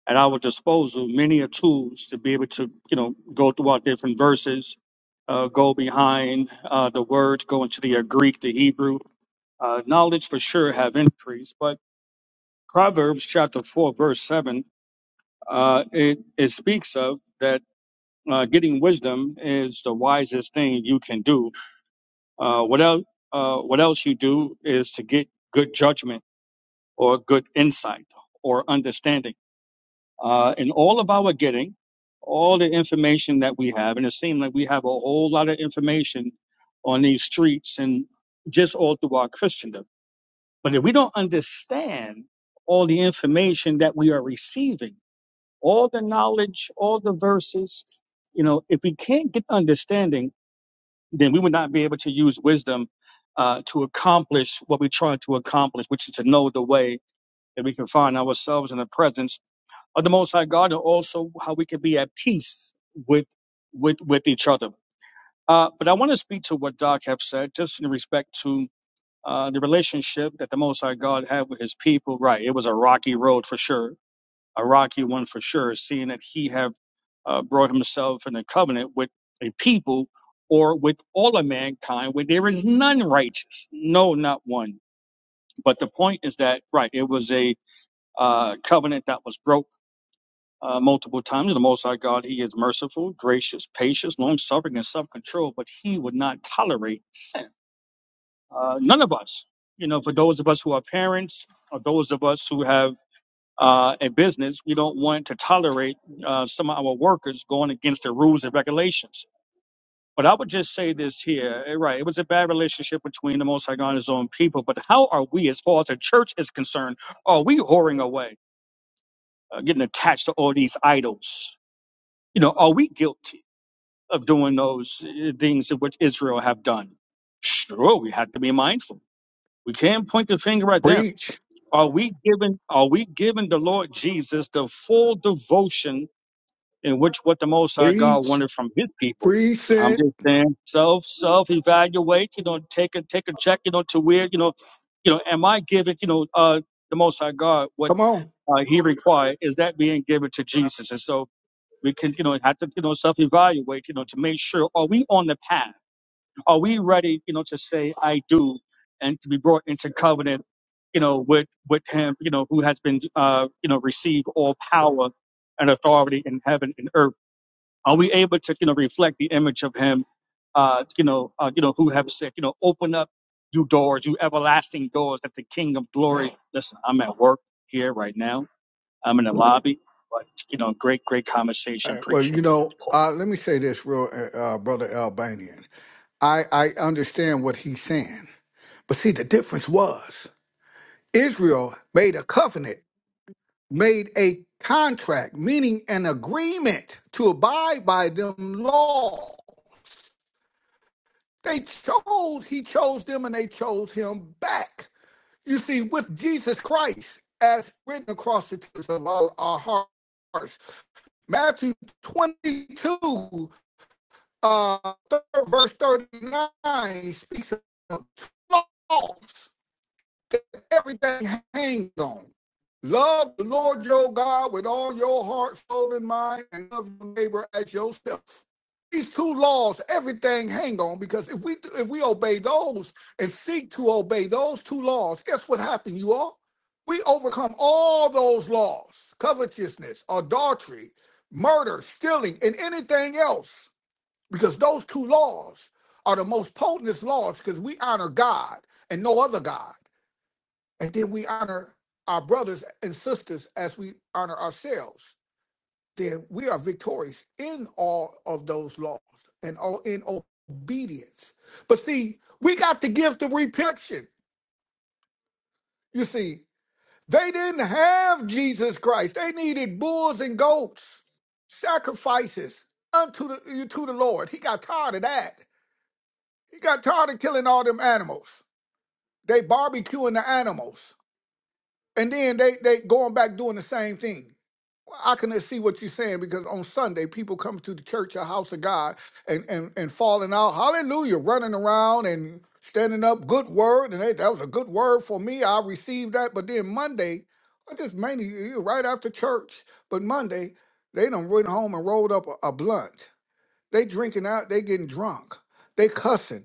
at our disposal many a tools to be able to, you know, go through our different verses, uh, go behind uh, the words, go into the uh, Greek, the Hebrew. Uh, knowledge for sure have increased, but Proverbs chapter four verse seven uh, it it speaks of that uh, getting wisdom is the wisest thing you can do. Uh, what else? Uh, what else you do is to get good judgment or good insight or understanding. Uh, in all of our getting, all the information that we have, and it seems like we have a whole lot of information on these streets and just all through our Christendom. But if we don't understand all the information that we are receiving, all the knowledge, all the verses, you know, if we can't get understanding, then we would not be able to use wisdom uh, to accomplish what we try to accomplish, which is to know the way that we can find ourselves in the presence of the Most High God, and also how we can be at peace with with with each other. Uh, but I want to speak to what Doc have said, just in respect to uh, the relationship that the Most High God had with His people. Right, it was a rocky road for sure, a rocky one for sure. Seeing that He have uh, brought Himself in a covenant with a people or with all of mankind, where there is none righteous, no, not one. But the point is that right, it was a uh, covenant that was broke uh, multiple times. The Most High God, He is merciful, gracious, patient, long suffering, and self control, but He would not tolerate sin. Uh, none of us, you know, for those of us who are parents or those of us who have uh, a business, we don't want to tolerate uh, some of our workers going against the rules and regulations. But I would just say this here, eh, right? It was a bad relationship between the Most High God and His own people. But how are we, as far as the church is concerned, are we whoring away? uh, getting attached to all these idols. You know, are we guilty of doing those uh, things which Israel have done? Sure, we have to be mindful. We can't point the finger at them.
Preach,
Are we giving Are we giving the Lord Jesus the full devotion in which what the Most High God
preach,
wanted from His people?
preach
I'm
it.
just saying, self self evaluate. You know, take a take a check. You know, to where you know, you know, am I giving you know uh, the Most High God what
Come on.
uh, He required? Is that being given to Jesus? And so, we can, you know, have to, you know, self-evaluate, you know, to make sure are we on the path? Are we ready, you know, to say I do and to be brought into covenant, you know, with with him, you know, who has been uh, you know, received all power and authority in heaven and earth. Are we able to, you know, reflect the image of him, uh, you know, uh, you know, who have said, you know, open up you doors, you everlasting doors that the King of Glory. Listen, I'm at work here right now I'm in the lobby. But you know, great, great conversation.
Uh, well, you
Appreciate the other
know,
call.
uh, let me say this, real uh, uh, brother Albanian. I, I understand what he's saying. But see, the difference was Israel made a covenant, made a contract, meaning an agreement to abide by them law. They chose, he chose them and they chose him back. You see, with Jesus Christ, as written across the tips of all our hearts, Matthew 22, uh, third verse 39 speaks of laws. that everything hangs on. Love the Lord your God with all your heart, soul, and mind, and love your neighbor as yourself. These two laws, everything hang on because if we if we obey those and seek to obey those two laws, guess what happened, you all? We overcome all those laws: covetousness, adultery, murder, stealing, and anything else. Because those two laws are the most potentest laws because we honor God and no other God and then we honor our brothers and sisters as we honor ourselves, then we are victorious in all of those laws and all in obedience. But see, we got the gift of repentance. You see, they didn't have Jesus Christ. They needed bulls and goats, sacrifices unto the to the Lord. He got tired of that. He got tired of killing all them animals. They barbecuing the animals. And then they they going back doing the same thing Well, I can see what you're saying because on Sunday people come to the church, a house of God, and and and falling out, hallelujah, running around and standing up, good word, and hey, that was a good word for me. I received that, but then Monday, I just mainly eh, right after church, but Monday they done went home and rolled up a, a blunt. They drinking out, they getting drunk, they cussing.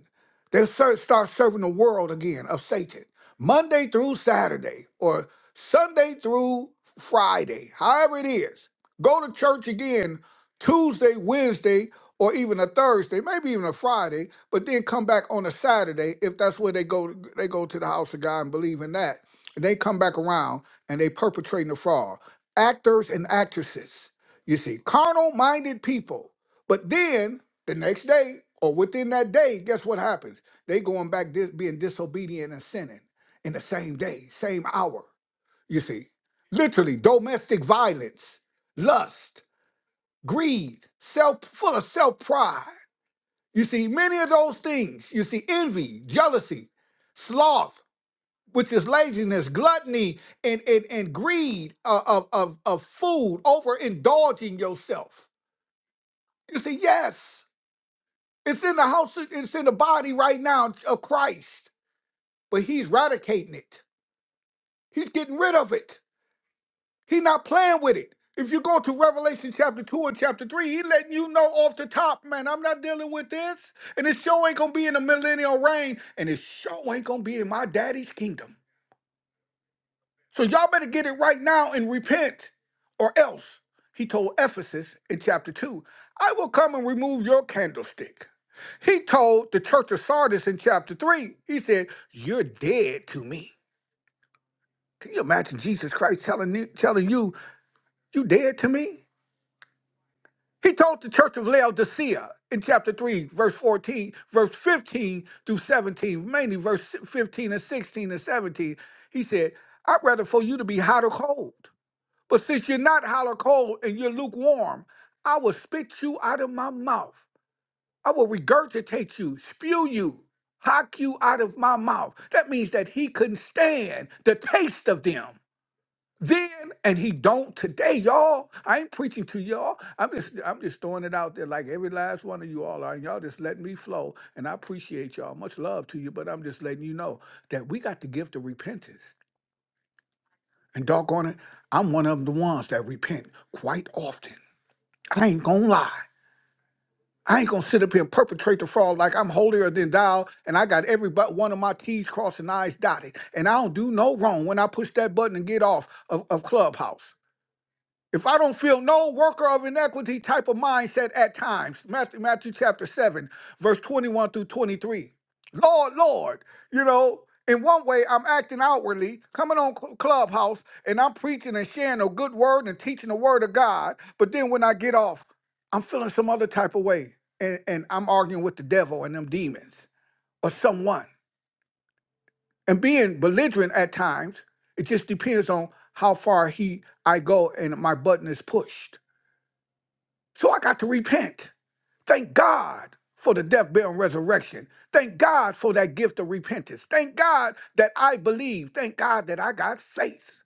They ser- start serving the world again of Satan. Monday through Saturday or Sunday through Friday, however it is. Go to church again Tuesday, Wednesday, or even a Thursday, maybe even a Friday, but then come back on a Saturday if that's where they go they go to the house of God and believe in that. And they come back around and they perpetrating the fraud. Actors and actresses, you see, carnal minded people but then the next day or within that day, guess what happens? They going back dis- being disobedient and sinning in the same day, same hour. You see, literally domestic violence, lust, greed, self full of self pride. You see, many of those things. You see, envy, jealousy, sloth, which is laziness, gluttony, and and, and greed of, of of of food, overindulging yourself. You see, yes. It's in the house, of- it's in the body right now of Christ, but he's eradicating it. He's getting rid of it. He's not playing with it. If you go to Revelation chapter 2 and chapter 3, he letting you know off the top, man, I'm not dealing with this. And it sure ain't gonna be in the millennial reign, and it sure ain't gonna be in my daddy's kingdom. So y'all better get it right now and repent, or else, he told Ephesus in chapter 2, I will come and remove your candlestick. He told the church of Sardis in chapter 3, he said, You're dead to me. Can you imagine Jesus Christ telling you, telling you, You dead to me? He told the church of Laodicea in chapter 3, verse 14, verse 15 through 17, mainly verse 15 and 16 and 17, he said, I'd rather for you to be hot or cold. But since you're not hollow cold and you're lukewarm, I will spit you out of my mouth. I will regurgitate you, spew you, hock you out of my mouth. That means that he couldn't stand the taste of them then, and he don't today, y'all. I ain't preaching to y'all. I'm just I'm just throwing it out there like every last one of you all are, and y'all just letting me flow. And I appreciate y'all. Much love to you, but I'm just letting you know that we got the gift of repentance. And doggone it, I'm one of the ones that repent quite often. I ain't gonna lie. I ain't gonna sit up here and perpetrate the fraud like I'm holier than thou, and I got every but one of my T's crossed and I's dotted. And I don't do no wrong when I push that button and get off of, of Clubhouse. If I don't feel no worker of inequity type of mindset at times, Matthew, Matthew chapter 7, verse 21 through 23. Lord, Lord, you know, in one way I'm acting outwardly, coming on Cl- Clubhouse, and I'm preaching and sharing a good word and teaching the word of God. But then when I get off, I'm feeling some other type of way. And, and I'm arguing with the devil and them demons or someone. And being belligerent at times, it just depends on how far he I go and my button is pushed. So I got to repent. Thank God for the death, burial, and resurrection. Thank God for that gift of repentance. Thank God that I believe. Thank God that I got faith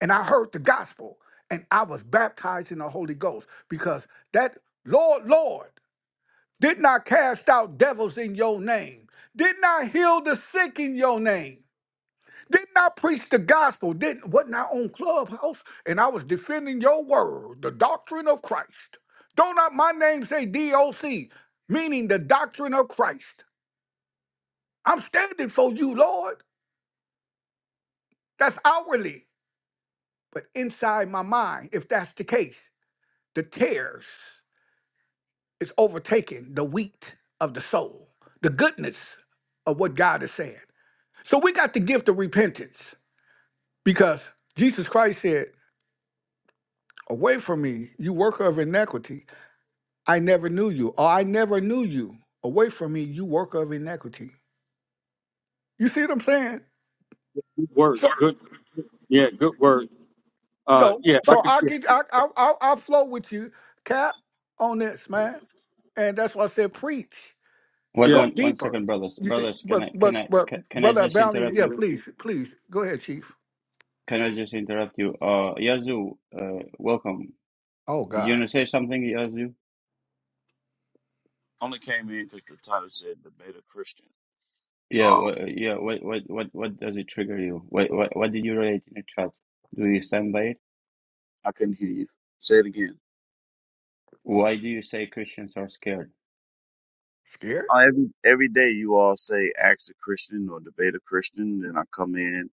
and I heard the gospel and I was baptized in the Holy Ghost because that Lord, Lord, did not cast out devils in your name, did not heal the sick in your name didn't I preach the gospel? Didn't wasn't I on Clubhouse and I was defending your word, the doctrine of Christ? Don't not my name say DOC, meaning the doctrine of Christ? I'm standing for you, Lord. That's outwardly, but inside my mind, if that's the case, the tares is overtaking the wheat of the soul, the goodness of what God is saying. So we got the gift of repentance because Jesus Christ said, "Away from me, you worker of iniquity." I never knew you, or I never knew you. Away from me, you worker of iniquity. You see what I'm saying?
Good word.
So,
Good. Yeah. Good word. Uh.
so,
Yeah. If I
so
could.
I get, I, I, I, I flow with you, Cap, on this, man. And that's why I said, preach,
one
Yeah.
go
one one
deeper.
second, brothers,
You see,
brothers. Can I
but,
can
but,
I
but,
ca- can I
brother
just
Valley,
interrupt
yeah,
you?
please, please, go ahead, Chief.
Can I just interrupt you? Uh, Yazoo, uh, welcome.
Oh
Did you want
God,
to say something, Yazoo?
Only came in because the title said debate a Christian.
Yeah,
Um,
wha- yeah. What what what what does it trigger you? What what what did you relate in the chat? Do you stand by it?
I couldn't hear you. Say it again.
Why do you say Christians are scared?
scared?
Uh, every every day you all say ask a Christian or debate a Christian, then I come in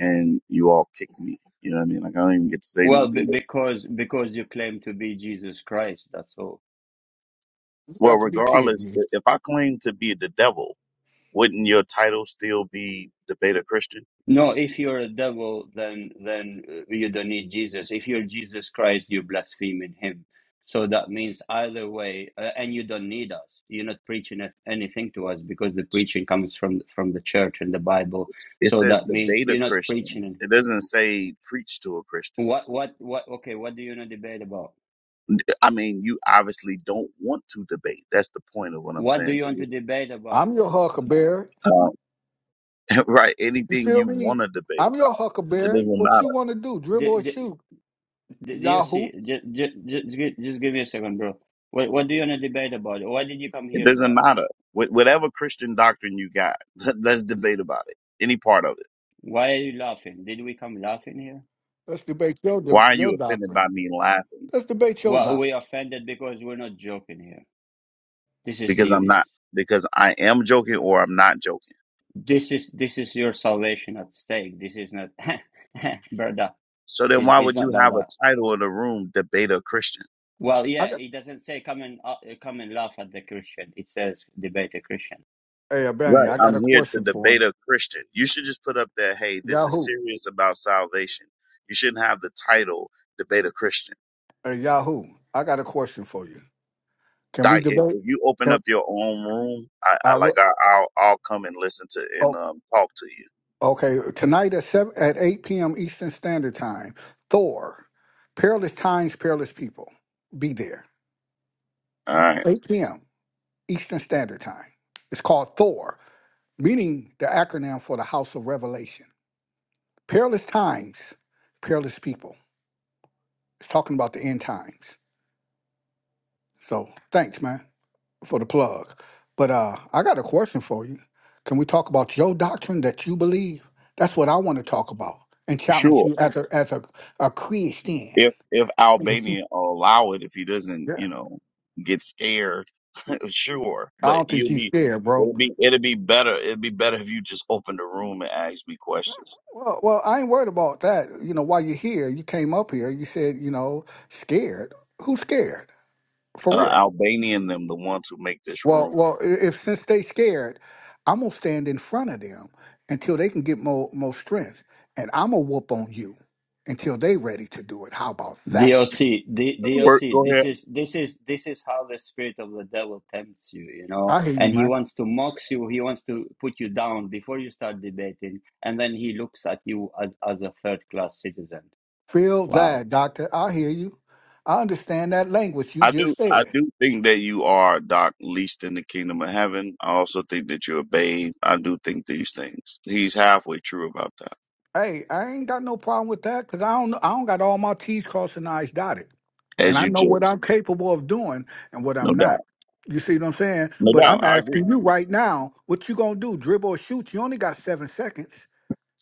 and you all kick me. You know what I mean? Like I don't even get to say
Well, b-
nothing.
because because you claim to be Jesus Christ. That's all.
You
Well,
got to be kidding
regardless, i-
me.
if I claim to be the devil, wouldn't your title still be debate a Christian?
No, if you're a devil, then then uh, you don't need Jesus. If you're Jesus Christ, you're blaspheming him. So that means either way, uh, and you don't need us. You're not preaching a- anything to us because the preaching comes from from the church and the Bible.
It
So
says
that means
debate a
you're not
Christian.
preaching.
It doesn't say preach to a Christian.
What what what? Okay, what do you want to debate about?
I mean, you obviously don't want to debate. That's the point of what I'm
What do
saying
you
to
want to
you.
debate about?
I'm your huckleberry.
Uh, <laughs> right.
You
Anything
feel
you want
me?
to debate
I'm your
about, it
huckleberry.
doesn't
What you
matter.
want to do?
Do,
Dribble or
do,
shoot?
do do you
Yahoo.
see? Just, just, just, gi- just give me a second, bro. What what do you want to debate about? What did you come
It
here about?
doesn't matter. Wh- whatever Christian doctrine you got, <laughs> let- let's debate about it. Any part of it.
Why are you laughing? Did we come laughing here?
Let's debate your
Why are
your
you offended
doctrine.
by me laughing?
Let's debate your
Well,
doctrine.
we offended because we're not joking here. This is
Because I'm
serious.
not, because I am joking or I'm not joking.
This is this is your salvation at stake. This is not, <laughs> brother.
So then
It's,
why
it's
would
not
you
like
have a
that.
title in the room, debate a Christian?
Well,
I
yeah,
got,
it doesn't say come and uh, come and laugh at the Christian. It says debate a Christian.
hey, Benny,
Right.
I got a
I'm here to
question for him.
debate a Christian. You should just put up there, hey, this is
Yahoo.
serious about salvation. You shouldn't have the title debate a Christian.
Hey, Yahoo. I got a question for you. Can we
Like if,
debate?
if you open
Can
up your own room, I, I
I? re-
like I, I'll I'll come and listen to and
Oh,
um, talk to you.
okay. Tonight at seven at eight p.m. Eastern Standard Time. Thor, perilous times, perilous people. Be there.
All right.
Eight p.m. Eastern Standard Time. It's called Thor, meaning the acronym for the House of Revelation. Perilous times, perilous people. It's talking about the end times. So thanks, man, for the plug. But uh, I got a question for you. Can we talk about your doctrine that you believe? That's what I want to talk about and challenge
Sure.
you as a as a, a Christian. <laughs>
If if
You see?
Albania will allow it, if he doesn't,
Yeah.
you know, get scared, <laughs> sure.
I
But
don't think
you'll
you
be
scared, bro.
it'll be it'll be better. It'd be better if you just opened the room and asked me questions.
Well, well, I ain't worried about that. You know, while you're here, you came up here. You said, you know, scared. Who's scared? For
Uh,
real?
Albania and them the ones who make this
Well,
room.
well, i- if since they scared, I'm gonna stand in front of them until they can get more more strength, and I'm gonna whoop on you until they ready to do it. How about that?
DOC, D,
Work,
DOC,
go
this
ahead.
is this is this is how the spirit of the devil tempts you, you know,
I hear you,
and he
man.
wants to mock you, he wants to put you down before you start debating, and then he looks at you as, as a third class citizen.
Feel
Wow.
that, doctor. I hear you. I understand that language you
I
just
do, I
said.
do think that you are, Doc, least in the kingdom of heaven. I also think that you're a babe. I do think these things. He's halfway true about that,
Hey, I ain't got no problem with that because I don't I don't got all my T's crossed and I's dotted, and
as
I
you
know what
just,
I'm capable of doing and what
no
I'm not.
doubt,
You see what I'm saying?
no
But
doubt.
I'm
I agree.
asking you right now, what you gonna do? Dribble or shoot? You only got seven seconds.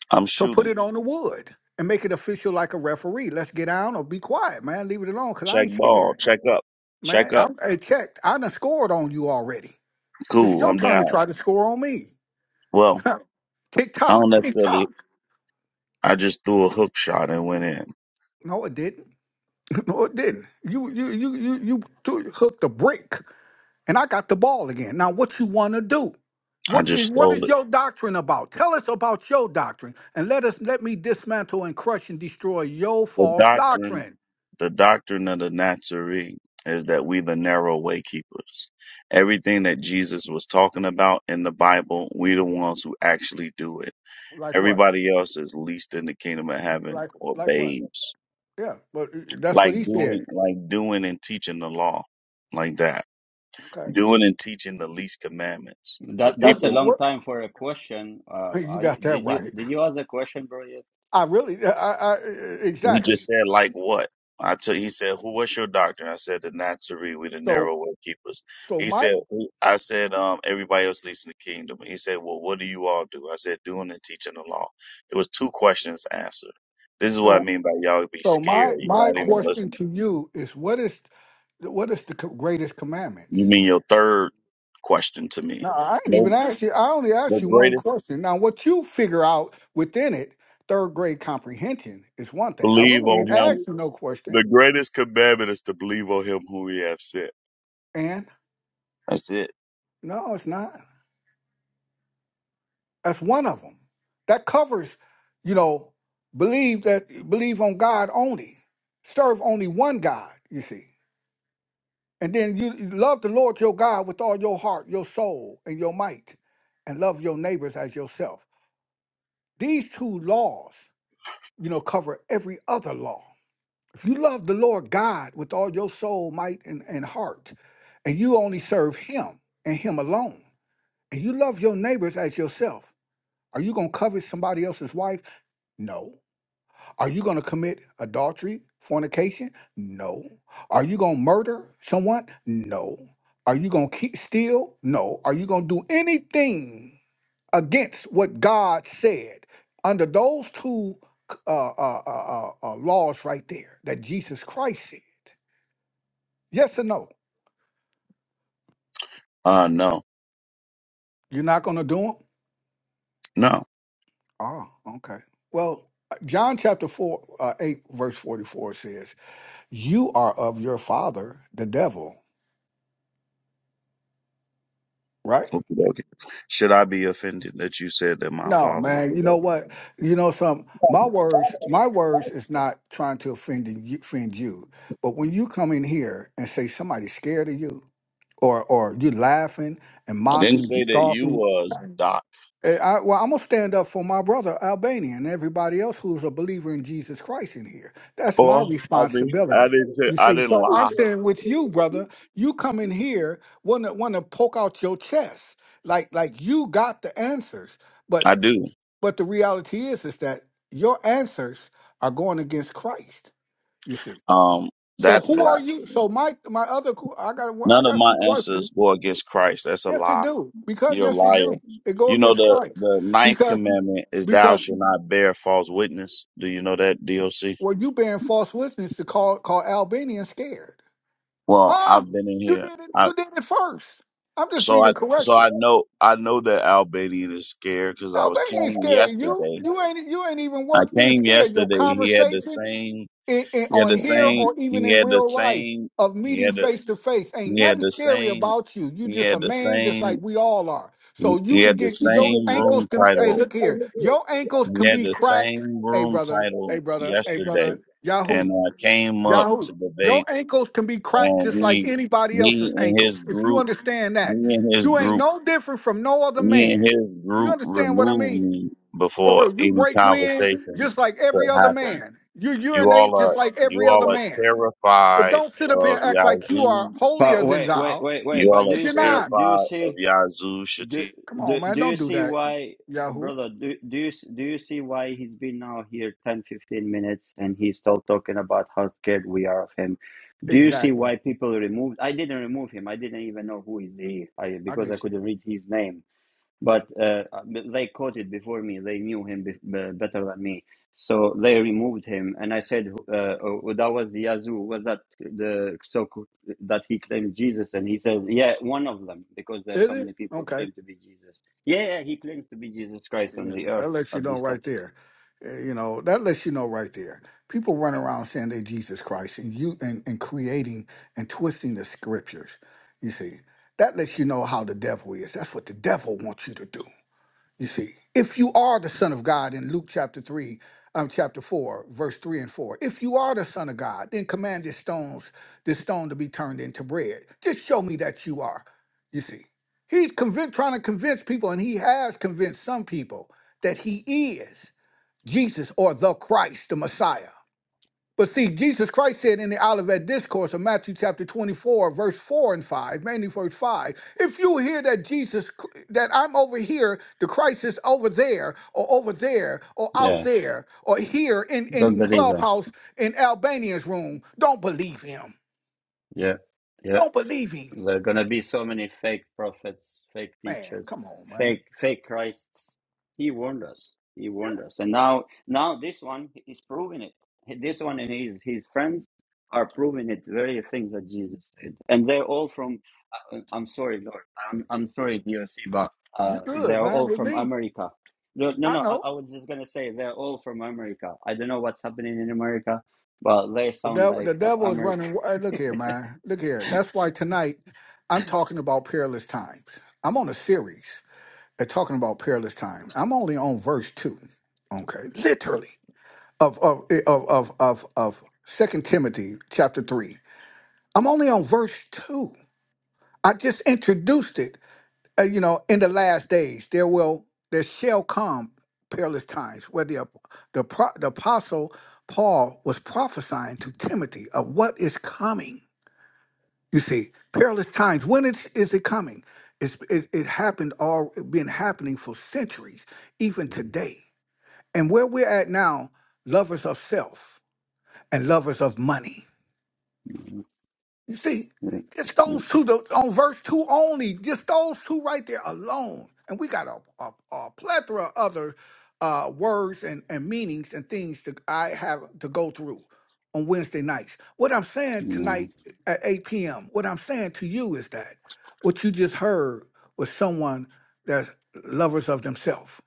I'm
So put
shooting.
it on the wood and make it official like a referee. Let's get down or be quiet, man. Leave it alone because I
Check
ain't
ball.
scared,
Check up.
man.
Check up.
I'm I checked. I done scored on you already. It's
Cool.
your
I'm
turn to
down.
try to score on me.
Well,
<laughs> tick
I don't
tock, tick
necessarily.
tock.
I just threw a hook shot and went in.
No, it didn't. <laughs> No, it didn't. You you you you you t- hooked a brick, and I got the ball again. Now, what you want to do?
I
What
just
is what
stole
is
it.
your doctrine about? Tell us about your doctrine, and let us let me dismantle and crush and destroy your
The
false
doctrine
doctrine.
The doctrine of the Nazarene is that we the narrow way keepers. Everything that Jesus was talking about in the Bible, we the ones who actually do it.
Like what?
Everybody else is least in the kingdom of heaven
Like
or
like what?
babes.
Yeah, but that's what
Like
he said.
doing like doing and teaching the law. Like that.
Okay.
Doing and teaching the least commandments. The
That
What's
that's a
the
people
long
what?
time for a question. Uh,
Hey, You
I
got that
did you
right.
did you ask a question, bro? Yet?
I really, I, I
He just
exactly.
said, like what? I took, he said, who was your doctor? I said, the Nazarene, we the
So
narrow way keepers.
so
He
my
said, "Who-" I said, um, everybody else leads in the kingdom. He said, well, what do you all do? I said, doing and teaching the law. It was two questions answered. This is what I
so
mean by y'all be
so
scared.
my
You're
my
not even
question
listening.
to you is what is what is the co- greatest
You
commandments?
mean your third question to me.
No, I didn't even
No,
ask you. I only asked
the
you one
greatest
question. Now, what you figure out within it, third grade comprehension is one thing. I
believe
really
on
ain't
him.
asked you no question.
The greatest commandment is to believe on him who he have sent.
And
That's it.
no, it's not. That's one of them. That covers, you know, believe that believe on God only. Serve only one God, you see. And then you you love the Lord your God with all your heart, your soul, and your might, and love your neighbors as yourself. These two laws, you know, cover every other law. If you love the Lord God with all your soul, might, and, and heart, and you only serve him and him alone, and you love your neighbors as yourself, are you gonna covet somebody else's wife? No. Are you going to commit adultery, fornication? No. Are you going to murder someone? No. Are you going to keep steal? No. Are you going to do anything against what God said? Under those two uh, uh, uh, uh, uh, laws right there that Jesus Christ said. Yes or no?
Uh, no,
You're not going to do them?
no.
Ah, okay. Well, John chapter 4, uh, 8, verse 44 says, You are of your father, the devil, right?
okey Should I be offended that you said that my
No,
father was the
man. You know
devil?
what? You know some. My words, my words is not trying to offend you, offend you. But when you come in here and say somebody's scared of you, or or you laughing and
I didn't
mocking,
say that you was Doc.
eh, I, well, I'm gonna stand up for my brother Albania and everybody else who's a believer in Jesus Christ in here. That's my
Well, I mean, I
responsibility.
didn't. say-
You
I
see,
didn't
so I'm
lie.
saying with you, brother, you come in here want to want to poke out your chest like like you got the answers. But
I do.
but the reality is, is that your answers are going against Christ. You see.
Um,
So
that's
who are you?
blasphemy.
So my my other que- I got one- I
None of
got
my
some
answers
questions.
go against Christ. That's a
Yes, they
lie.
do. Because
You're a
yes, they
liar.
do. They go
You know
against
the
Christ.
the ninth
Because
commandment is thou
because
shall not bear false witness. Do you know that, DOC?
well, you bearing false witness to call call Albanians scared.
Well,
Huh?
I've been in
You
here.
did it.
I
You did it first. I'm just
so I
bringing
so I
correction.
know I know that Albanian is scared because I was
Albanians
came
scared of you.
yesterday.
You ain't you ain't even
I
worth being
came
scared. Your
yesterday. He had the
conversation.
same.
in, in-
He had
on
the
here or
same.
even
He
in
had the
real life
same.
of
He
meeting
had the.
face to face. Ain't
He had
nothing
the
scary
same.
about you. You
He
just
had
a
the
man, just
same.
like we all are.
He,
So you
he
can
had the
get your
same
ankles
room
can. Hey,
title.
look here, your ankles
He
can
had
be
the
cracked.
same
Hey,
room
brother. Hey,
title
brother. Hey,
yesterday,
brother.
and
Yahoo.
I came up
Yahoo.
to
Your
debate,
ankles can be cracked
and
just like
he,
anybody
he
else's
and his
ankles. If you
group,
understand
he
that,
and his
you ain't
group,
no different from no other
he and
man.
his
You
group
understand what I
removed
mean?
me
For
before
real, you
any
break wind
conversation
just like every
could
other
happen.
man. You
You
urinate
all
just
are
like
you
every other
all are
man. But
terrified
don't sit up here
of
and act like you are
Yazoo.
holier
But
than
wait, wait,
thou,
wait, wait.
You
But
all
do
are
because
you
you're
see?
not.
Do you
terrified of
see?
Yazoo
Do,
Shati.
Come
do
on, man.
do you
Don't do
see
that,
why, uh,
Yahoo.
brother? Do do you do you see why he's been now here 10 15 minutes and he's still talking about how scared we are of him? Do you see
Exactly.
why people removed? I didn't remove him. I didn't even know who is he I,
I
because I
get you.
couldn't read his name but uh, they caught it before me. They knew him be- be- better than me, so they removed him. And I said, uh, oh, "That was the Yazoo. Was that the so that he claimed Jesus?" And he says, "Yeah, one of them, because there are
Is
so many
it?
people
Okay.
claim to be Jesus. Yeah, yeah, he claims to be Jesus Christ on
Yeah,
the
that
earth
lets you
at
know
this time.
right there. Uh, You know, that lets you know right there. People run around saying they Jesus Christ and you and, and creating and twisting the scriptures. You see, that lets you know how the devil is. That's what the devil wants you to do. You see, if you are the Son of God in Luke chapter 3, um, chapter 4, verse 3 and 4, if you are the Son of God, then command these stones, this stone to be turned into bread. Just show me that you are. You see, he's convinced, trying to convince people, and he has convinced some people that he is Jesus or the Christ, the Messiah. But see, Jesus Christ said in the Olivet Discourse of Matthew chapter 24, verse 4 and 5, mainly verse 5, if you hear that Jesus, that I'm over here, the Christ is over there, or over there, or out
Yeah,
there, or here in, in,
don't
in
believe them.
Clubhouse in Albanian's room, don't believe him.
Yeah, Yeah,
Don't believe him.
There are gonna be so many fake prophets, fake
Man,
teachers,
come on, man.
fake fake Christs. He warned us. He warned us. And now now this one is proving it. This one and his his friends are proving it very things that Jesus said. And they're all from uh, I'm sorry, Lord. I'm I'm sorry, DOC, but
You
uh,
good,
they're
man,
all
with
from
me.
America. No, no,
I
no. I,
know.
I was just gonna say they're all from America. I don't know what's happening in America, but they
The
sound
devil, the
like uh,
devil is
America.
running. wi- Look here, man. Look here. That's why tonight I'm talking about perilous times. I'm on a series. They're talking about perilous time. I'm only on verse two. Okay. Literally. Of of eh, of of of of Second Timothy chapter three. I'm only on verse two. I just introduced it. Uh, you know, in the last days there will there shall come perilous times where the ap- the pro- the apostle Paul was prophesying to Timothy of what is coming you see, perilous times. When it, is it coming? It's, it, it happened all been happening for centuries, even today. And where we're at now, lovers of self and lovers of money. You see, just
<laughs>
those two the, on verse two only, just those two right there alone, and we got a, a, a plethora of other uh, words and, and meanings and things that I have to go through on Wednesday nights. What I'm saying
Mm,
tonight at 8 p.m. What I'm saying to you is that what you just heard was someone that's lovers of themselves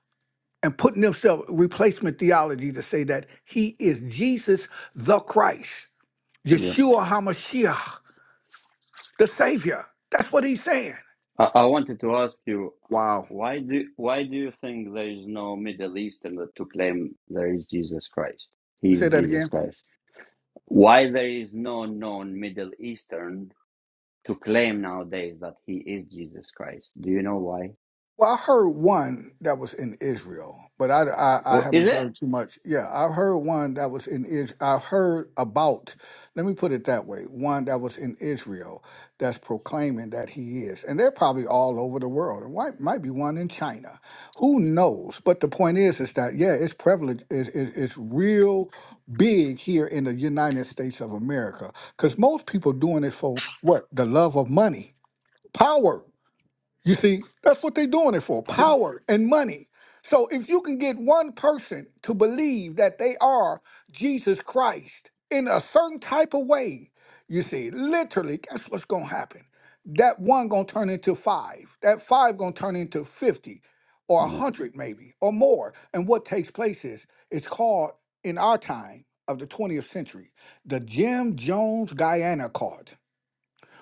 and putting themselves replacement theology to say that he is Jesus the Christ,
yeah.
Yeshua Hamashiach the Savior. That's what he's saying.
I, I wanted to ask you
Wow.
why do why do you think there is no Middle Easterner to claim there is Jesus Christ? He is
Say that again.
Jesus Christ. Why there is no known Middle Eastern to claim nowadays that he is Jesus Christ? Do you know why?
Well, I heard one that was in Israel, but I, I, I
What is
haven't heard too much. Yeah, I heard one that was in Israel. I heard about, let me put it that way, one that was in Israel that's proclaiming that he is. And they're probably all over the world. And might, might be one in China. Who knows? But the point is, is that, yeah, it's prevalent, it's, it's, it's real big here in the United States of America because most people doing it for what? The love of money, power you see, that's what they're doing it for power and money. So if you can get one person to believe that they are Jesus Christ in a certain type of way, you see, literally, guess what's going to happen? That one going to turn into five. That five going to turn into 50 or
it?
100 maybe or more. And what takes place is it's called in our time of the 20th century, the Jim Jones Guyana card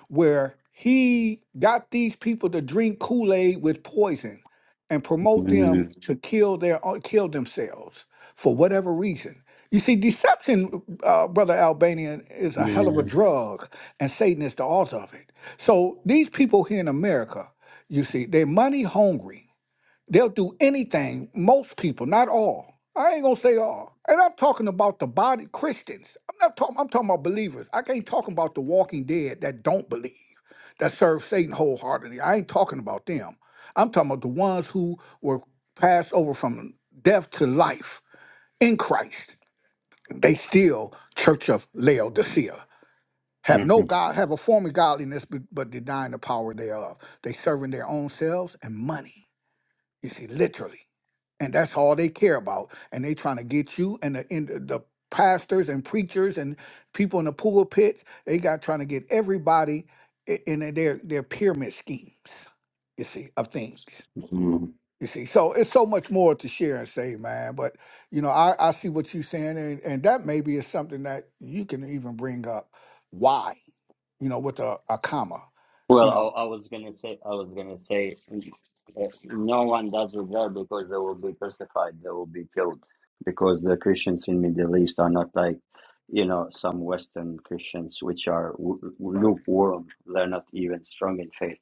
where he got these people to drink Kool-Aid with poison and promote
Mm,
them Mhm. to kill their own- kill themselves for whatever reason. You see, deception, uh, brother Albanian, is a hell of a Mhm.
Yeah.
drug, and Satan is the author of it. So these people here in America, you see, they're money hungry They'll do anything, most people, not all. I ain't gonna say all. And I'm talking about the body Christians. I'm not talking I'm talking about believers. I can't talk about the walking dead that don't believe, that serve Satan wholeheartedly. I ain't talking about them. I'm talking about the ones who were passed over from death to life in Christ. They still church of Laodicea. Have no God, have a form of godliness, but but denying the power thereof. They serving their own selves and money. You see, literally. And that's all they care about. And they trying to get you and the, and the the pastors and preachers and people in the pulpit. They got trying to get everybody i- in a- their their pyramid schemes. You see, of things.
<laughs>
You see, so it's so much more to share and say, man. But you know, I, I see what you're saying, and, and that maybe is something that you can even bring up. Why? You know, with a, a comma. You
Well,
know,
I, I was gonna say, I was gonna say, mm, uh, no one does it there because they will be crucified, they will be killed, because the Christians in Middle East are not like, you know, some Western Christians which are w- w-
right?
lukewarm. They're not even strong in faith.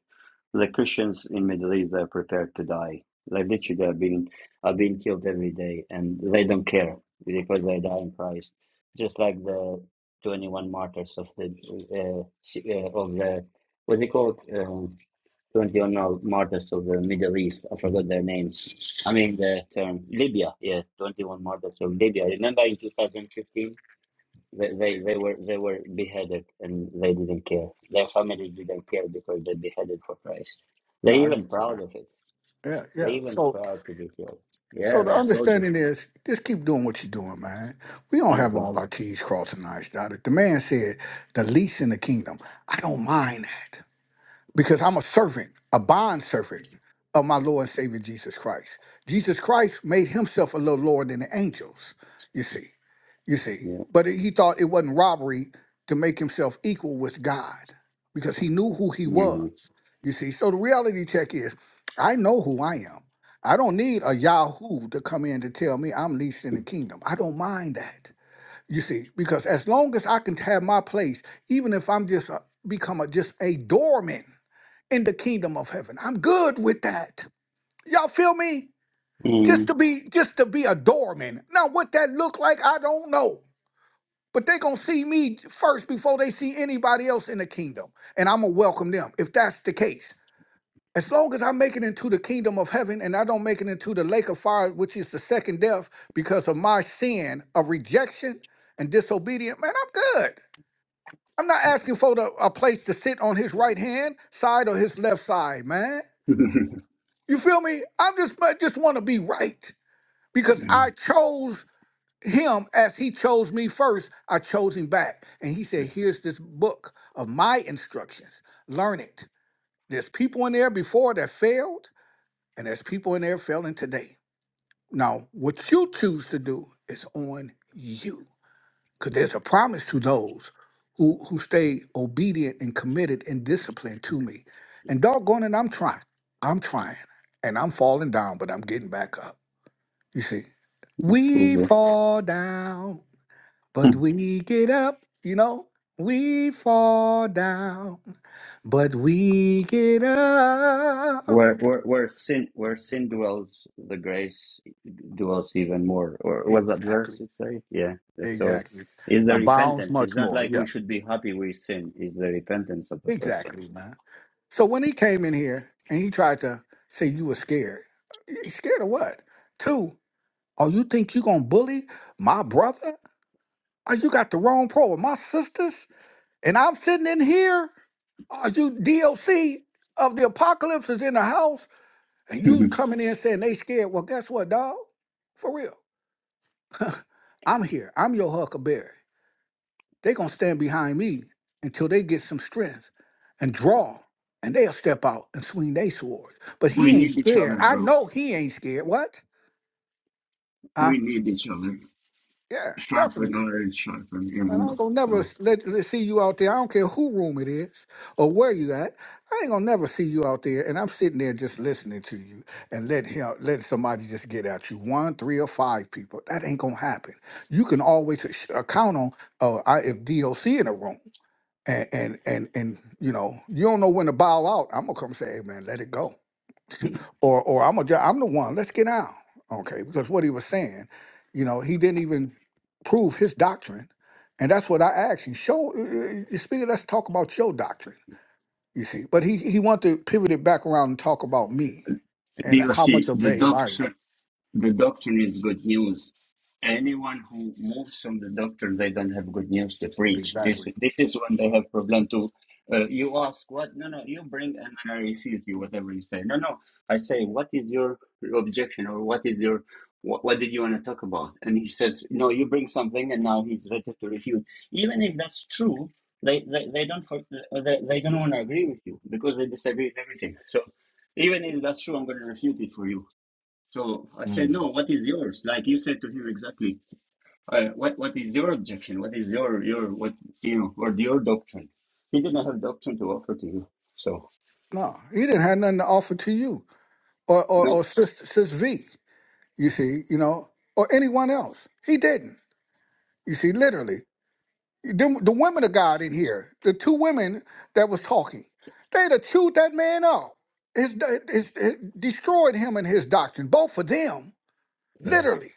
The Christians in Middle East they're prepared to die. They literally are being are being killed every day, and they don't care because they die in Christ. Just like the twenty one martyrs of the uh, si- uh, of the what do you call it? Um, twenty one martyrs of the Middle East. I forgot their names. I mean the term Libya. Yeah, twenty one martyrs of Libya. Remember in two thousand fifteen they, they they were they were beheaded and they didn't care. Their families didn't care because they beheaded for Christ. They're
No, I
even
get you,
proud
man.
of it.
Yeah,
They're
yeah.
even
So
proud to be killed. Yeah,
So the
they're soldiers.
understanding is just keep doing what you're doing, man. We don't
Thank
have
you.
all our T's crossed and I's dotted. The man said, the least in the kingdom. I don't mind that because I'm a servant, a bond servant of my Lord and Savior Jesus Christ. Jesus Christ made himself a little lower than the angels, you see, you see.
Yeah.
But he thought it wasn't robbery to make himself equal with God because he knew who he
Mm.
was, you see. So the reality check is I know who I am. I don't need a Yahoo to come in to tell me I'm least in the kingdom. I don't mind that. You see, because as long as I can have my place, even if I'm just a, become a, just a doorman in the kingdom of heaven. I'm good with that. Y'all feel me? Just
Mm.
to be just to be a doorman. Now what that look like, I don't know. But they gonna see me first before they see anybody else in the kingdom. And I'm gonna welcome them if that's the case. As long as I make it into the kingdom of heaven and I don't make it into the lake of fire, which is the second death because of my sin of rejection and disobedience, man, I'm good. I'm not asking for the, a place to sit on his right hand side or his left side, man.
<laughs>
You feel me? I'm just I just want to be right because I chose him as he chose me first. I chose him back. And he said, "Here's this book of my instructions. Learn it." There's people in there before that failed, and there's people in there failing today. Now, what you choose to do is on you. Cuz there's a promise to those who who stay obedient and committed and disciplined to me. And doggone it, I'm trying. I'm trying. And I'm falling down, but I'm getting back up. You see,
That's cool,
we
bro.
fall down, but we get up. You know, we fall down, but we get up.
Where where where sin where sin dwells, the grace dwells even more. Or was that verse
Exactly.
you say? Yeah. Yeah, So
Exactly.
is the
Abounds
repentance. It's
much
not
more.
like we
Yeah.
should be happy we sin. It's the repentance of the person.
Exactly, man. So when he came in here and he tried to say you were scared, you scared of what? Two, oh, you think you gonna bully my brother? Oh, you got the wrong problem. My sisters? And I'm sitting in here, Are you DOC of the apocalypse is in the house, and you
<laughs>
coming in saying they scared. Well, guess what, dog? For real. <laughs> I'm here. I'm your huckleberry. They gonna stand behind me until they get some strength and draw, and they'll step out and swing their swords. But
we
he ain't
need each
scared.
other,
I
bro.
know he ain't scared. What? Huh?
we need each other.
Yeah,
Sharpen
definitely.
others, sharpen,
Man, I
remember.
ain't gonna never
So,
let, let see you out there. I don't care who room it is or where you at. I ain't gonna never see you out there. And I'm sitting there just listening to you and let him let somebody just get at you. One, three, or five people. That ain't gonna happen. You can always sh- uh, count on uh, I, if DOC in a room and and and and you know you don't know when to bow out. I'm gonna come say, hey man, let it go or or I'm a, ju- I'm the one. Let's get out. Okay, because what he was saying, you know, he didn't even prove his doctrine, and that's what I asked him. Show, uh, uh, speaker, let's talk about your doctrine. You see, but he he wanted to pivot it back around and talk about me and how much
DOC,
of
the
babe I know
doctor The doctrine is good news. Anyone who moves from the doctrine, they don't have good news to preach. This
exactly.
this is when they have problem too. Uh, you ask what? No, no. You bring and then I refute you. Whatever you say. No, no. I say what is your objection or what is your what, what did you want to talk about? And he says no. You bring something and now he's ready to refute. Even if that's true, they they, they don't for, they, they don't want to agree with you because they disagree with everything. So even if that's true, I'm going to refute it for you. So I said,
Mm.
no, what is yours? Like you said to him exactly, uh, what what is your objection? What is your your what you know or your doctrine? He did not have doctrine to offer to you. So
No, he didn't have nothing to offer to you or or,
no.
or sis, sis V. You see, you know, or anyone else. He didn't. You see, literally. the, the women of God in here, the two women that was talking, they'd have chewed that man up. His, his, his- destroyed him and his doctrine, both of them, literally.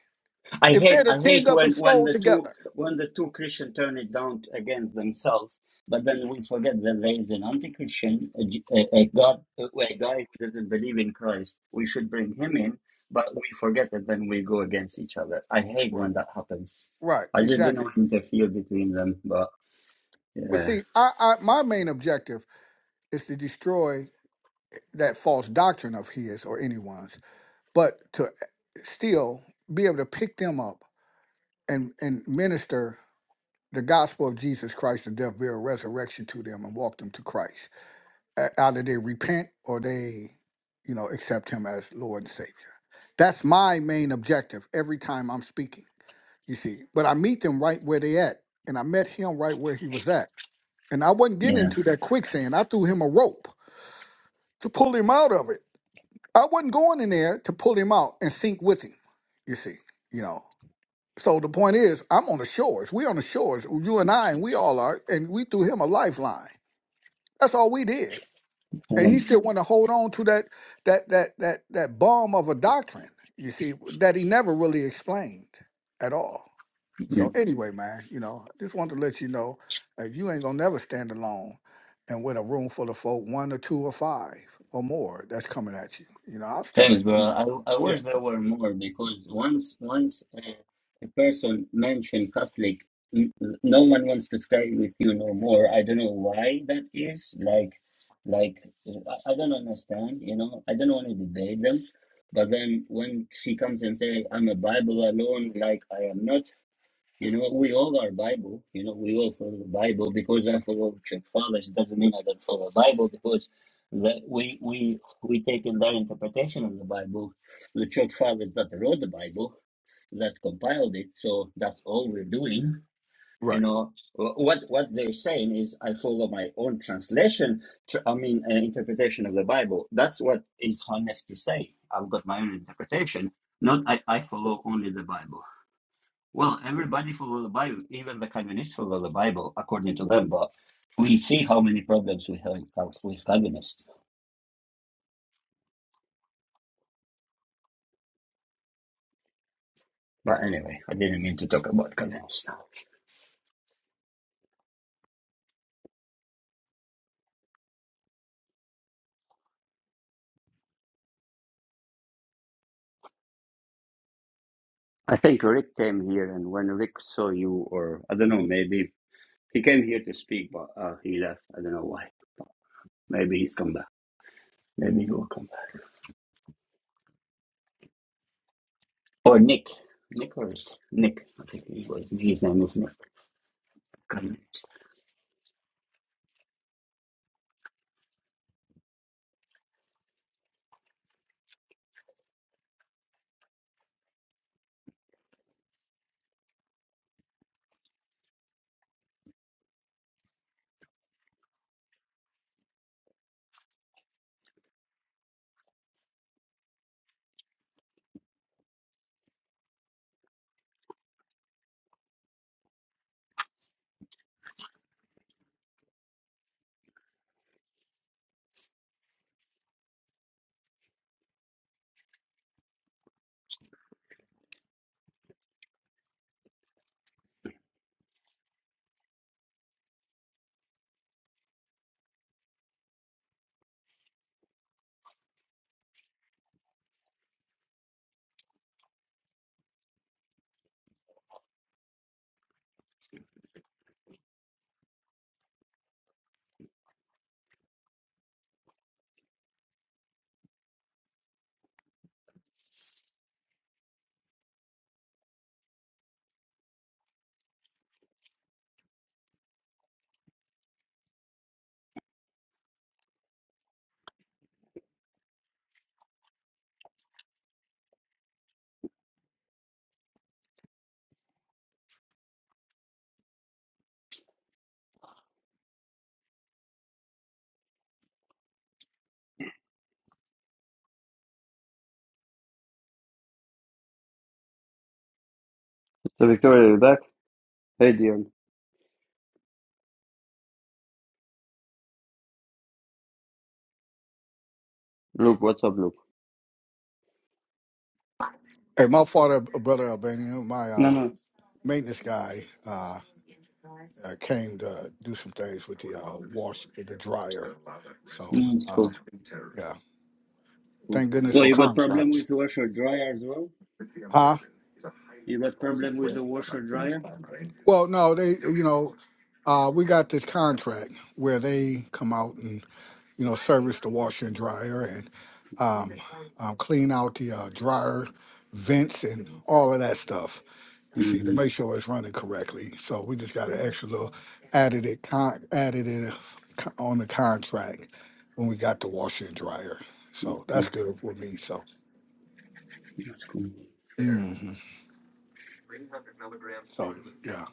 I
If
hate
they'd
I
have teamed
hate
up
when
and
when
flowed
the two
together.
when the two Christian turn it down against themselves, but then we forget that there is an anti-Christian, a, J- a, a God, a, a guy who doesn't believe in Christ. We should bring him in, but we forget that then we go against each other. I hate
Right,
when that happens.
right,
I just didn't
exactly.
want to interfere between them, but
But
yeah,
see, I, I, my main objective is to destroy that false doctrine of his or anyone's, but to eh, still be able to pick them up and, and minister the gospel of Jesus Christ, the death, burial, resurrection to them and walk them to Christ e- either they repent or they, you know, accept him as Lord and Savior. That's my main objective every time I'm speaking, you see. But I meet them right where they at. And I met him right where he was at. And I wasn't getting
yeah,
into that quicksand. I threw him a rope to pull him out of it. I wasn't going in there to pull him out and sink with him, you see, you know. So the point is, I'm on the shores. We on the shores, you and I, and we all are, and we threw him a lifeline. That's all we did. and he still want to hold on to that that that that that bomb of a doctrine you see that he never really explained at all so anyway man you know just wanted to let you know if you ain't gonna never stand alone and with a room full of folk one or two or five or more that's coming at you you know i'll step
Thanks,
in
bro. I, I
yeah
wish there were more because once once a, a person mentioned Catholic, n- no one wants to stay with you no more. I don't know why that is. Like, like I I don't understand. You know, I don't want to debate them. But then when she comes and say I'm a Bible alone, like I am not you know, we all are Bible. You know, we all follow the Bible because I follow church fathers. It doesn't mean I don't follow the Bible because that we we we take in their interpretation of the Bible, the church fathers that wrote the Bible, that compiled it. So that's all we're doing. You
right
know, Wh- what what they're saying is I follow my own translation. Tr- I mean, uh, interpretation of the Bible. That's what is honest to say. I've got my own interpretation. Not I, I follow only the Bible. Well, everybody follow the Bible, even the communists follow the Bible according to them, but we see how many problems we have with communists. But anyway, I didn't mean to talk about communists now. I think Rick came here, and when Rick saw you, or I don't know, maybe he came here to speak, but uh, he left. I don't know why. Maybe he's come back. Maybe he will come back. Or Nick. Nick or is- Nick. I think he was. His name is Nick. Communist. So Victoria, you back? Hey, Dion. Luke, what's up, Luke?
hey my father brother albanian my
No,
uh
no.
maintenance guy uh uh, came to do some things with the uh, wash, the dryer. So,
Mm, it's
uh,
cool.
yeah.
Mm-hmm.
Thank goodness
Well,
for
you got problem
contracts.
with washer dryer as well?
Huh?
You got problem with the washer dryer?
Well, no, they, you know, uh, we got this contract where they come out and, you know, service the washer and dryer and um, um, clean out the uh, dryer vents and all of that stuff. You see, to
hmm
make sure it's running correctly. So we just got an extra little added it, con- added it co- on the contract when we got the washer and dryer. So
Okay,
that's good for me. So,
that's cool.
mhm. so yeah.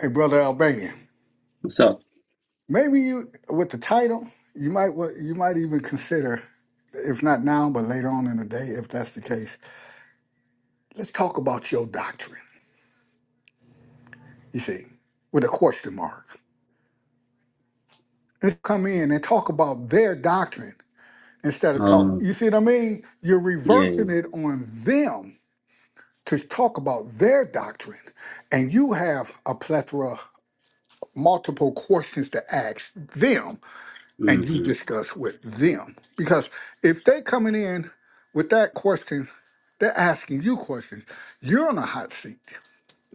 Hey, brother Albanian.
So,
Maybe you, with the title, you might wa- you might even consider, if not now, but later on in the day, if that's the case, let's talk about your doctrine. You see, with a question mark. Let's come in and talk about their doctrine instead of talk.
uh,
You see what I mean? You're
yeah, yeah.
reversing it on them to talk about their doctrine, and you have a plethora, multiple questions to ask them and you
hmm
discuss with them. Because if they coming in with that question, they're asking you questions. You're on a hot seat.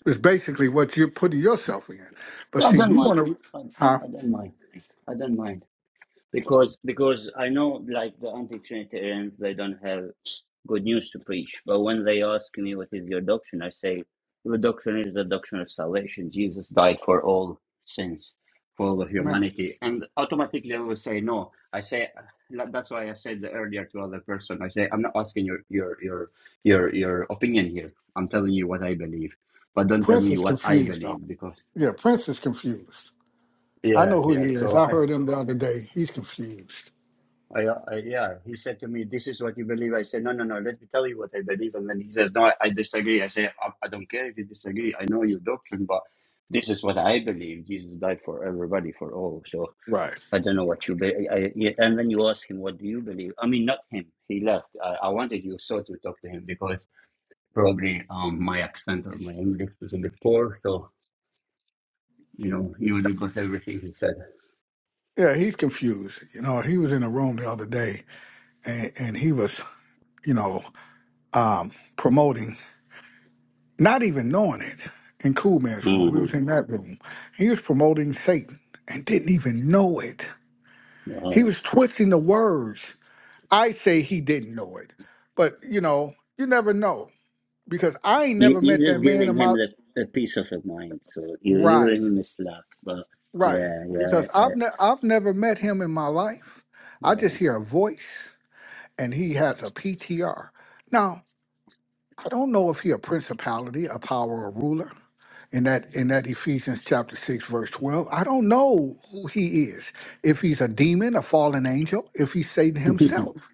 It's basically what you're putting yourself in. But
I
see,
don't
you
mind.
want to,
I,
huh?
I don't mind. I don't mind. because because I know like the anti-Trinitarians they don't have good news to preach. But when they ask me what is your doctrine, I say the doctrine is the doctrine of salvation. Jesus died for all sins, for all of
Man,
humanity, and automatically I will say no. I say like, that's why I said earlier to other person. I say I'm not asking your your your your your opinion here. I'm telling you what I believe, but don't tell
Prince
me
is
what I
confused though.
believe because
Yeah, Prince is confused. I
Yeah,
know who
yeah.
he is.
So
I
I,
heard him the other day. He's confused.
I, I, yeah, he said to me, "This is what you believe." I said, "No, no, no. Let me tell you what I believe." And then he says, "No, I, I disagree." I say, I, "I don't care if you disagree. I know your doctrine, but this is what I believe. Jesus died for everybody, for all. So
Right.
I don't know what you believe." I, yeah, And then you ask him, "What do you believe?" I mean, not him. He left. I, I wanted you so to talk to him because probably um, my accent or my English was a bit poor, so you know you would got everything he said.
Yeah, he's confused. You know, he was in a room the other day and, and he was, you know, um, promoting. not even knowing it, in Cool Man's room. We
hmm
was in that room. He was promoting Satan and didn't even know it. He was twisting the words. I say he didn't know it, but you know, you never know because I ain't
You,
never met
you're just
that man in
giving him
my
the, the peace of your mind. So you, you're
right,
giving him a slack. But
right.
yeah, yeah,
Because I've
uh,
ne- I've never met him in my life. I just
yeah.
hear a voice, and he has a PTR. Now I don't know if he a principality, a power, a ruler. In that in that Ephesians chapter six verse twelve, I don't know who he is. If he's a demon, a fallen angel, if he's Satan himself.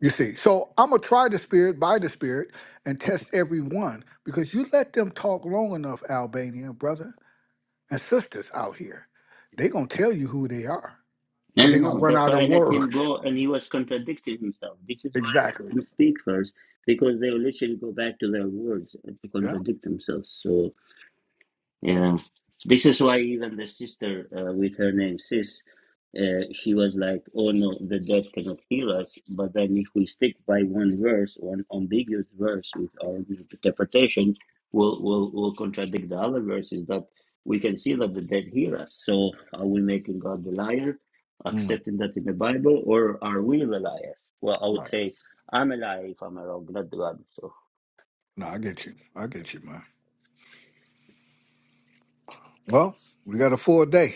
You see, so I'm gonna try the spirit by the spirit and test everyone because you let them talk long enough, Albania brother and sisters out here, they gonna tell you who they are
<laughs>
because
no,
they gonna
no,
run
that's
out of
why I let him
words.
go. And he was contradicting himself. This is
<laughs>
why I
exactly.
let him speak first, because they will literally go back to their words and to
Yeah.
contradict themselves. So. Yeah, this is why even the sister uh, with her name Sis, uh, she was like, "Oh no, the dead cannot heal us." But then, if we stick by one verse, one ambiguous verse with our interpretation, will will will contradict the other verses. That we can see that the dead hear us. So, are we making God the liar,
Mm.
accepting that in the Bible, or are we the liar? Well, I would say I'm a liar if I'm wrong, not God. So,
No, I get you. I get you, man. Well, we got a full day.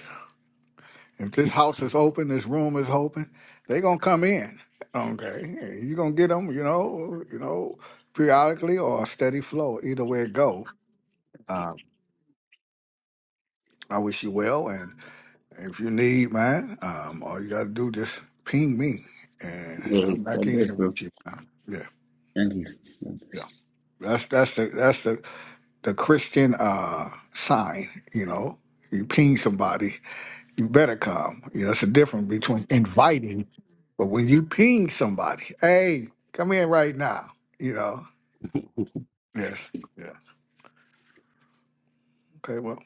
If this house is open, this room is open, they gonna come in. Okay, you gonna get them, you know, you know, periodically or a steady flow. Either way it go, um, I wish you well. And if you need, man, um, all you gotta do just ping me, and
yeah,
I'm back
God
in
bless,
here with
bro.
you. Man. Yeah,
Thank you. God bless.
that's that's the that's the the Christian uh sign. You know, you ping somebody you better come. You know, it's a difference between inviting, but when you ping somebody, hey, come in right now, you know. Yes. Yeah. Okay, well.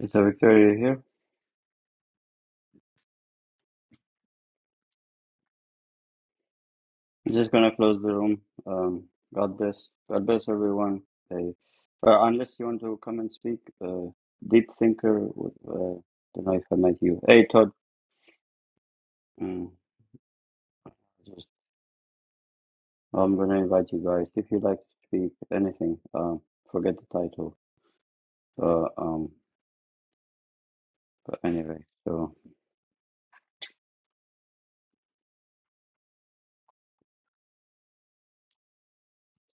Is that Victoria here? I'm just gonna close the room. Um, God bless. God bless everyone. Hey, uh, unless you want to come and speak, uh, deep thinker. w- Uh, don't know if I met you. Hey, Todd. Mm, just, I'm gonna invite you guys if you like to speak anything. Um, forget the title. Uh, um, but anyway, so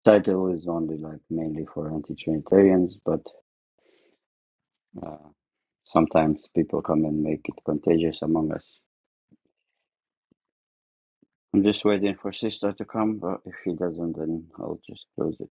title is only like mainly for anti-Trinitarians, but uh, sometimes people come and make it contagious among us. I'm just waiting for sister to come, but if she doesn't, then I'll just close it.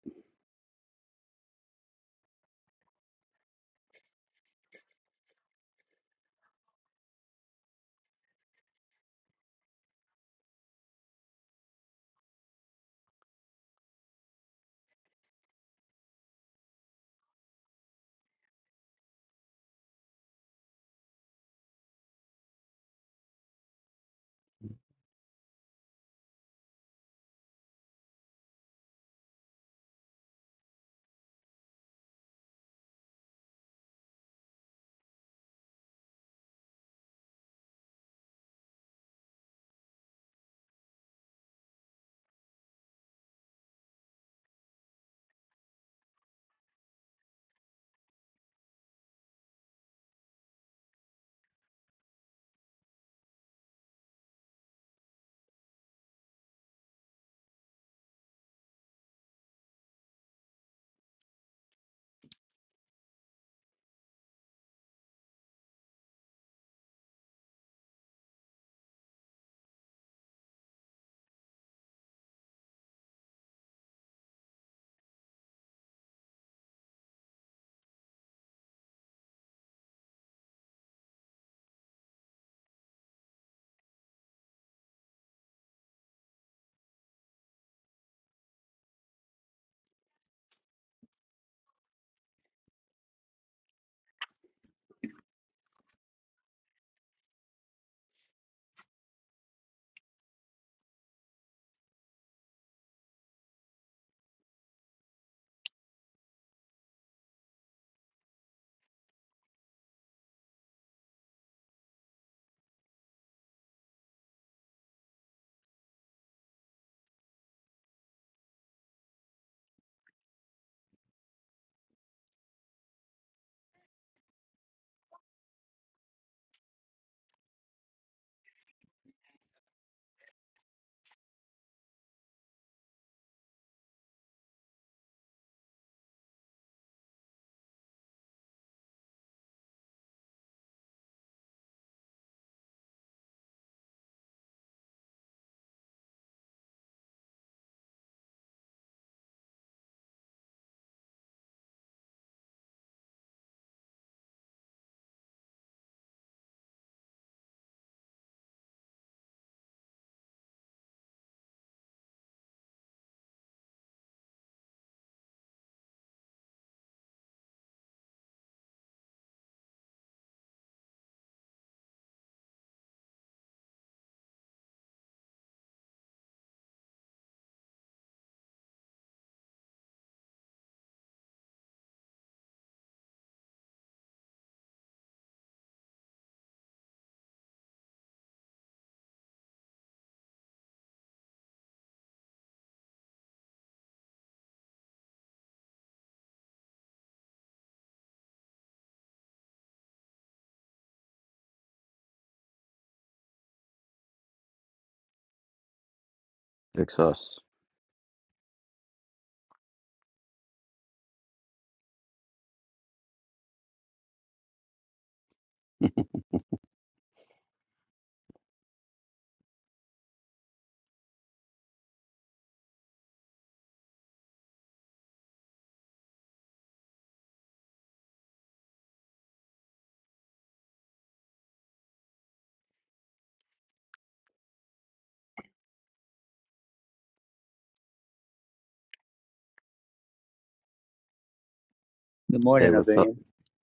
Good
Hey,
morning,
what's up?
Albanian.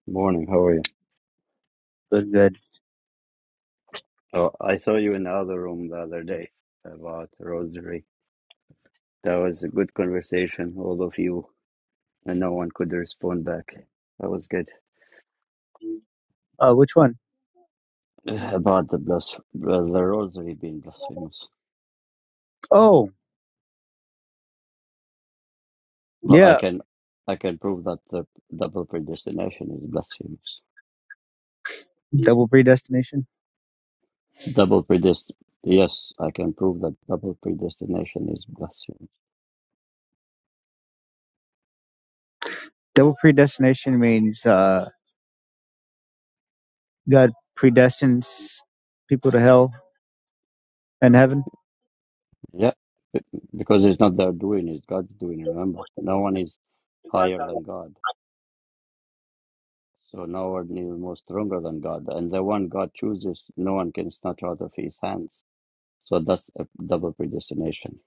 Morning, how are you?
Good, good.
Oh, I saw you in the other room the other day about rosary. That was a good conversation, all of you, and no one could respond back. That was good.
Uh, which one?
<sighs> About the blas- uh, the rosary being blasphemous,
Oh,
but I
yeah.
can, I can prove that the double predestination is blasphemous.
Double predestination.
Double predest, yes, I can prove that double predestination is blasphemous.
Double predestination means uh, God predestines people to hell and heaven.
Yeah, be- because it's not their doing, it's God's doing, remember. No one is higher than
What
God. So no one is more stronger than God. And the one God chooses, no one can snatch out of his hands. So that's a double prediction.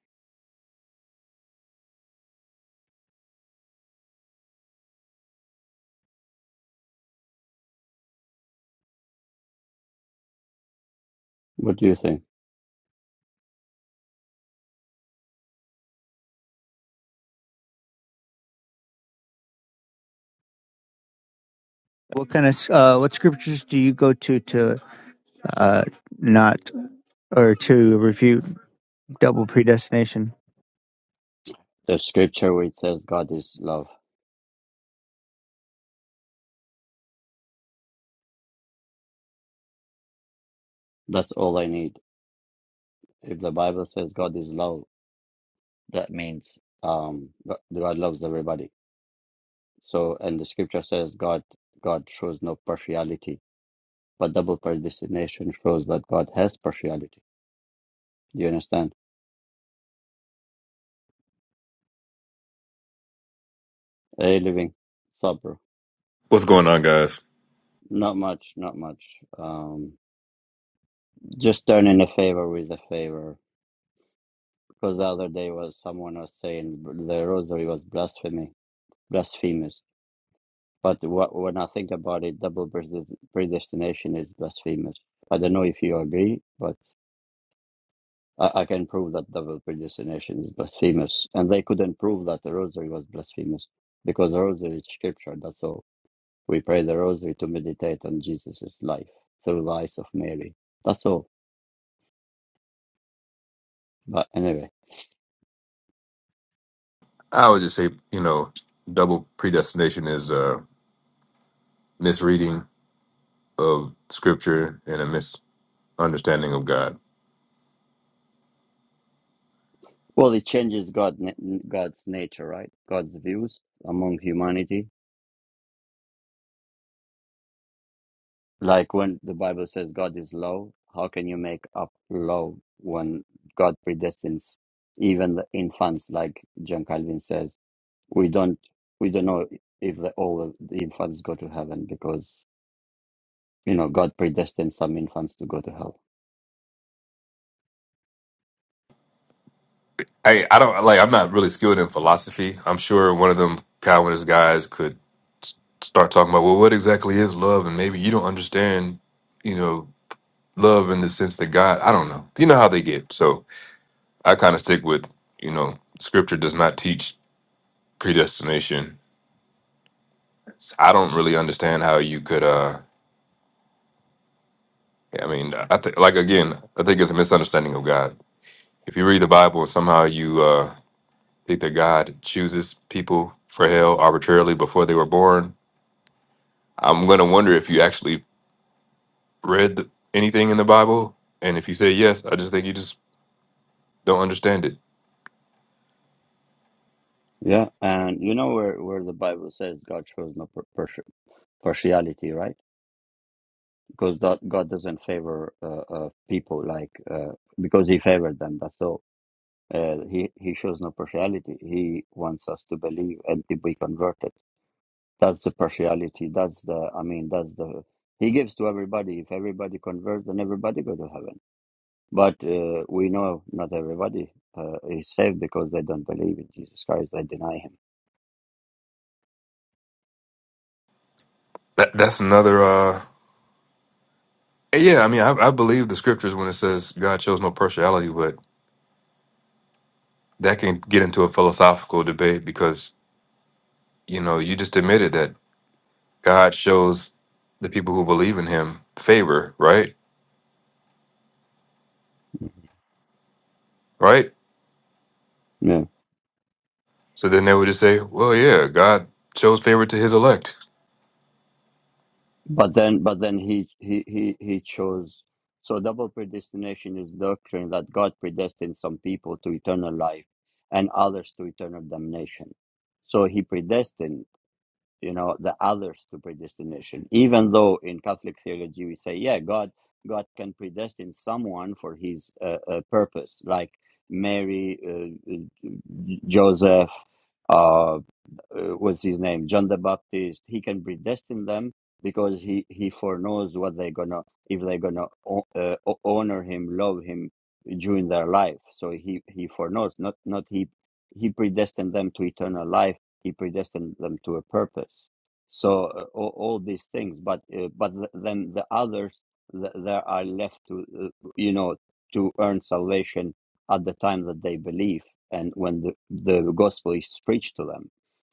What do you think?
kind of uh, what scriptures do you go to to uh, not or to refute double predestination?
The scripture where it says God is love. That's all I need. If the Bible says God is love, that means um God God loves everybody. So and the scripture says God God shows no partiality. But double predestination shows that God has partiality. You understand? Hey, living supper.
What's going on, guys?
Not much, not much. Um, just turning a favor with a favor. Because the other day was someone was saying the rosary was blasphemy, blasphemous. But what, when I think about it, double predest- predestination is blasphemous. I don't know if you agree, but I, I can prove that double predestination is blasphemous. And they couldn't prove that the rosary was blasphemous because the rosary is scripture. That's all We pray the rosary to meditate on Jesus' life through the eyes of Mary. That's all. But anyway,
I would just say, you know, double predestination is a misreading of scripture and a misunderstanding of God.
well, it changes God, God's nature, right? God's views among humanity. Like when the Bible says God is love, how can you make up love when God predestines even the infants? Like John Calvin says, we don't we don't know if the, all of the infants go to heaven because you know God predestines some infants to go to hell
Hey, I don't like. I'm not really skilled in philosophy. I'm sure one of them Calvinist guys could s- start talking about, well, what exactly is love, and maybe you don't understand, you know, love in the sense that God. I don't know. You know how they get. So I kind of stick with, you know, scripture does not teach predestination. I don't really understand how you could. uh Yeah, I mean, I think like again, I think it's a misunderstanding of God. If you read the Bible and somehow you uh, think that God chooses people for hell arbitrarily before they were born, I'm gonna wonder if you actually read th- anything in the Bible. And if you say yes, I just think you just don't understand it.
Yeah, and you know where, where the Bible says God shows no par- par- partiality, right? Because that God doesn't favor uh, uh, people like uh, because He favored them. That's all. Uh, he He shows no partiality. He wants us to believe and to be converted. That's the partiality. That's the. I mean, that's the. He gives to everybody. If everybody converts, then everybody go to heaven. But uh, we know not everybody uh, is saved because they don't believe in Jesus Christ. They deny Him.
That that's another. uh Yeah, I mean, I, I believe the scriptures when it says God shows no partiality, but that can get into a philosophical debate because you know you just admitted that God shows the people who believe in Him favor, right? right? So then they would just say, well, yeah, God shows favor to his elect.
But then, but then he he he he chose. So double predestination is doctrine that God predestined some people to eternal life and others to eternal damnation. So he predestined, you know, the others to predestination. Even though in Catholic theology we say, yeah, God God can predestine someone for His uh, uh, purpose, like Mary, uh, uh, Joseph. uh, uh, what's his name, John the Baptist, he can predestine them because he he foreknows what they're gonna if they're gonna uh, honor him, love him during their life. So he he foreknows, not not he he predestined them to eternal life. He predestined them to a purpose. So uh, all, all these things, but uh, but th- then the others th- there are left to uh, you know to earn salvation at the time that they believe and when the, the gospel is preached to them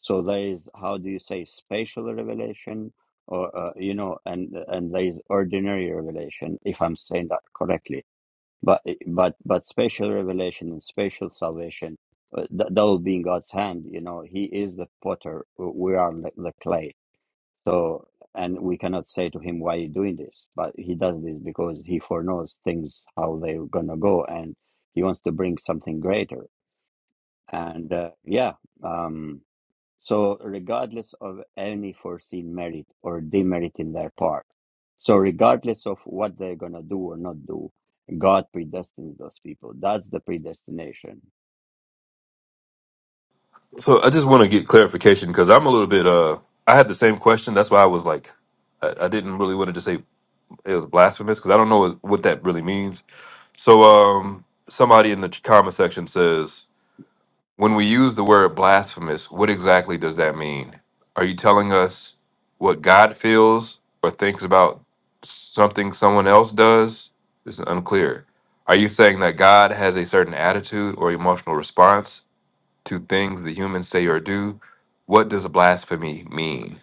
so there is how do you say spatial revelation, or uh, you know, and and there is ordinary revelation, if I'm saying that correctly. But eh, but but spatial revelation and spatial salvation, uh, that, that will be in God's hand. You know, He is the potter; we are the the clay. So and we cannot say to Him, "Why are you doing this?" But He does this because He foreknows things how they're gonna go, and He wants to bring something greater. And uh, yeah. Um, so, regardless of any foreseen merit or demerit in their part, so regardless of what they're going to do or not do, God predestines those people. That's the predestination.
So I just want to get clarification because I'm a little bit, uh, I had the same question. That's why I was like, I, I didn't really want to just say it was blasphemous because I don't know what, what that really means. So, um, somebody in the comment section says, When we use the word blasphemous, what exactly does that mean? Are you telling us what God feels or thinks about something someone else does? This is unclear. Are you saying that God has a certain attitude or emotional response to things the humans say or do? What does blasphemy mean?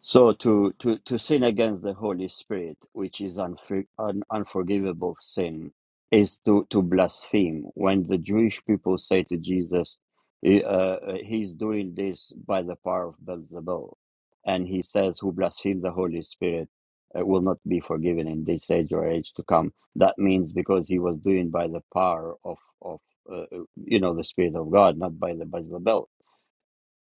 So to, to, to sin against the Holy Spirit, which is unfor- an unforgivable sin, is to, to blaspheme. When the Jewish people say to Jesus, "He- uh, he's doing this by the power of Beelzebul, and he says, who blasphemes the Holy Spirit uh, will not be forgiven in this age or age to come. That means because he was doing by the power of, of uh, uh, you know, the Spirit of God, not by the Beelzebul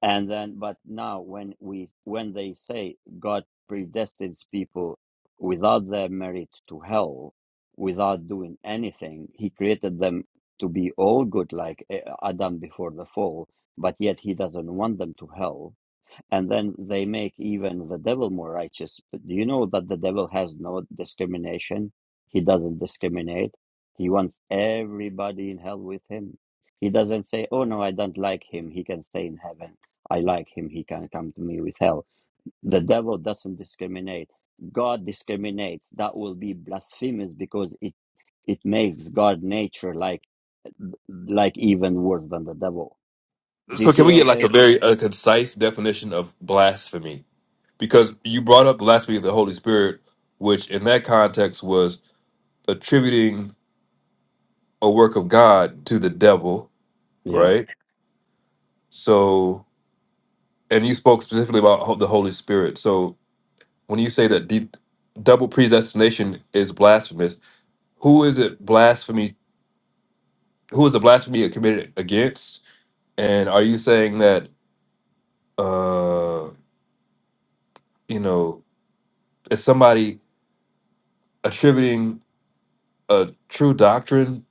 and then but now when we when they say god predestines people without their merit to hell without doing anything he created them to be all good like eh, adam before the fall but yet he doesn't want them to hell and then they make even the devil more righteous. But do you know that the devil has no discrimination? He doesn't discriminate. He wants everybody in hell with him. He doesn't say, "Oh no, I don't like him. He can stay in heaven. I like him. He can come to me with hell." The devil doesn't discriminate. God discriminates. That will be blasphemous because it it makes God nature like like even worse than the devil. Do you
So,
see
can
what
we
I'm
get like a
saying?
very a concise definition of blasphemy? Because you brought up blasphemy of the Holy Spirit, which in that context was attributing a work of God to the devil,
Yeah.
right? So, and you spoke specifically about ho- the Holy Spirit. So, when you say that de- double predestination is blasphemous, who is it blasphemy? Who is the blasphemy committed against? And are you saying that, uh, you know, is somebody attributing a true doctrine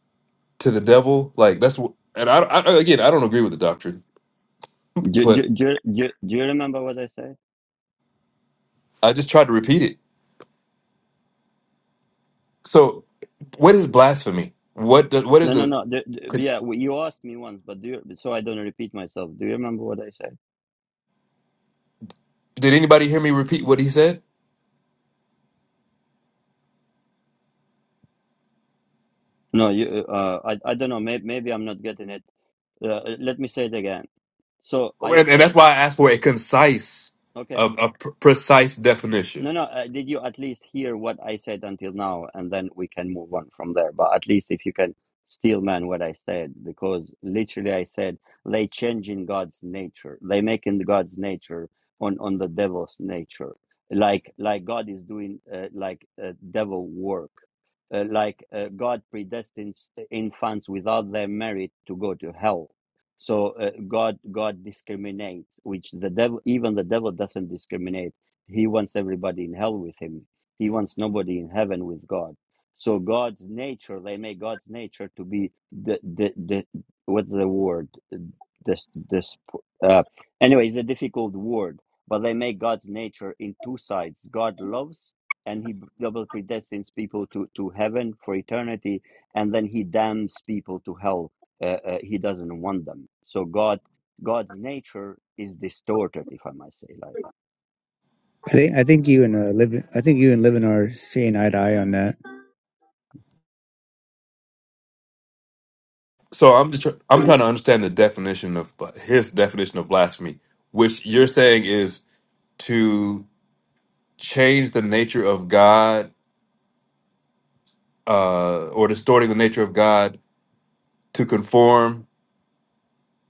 to the devil? Like that's what. And I, I again, I don't agree with the doctrine,
Do,
but
do, do, do, do you remember what I said?
I just tried to repeat it So, what is blasphemy? What does what
No,
is
no,
a?
no. The, the,
cons-
yeah, well, you asked me once, but do you, so I don't repeat myself. Do you remember what I said?
Did anybody hear me repeat what he said?
No, you. Uh, I, I don't know. Maybe, maybe I'm not getting it. Uh, let me say it again. So I
And, and that's
said,
why I asked for a concise,
okay.
a, a pr- precise definition.
No, no. Uh, did you at least hear what I said until now, and then we can move on from there? But at least if you can steel man what I said, because literally I said they change in God's nature, they make in God's nature on on the devil's nature, like like God is doing uh, like uh, devil work, uh, like uh, God predestines infants without their merit to go to hell. So uh, God God discriminates, which the devil even the devil doesn't discriminate he wants everybody in hell with him. He wants nobody in heaven with God. So God's nature, they make God's nature to be the the, the what's the word? This this uh, anyway, it's a difficult word, but they make God's nature in two sides. God loves, and He double predestines people to to heaven for eternity, and then He damns people to hell. Uh, uh, he doesn't want them. So God God's nature is distorted, if I might say like that.
I think I think you and uh, living I think you and living are seeing eye to eye on that.
So I'm just tr- I'm trying to understand the definition of uh, his definition of blasphemy, which you're saying is to change the nature of God uh, or distorting the nature of God to conform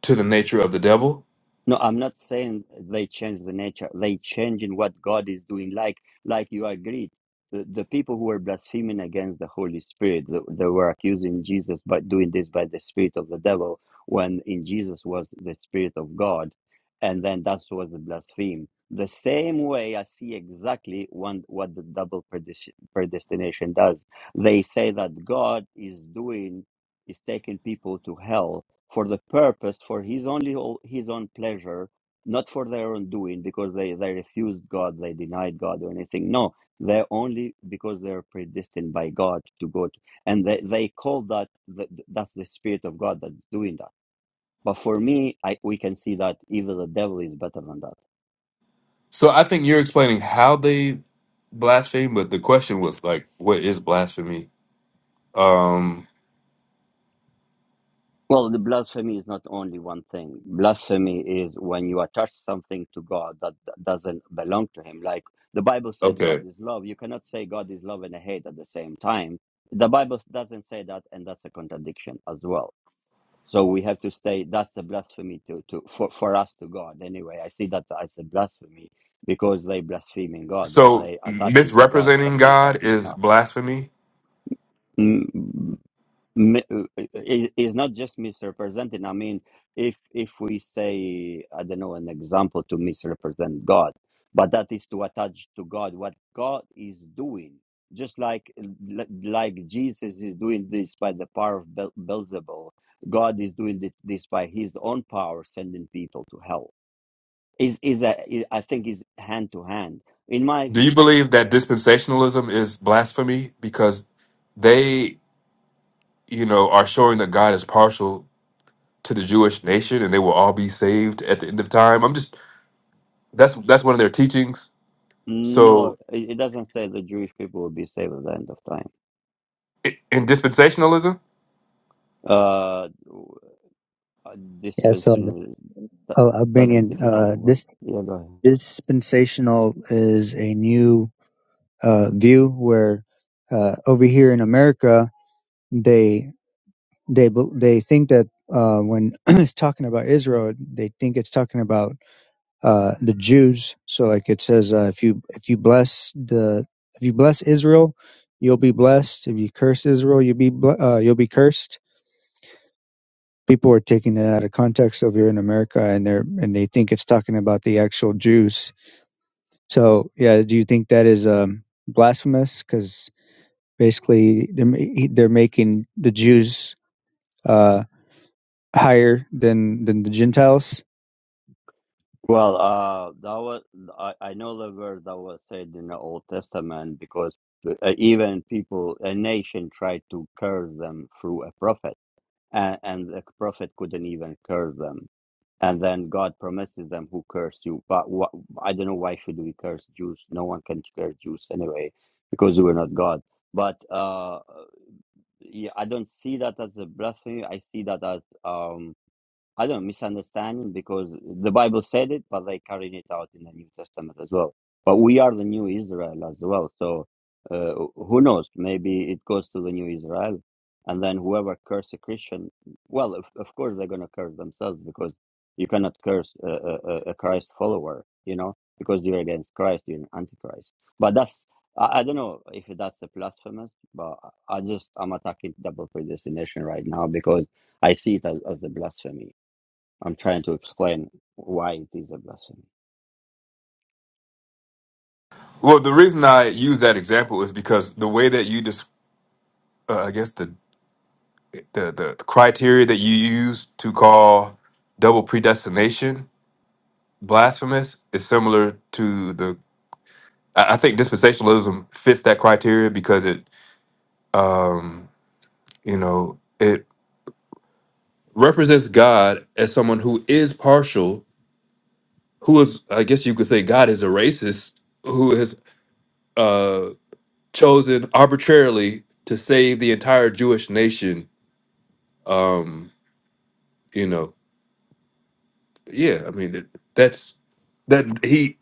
to the nature of the devil.
No, I'm not saying they change the nature. They change in what God is doing. Like, like you agreed, the, the people who were blaspheming against the Holy Spirit, th- they were accusing Jesus by doing this by the spirit of the devil, when in Jesus was the spirit of God, and then that was the blaspheme. The same way I see exactly one, what the double predis- predestination does. They say that God is doing is taking people to hell for the purpose for his only his own pleasure not for their own doing because they they refused god they denied god or anything no they're only because they're predestined by god to go to and they, they call that that- that's the spirit of god that's doing that but for me I, we can see that even the devil is better than that
So I think you're explaining how they blaspheme, but the question was like, what is blasphemy? Um,
Well, the blasphemy is not only one thing. Blasphemy is when you attach something to God that d- doesn't belong to Him. Like the Bible says God
okay.
is love. You cannot say God is love and hate at the same time. The Bible doesn't say that, and that's a contradiction as well. So we have to stay. That's a blasphemy to, to for, for us to God anyway. I see that as a blasphemy because they blaspheming God. They
So
they attaching to God
misrepresenting
something that
God
He's
is
not.
blasphemy.
Mm, mi- i- is not just misrepresenting. I mean, if if we say, I don't know, an example to misrepresent God, but that is to attach to God what God is doing, just like li- like Jesus is doing this by the power of Bel- Beelzebul, God is doing thi- this by His own power, sending people to hell. Is is a I I think is hand to hand. In my
Do you
view,
believe that dispensationalism is blasphemy because they, you know, are showing that God is partial to the Jewish nation and they will all be saved at the end of time? I'm just that's that's one of their teachings.
no,
So
it it doesn't say the Jewish people will be saved at the end of time.
i- in dispensationalism,
Uh. Uh,
Yeah, so
dispensary that,
uh,
that's a
Albanian,
difficult
uh,
word.
this
Yeah, go ahead.
dispensational is a new uh, view where uh, over here in America they they bel- they think that uh, when <clears throat> it's talking about Israel, they think it's talking about uh, the Jews. So like it says, uh, if you if you bless the if you bless Israel, you'll be blessed. If you curse Israel, you'll be ble- uh, you'll be cursed. People are taking that out of context over here in America, and they're and they think it's talking about the actual Jews. So yeah, do you think that is um, blasphemous? Because basically they're ma- they're making the Jews uh, higher than than the Gentiles.
Well, uh, that was I, I know the word that was said in the Old Testament because uh, even people, a nation tried to curse them through a prophet, and, and the prophet couldn't even curse them. And then God promises them, "Who cursed you?" But wh- I don't know why should we curse Jews? No one can curse Jews anyway because we're not God. But uh, yeah, I don't see that as a blasphemy. I see that as um I don't misunderstanding because the Bible said it, but they carried it out in the New Testament as well. But we are the new Israel as well. So uh, who knows? Maybe it goes to the new Israel, and then whoever curse a Christian, well, of, of course they're gonna curse themselves because you cannot curse a, a, a a Christ follower, you know, because you're against Christ, you're an antichrist. But that's I, I don't know if that's a blasphemous, but I I just I'm attacking double predestination right now because I see it as, as a blasphemy I'm trying to explain why it is a blasphemy.
well, the reason I use that example is because the way that you just uh, I guess the the the criteria that you use to call double predestination blasphemous is similar to the I I think dispensationalism fits that criteria because it um you know it represents God as someone who is partial who is I guess you could say God is a racist who has uh chosen arbitrarily to save the entire Jewish nation um you know yeah I mean it, that's that he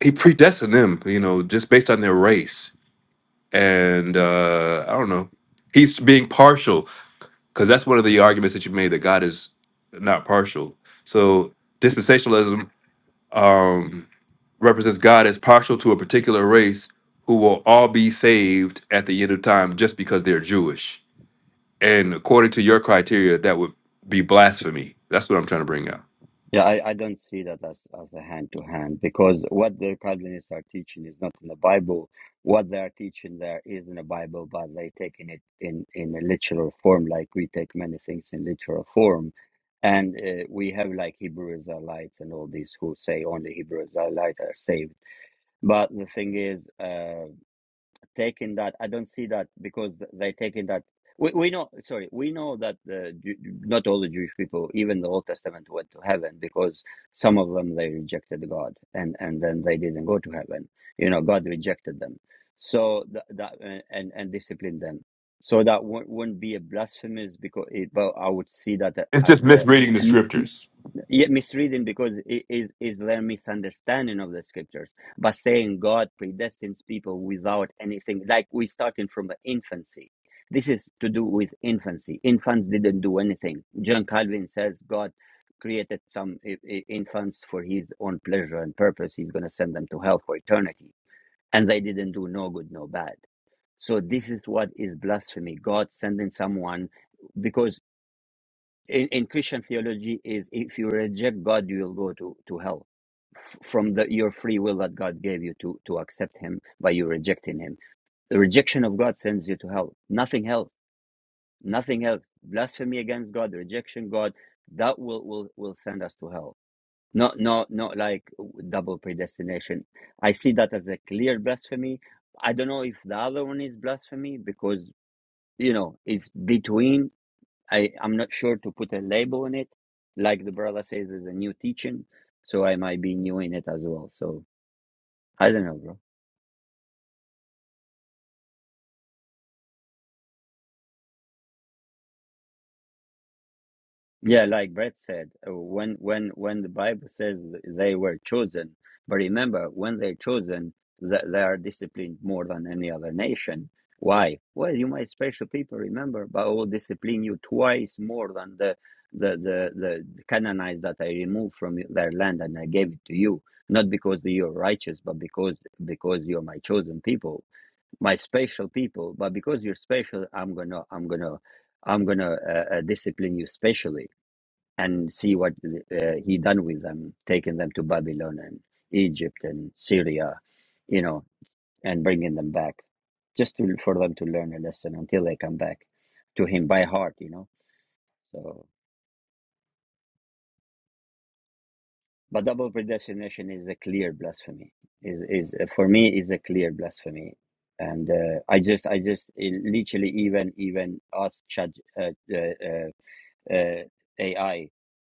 he predestined them, you know, just based on their race. And uh, I don't know. He's being partial because that's one of the arguments that you made that God is not partial. So dispensationalism um, represents God as partial to a particular race who will all be saved at the end of time just because they're Jewish. And according to your criteria, that would be blasphemy. That's what I'm trying to bring out.
Yeah, I, I don't see that as, as a hand to hand because what the Calvinists are teaching is not in the Bible. What they are teaching there is in the Bible, but they taking it in, in a literal form, like we take many things in literal form. And uh, we have like Hebrew Israelites and all these who say only Hebrew Israelites are saved. But the thing is, uh, taking that. I don't see that because th- they taking that. We, we know, sorry, we know that the, not all the Jewish people, even the Old Testament, went to heaven because some of them they rejected God and and then they didn't go to heaven. You know, God rejected them, so that, that and and disciplined them. So that wou- wouldn't be a blasphemous because it, but I would see that
It's just
as a
misreading the
n- n-
scriptures.
yeah, but see, this is the thing. John God creates for his own pleasure and purpose. He's gonna send to hell for eternity and they didn't do no good, no bad. So this is what is blasphemy. God sending someone because in, in Christian theology is if you reject God, you will go to, to hell from the, your free will that God gave you to, to accept him by you rejecting him. The rejection of God sends you to hell. Nothing else. Nothing else. Blasphemy against God, rejection God, that will, will, will send us to hell Not, not, not like double predestination. I see that as a clear blasphemy. I don't know if the other one is blasphemy because, you know, it's between. I, I'm not sure to put a label on it. Like the brother says, there's a new teaching. So I might be new in it as well. So I don't know, bro. Yeah, like Brett said, uh, when when when the Bible says th- they were chosen, but remember, when they're chosen, th- they are disciplined more than any other nation. Why? Well, you my special people. Remember, but I will discipline you twice more than the the the the the Canaanites that I removed from y- their land and I gave it to you, not because that you're righteous, but because because you're my chosen people, my special people. But because you're special, I'm gonna I'm gonna I'm gonna uh, uh, discipline you specially and see what uh, he done with them, taking them to Babylon and Egypt and Syria, you know, and bringing them back just to, for them to learn a lesson until they come back to him by heart, you know. So, but double predestination is a clear blasphemy. Is is uh, for me is a clear blasphemy, and uh, I just I just uh, literally even even asked Chad uh, uh, uh, uh, AI,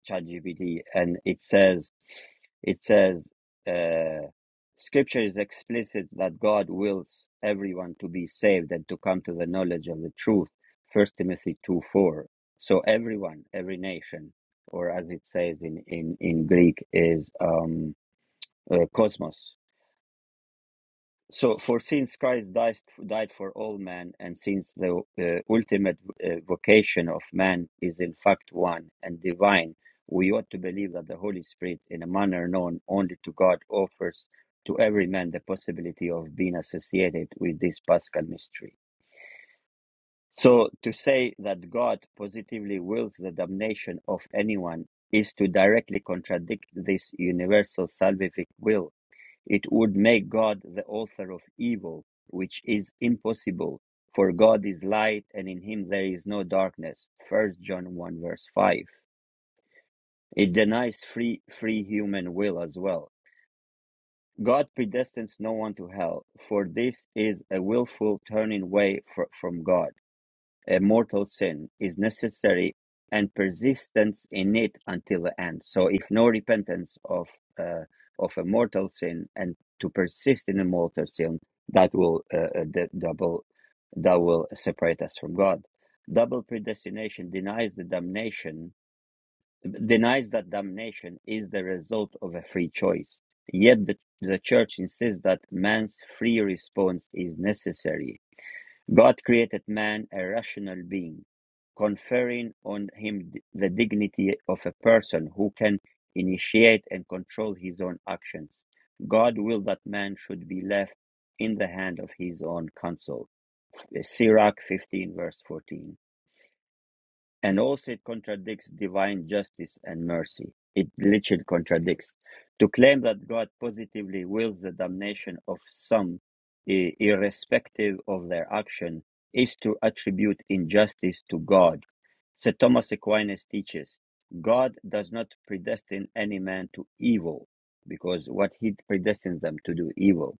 ChatGPT, and it says it says uh, Scripture is explicit that God wills everyone to be saved and to come to the knowledge of the truth. First Timothy two four. So everyone, every nation, or as it says in in in Greek, is um, uh, cosmos. So, for since Christ died, died for all men, and since the uh, ultimate uh, vocation of man is in fact one and divine, we ought to believe that the Holy Spirit, in a manner known only to God, offers to every man the possibility of being associated with this Paschal mystery. So, to say that God positively wills the damnation of anyone is to directly contradict this universal salvific will it would make God the author of evil, which is impossible, for God is light and in him there is no darkness. 1 John 1 verse 5. It denies free, free human will as well. God predestines no one to hell, for this is a willful turning away from God a mortal sin is necessary and persistence in it until the end. So if no repentance of uh, of a mortal sin and to persist in a mortal sin, that will uh, uh, d- double that will separate us from God. Double predestination denies the damnation denies that damnation is the result of a free choice. Yet the, the church insists that man's free response is necessary God created man a rational being, conferring on him the dignity of a person who can initiate and control his own actions. God willed that man should be left in the hand of his own counsel. Uh, Sirach 15, verse 14. And also, it contradicts divine justice and mercy. It literally contradicts. To claim that God positively wills the damnation of some, i- irrespective of their action, is to attribute injustice to God. St. Thomas Aquinas teaches God does not predestine any man to evil, because what he predestines them to do evil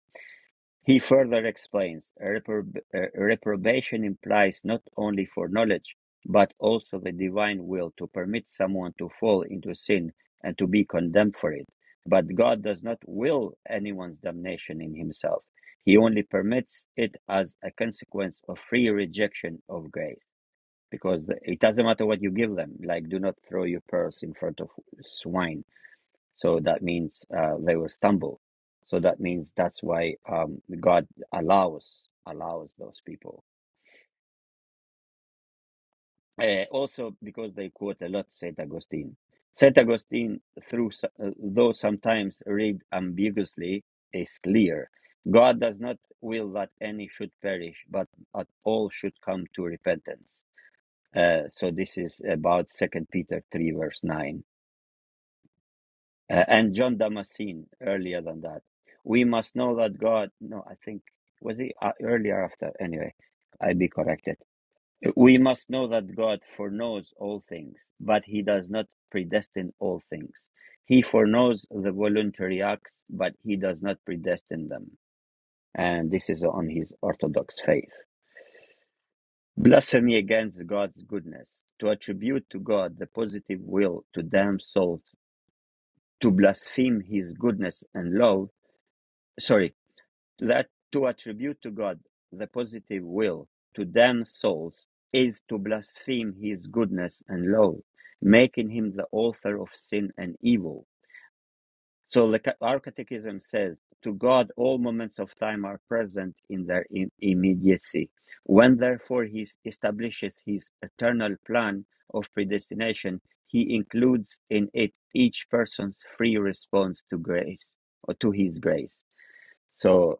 he further explains, "Reprob- uh, reprobation implies not only for knowledge, but also the divine will to permit someone to fall into sin and to be condemned for it. But God does not will anyone's damnation in himself. He only permits it as a consequence of free rejection of grace. Because the- it doesn't matter what you give them, like do not throw your pearls in front of swine so that means uh, they will stumble. So that means that's why um, God allows allows those people. Uh, also, because they quote a lot Saint Augustine. Saint Augustine, through uh, though sometimes read ambiguously, is clear. God does not will that any should perish, but that all should come to repentance. Uh, so this is about Second Peter three verse nine uh, and John Damascene earlier than that. We must know that God. No, I think was he uh, earlier after. Anyway, I be corrected. We must know that God foreknows all things, but He does not predestine all things. He foreknows the voluntary acts, but He does not predestine them. And this is on His orthodox faith. Blasphemy against God's goodness. To attribute to God the positive will to damn souls, to blaspheme His goodness and love Sorry. that to attribute to God the positive will to damn souls is to blaspheme his goodness and law, making him the author of sin and evil. So the, ca- our catechism says, to God all moments of time are present in their im- immediacy. When therefore he establishes his eternal plan of predestination, he includes in it each person's free response to grace or to his grace. So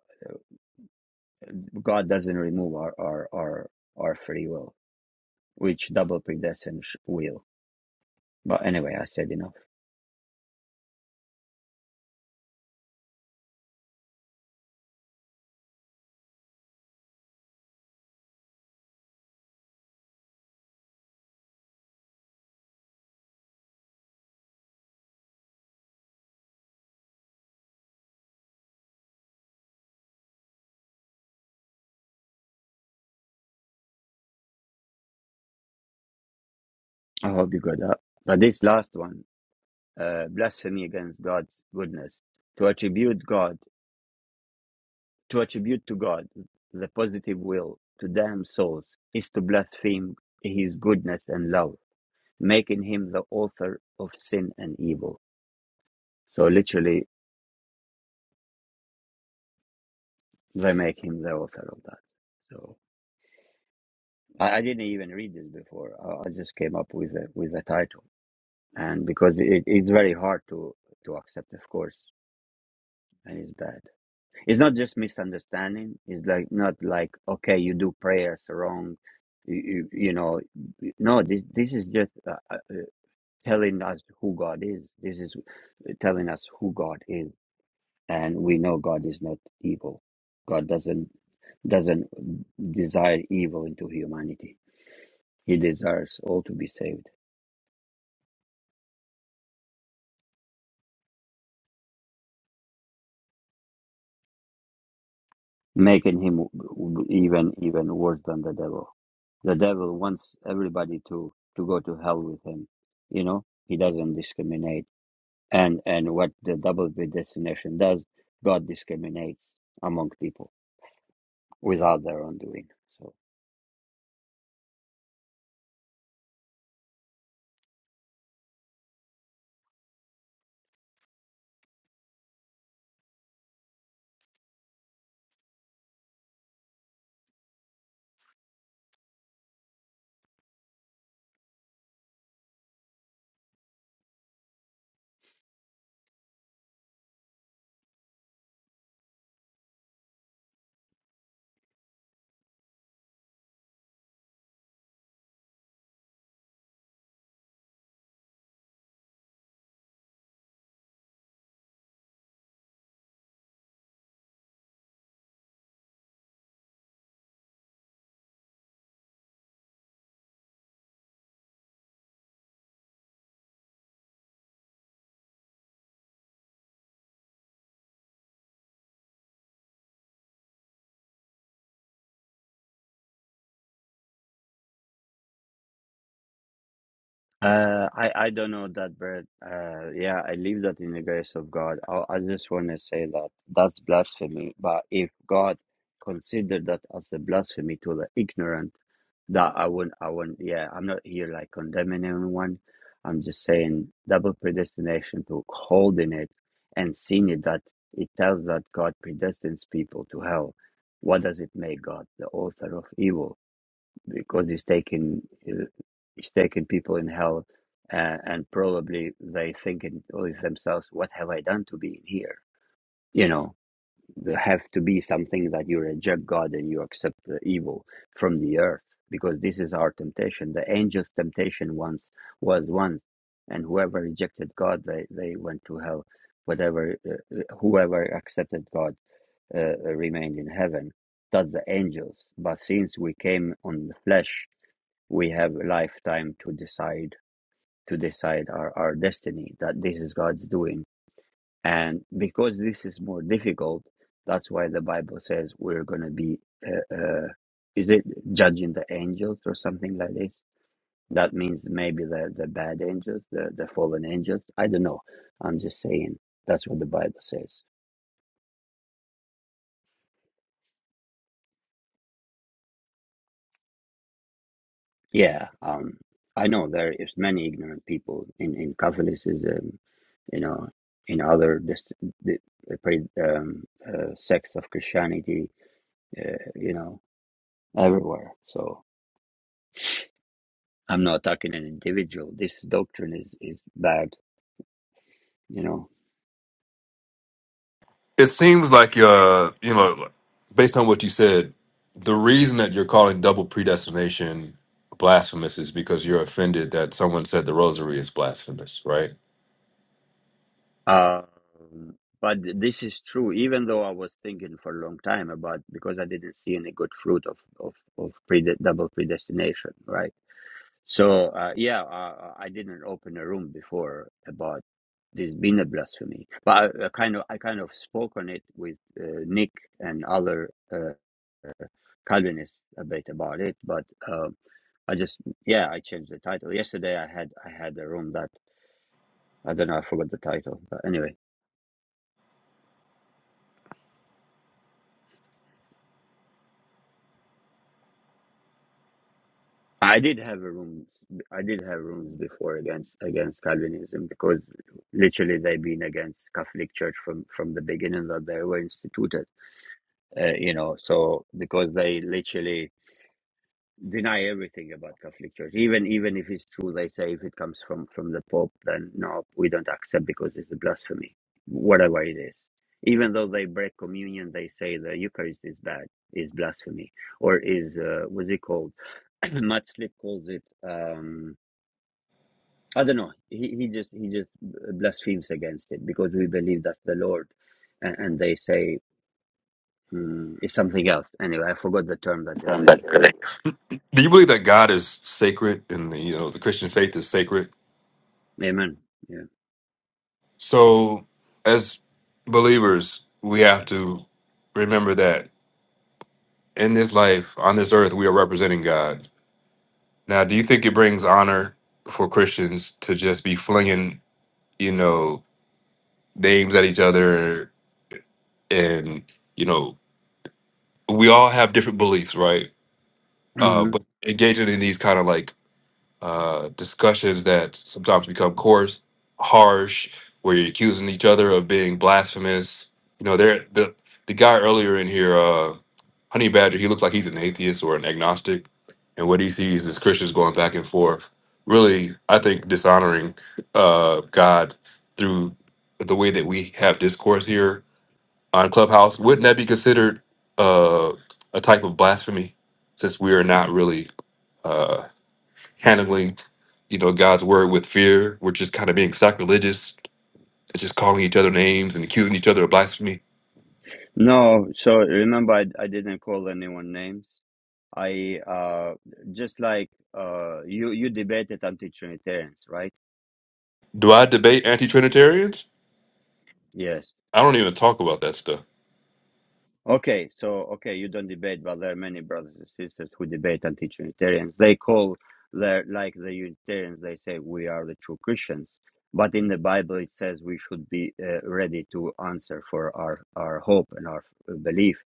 God doesn't remove our our our, our free will, which double predestined will. But anyway, I said enough. I hope you got that. But this last one, uh, blasphemy against God's goodness, to attribute God, to attribute to God the positive will to damn souls is to blaspheme His goodness and love, making Him the author of sin and evil. So literally, they make Him the author of that. So. I, I didn't even read this before. I, I just came up with a, with the title. and because it, it's very hard to to accept of course and it's bad it's not just misunderstanding it's like not like okay you do prayers wrong you, you, you know no this this is just uh, uh, telling us who god is this is telling us who god is and we know god is not evil god doesn't doesn't desire evil into humanity he desires all to be saved making him even even worse than the devil The devil wants everybody to, to go to hell with him. You know, he doesn't discriminate. And, and what the double predestination does, God discriminates among people without their own doing. So, uh, I, I don't know that, but Uh, yeah, I leave that in the grace of God. I, I just want to say that that's blasphemy. But if God considered that as a blasphemy to the ignorant, that I wouldn't, I wouldn't, yeah, I'm not here like condemning anyone. I'm just saying double predestination to holding it and seeing it that it tells that God sends people to hell. What does it make God the author of evil? Because he's taking he's taking people in hell, uh, and probably they thinking with themselves, "What have I done to be in here?" You know, the that you reject God and you accept the evil from the earth, because this is our temptation. The angels' temptation once was once, and whoever rejected God, they, they went to hell. Whatever, uh, uh, whoever accepted God uh, uh, remained in heaven. That's the angels. But since we came on the flesh, we have a lifetime to decide to decide our, our destiny. That this is God's doing and because this is more difficult, that's why the Bible says we're going to be, uh, uh, is it judging the angels or something like this? That means maybe the, the bad angels, the, the fallen angels. I don't know. I'm just saying that's what the Bible says. Yeah. Um, I know there is many ignorant people in, in Catholicism, you know, in other dis- di- um, uh, sects of Christianity, uh, you know, everywhere. So, I'm not attacking an individual. This doctrine is, is bad, you know.
It seems like uh, you know, based on what you said, the reason that you're calling double predestination blasphemous is because you're offended that someone said the rosary is blasphemous, right?
Um, but this is true, even though I was thinking for a long time about because I didn't see any good fruit of of of prede- double predestination, right? So uh, yeah, I, I didn't open a room before about this being a blasphemy, but I, I kind of I kind of spoke on it with uh, Nick and other uh, Calvinists a bit about it, but um I just yeah I changed the title yesterday. I had I had a room that I don't know. I forgot the title, but anyway, I did have a rooms. I did have rooms before against against Calvinism because literally they've been against Catholic Church from from the beginning that they were instituted. Uh, you know, so because they literally deny everything about Catholic Church, even even if it's true. They say if it comes from from the Pope, then no, we don't accept because it's a blasphemy, whatever it is. Even though they break communion, they say the Eucharist is bad, is blasphemy, or is uh, what's it called? <clears throat> Matt Slick calls it. Um, I don't know. He he just he just blasphemes against it because we believe that's the Lord, and, and they say mm, it's something else. Anyway, I forgot the term that they refer.
Do you believe that God is sacred and the, you know the Christian faith is sacred?
Amen. Yeah.
So, as believers, we have to remember that in this life, on this earth, we are representing God. Now, do you think it brings honor for Christians to just be flinging, you know, names at each other and you know we all have different beliefs right uh but engaging in these kind of like uh discussions that sometimes become coarse harsh where you're accusing each other of being blasphemous you know there the the guy earlier in here uh honey badger he looks like he's an atheist or an agnostic and what he sees is christians going back and forth really i think dishonoring uh god through the way that we have discourse here on Clubhouse, wouldn't that be considered uh, a type of blasphemy? Since we are not really uh, handling, you know, God's word with fear, we're just kind of being sacrilegious, and just calling each other names and accusing each other of blasphemy.
No, so remember, I, I didn't call anyone names. I uh just like uh you you debated anti-Trinitarians, right?
Do I debate anti-Trinitarians?
Yes.
I don't even talk about that stuff.
Okay, so okay, you don't debate, but there are many brothers and sisters who debate anti-Trinitarians. They call their like the Unitarians. They say we are the true Christians, but in the Bible it says we should be uh, ready to answer for our our hope and our uh, belief.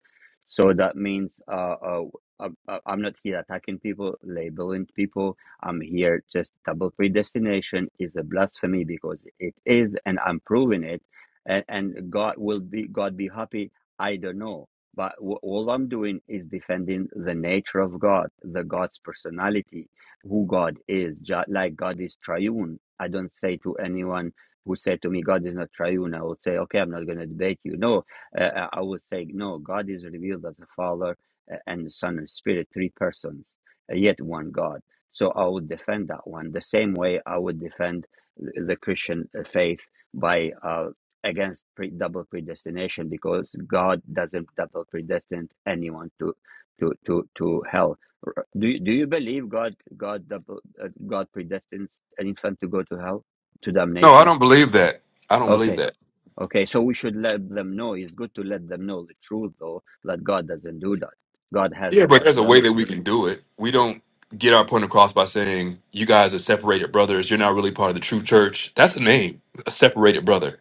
So that means uh, uh, I'm uh, I'm- not here attacking people, labeling people. I'm here just double predestination is a blasphemy because it is, and I'm proving it. And, and God will be God be happy. I don't know but w- all I'm doing is defending the nature of God, the God's personality, who God is. Just like God is triune. I don't say to anyone who said to me, God is not triune, I will say, okay, I'm not going to debate you. No, uh, uh, I will say, no, God is revealed as a Father uh, and the Son and Spirit, three persons, uh, yet one God. So I would defend that one the same way I would defend th- the Christian uh, faith by uh, against pre- double predestination because God doesn't double predestine anyone to to to to hell. Do you, do you believe God God double uh, God predestines an infant to go to hell to
No, I
damnation?
don't believe that. I don't believe
Okay.
that.
Okay, so we should let them know. It's good to let them know the truth, though, that God doesn't do that. God has
Yeah,
no
but there's a way that we
partiality.
can do it. We don't get our point across by saying you guys are separated brothers. You're not really part of the true church. That's a name, a separated brother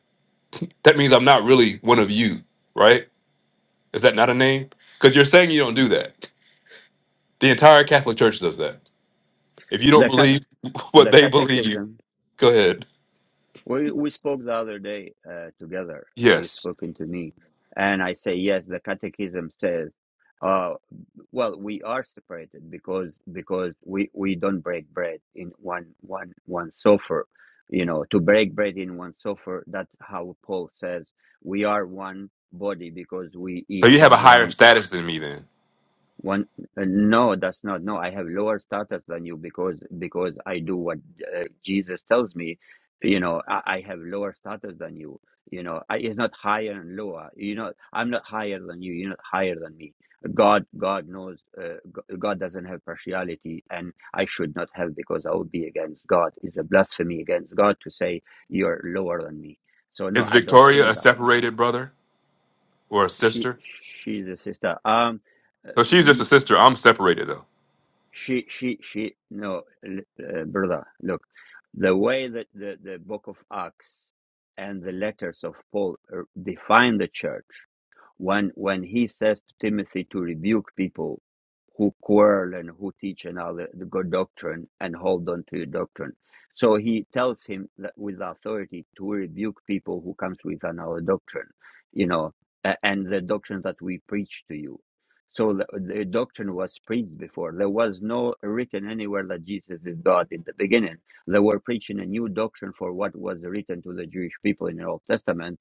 That means I'm not really one of you, right? Is that not a name? Because you're saying you don't do that. The entire Catholic Church does that. If you don't
The cat,
believe <laughs> what
the
they believe,
catechism.
go ahead.
We we spoke the other day uh, together. You
Yes.
spoken to me, and I say yes. The catechism says uh, well we are separated because because we we don't break bread in one one one sofer you know to break bread in one sofer that's how paul says we are one body because we
So
eat
you have a
from one
higher status than me then.
one, uh, no, that's not. No, I have lower status than you because because I do what uh, Jesus tells me. You know, I, I have lower status than you. You know, I, it's not higher and lower. You know, I'm not higher than you. You're not higher than me. God, God knows. Uh, G- God doesn't have partiality, and I should not have because I would be against God. It's a blasphemy against God to say you're lower than me. So no,
Is
I don't
Victoria
be
a
that.
separated brother or a
She,
sister?
she's a sister. Um,
So she's just a sister. I'm separated though.
she she she no uh, brother look the way that the, the book of acts and the letters of paul uh, define the church when when he says to timothy to rebuke people who quarrel and who teach another the good doctrine and hold on to your doctrine. So he tells him that with authority to rebuke people who comes with another doctrine, you know, a- and the doctrine that we preach to you. So the, the doctrine was preached before. There was no written anywhere that Jesus is God in it. They were preaching a new doctrine for what was written to the Jewish people in the man.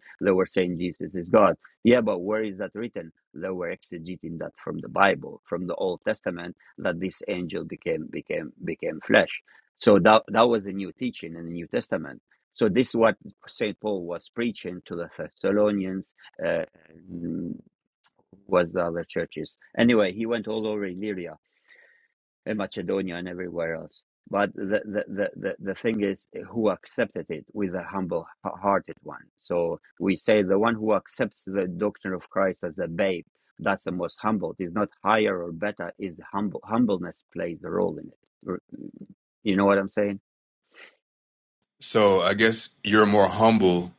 Jesus is God. Yeah, but where is that written? They were exegeting that from the Bible, from the Old Testament, that this angel became became became flesh. So that that was the new teaching in the New Testament. So this is what Saint Paul was preaching to the Thessalonians. Uh, was the other churches? Anyway, he went all over Illyria in Macedonia and everywhere else. But the, the, the, the, the thing is, who accepted it with a humble h- hearted one. So we say the one who accepts the doctrine of Christ as a babe, that's the most humble. It's not higher or better, is humble. Humbleness plays the role in it. You know what I'm saying?
So I guess you're more humble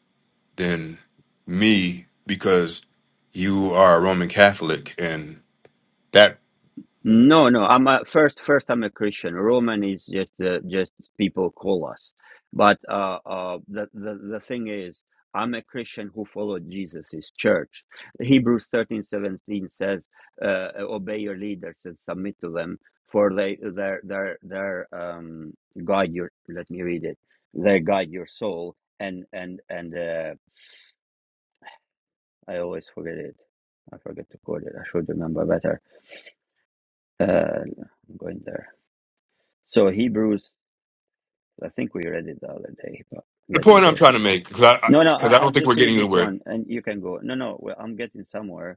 than me because you are a Roman Catholic, and that
No, no. I'm a, first. First, I'm a Christian. Roman is just uh, just people call us. But uh, uh, the the the thing is, I'm a Christian who followed Jesus's church. Hebrews thirteen seventeen says, uh, uh, "Obey your leaders and submit to them, for they their their their um guide your." Let me read it. They guide your soul, and and and uh, I always forget it. I forget to quote it. I should remember better. Uh, I'm going there. So Hebrews I think we read it the other day, but
The
let me
point I'm
go
trying
here.
to make, because I, because
No,
I
no, I,
'cause I
I'll
don't think we're
just read
getting
this
anywhere.
one and you can go. No, no, well, I'm getting somewhere.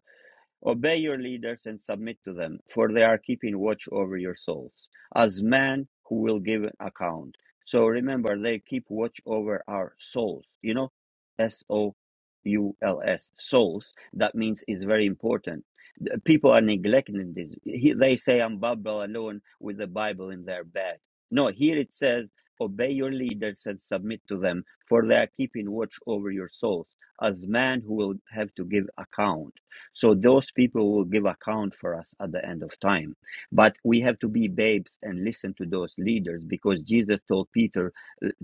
Obey your leaders and submit to them, for they are keeping watch over your souls, as men who will give account. So remember, they keep watch over our souls. You know, S O U L S, souls. That means it's very important. The People are neglecting this. He- They say, I'm Babel alone with the Bible in their bag. No, here it says, Obey your leaders and submit to them, for they are keeping watch over your souls, as men who will have to give account so those people will give account for us at the end of time. But we have to be babes and listen to those leaders because Jesus told Peter,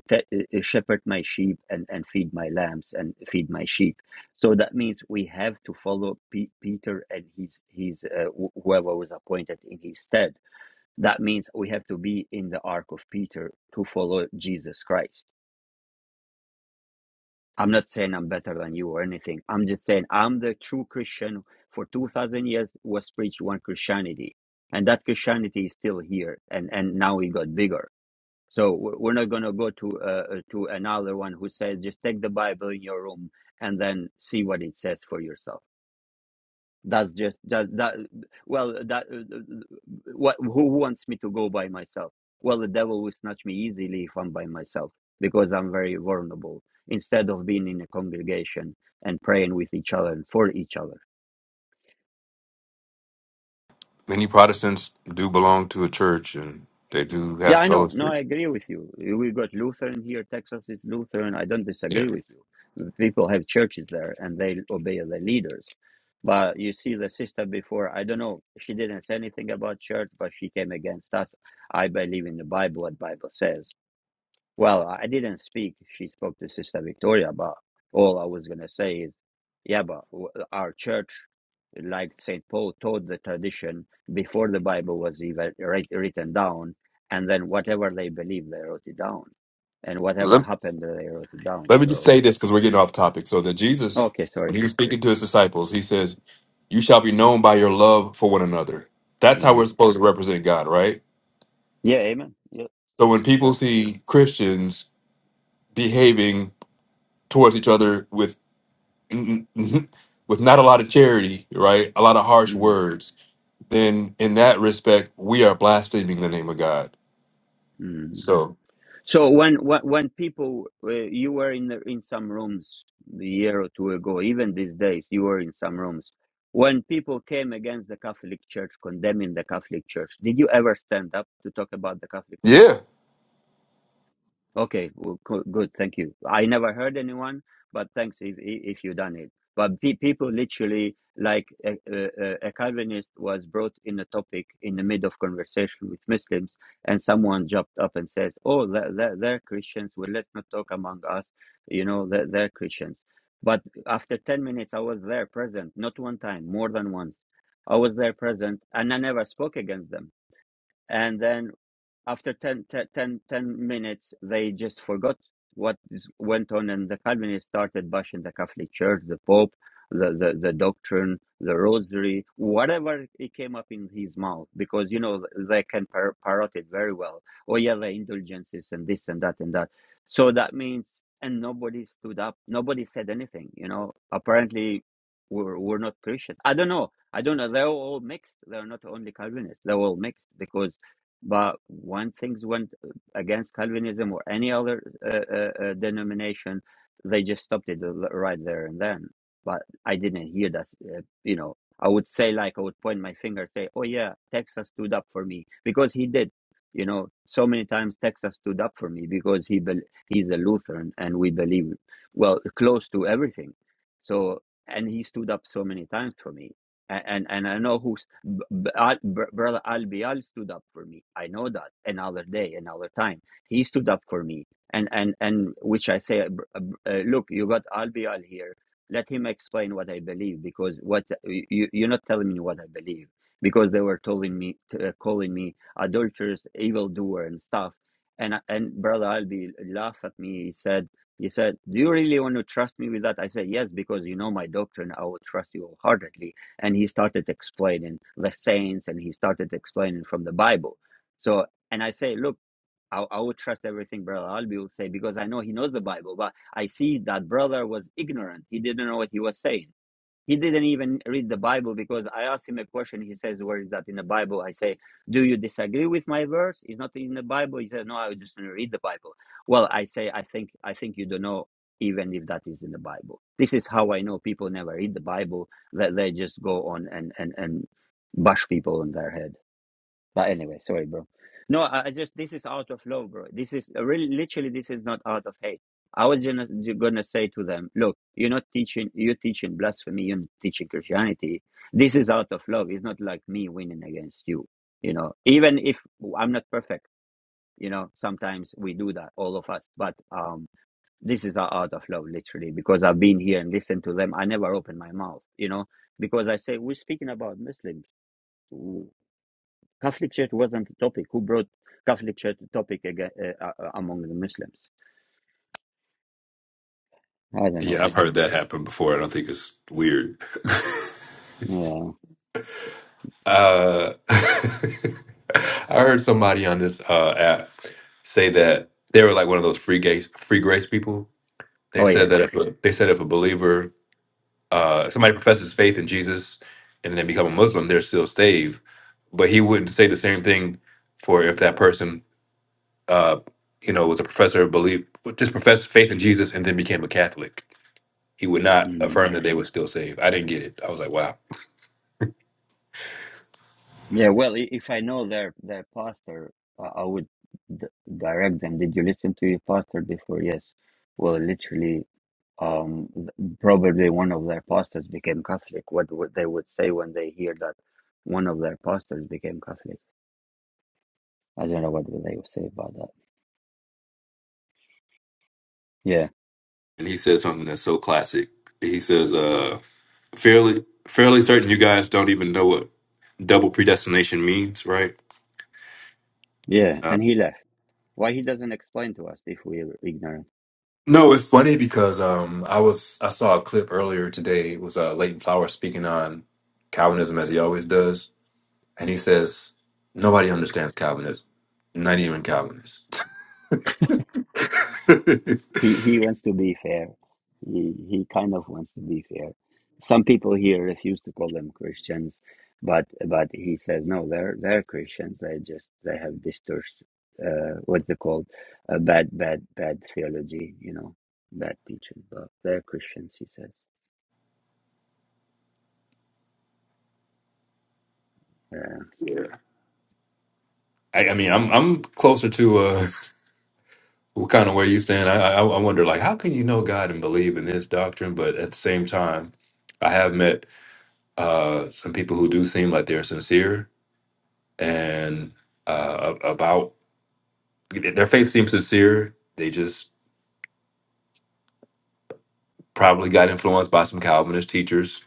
"Te- uh, shepherd my sheep and, and feed my lambs and feed my sheep. So that means we have to follow Pe- Peter and his, his uh, wh- whoever was appointed in his stead. That means we have to be in the ark of Peter to follow Jesus Christ. I'm not saying I'm better than you or anything. I'm just saying I'm the true Christian for 2000 years was preached one Christianity and that Christianity is still here and and now it got bigger. So we're not going to go to uh, uh, to another one who says just take the Bible in your room and then see what it says for yourself. That's just that that. Well, that uh, what who wants me to go by myself? Well, the devil will snatch me easily if I'm by myself because I'm very vulnerable. Instead of being in a congregation and praying with each other and for each other.
many Protestants do belong to a church and they do
Yeah,
have
I know. No,
fellowship.
I agree with you. We got Lutheran here. Texas is Lutheran. I don't
Yeah.
disagree with you. People have churches there and they obey the leaders. But you see, the sister before, I don't know, she didn't say anything about church, but she came against us. I believe in the Bible, what Bible says. Well, I didn't speak. She spoke to Sister Victoria, but all I was going to say is, yeah, but w- our church, like St. Paul, taught the tradition before the Bible was even writ- written down, and then whatever they believed, they wrote it down. And whatever
Let,
happened, they wrote it down.
let me just
So,
say this because we're getting off topic. So that Jesus,
okay,
when
sorry.
he was speaking to his disciples, he says, You shall be known by your love for one another. That's how we're
Amen.
supposed to represent God, right?
Yeah, amen. Yeah,
So when people
exactly.
see Christians behaving towards each other with <laughs> with not a lot of charity, right? A lot of harsh words, then in that respect, we are blaspheming the name of God.
Mm-hmm.
So
So when when, when people uh, you were in the, in some rooms a year or two ago, even these days you were in some rooms. When people came against the Catholic Church, condemning the Catholic Church, did you ever stand up to talk about the Catholic Church?
yeah.
Okay, well, co- good you one, but but the like uh, uh, uh, atheist in in the middle. with Muslims, and someone jumped up and says, "Oh, they're, they're, they're Christians. Well, let's not talk among us. You know, they're, they're Christians." But after ten minutes, I was there present, not one time, more than once. I was there present, and I never spoke against them. And then after 10 10 10 10 minutes, they just forgot what is, went on, and the Calvinists started bashing the Catholic Church, the Pope, the, the, the doctrine, the rosary, whatever it came up in his mouth, because, you know, they can par- parrot it very well. Oh, yeah, the indulgences and this and that and that. So that means, and nobody stood up, nobody said anything, you know. Apparently, we're, we're not Christian. I don't know. I don't know. They're all mixed. They're not only Calvinists. They're all mixed because but when things went against Calvinism or any other uh, uh, uh, denomination, they just stopped it l- right there and then. But I didn't hear that. Uh, you know, I would say like I would point my finger, say, "Oh yeah, Texas stood up for me," because he did. You know, so many times Texas stood up for me because he bel he's a Lutheran and we believe well close to everything. So and he stood up so many times for me, A- and and I know who B- b- Al- br- brother Albial stood up for me. I know that another day, another time. He stood up for me. And, and, and which I say, br- uh, br- uh, look, you got Albial here. Let him explain what I believe because what you, you- you're not telling me what I believe because they were telling me, t- uh, calling me adulterous, evildoer and stuff. And, I- and brother Albi laughed at me. He said, he said, do you really want to trust me with that? I said, yes, because you know my doctrine. I will trust you wholeheartedly and he started explaining the saints and he started explaining from the bible so and i say look i, I would trust everything brother albi would say because i know he knows the bible but i see that brother was ignorant he didn't know what he was saying he didn't even read the bible because i asked him a question he says where is that in the bible i say do you disagree with my verse it's not in the bible he said no i just want to read the bible well i say i think i think you don't know even if that is in the bible this is how i know people never read the bible that they just go on and and and bash people on their head but anyway, sorry, bro. No, I, I just this is out of love, bro. This is uh, really literally this is not out of hate. I was gonna gonna say to them, look, you're not teaching, you're teaching blasphemy, you're not teaching Christianity. This is out of love. It's not like me winning against you. You know, even if I'm not perfect, you know, sometimes we do that, all of us. But um, this is not out of love, literally, because I've been here and listened to them. I never open my mouth, you know, because I say we're speaking about Muslims. Catholic Church wasn't the topic. Who brought Catholic Church topic again, uh, uh, uh, among the Muslims? I don't know,
Yeah, I've
bro.
heard that happen before. I don't think it's weird.
Yeah.
Uh, <laughs> I heard somebody on this uh, app say that they were like one of those free grace free grace people. They
Oh yeah.
said that if a, they said if a believer, uh, somebody professes faith in Jesus and then become a Muslim, they're still saved. But he wouldn't say the same thing for if that person, uh, you know, was a professor of belief, just professed faith in Jesus and then became a Catholic. He would not
Mm.
affirm that they were still saved. I didn't get it. I was like, wow.
Yeah. Well, i- if I know their their pastor, I I would d- direct them. Did you listen to your pastor before? Yes. Well, literally, um, th- probably one of their pastors became Catholic. What would they would say when they hear that one of their pastors became Catholic? I don't know what would they would say about that. Yeah.
and he says something that's so classic. He says, uh, fairly fairly certain you guys don't even know what double predestination means, right?
Yeah.
Uh,
And he left. Why he doesn't explain to us if we're ignorant?
No, it's funny because um, I was I saw a clip earlier today. It was uh, Leighton Flowers speaking on Calvinism as he always does, and he says nobody understands Calvinism, not even Calvinists. <laughs>
he he wants to be fair. He he kind of wants to be fair. Some people here refuse to call them Christians, but but he says no, they're they're Christians. They just they have distorted uh, what's it called uh, bad bad bad theology, you know, bad teaching. But they're Christians, he says. Yeah.
yeah. I, I mean, I'm I'm closer to. uh, <laughs> what kind of where you stand. I, I I wonder, like, how can you know God and believe in this doctrine? But at the same time, I have met uh, some people who do seem like they're sincere and uh, a- about their faith seems sincere. They just probably got influenced by some Calvinist teachers,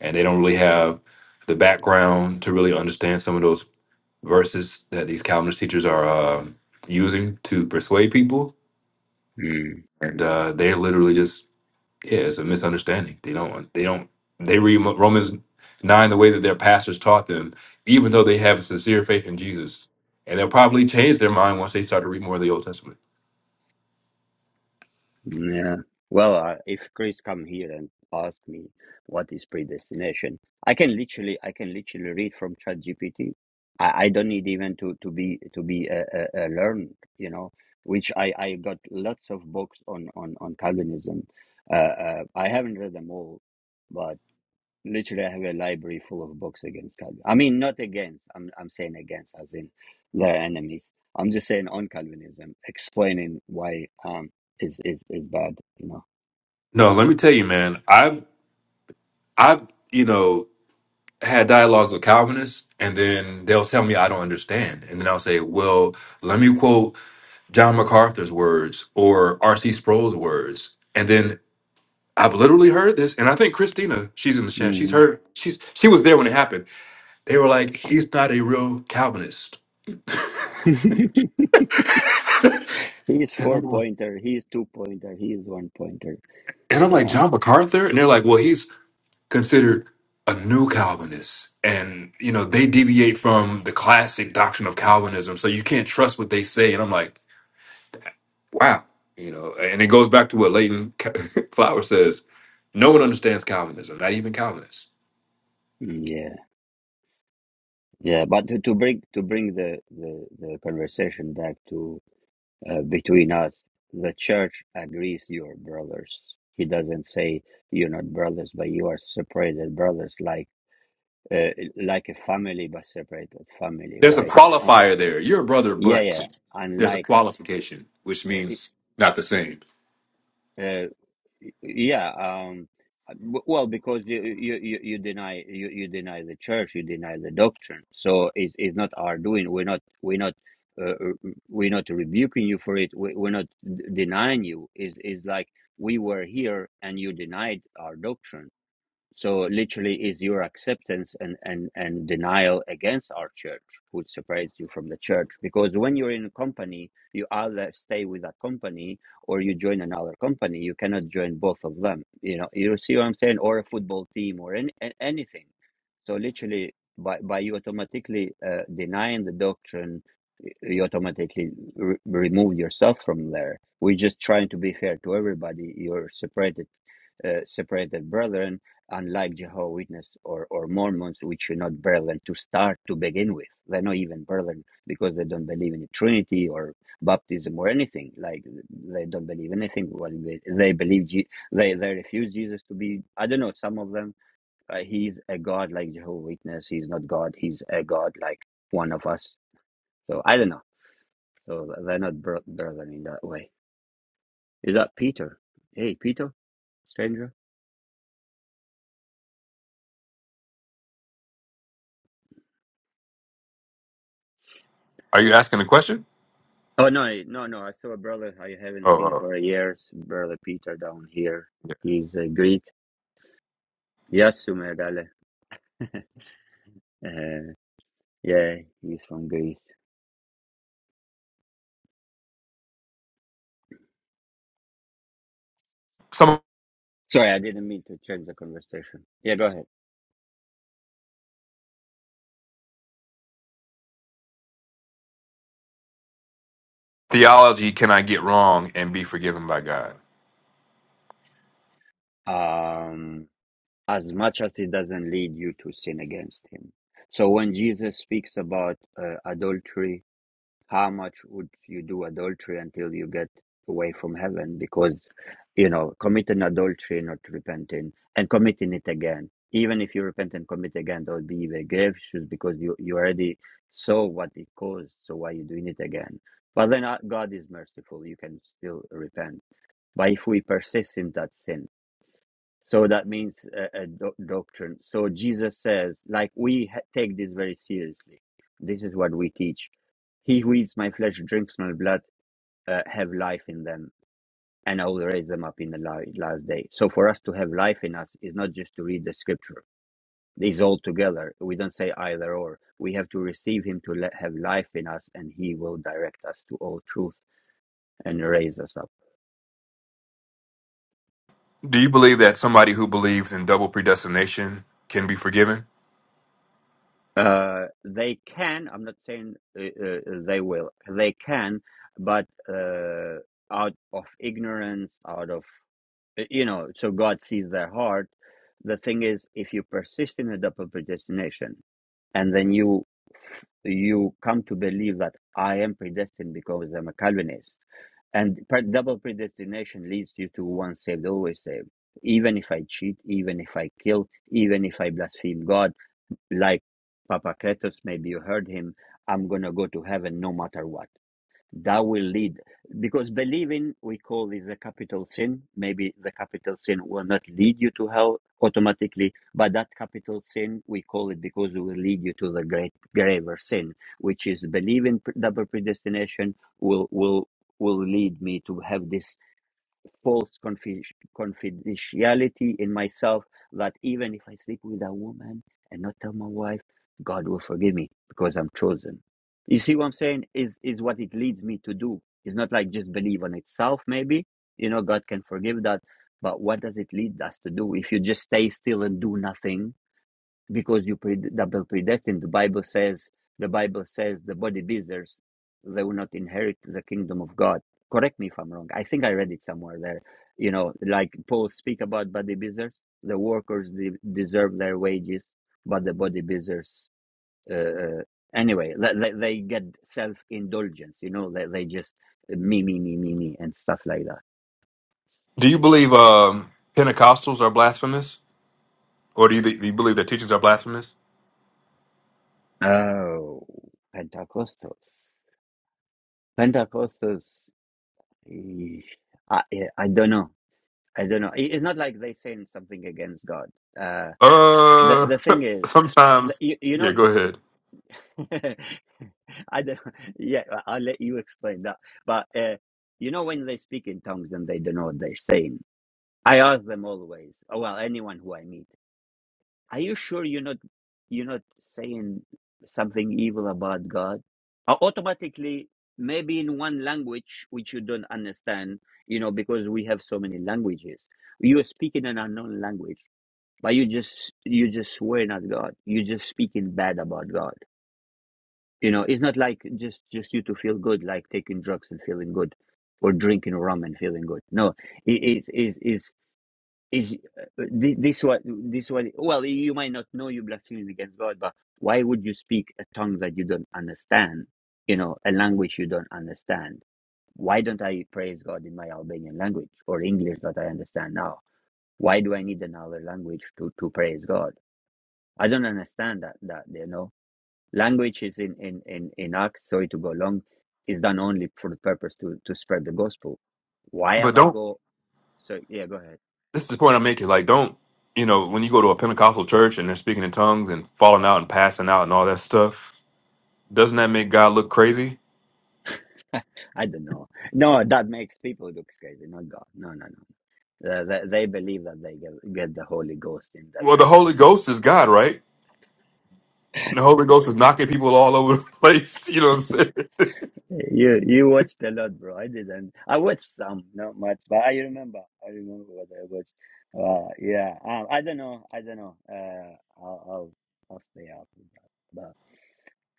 and they don't really have the background to really understand some of those verses that these Calvinist teachers are um using to persuade people.
Hmm.
And uh, they're literally just Yeah, it's a misunderstanding. They don't. They don't. They read Mo- Romans nine the way that their pastors taught them, even though they have a sincere faith in Jesus, and they'll probably change their mind once they start to read more of the Old Testament.
Yeah. Well, uh, if Chris come here and ask me what is predestination, I can literally, I can literally read from ChatGPT. I, I don't need even to to be to be uh, uh, uh, learned, you know. Which I I got lots of books on on on Calvinism. Uh, uh, I haven't read them all, but. Literally, I have a library full of books against Calvin. I mean, not against. I'm I'm saying against, as in their enemies. I'm just saying on Calvinism, explaining why um is is is bad. You know.
No, let me tell you, man. I've I've you know had dialogues with Calvinists, and then they'll tell me I don't understand, and then I'll say, well, let me quote John MacArthur's words or R.C. Sproul's words, and then. I've literally heard this, and I think Christina, she's in the chat. She's
Mhm.
heard. She's she was there when it happened They were like, he's not a real Calvinist.
He is <laughs>
And I'm
four
like,
pointer. He is two pointer. He is one pointer.
and I'm
Yeah,
like
I know.
John MacArthur? And they're like, well, he's considered a new Calvinist. And, you know, they deviate from the classic doctrine of Calvinism. So you can't trust what they say. And I'm like, wow. You know, and it goes back to what Leighton <laughs> Flower says no one understands Calvinism, not even Calvinists.
Mm, yeah, yeah. But to, to bring to bring the, the the conversation back to uh, between us. The church agrees you're brothers. He doesn't say you're not brothers, but you are separated brothers, like uh, like a family, but separated family,
There's a
right? Uh,
qualifier there. You're a brother,
yeah,
but
yeah.
there's a
Unlike
qualification, which
uh. it-
means not the same.
uh, Yeah, um, uh, w- well, because you you you you deny you, you deny the church, you deny the doctrine. So it's it's not our doing. We're not we're not uh, uh, we're not rebuking you for it. We, we're not d- denying you. Is is like we were here and you denied our doctrine. So literally is your acceptance and, and, and denial against our church would separate you from the church. Because when you're in a company, you either stay with that company or you join another company. You cannot join both of them. You know, you see what I'm saying? Or a football team or any, a- anything. So literally by, by you automatically uh, denying the doctrine you automatically re- remove yourself from there. We're just trying to be fair to everybody. You're separated, uh, separated brethren, unlike Jehovah's Witness or, or Mormons, which are not brethren to start to begin with. They're not even brethren because they don't believe in the Trinity or baptism or anything. Like they don't believe anything. Well, they, they believe Je- they they refuse Jesus to be. I don't know. Some of them, uh, he's a god like Jehovah's Witness. He's not God. He's a god like one of us. So I don't know so th- they're not bro- brethren in that way. Is that Peter? Hey, Peter, stranger.
Are you asking a question?
Oh no, I- no, no! I saw a brother I haven't seen
Oh, oh,
for years, brother Peter down here. He's a Greek. Yasu Megale. <laughs> Uh, yeah, he's from Greece.
yeah.
Sorry, I didn't mean to change the conversation. Yeah, go ahead.
theology can I get wrong and be forgiven by God?
Um, as much as it doesn't lead you to sin against him. So when Jesus speaks about uh, adultery how much would you do adultery until you get away from heaven because you know committing adultery not repenting and committing it again even if you repent and commit again there would be even grave issues because you, you already saw what it caused so why are you doing it again but then uh, god is merciful you can still repent but if we persist in that sin so that means a, a doc- doctrine so jesus says like we ha- take this very seriously this is what we teach he blood uh, have life in them and all our life is just to sure. These are we has, and He will direct us to all truth and raise us up.
Do you believe that somebody who believes in double predestination can be forgiven?
Uh, they can. I'm not saying uh, uh, they will. They can, but uh, out of ignorance, out of you know. So God sees their heart. The thing is, if you persist in a double predestination, and then you you come to believe that I am predestined because I'm a Calvinist. And pre- double predestination leads you to once saved, always saved. Even if I cheat, even if I kill, even if I blaspheme God, like Papa Kretos, maybe you heard him, I'm going to go to heaven no matter what that will lead because believing we call this a capital sin maybe the capital sin will not lead you to hell automatically but that capital sin we call it because it will lead you to the great graver sin which is believing pre- double predestination will will will lead me to have this false confi- confidentiality in myself that even if I sleep with a woman and not tell my wife, God will forgive me because I'm chosen. You see what I'm saying? Is is what it leads me to do. It's not like just believe on itself, maybe. You know, God can forgive that. But what does it lead us to do? If you just stay still and do nothing, because you pre- double predestined. The Bible says the Bible says the bodybuilders they will not inherit the kingdom of God. Correct me if I'm wrong. I think I read it somewhere there. You know, like Paul speak about bodybuilders, the workers de- deserve their wages, but the bodybuilders. Uh, uh, Anyway, they, they they get self indulgence, you know, they, they just uh, me, me, me, me, me, and stuff like
Do you believe um, Pentecostals are blasphemous, or do you, do you believe their teachings are blasphemous?
that. Uh, and depends. I, I I don't know. I don't know. It- It's not God. Uh, that,
Uh, <laughs>
that,
sometimes.
you
Yeah,
know,
go ahead.
<laughs> I don't, <laughs> yeah, I- will let you explain that. But uh, you know, when they speak in tongues and they don't know what they're saying, I ask them always. oh, Well, anyone who I meet, are you sure you're not you're not saying something evil about God? Uh, automatically, maybe in one language which you don't understand, you know, because we have so many languages. You're speaking an unknown language, but you just you just swear at God. You're just speaking bad about God You know, it's not like just just you to feel good, like taking drugs and feeling good, or drinking rum and feeling good. No, it is is is is uh, thi- this what this what? Well, you might not know you're blaspheming against God, but why would you speak a tongue that you don't understand? You know, a language you don't understand. Why don't language English that I understand now? Why now the God? I don't understand that that you know language is in in in in Acts. Sorry to go long. Is done only for the purpose to to spread the gospel. Why
But
am I
don't.
go? So yeah, go ahead.
This is the point I'm making. Like, don't you know when you go to a Pentecostal church and they're speaking in tongues and falling out and passing out and all that stuff? Doesn't that make God look crazy?
I don't know. No, that makes people look crazy, not God. No, no, no. Uh, they, they believe that they get, get the Holy Ghost in them,
Well, the Holy Ghost is God, right? the Holy Ghost is knocking people all over the place. <laughs> You know what I'm
and
saying?
<laughs> you you watched a lot, bro. I didn't. I watched some, not much, but I remember. I remember what I watched. Uh, yeah. Um, I don't know. I don't know. Uh, I'll I'll, I'll stay out of that,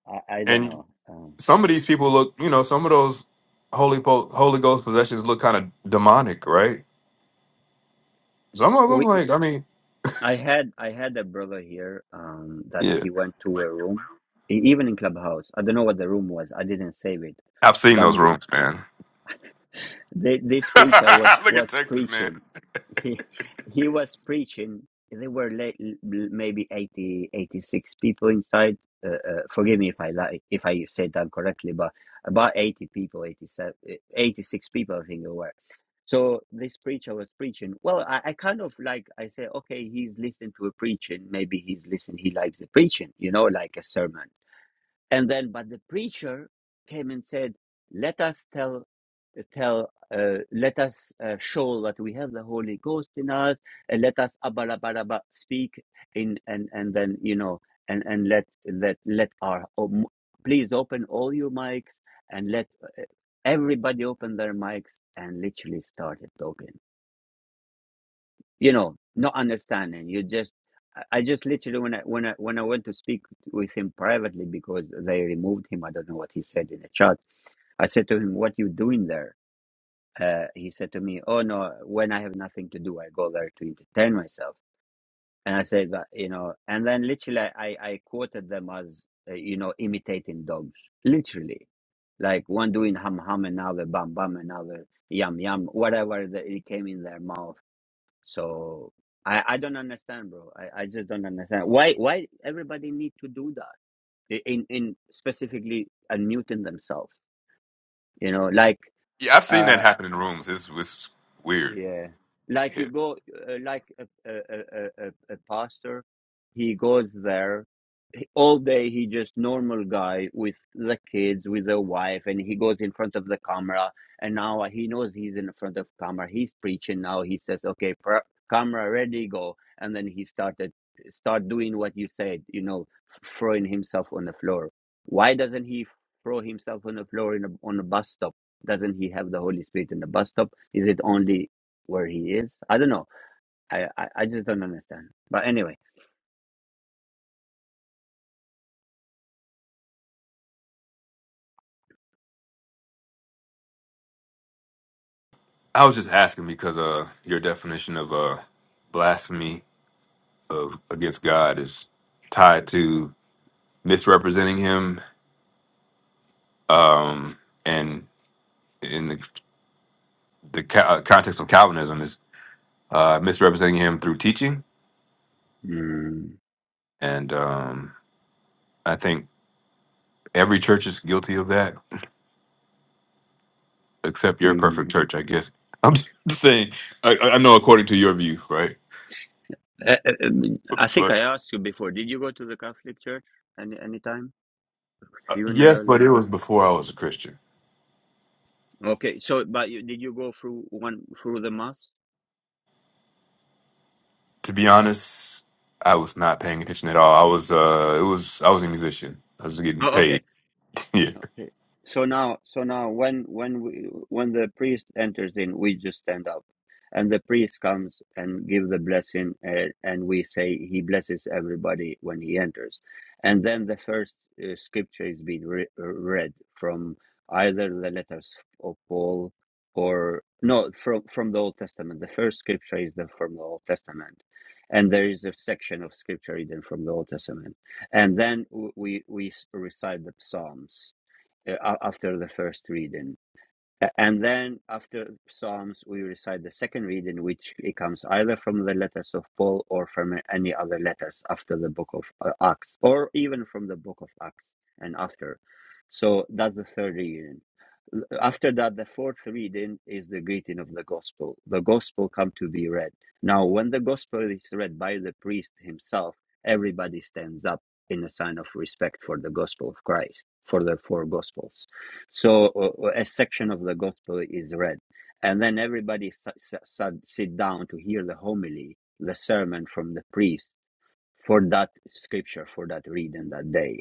but I I don't
And
know. Um,
some of these people look, you know, some of those Holy po- Holy Ghost possessions look kind of demonic, right? Some of
we
them, like, I mean,
I had I had a brother here um that
yeah,
he went to a room e- even in clubhouse I don't know what the room was I didn't save it
I've seen
but
those
th-
rooms, man.
th- this
<laughs> look
preacher was
at
was
Texas, man.
preaching he he was preaching. There were late, maybe 80 86 people inside. Uh, uh, forgive me if I lie, if I said that correctly, but about eighty people, 87, 86 people, I think there were. So this preacher was preaching. Well, I, I kind of like I say, okay, he's listening to a preaching. Maybe he's listening. He likes the preaching, you know, like a sermon. And then, but the preacher came and said, "Let us tell tell, uh, let us uh, show that we have the Holy Ghost in us, and let us abalabalaba speak in, and and then you know, and and let let let our um, please open all mics and let everybody open their mics and literally started talking. You know, not understanding. You just, I I just literally when I when I when I went to speak with him privately because they removed him. I don't know what he said in the chat. I said to him, "What you doing there?" uh, he said to me, "Oh no, when I have nothing to do, I go there to entertain myself." And I said, "But you know," and then literally, I I quoted them as uh, you know imitating dogs, literally, like one doing hum hum, another bam bam, another yum yum, whatever the, it came in their mouth. So I I don't understand, bro. I I just don't understand why why everybody need to do that in in specifically unmuting themselves. You know, like.
Yeah, I've seen
Uh,
that happen in rooms. It's, it's weird.
Yeah, like
Yeah,
you go, uh, like a, a, a, a, a a pastor, he goes there all day he just normal guy with the kids with the wife and he goes in front of the camera and now he knows he's in front of camera he's preaching now he says okay pr- camera ready go and then he started start doing what you said you know throwing himself on the floor why doesn't he throw himself on the floor in a, on a bus stop doesn't he have the holy spirit in the bus stop is it only where he is i don't know i i, I just don't understand but anyway
I was just asking because uh, your definition of uh, blasphemy of against God is tied to misrepresenting Him, um, and in the the ca- uh, context of Calvinism is uh, misrepresenting him through teaching,
mm,
and um, I think every church is guilty of that, except your
mm.
perfect church, I guess. I'm <laughs> just saying. I, I I know according to your view, right?
Uh, uh, um, I think
But
I asked you before. Did you go to the Catholic Church any any time?
uh, yes,
Funeral
but
and
it was before I was a Christian.
oh,
To be honest, I was not paying attention at all. I was, uh, it was, I was a musician. I was getting
oh okay.
paid. <laughs> yeah.
So and there's and there's uh, scripture is being re- uh, read from either the letters of Paul or no from from the Old Testament. The first scripture is the, from the Old Testament, and there is a section of scripture reading from the Old Testament, and then w- we we s- recite the Psalms uh, a- after the first reading A- And then after Psalms, we recite the second reading, which it comes either from the letters of Paul or from any other letters after the book of uh, Acts, or even from the book of Acts and after. So that's the third reading after that the fourth reading is the greeting of the gospel the gospel come to be read now when the gospel is read by the priest himself everybody stands up in a sign of respect for the gospel of christ for the four gospels so uh, a section of the gospel is read and then everybody s- s- s- sit down to hear the homily the sermon from the priest for that scripture for that reading that day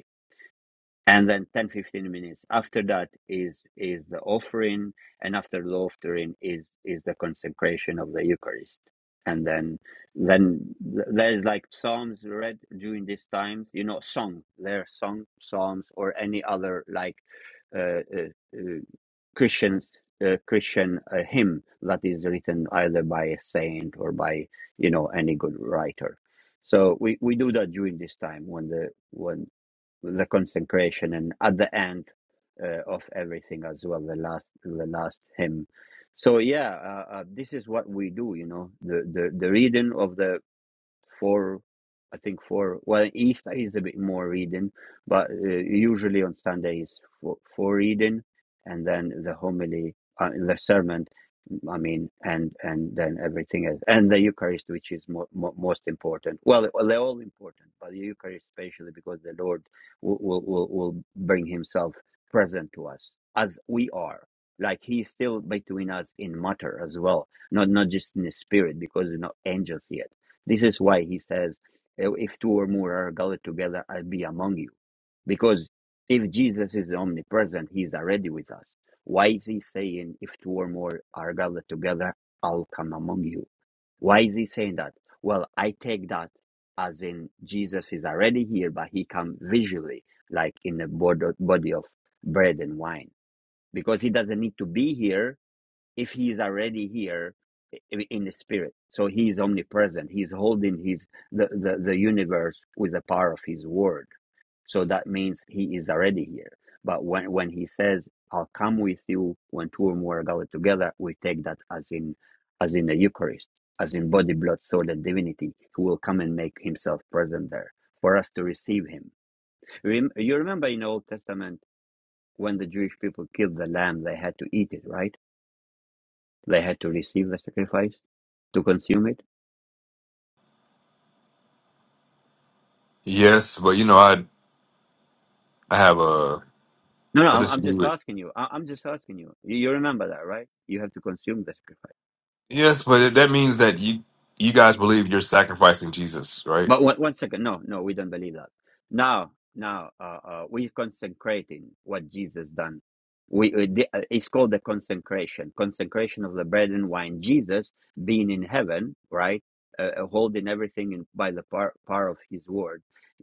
and then 10 15 minutes after that is is the offering and after the offering is is the consecration of the eucharist and then then there is like psalms read during this time you know song there are song psalms or any other like uh, uh, uh, christians uh, christian uh, hymn that is written either by a saint or by you know any good writer so we we do that during this time when the when the consecration and at the end uh, of everything as well the last the last hymn so yeah uh, uh, this is what we do you know the reading of the four i think eastern but usually on sundays for reading and then the homily uh, the sermon I mean, and and then everything else, and the Eucharist, which is mo- mo- most important. Well, well, they're all important, but the Eucharist especially because the Lord will, will will will bring Himself present to us as we are. Like He is still between us in matter as well, not not just in the spirit, because we're not angels yet. This is why He says, "If two or more are gathered together, I'll be among you." Because if Jesus is omnipresent, us why that allow you? Why that? Well, that as Jesus already like verse 9 because if you're it so he's the with his word so that means he is already here but when when he says how two whom were gathered together we take that as in as in the eucharist as in blood divinity present there for us to him Rem- you remember in old testament when the jewish people killed the lamb they had to eat it right they had to receive the sacrifice to consume it
Yes, but you know, I, I have a,
no no
I
i'm, I'm
disagree
just
with.
asking you I, i'm just asking you. you you remember that right you have to consume the sacrifice
Yes, but that means that you you guys believe you're sacrificing Jesus, right?
But one, one second, no, no, we don't believe that. Now, now, uh, uh, we're consecrating what Jesus done. We uh, the- uh, it's called the consecration, consecration of the bread and wine. Jesus being in heaven, right, uh, uh, holding everything in, by the power, power of His word.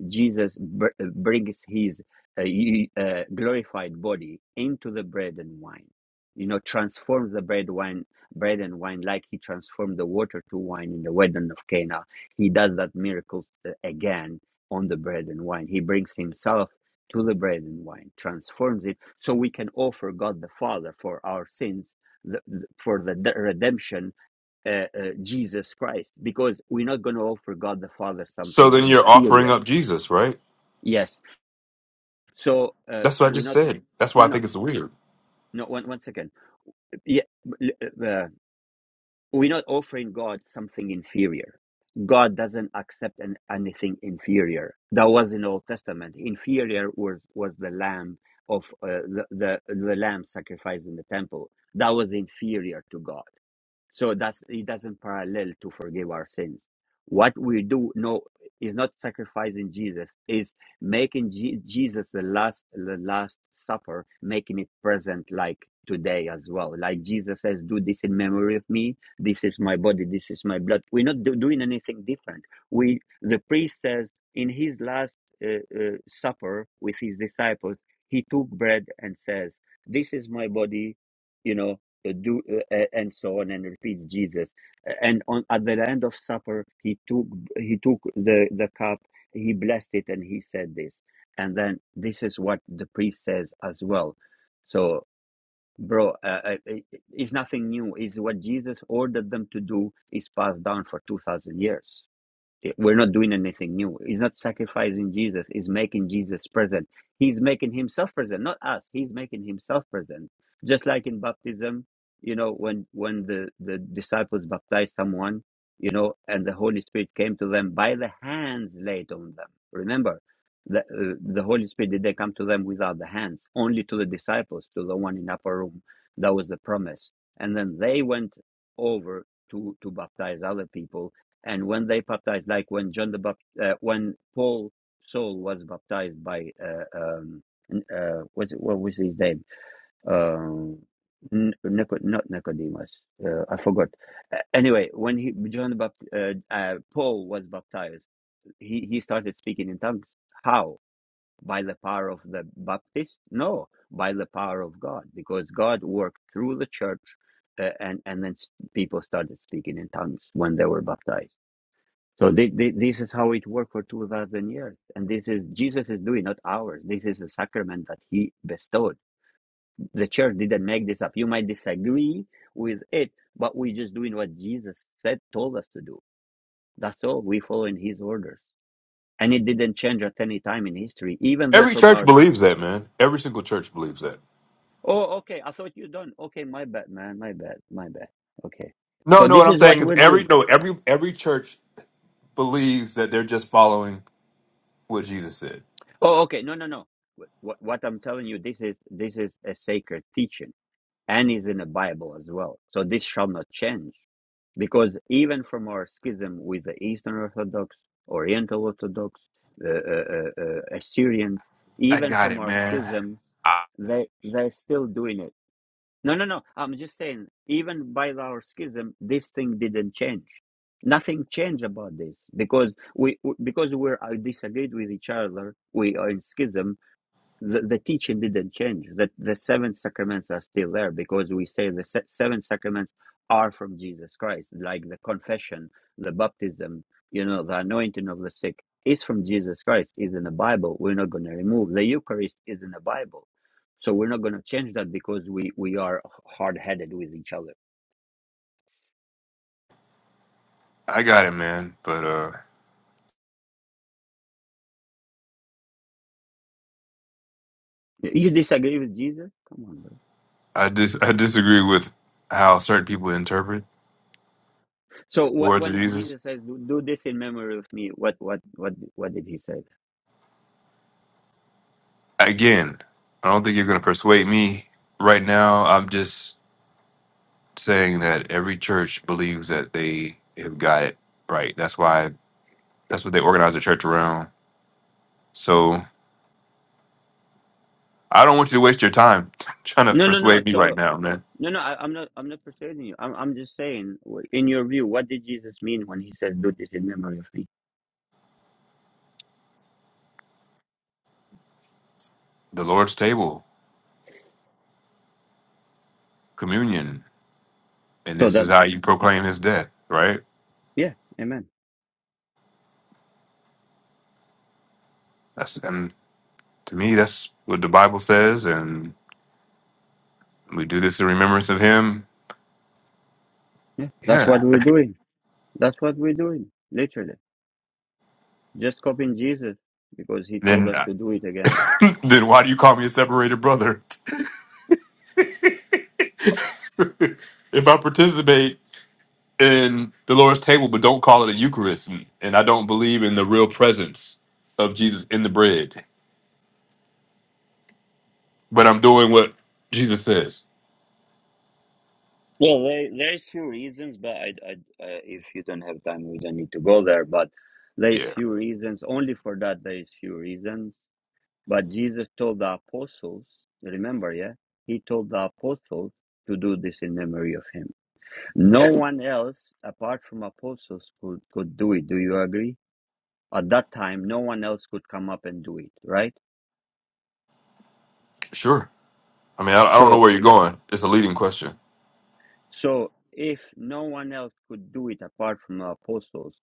Jesus br- uh, brings His uh, y- uh, glorified body into the bread and wine. You know, transforms the bread wine, bread and wine, like He transformed the water to wine in the wedding of Cana he does that miracles uh, again on the bread and wine he brings himself to the bread and wine transforms it so we can offer god the father for our sins the, the- for the de- redemption uh, uh, jesus christ because we're not going to offer god the father
So
something
then you're offering
inferior
up Jesus, right?
yes so uh,
That's what I
we're
just
not
said. That's why
no
I
no
think it's weird.
no one, one second yeah uh, We're not offering God something inferior. God doesn't accept an, anything inferior. That was in Old Testament. Inferior was was the lamb of uh, the, the the lamb sacrificed in the temple. That was inferior to God. So that's it doesn't parallel to forgive our sins. What we do no is not sacrificing Jesus, is making Je- Jesus the last the last supper, making it present like today as well. Like Jesus says, do this in memory of me. This is my body, this is my blood. We're not do- doing anything different. We the priest says in his last uh, uh, supper with his disciples, he took bread and says, this is my body, you know uh, do uh, uh, and so on and repeats jesus and on at the end of supper he took he took the the cup he blessed it and he said this and then this is what the priest says as well so bro uh, uh, it- it's nothing new is what jesus ordered them to do is passed down for 2000 years we're not doing anything new sacrificing Jesus is making Jesus present. He's making himself present, not us. He's making himself present. Just like in baptism, you know, when when the, the disciples baptized someone, you know, and the Holy Spirit came to them by the hands laid on them. Remember, the, uh, the Holy Spirit did they come to them without the hands, only to the disciples, to the one in upper room. That was the promise. And then they went over to, to baptize other people and when they baptized, like when John the Baptist, uh, when Paul Saul was baptized by uh, um, uh, what's it, what was his name? Um, N- Nico, not Nicodemus. Uh, I forgot. Uh, anyway, when he John the Baptist, uh, uh, Paul was baptized, he he started speaking in tongues. How? By the power of the Baptist? No, by the power of God, because God worked through the church, uh, and and then s- people started speaking in tongues when they were baptized. So thi- thi- this is how it worked for 2,000 years. And this is, Jesus is doing, not ours. This is a sacrament that he bestowed. The church didn't make this up. You might disagree with it, but we're just doing what Jesus said, told us to do. That's all. We follow in his orders. And it didn't change at any time in history, even though
Every
from
church
our,
believes that, man. Every single church believes that.
oh, okay, I thought you done. Okay, my bad, man. My bad. My bad. Okay.
No,
So
no,
this
what I'm
is what
saying is
we're
every
doing.
no, every every church believes that they're just following what Jesus said.
Oh, okay. No, no, no. What, what I'm telling you, this is, this is a sacred teaching and is in the Bible as well. So this shall not change. Because even from our schism with the Eastern Orthodox, Oriental Orthodox, uh, uh, uh, uh, Assyrians,
I
even
got
from
it,
our
man.
schisms,
I,
they, they're still doing it. No, no, no. I'm just saying, even by our schism, this thing didn't change. Nothing changed about this because we, because we're uh, disagreed with each other. We are in schism the, the teaching didn't change that the seven sacraments are still there because we say the se- seven sacraments are from jesus christ like the confession the baptism you know the anointing of the sick is from jesus christ is in the bible we're not going to remove the eucharist is in the bible so we're not going to change that because we we are hard-headed with each other
I got it, man. But uh
you disagree with jesus come on bro
I dis I disagree with how certain people interpret
so
the
wh-
words of
when
Jesus.
jesus says do, do this in memory of me what what what what did he say
Again, I don't think you're gonna persuade me right now. I'm just saying that every church believes that they have got it right. That's why that's what they organize the church around. So I don't want you to waste your time <laughs> trying to
no no no
persuade me right
so
now, man.
No, no, I, I'm not. I'm not persuading you. I'm. I'm just saying, w- in your view, what did Jesus mean when he says, "Do this in memory of me"?
The Lord's table, communion, and
So
this is
that,
how you proclaim his death, right?
yeah, amen.
That's and to me that's what the Bible says and we do this in remembrance of him.
That's what
Yeah.
we're doing. That's what we're doing. Literally, just copying Jesus because he told
Then
us to do it again.
<laughs> then why do you call me a separated brother? <laughs> if I participate in the Lord's table, but don't call it a Eucharist. And, and I don't believe in the real presence of Jesus in the bread. But I'm doing what Jesus says.
Well, there, there's few reasons, but I, I, uh, if you don't have time, we don't need to go there. But there's
Yeah,
few reasons. Only for that, there is few reasons. But Jesus told the apostles. Remember, yeah, he told the apostles to do this in memory of him. No one else apart from apostles could, could do it. Do you agree? At that time, no one else could come up and do it, right?
sure. I mean, I, I don't know
So,
where you're going. It's a leading question.
so if no one else could do it apart from the apostles,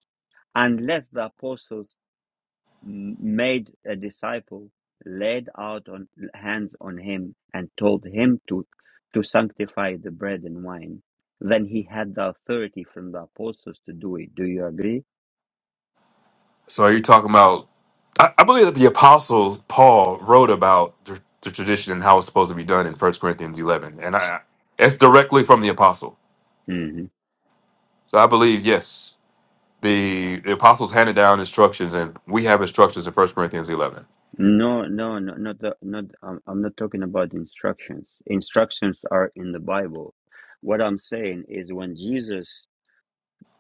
unless the apostles m- made a disciple, laid out on hands on him and told him to, to sanctify the bread and wine, then he had the authority from the apostles to do it. Do you agree?
So are you talking about? I, I believe that the Apostle Paul wrote about the, the tradition and how it's supposed to be done in First Corinthians 11, and I it's directly from the Apostle.
Mm-hmm.
So I believe yes, the, the Apostles handed down instructions, and we have instructions in First Corinthians 11.
No, no, no, not the, not. I'm, I'm not talking about instructions. Instructions are in the Bible. What I'm saying is when Jesus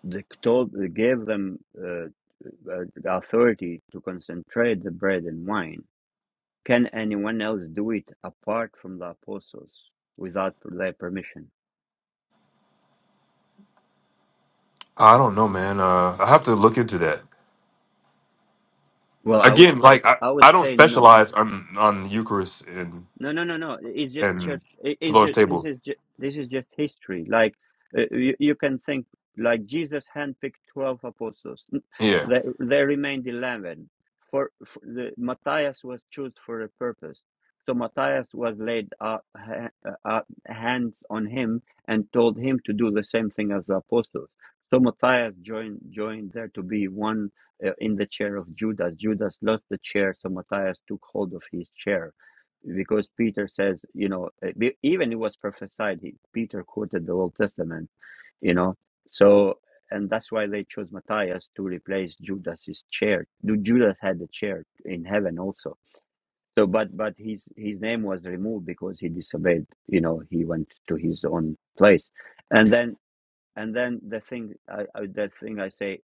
the, told, gave them uh, uh, the authority to concentrate the bread and wine. Can anyone else do it apart from the apostles without their permission?
I don't know, man. Uh, I have to look into that
Well, I would
again.
say,
Like I,
I would
I don't
say no
specialize on on Eucharist and
No, no, no, no. It's just
and
church. it-
the
It's
Lord's
just this
table.
is just, this is just history. Like uh, you, you can think like Jesus handpicked twelve apostles. N-
Yeah.
There, there remained eleven. For, for the Matthias was chosen for a purpose. So Matthias was laid uh, ha, uh, hands on him and told him to do the same thing as the apostles. So Matthias joined joined there to be one uh, in the chair of Judas. Judas lost the chair, so Matthias took hold of his chair because Peter says, you know, uh, even it was prophesied. He, Peter quoted the Old Testament, you know. So, and that's why they chose Matthias to replace Judas's chair. Ju- Judas had a chair in heaven also. So, but but his his name was removed because he disobeyed. You know, he went to his own place, and then and I, I, that thing I say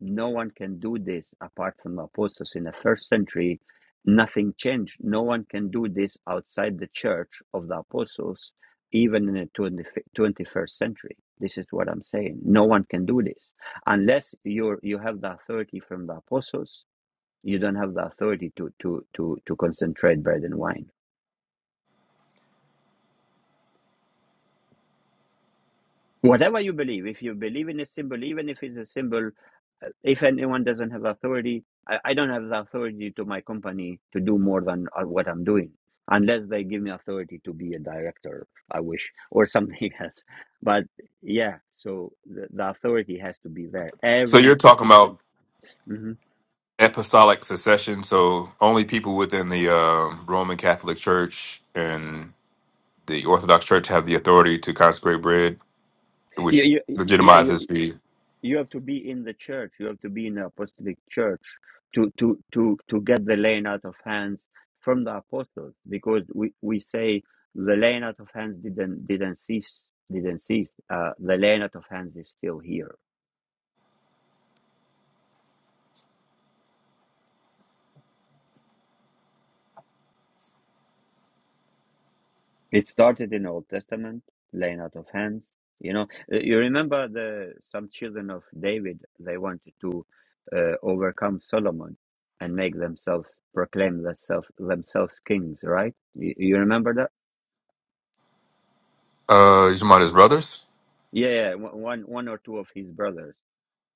no one can do this apart from apostles in the first century. Nothing changed. No one can do this outside the church of the apostles, even in the 20 twenty-first century. This is this. And authority from the apostles, you mine. Whatever you believe, if you believe in a symbol, even if it's a symbol If anyone doesn't have authority, I, I don't have the authority to my company to do more than uh, what I'm doing, unless they give me authority to be a director, I wish, or something <laughs> else. But yeah, so the, the authority has to be there.
So
Every
you're talking
institution.
about
hmm
apostolic succession. So only people within the um Roman Catholic Church and the Orthodox Church have the authority to consecrate bread, which
You, you, yeah, you,
legitimizes the.
you have to be in the church, you have to be in the apostolic church to to to to get the laying out of hands from the apostles because we we say the laying out of hands didn't didn't cease didn't cease uh, the laying out of hands here it's lands you know Uh, you remember the some children of david they wanted to uh, overcome solomon and make themselves proclaim themselves themselves kings right you, you remember that
Uh, you're talking about his brothers?
yeah, yeah one one or two of his brothers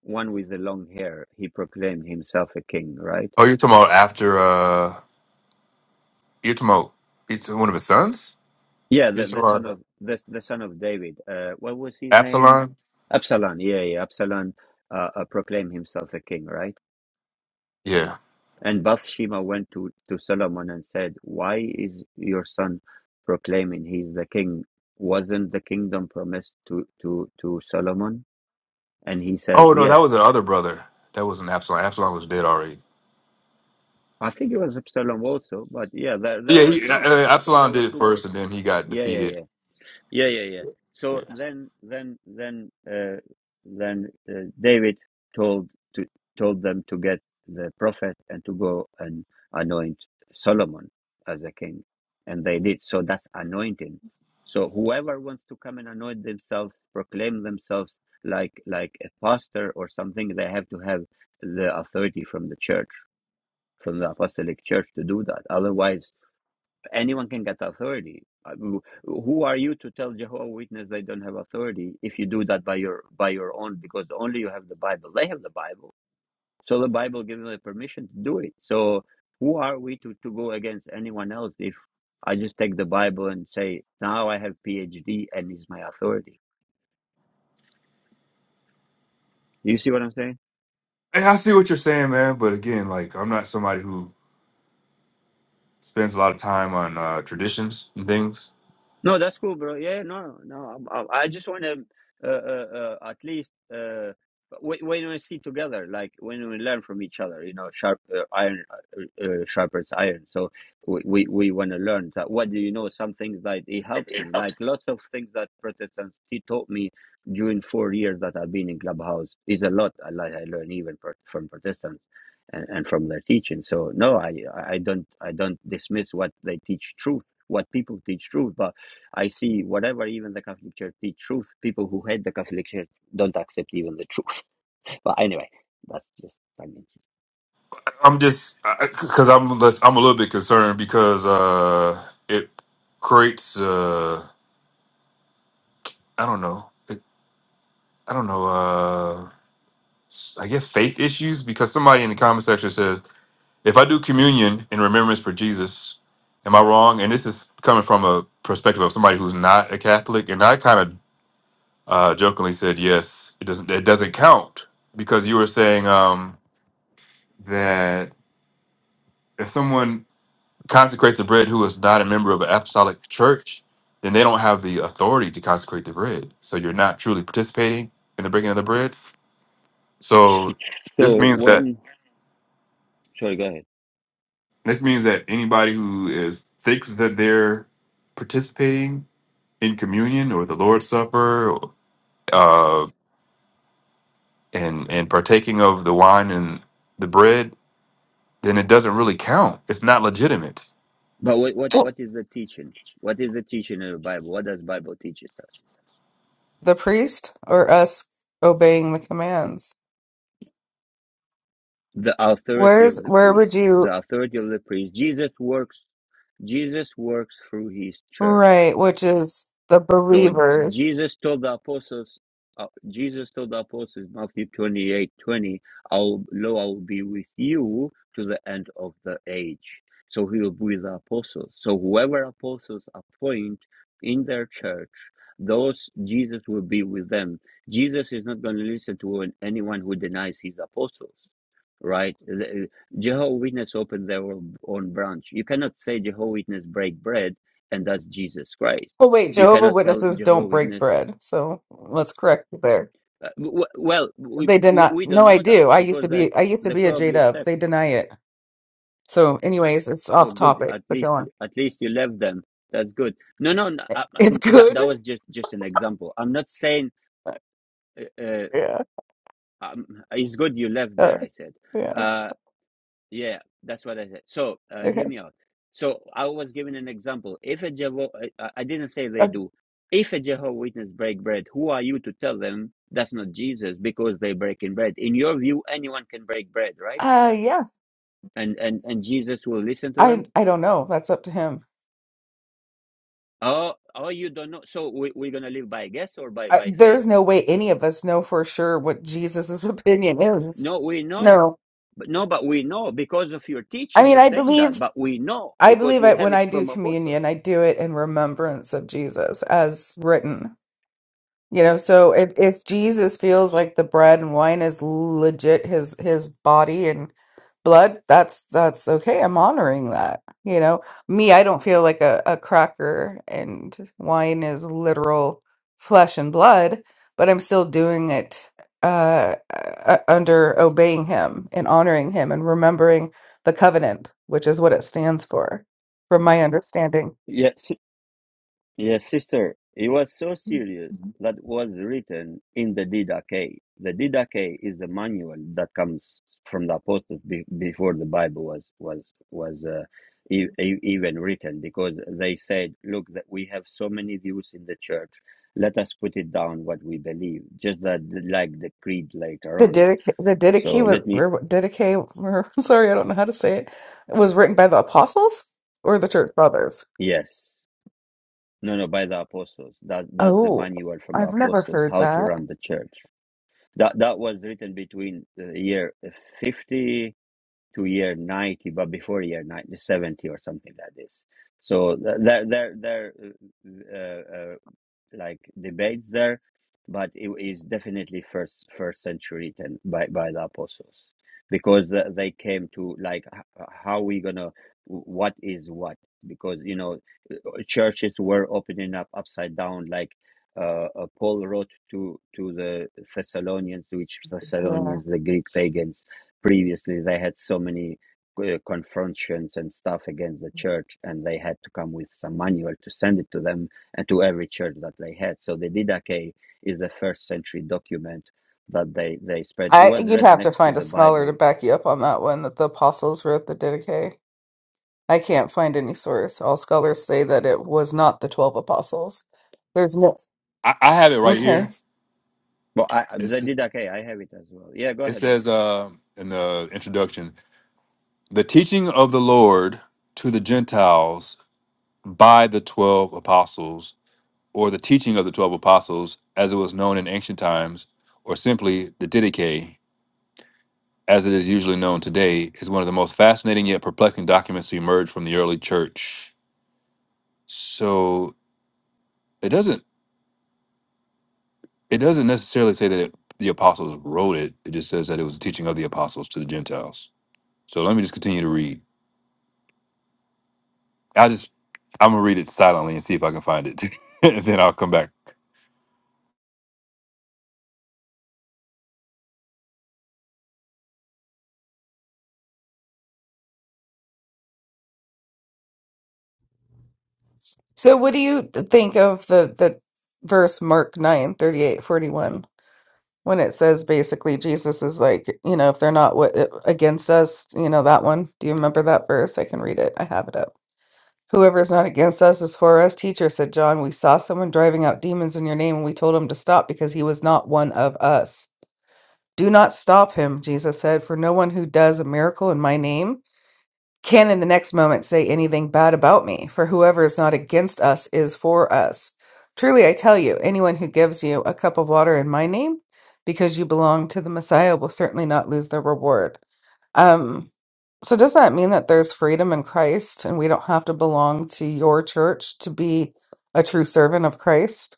one with the long hair he proclaimed himself right
Oh, you're talking about after. Uh, you're talking about you're talking- one of his sons.
Yeah,
You're
the, the
talking
son
about
of the the son of David. Uh, what was his name?
Absalom.
Absalom. Yeah, yeah. Absalom uh, uh, proclaimed himself a king, right?
Yeah.
And Bathsheba went to to Solomon and said, "Why is your son proclaiming he's the king? Wasn't the kingdom promised to to to Solomon?" And he
Oh
says,
no, that
"Yes."
was the other brother. That wasn't Absalom. Absalom was dead already.
I think it was Absalom also, but yeah, there there
Yeah,
were
he,
two.
uh,
I think
Absalom
there were
did it
two
first,
brothers.
and then he got
Yeah, yeah, yeah.
defeated.
Yeah, yeah, yeah.
Yeah.
So then, then, then, uh, then uh, David told to told them to get the prophet and to go and anoint Solomon as a king, and they did. So that's anointing. So whoever wants to come and anoint themselves, proclaim themselves like like a pastor or something, they have to have the authority from the church, from the apostolic church, to do that. Otherwise Anyone can get authority. Uh, who are you to tell Jehovah Witness they don't have authority if you do that by your by your own? Because only you have the Bible. They have the Bible, so the Bible gives them the permission to do it. So who are we to to go against anyone else if I just take the Bible and say now I have PhD and is my authority? Do you see what I'm saying?
Hey, I see what you're saying, man. But again, like I'm not somebody who spends a lot of time on uh, traditions and things.
No, that's cool, bro. Yeah, yeah, no, no. I, I I just want to uh, uh, uh, at least uh, when, when we see together, like when we learn from each other, you know, sharp uh, iron uh, uh, sharpens iron. So we we, we want to learn that. What do you know? Some things that it helps me, like lots of things that Protestants he taught me during four years that I've been in Clubhouse is a lot. I like I learn even pro- from Protestants. And, and from their teaching, so no, I I don't I don't dismiss what they teach truth, what people teach truth, but I see whatever even the Catholic Church teach truth, people who hate the Catholic Church don't accept even the truth. <laughs> But anyway, that's just I mean.
I'm just because I'm less- I'm a little bit concerned because uh, it creates uh, I don't know it, I don't know uh, I guess faith issues because somebody in the comment section says If I do communion in remembrance for Jesus, am I wrong? And this is coming from a perspective of somebody who's not a Catholic. And I kind of uh, jokingly said, yes, it doesn't it doesn't count because you were saying um, that if someone consecrates the bread who is not a member of an apostolic church, then they don't have the authority to consecrate the bread. So you're not truly participating in the breaking of the bread.
<laughs>
So this
so
means that
when sorry, go ahead.
this means that anybody who is thinks that they're participating in communion or the Lord's Supper uh, and and partaking of the wine and the bread, then it doesn't really count. It's not legitimate.
But what what
Oh,
what is the teaching? What is the teaching in the Bible? What does Bible teaches us?
The priest or us obeying the commands?
The authority
Where's
of the
where would
priest.
you
The authority of the priest. Jesus works Jesus works through his church.
right, which is the
So
believers.
Jesus told the apostles, uh, Jesus told the apostles, Matthew 28:20, I'll, Lo, I will be with you to the end of the age. So he will be with the apostles. So whoever apostles appoint in their church, those Jesus will be with them. Jesus is not going to listen to anyone who denies his apostles. Right, The- Jehovah Witness opened their own own branch. You cannot say Jehovah Witness break bread, and that's Jesus Christ
Oh wait,
you
Jehovah
cannot tell
Witnesses
Jehovah
don't break
Witness.
bread. So let's correct you there.
Uh, w- well, we,
They did
we
not
we don't
no, I
know that
do. I used
because
to be
there's
I used to
they're
be a J
probably
dub. They
sects.
deny it. So anyways, it's
Oh,
off
good.
topic,
At
but go
least
on. <laughs>
at least you left them. That's good. No, no, no uh, uh,
It's
that
good.
that was just just an example. I'm not saying uh, uh,
Yeah.
um, it's good you left
Uh,
there. I said.
yeah.
uh, Yeah, that's what I said. So, uh, hear
Okay.
me out. So, I was giving an example. If a Jehovah, I, I didn't say they
Uh,
do. If a Jehovah Witness break bread, who are you to tell them that's not Jesus because they breaking bread? In your view, anyone can break bread, right?
uh yeah.
And and and Jesus will listen to
I
them.
I don't know. That's up to him.
Oh, oh, you don't know. So we we're gonna live by guess or by
I,
by faith?
there's no way any of us know for sure what Jesus's <laughs> opinion is.
No, we know.
No,
But no, but we know because of your
I
teaching.
mean,
You're
I
saying that,
believe,
but we know
I
because
believe
we
I,
have
when
it
I do
from apostles.
communion, I do it in remembrance of Jesus as written. You know, so if if Jesus feels like the bread and wine is legit his his body and blood, that's that's okay. I'm honoring that. You know, me, I don't feel like a, a cracker and wine is literal flesh and blood, but I'm still doing it uh, uh uh, under obeying him and honoring him and remembering the covenant, which is what it stands for, from my understanding.
Yes, Yes, sister. It was so serious that was written in the Didache. The Didache is the manual that comes from the apostles be- before the Bible was was was uh, e- e- even written, because they said, "Look, that we have so many views in the church. Let us put it down what we believe, just that like the creed later
The
on."
Didache, the
So
Didache was
let me.
or Didache. or- <laughs> Sorry, I don't know how to say it. Was written by the apostles or the church fathers?
Yes, no, no, by the apostles. That that's the
Oh,
manual from the
I've never
apostles
heard
how to
that.
run the church. That that was written between the year fifty to year ninety, but before year 90, 70 or something like this. So th- there there there uh, uh, like debates there, but it is definitely first first century written by by the apostles because the- they came to like h- how we gonna what is what because you know churches were opening up upside down, like uh, uh, Paul wrote to to the Thessalonians, which
Yeah,
Thessalonians, the Greek pagans, previously they had so many uh, confrontations and stuff against the church, and they had to come with some manual to send it to them and to every church that they had. So the Didache is the first century document that they they spread. It
I
was
you'd
read
have to
next to
find a
the
scholar to
Bible.
back you up on that one that the apostles wrote the Didache. I can't find any source. All scholars say that it was not the 12 apostles. There's no.
I, I have it right
Okay.
here.
But I, the
It's,
Didache, I have it as well. Yeah, go
it
ahead, bro.
says uh, in the introduction the teaching of the Lord to the Gentiles by the 12 apostles, or the teaching of the 12 apostles as it was known in ancient times, or simply the Didache. as it is usually known today, is one of the most fascinating yet perplexing documents to emerge from the early church. So it doesn't it doesn't necessarily say that it, the apostles wrote it. It just says that it was the teaching of the apostles to the Gentiles. So let me just continue to read. I just I'm gonna read it silently and see if I can find it, <laughs> and then I'll come back.
So what do you think of the the verse Mark 9 38 41 when it says basically Jesus is like, you know, if they're not what against us, you know that one. Do you remember that verse? I can read it. I have it up. Whoever is not against us is for us. Teacher said John, we saw someone driving out demons in your name and we told him to stop because he was not one of us. Do not stop him, Jesus said, for no one who does a miracle in my name can in the next moment say anything bad about me, for whoever is not against us is for us. Truly I tell you, anyone who gives you a cup of water in my name, because you belong to the Messiah, will certainly not lose their reward. Um, so does that mean that there's freedom in Christ and we don't have to belong to your church to be a true servant of Christ?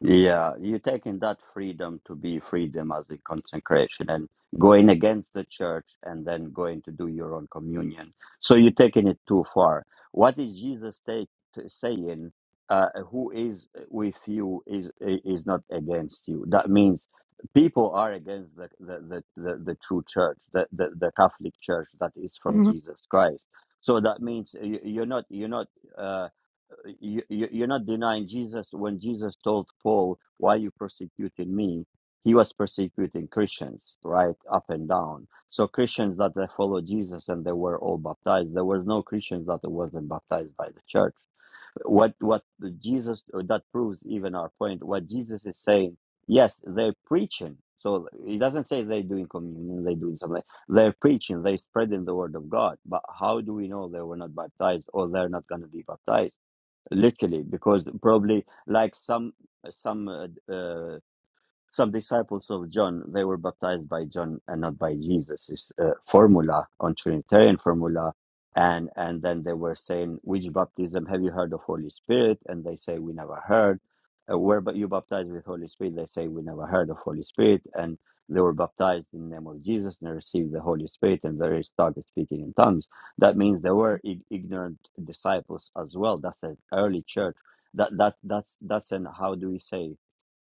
Yeah, you're taking that freedom to be freedom as a consecration and going against the church and then going to do your own communion. So you're taking it too far. What is Jesus take, saying? Uh, who is with you is is not against you. That means people are against the the, the, the, the true church, the, the the Catholic Church that is from
Mhm.
Jesus Christ. So that means you- you're not you're not. Uh, you, you- you're not denying Jesus when Jesus told Paul, "Why you persecuting me?" He was persecuting Christians, right, up and down. So Christians that they followed Jesus and they were all baptized. There was no Christians that wasn't baptized by the church. What what Jesus that proves even our point. What Jesus is saying, yes, they're preaching. So he doesn't say they're doing communion, they're doing something. They're preaching, they're spreading the word of God. But how do we know they were not baptized or they're not going to be baptized? literally because probably like some some uh, uh, some disciples of John, they were baptized by John and not by Jesus. It's a formula on Trinitarian formula. And, and then they were saying, which baptism have you heard of Holy Spirit? And they say, we never heard. Uh, where but you baptized with Holy Spirit? They say, we never heard of Holy Spirit. And they were baptized in the name of Jesus and they received the Holy Spirit and they started speaking in tongues. That means they were ig- ignorant disciples as well. That's the early church. That, that, that's, that's an, how do we say?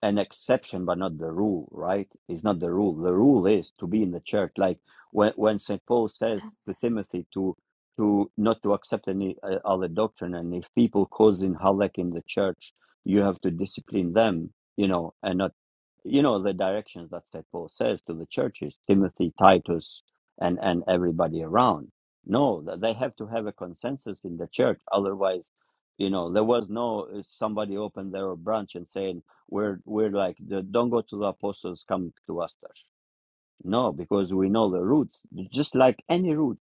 an exception but not the rule right it's not the rule the rule is to be in the church like when, when st paul says to timothy to to not to accept any uh, other doctrine and if people causing havoc in the church you have to discipline them you know and not you know the directions that St. Paul says to the churches, Timothy, Titus, and and everybody around. No, that they have to have a consensus in the church. Otherwise, you know, there was no uh, somebody open their branch and saying we're we're like the, don't go to the apostles, come to us first. No, because we know the roots. Just like any root,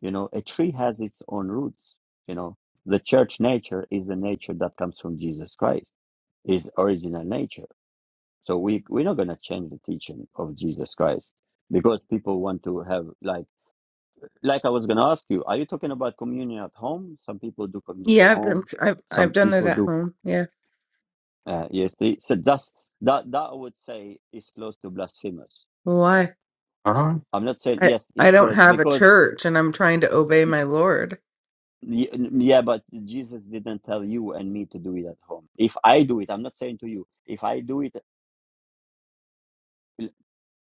you know, a tree has its own roots. You know, the church nature is the nature that comes from Jesus Christ, is original nature so we we're not gonna change the teaching of Jesus Christ because people want to have like like I was gonna ask you, are you talking about communion at home? Some people do communion at
Yeah, I've done
home.
I've I've
Some
done it
people
at
do
home. Yeah.
uh, yes. so that's that that I would say is close to blasphemous.
Why?
Uh-huh.
I'm not saying
I
yes,
I
it's
don't
close
have a
because
church and I'm trying to obey my Lord.
y- yeah, but Jesus didn't tell you and me to do it at home. If I do it, I'm not saying to you. If I do it,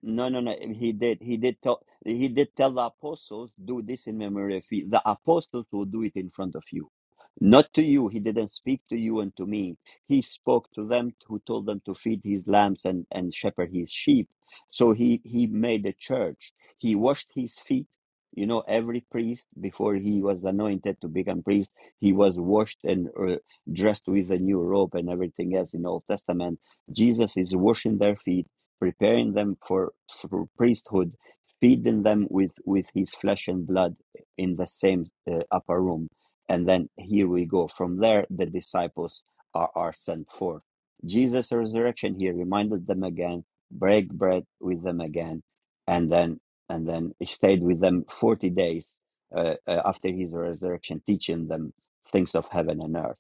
no, no, no. He did. He did tell. He did tell the apostles. The apostles to few. No, He them who told them to feed lambs and, and shepherd his sheep. So he, he made a church. He washed his feet. You know, every priest before he was anointed to become priest, he was washed and uh, dressed with a new robe and everything else in the Old Testament. Jesus is washing their feet, preparing them for, for priesthood, feeding them with, with his flesh and blood in the same uh, upper room. And then here we go. From there, the disciples are, are sent forth Jesus' resurrection, he reminded them again, break bread with them again, and then and then he stayed with them forty days uh, uh, after his resurrection, teaching them things of heaven and earth.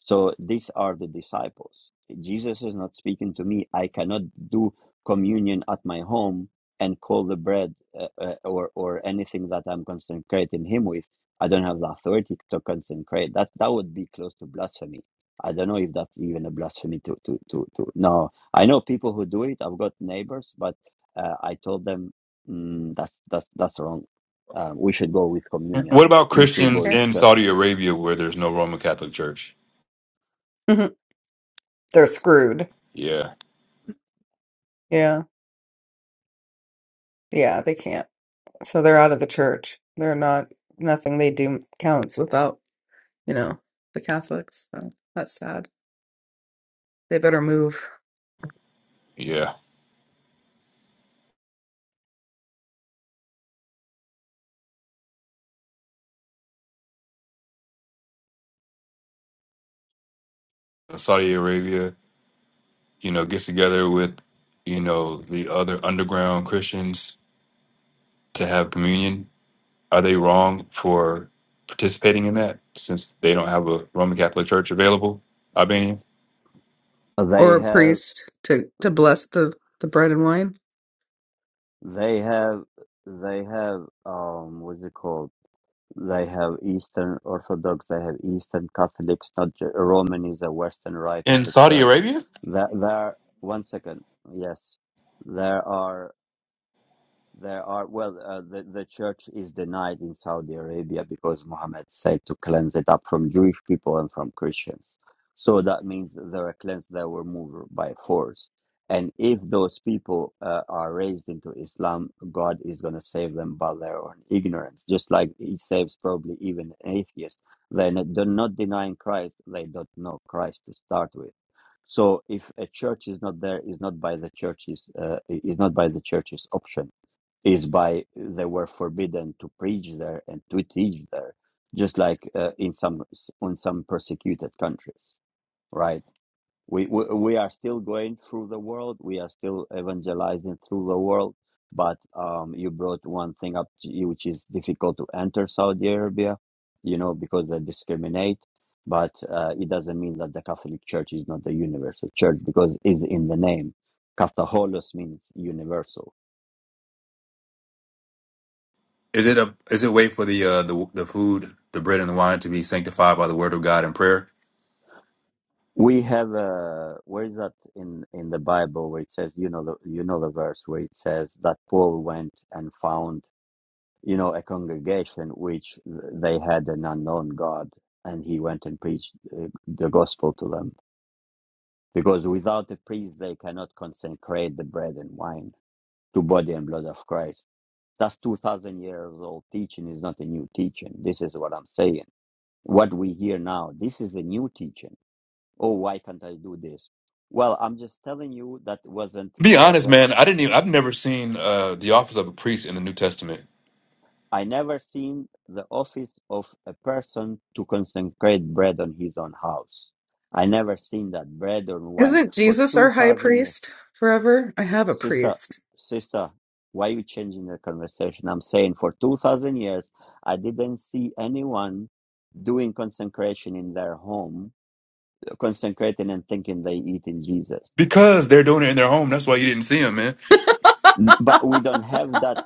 So these are the disciples. Jesus is not speaking to me. I cannot do communion at my home and call the bread uh, uh, or or anything that I'm consecrating him with. I don't have the authority to consecrate. That that would be close to blasphemy I don't know if that's even a blasphemy to to to to. No, I know people who do it. I've got neighbors, but uh, I told them mm, that's that's that's wrong. Um, we should go with communion.
What about
We should go
Christians
Okay.
with
in
church.
Saudi Arabia where there's no Roman Catholic Church?
Mhm. They're screwed.
Yeah,
Yeah. Yeah, they can't. So they're out of the church. They're not, nothing they do counts without, you know, the Catholics. So that's sad. They better move
yeah. Saudi Arabia you know, gets together with, you know, the other underground Christians to have communion, are they wrong for participating in that since they don't have a Roman Catholic Church available? Albania
or
They
a
have
priest to to bless the the bread and wine.
they have they have um what's it called? They have Eastern Orthodox. They have Eastern Catholics. Not Ge- Roman is a Western rite of
in
the
Saudi
church.
Arabia?
There there one second. Yes, there are. There are well, uh, the the church is denied in Saudi Arabia because Muhammad said to cleanse it up from Jewish people and from Christians. So that means that they were cleansed, they were moved by force. And if those people uh, are raised into Islam, God is going to save them by their own ignorance, just like He saves probably even atheists. They're not, they're not denying Christ; they don't know Christ to start with. So if a church is not there, is not by the church's uh, is not by the church's option is by they were forbidden to preach there and to teach there, just like uh, in some in some persecuted countries, right? We, we we are still going through the world. We are still evangelizing through the world. But um, you brought one thing up, to you, which is difficult to enter Saudi Arabia, you know, because they discriminate. But uh, it doesn't mean that the Catholic Church is not the universal church because it's in the name. Catholicos means universal
Is it a is it wait for the uh the the food, the bread and the wine to be sanctified by the word of God and prayer?
We have uh where is that in in the Bible where it says you know the you know the verse where it says that Paul went and found you know a congregation which they had an unknown God and he went and preached uh, the gospel to them because without a priest they cannot consecrate the bread and wine to body and blood of Christ. That's two thousand years old teaching is not a new teaching. This is what I'm saying. What we hear now, this is a new teaching oh, why can't I do this? Well, I'm just telling you that wasn't
Be honest,
present.
man. I didn't even. I've never seen uh the office of a priest in the New Testament
I never seen the office of a person to consecrate bread on his own house. I never seen that bread or wine
Isn't
for
Jesus
two
our high
thousand years.
priest forever? I have a
Sister,
priest.
sister, why you changing the conversation? I'm saying for two thousand years, I didn't see anyone doing consecration in their home, consecrating and thinking they eat in Jesus.
because they're doing it in their home. That's why you didn't see him, man.
N-
<laughs>
But we don't have that.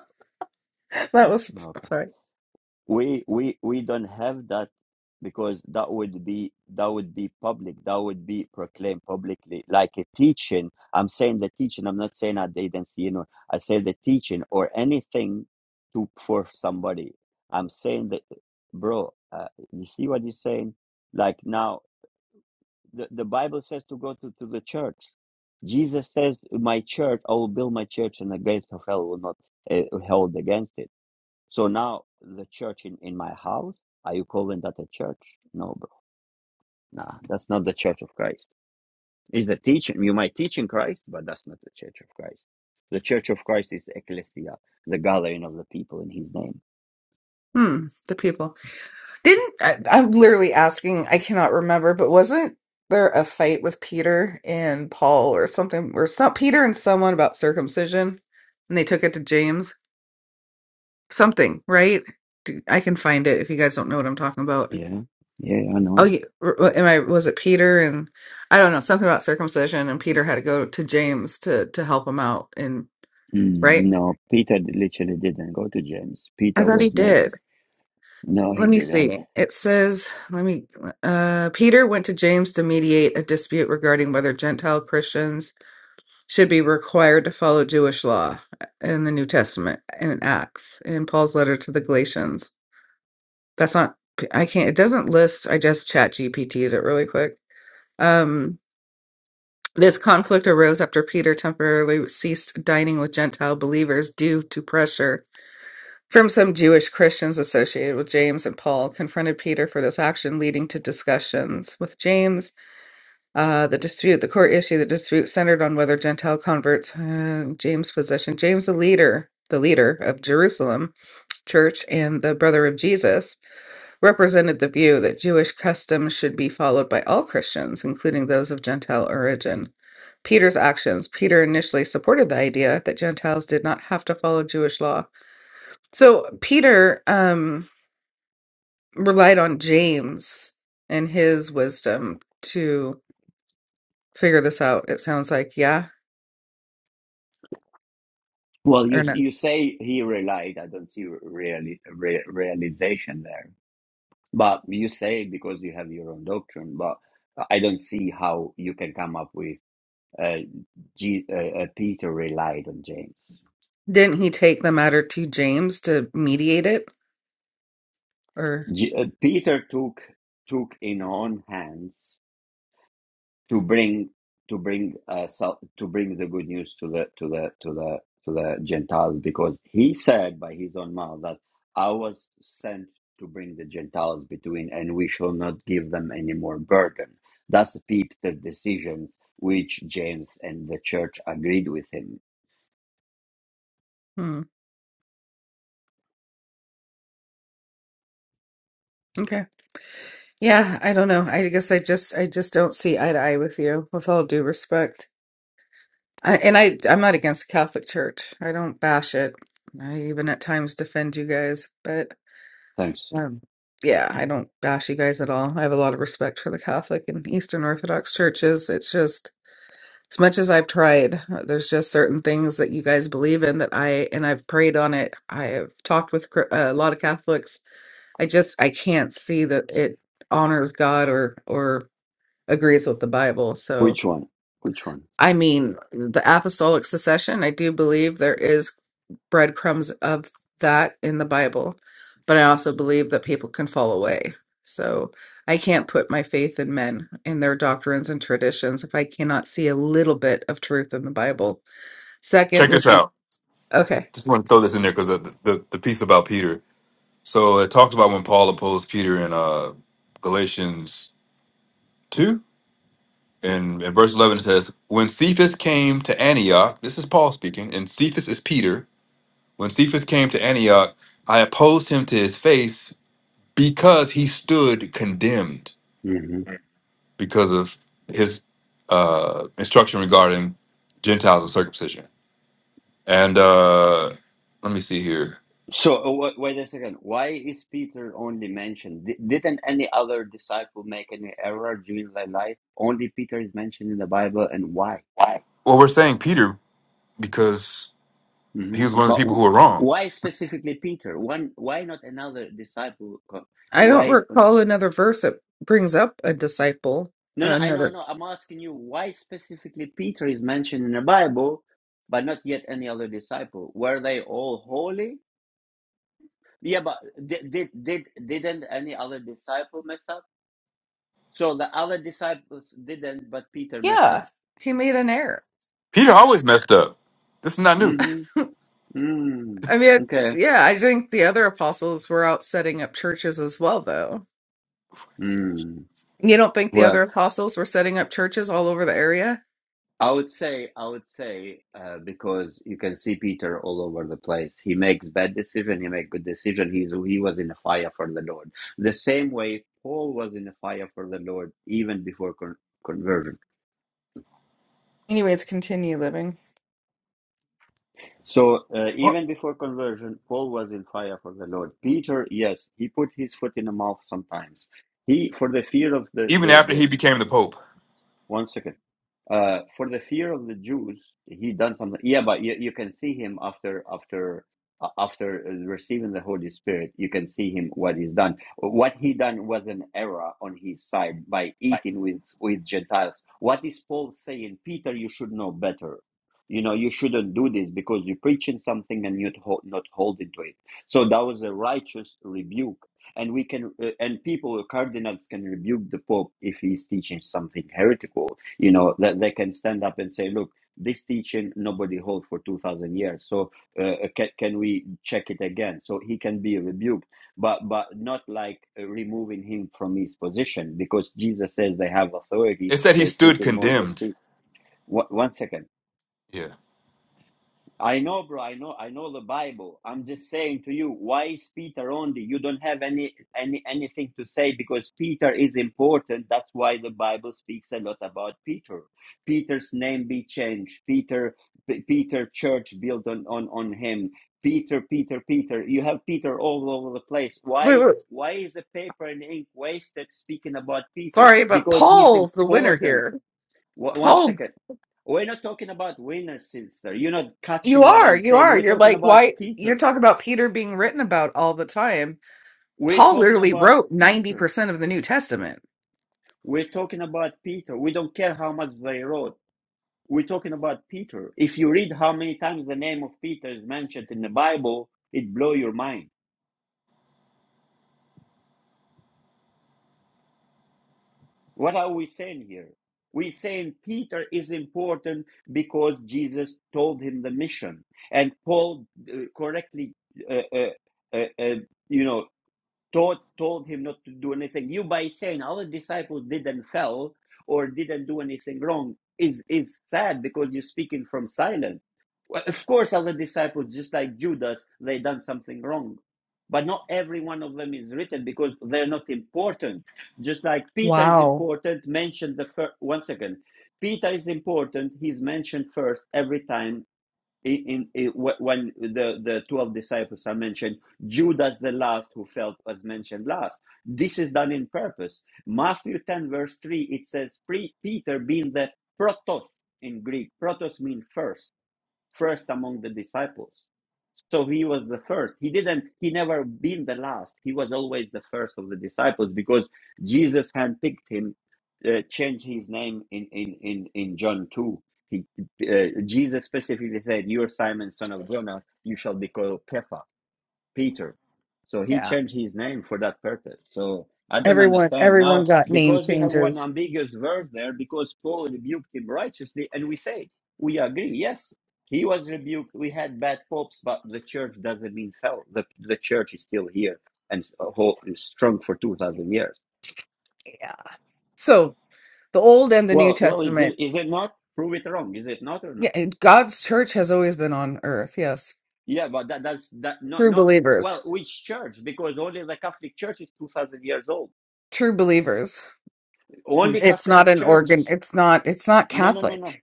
That was
Okay
sorry.
we we we don't have that because that would be that would be public that would be proclaimed publicly like a teaching i'm saying the teaching i'm not saying at the agency you know i say the teaching or anything to for somebody i'm saying that bro uh, you see what you're saying like now the, the bible says to go to, to the church jesus says my church i will build my church and the gates of hell will not uh, hold against it so now the church in, in my house, are you calling that a church? No, bro. Nah, that's not the church of Christ. It's the teaching. You might teach in Christ, but that's not the church of Christ. The church of Christ is ecclesia, the gathering of the people in his name.
Hmm. The people. Didn't I, I'm literally asking, I cannot remember, but wasn't there a fight with Peter and Paul or something, or some Peter and someone about circumcision, and they took it to James? Something, right? Do- I can find it if you guys don't know what I'm talking about.
Yeah. Yeah, I
Oh,
know.
yeah, r- r- am I? Was it Peter and I don't know something about circumcision, and Peter had to go to James to to help him out, and
Mm,
right?
no, Peter literally didn't go to James.
I
Peter
thought he
was made.
did.
No, he
let me
didn't.
see. It says, let me, uh, Peter went to James to mediate a dispute regarding whether Gentile Christians should be required to follow Jewish law in the New Testament in Acts in Paul's letter to the Galatians. That's not, I can't, it doesn't list. I just chat GPT'd it really quick. Um, this conflict arose after Peter temporarily ceased dining with Gentile believers due to pressure from some Jewish Christians associated with James and Paul confronted Peter for this action, leading to discussions with James. Uh, the dispute, the core issue, the dispute centered on whether Gentile converts uh, James' position, James, the leader, the leader of Jerusalem Church and the brother of Jesus, represented the view that Jewish customs should be followed by all Christians, including those of Gentile origin. Peter's actions. Peter initially supported the idea that Gentiles did not have to follow Jewish law. So Peter, um, relied on James and his wisdom to figure this out. It sounds like, yeah,
Well, you
or no?
you say he relied. I don't see really re- realization there. But you say it because you have your own doctrine, but I don't see how you can come up with uh, G, uh, uh, Peter relied on James.
Didn't he take the matter to James to mediate it? Or
G, uh, Peter took took in own hands to bring to bring uh, sal- to bring the good news to the to the to the to the Gentiles because he said by his own mouth that I was sent to bring the Gentiles between and we shall not give them any more burden. Thus, That's the decisions which James and the church agreed with him.
hmm, okay, yeah, I don't know. I guess I just I just don't see eye to eye with you. With all due respect, I, and I I'm not against the Catholic Church. I don't bash it. I even at times defend you guys, but
Thanks.
um, yeah, I don't bash you guys at all. I have a lot of respect for the Catholic and Eastern Orthodox churches. It's just As much as I've tried, uh, there's just certain things that you guys believe in that I, and I've prayed on it. I have talked with Chri- a lot of Catholics. I just, I can't see that it honors God or, or agrees with the Bible. So,
Which one? Which one?
I mean, the apostolic succession, I do believe there is breadcrumbs of that in the Bible, but I also believe that people can fall away. So, I can't put my faith in men and their doctrines and traditions if I cannot see a little bit of truth in the Bible. Second
Check
would
this
be
out.
okay.
Just want to throw this in there because the, the the piece about Peter. So it talks about when Paul opposed Peter in uh, Galatians 2. And in verse 11, it says, When Cephas came to Antioch, this is Paul speaking, and Cephas is Peter. When Cephas came to Antioch, I opposed him to his face because he stood condemned because of his uh, instruction regarding Gentiles and circumcision. And uh, let me see here.
So uh, wa- wait a second. Why is Peter only mentioned? Di- Didn't any other disciple make any error during their life? Only Peter is mentioned in the Bible, and why?
Well, we're saying Peter because he
hmm
was one of the
But
people who
w-
were wrong.
why specifically Peter? One, why not another disciple? Co-
I don't
Why?
recall another verse that brings up a disciple.
No, no, I know, I
Another
know. I'm asking you why specifically Peter is mentioned in the Bible, but not yet any other disciple. Were they all holy? Yeah, but did did, did didn't any other disciple mess up? So the other disciples didn't, but Peter messed
yeah,
up.
he made an error.
Peter always messed up. This is not new.
hmm
<laughs>
Mm,
I mean,
okay.
yeah, I think the other apostles were out setting up churches as well, though.
Mm.
You don't think the
Well,
other apostles were setting up churches all over the area?
I would say, I would say, uh, because you can see Peter all over the place. He makes bad decision. He makes good decision. He's he was in a fire for the Lord. The same way Paul was in a fire for the Lord even before con- conversion.
Anyways, continue living.
So uh,
What?
even before conversion, Paul was in fire for the Lord. Peter, yes, he put his foot in the mouth sometimes. He for
Even after
the
he became the Pope,
one second. Uh, for the fear of the Jews, he done something. Yeah, but you, you can see him after after uh, after receiving the Holy Spirit. You can see him what he's done. Satan was an error on his side by
Like
eating with, with Gentiles. What is Paul saying? Peter, you should know better. You know, you shouldn't do this because you're preaching something and you're ho- not holding to it. So that was a righteous rebuke. And we can, uh, and people, cardinals can rebuke the Pope if he's teaching something heretical. You know, that they can stand up and say, look, this teaching nobody holds for 2000 years. So uh, uh, can, can we check it again? So he can be rebuked but but not like uh, removing him from his position because jesus says they have authority
it said he
they sit
stood
in moses
condemned.
seat Wha- one second
Yeah.
I know, bro. I know. I know the Bible. I'm just saying to you, why is Peter only? You don't have any any anything to say because Peter is important. That's why the Bible speaks a lot about Peter. Peter's name be changed. Peter, P- Peter Church built on on on him. Peter, Peter, Peter. You have Peter all over the place.
Wait,
Why?
wait.
Why is the paper and ink wasted speaking about Peter?
Sorry, but
Because he's
Paul's the winner
important.
here.
Wha- One
Paul,
second. We're not talking about winner, sister. You're not
you
catching what
are,
I'm
you
saying.
are.
We're
You're
talking
like,
about
why? You're
Peter.
talking about Peter being written about all the time.
We're
Paul literally
about
wrote
Peter.
90% of the New Testament.
We're talking about Peter. We don't care how much they wrote. We're talking about Peter. If you read how many times the name of Peter is mentioned in the Bible, it's mine. What reason beacon and all uh, uh, uh, uh, uh, you know toil. do anything wrong is is sad because you're speaking from silence. Well, of course, other disciples, just like Judas, they done something wrong, but not every one of them is written because they're not important. Just like Peter is
Wow.
important, mentioned the first. One second, Peter is important. He's mentioned first every time in, in, when the the 12 disciples are mentioned judas the last who fell was mentioned last this is done in purpose matthew 10 verse 3 it says pre- peter being the protos in greek protos means first first among the disciples so he was the first. He didn't, he never been the last. He was always the first of the disciples because Jesus handpicked him, uh, changed his name in, in, in, in John 2. He, uh, Jesus specifically said, You are Simon, son of Jonah, you shall be called Kepha Peter. So he
Yeah.
changed his name for that purpose. So I don't
Everyone
understand. Now,
everyone got name
because you have one
changes.
ambiguous verse there, because Paul rebuked him righteously, and we say, we agree, yes, he was rebuked. We had bad popes, but the church doesn't mean fell. The, the church is still here and s- whole, strong for 2,000 years.
Yeah. So the Old and the New
Well, well, is it,
Testament.
is it not? Prove it wrong. Is it not or
Yeah.
not?
and God's church has always been on earth. Yes.
Yeah, but that, that's that not
True
not
believers.
well. Which church? Because only the Catholic Church is two thousand years old.
True believers.
Only
It's not
Catholic
an
Church
organ. It's not, it's not
No, no, no, no.
Catholic.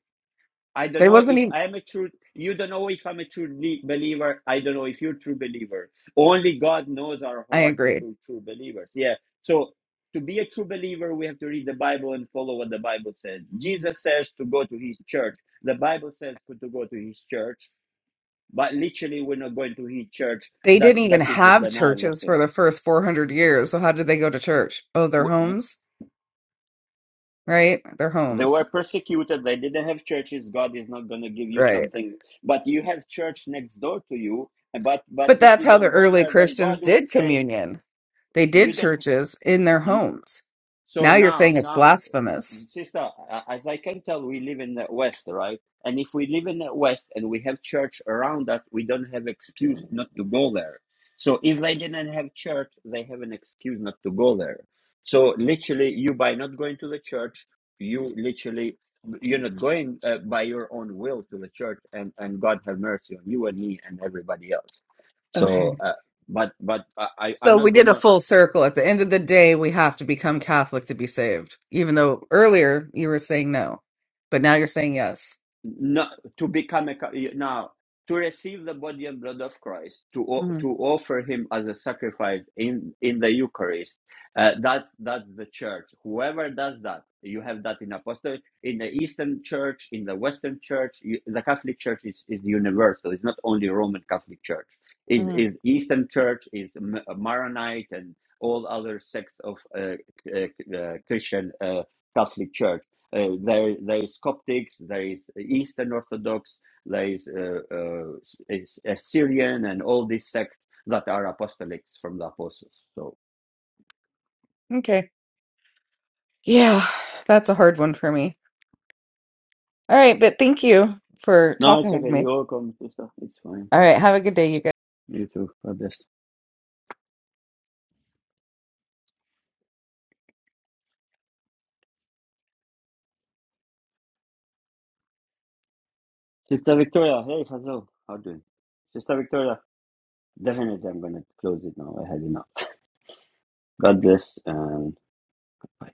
I don't
They
know
wasn't
if
even,
I am a true. You don't know if I'm a true le- believer. I don't know if you're a true believer. Only God knows our
I
heart if
agree.
we're true believers. Yeah. So to be a true believer, we have to read the Bible and follow what the Bible says. Jesus says to go to His church. The Bible says to go to His church. But literally, we're not going to His church.
They
That
didn't even
that is a
have
denial of
churches for
Him.
the first 400 years. So how did they go to church? Oh, their homes, right? Their
They
homes.
were persecuted. They didn't have churches. God is not going to give you
Right.
something. But you have church next door to you. But but
But
if
that's
you
how the
don't go
early
there, then
Christians
God will
did
say
communion. They
you
did
don't.
churches in their homes.
So
Now you're
now,
saying it's
now,
blasphemous.
sister, a- as I can tell, we live in the West, right? And if we live in the West and we have church around us, we don't have excuse not to go there. So if they didn't have church, they have an excuse not to go there. So literally, you by not going to the church, you literally you're not going uh, by your own will to the church, and and God have mercy on you and me and everybody else. So,
Okay.
uh, but but I I- I'm
So we
not
did a
gonna.
full circle. At the end of the day, we have to become Catholic to be saved, even though earlier you were saying no, but now you're saying yes.
no, to become a now to receive the body and blood of Christ to
hmm
to offer him as a sacrifice in in the Eucharist uh, that's that's the church whoever does that you have that in apostolic in the Eastern Church in the Western Church you, the Catholic Church is, is universal it's not only Roman Catholic Church is
hmm
is Eastern Church is M- uh, Maronite and all other sects of uh, uh, uh, Christian uh, Catholic Church uh, there, there is Coptics, there is Eastern Orthodox, there is uh, uh, is Assyrian, and all these sects that are apostolics from the apostles. So
Okay. Yeah, that's a hard one for me. All right, but thank you for
no, it's
talking with
okay.
me.
You're welcome, sister. It's fine.
All right, have a good day, you
You too. God bless. Sister Victoria, hey Hazel, how you doing? Sister Victoria, definitely I'm gonna close it now. I had enough. God bless and. bye.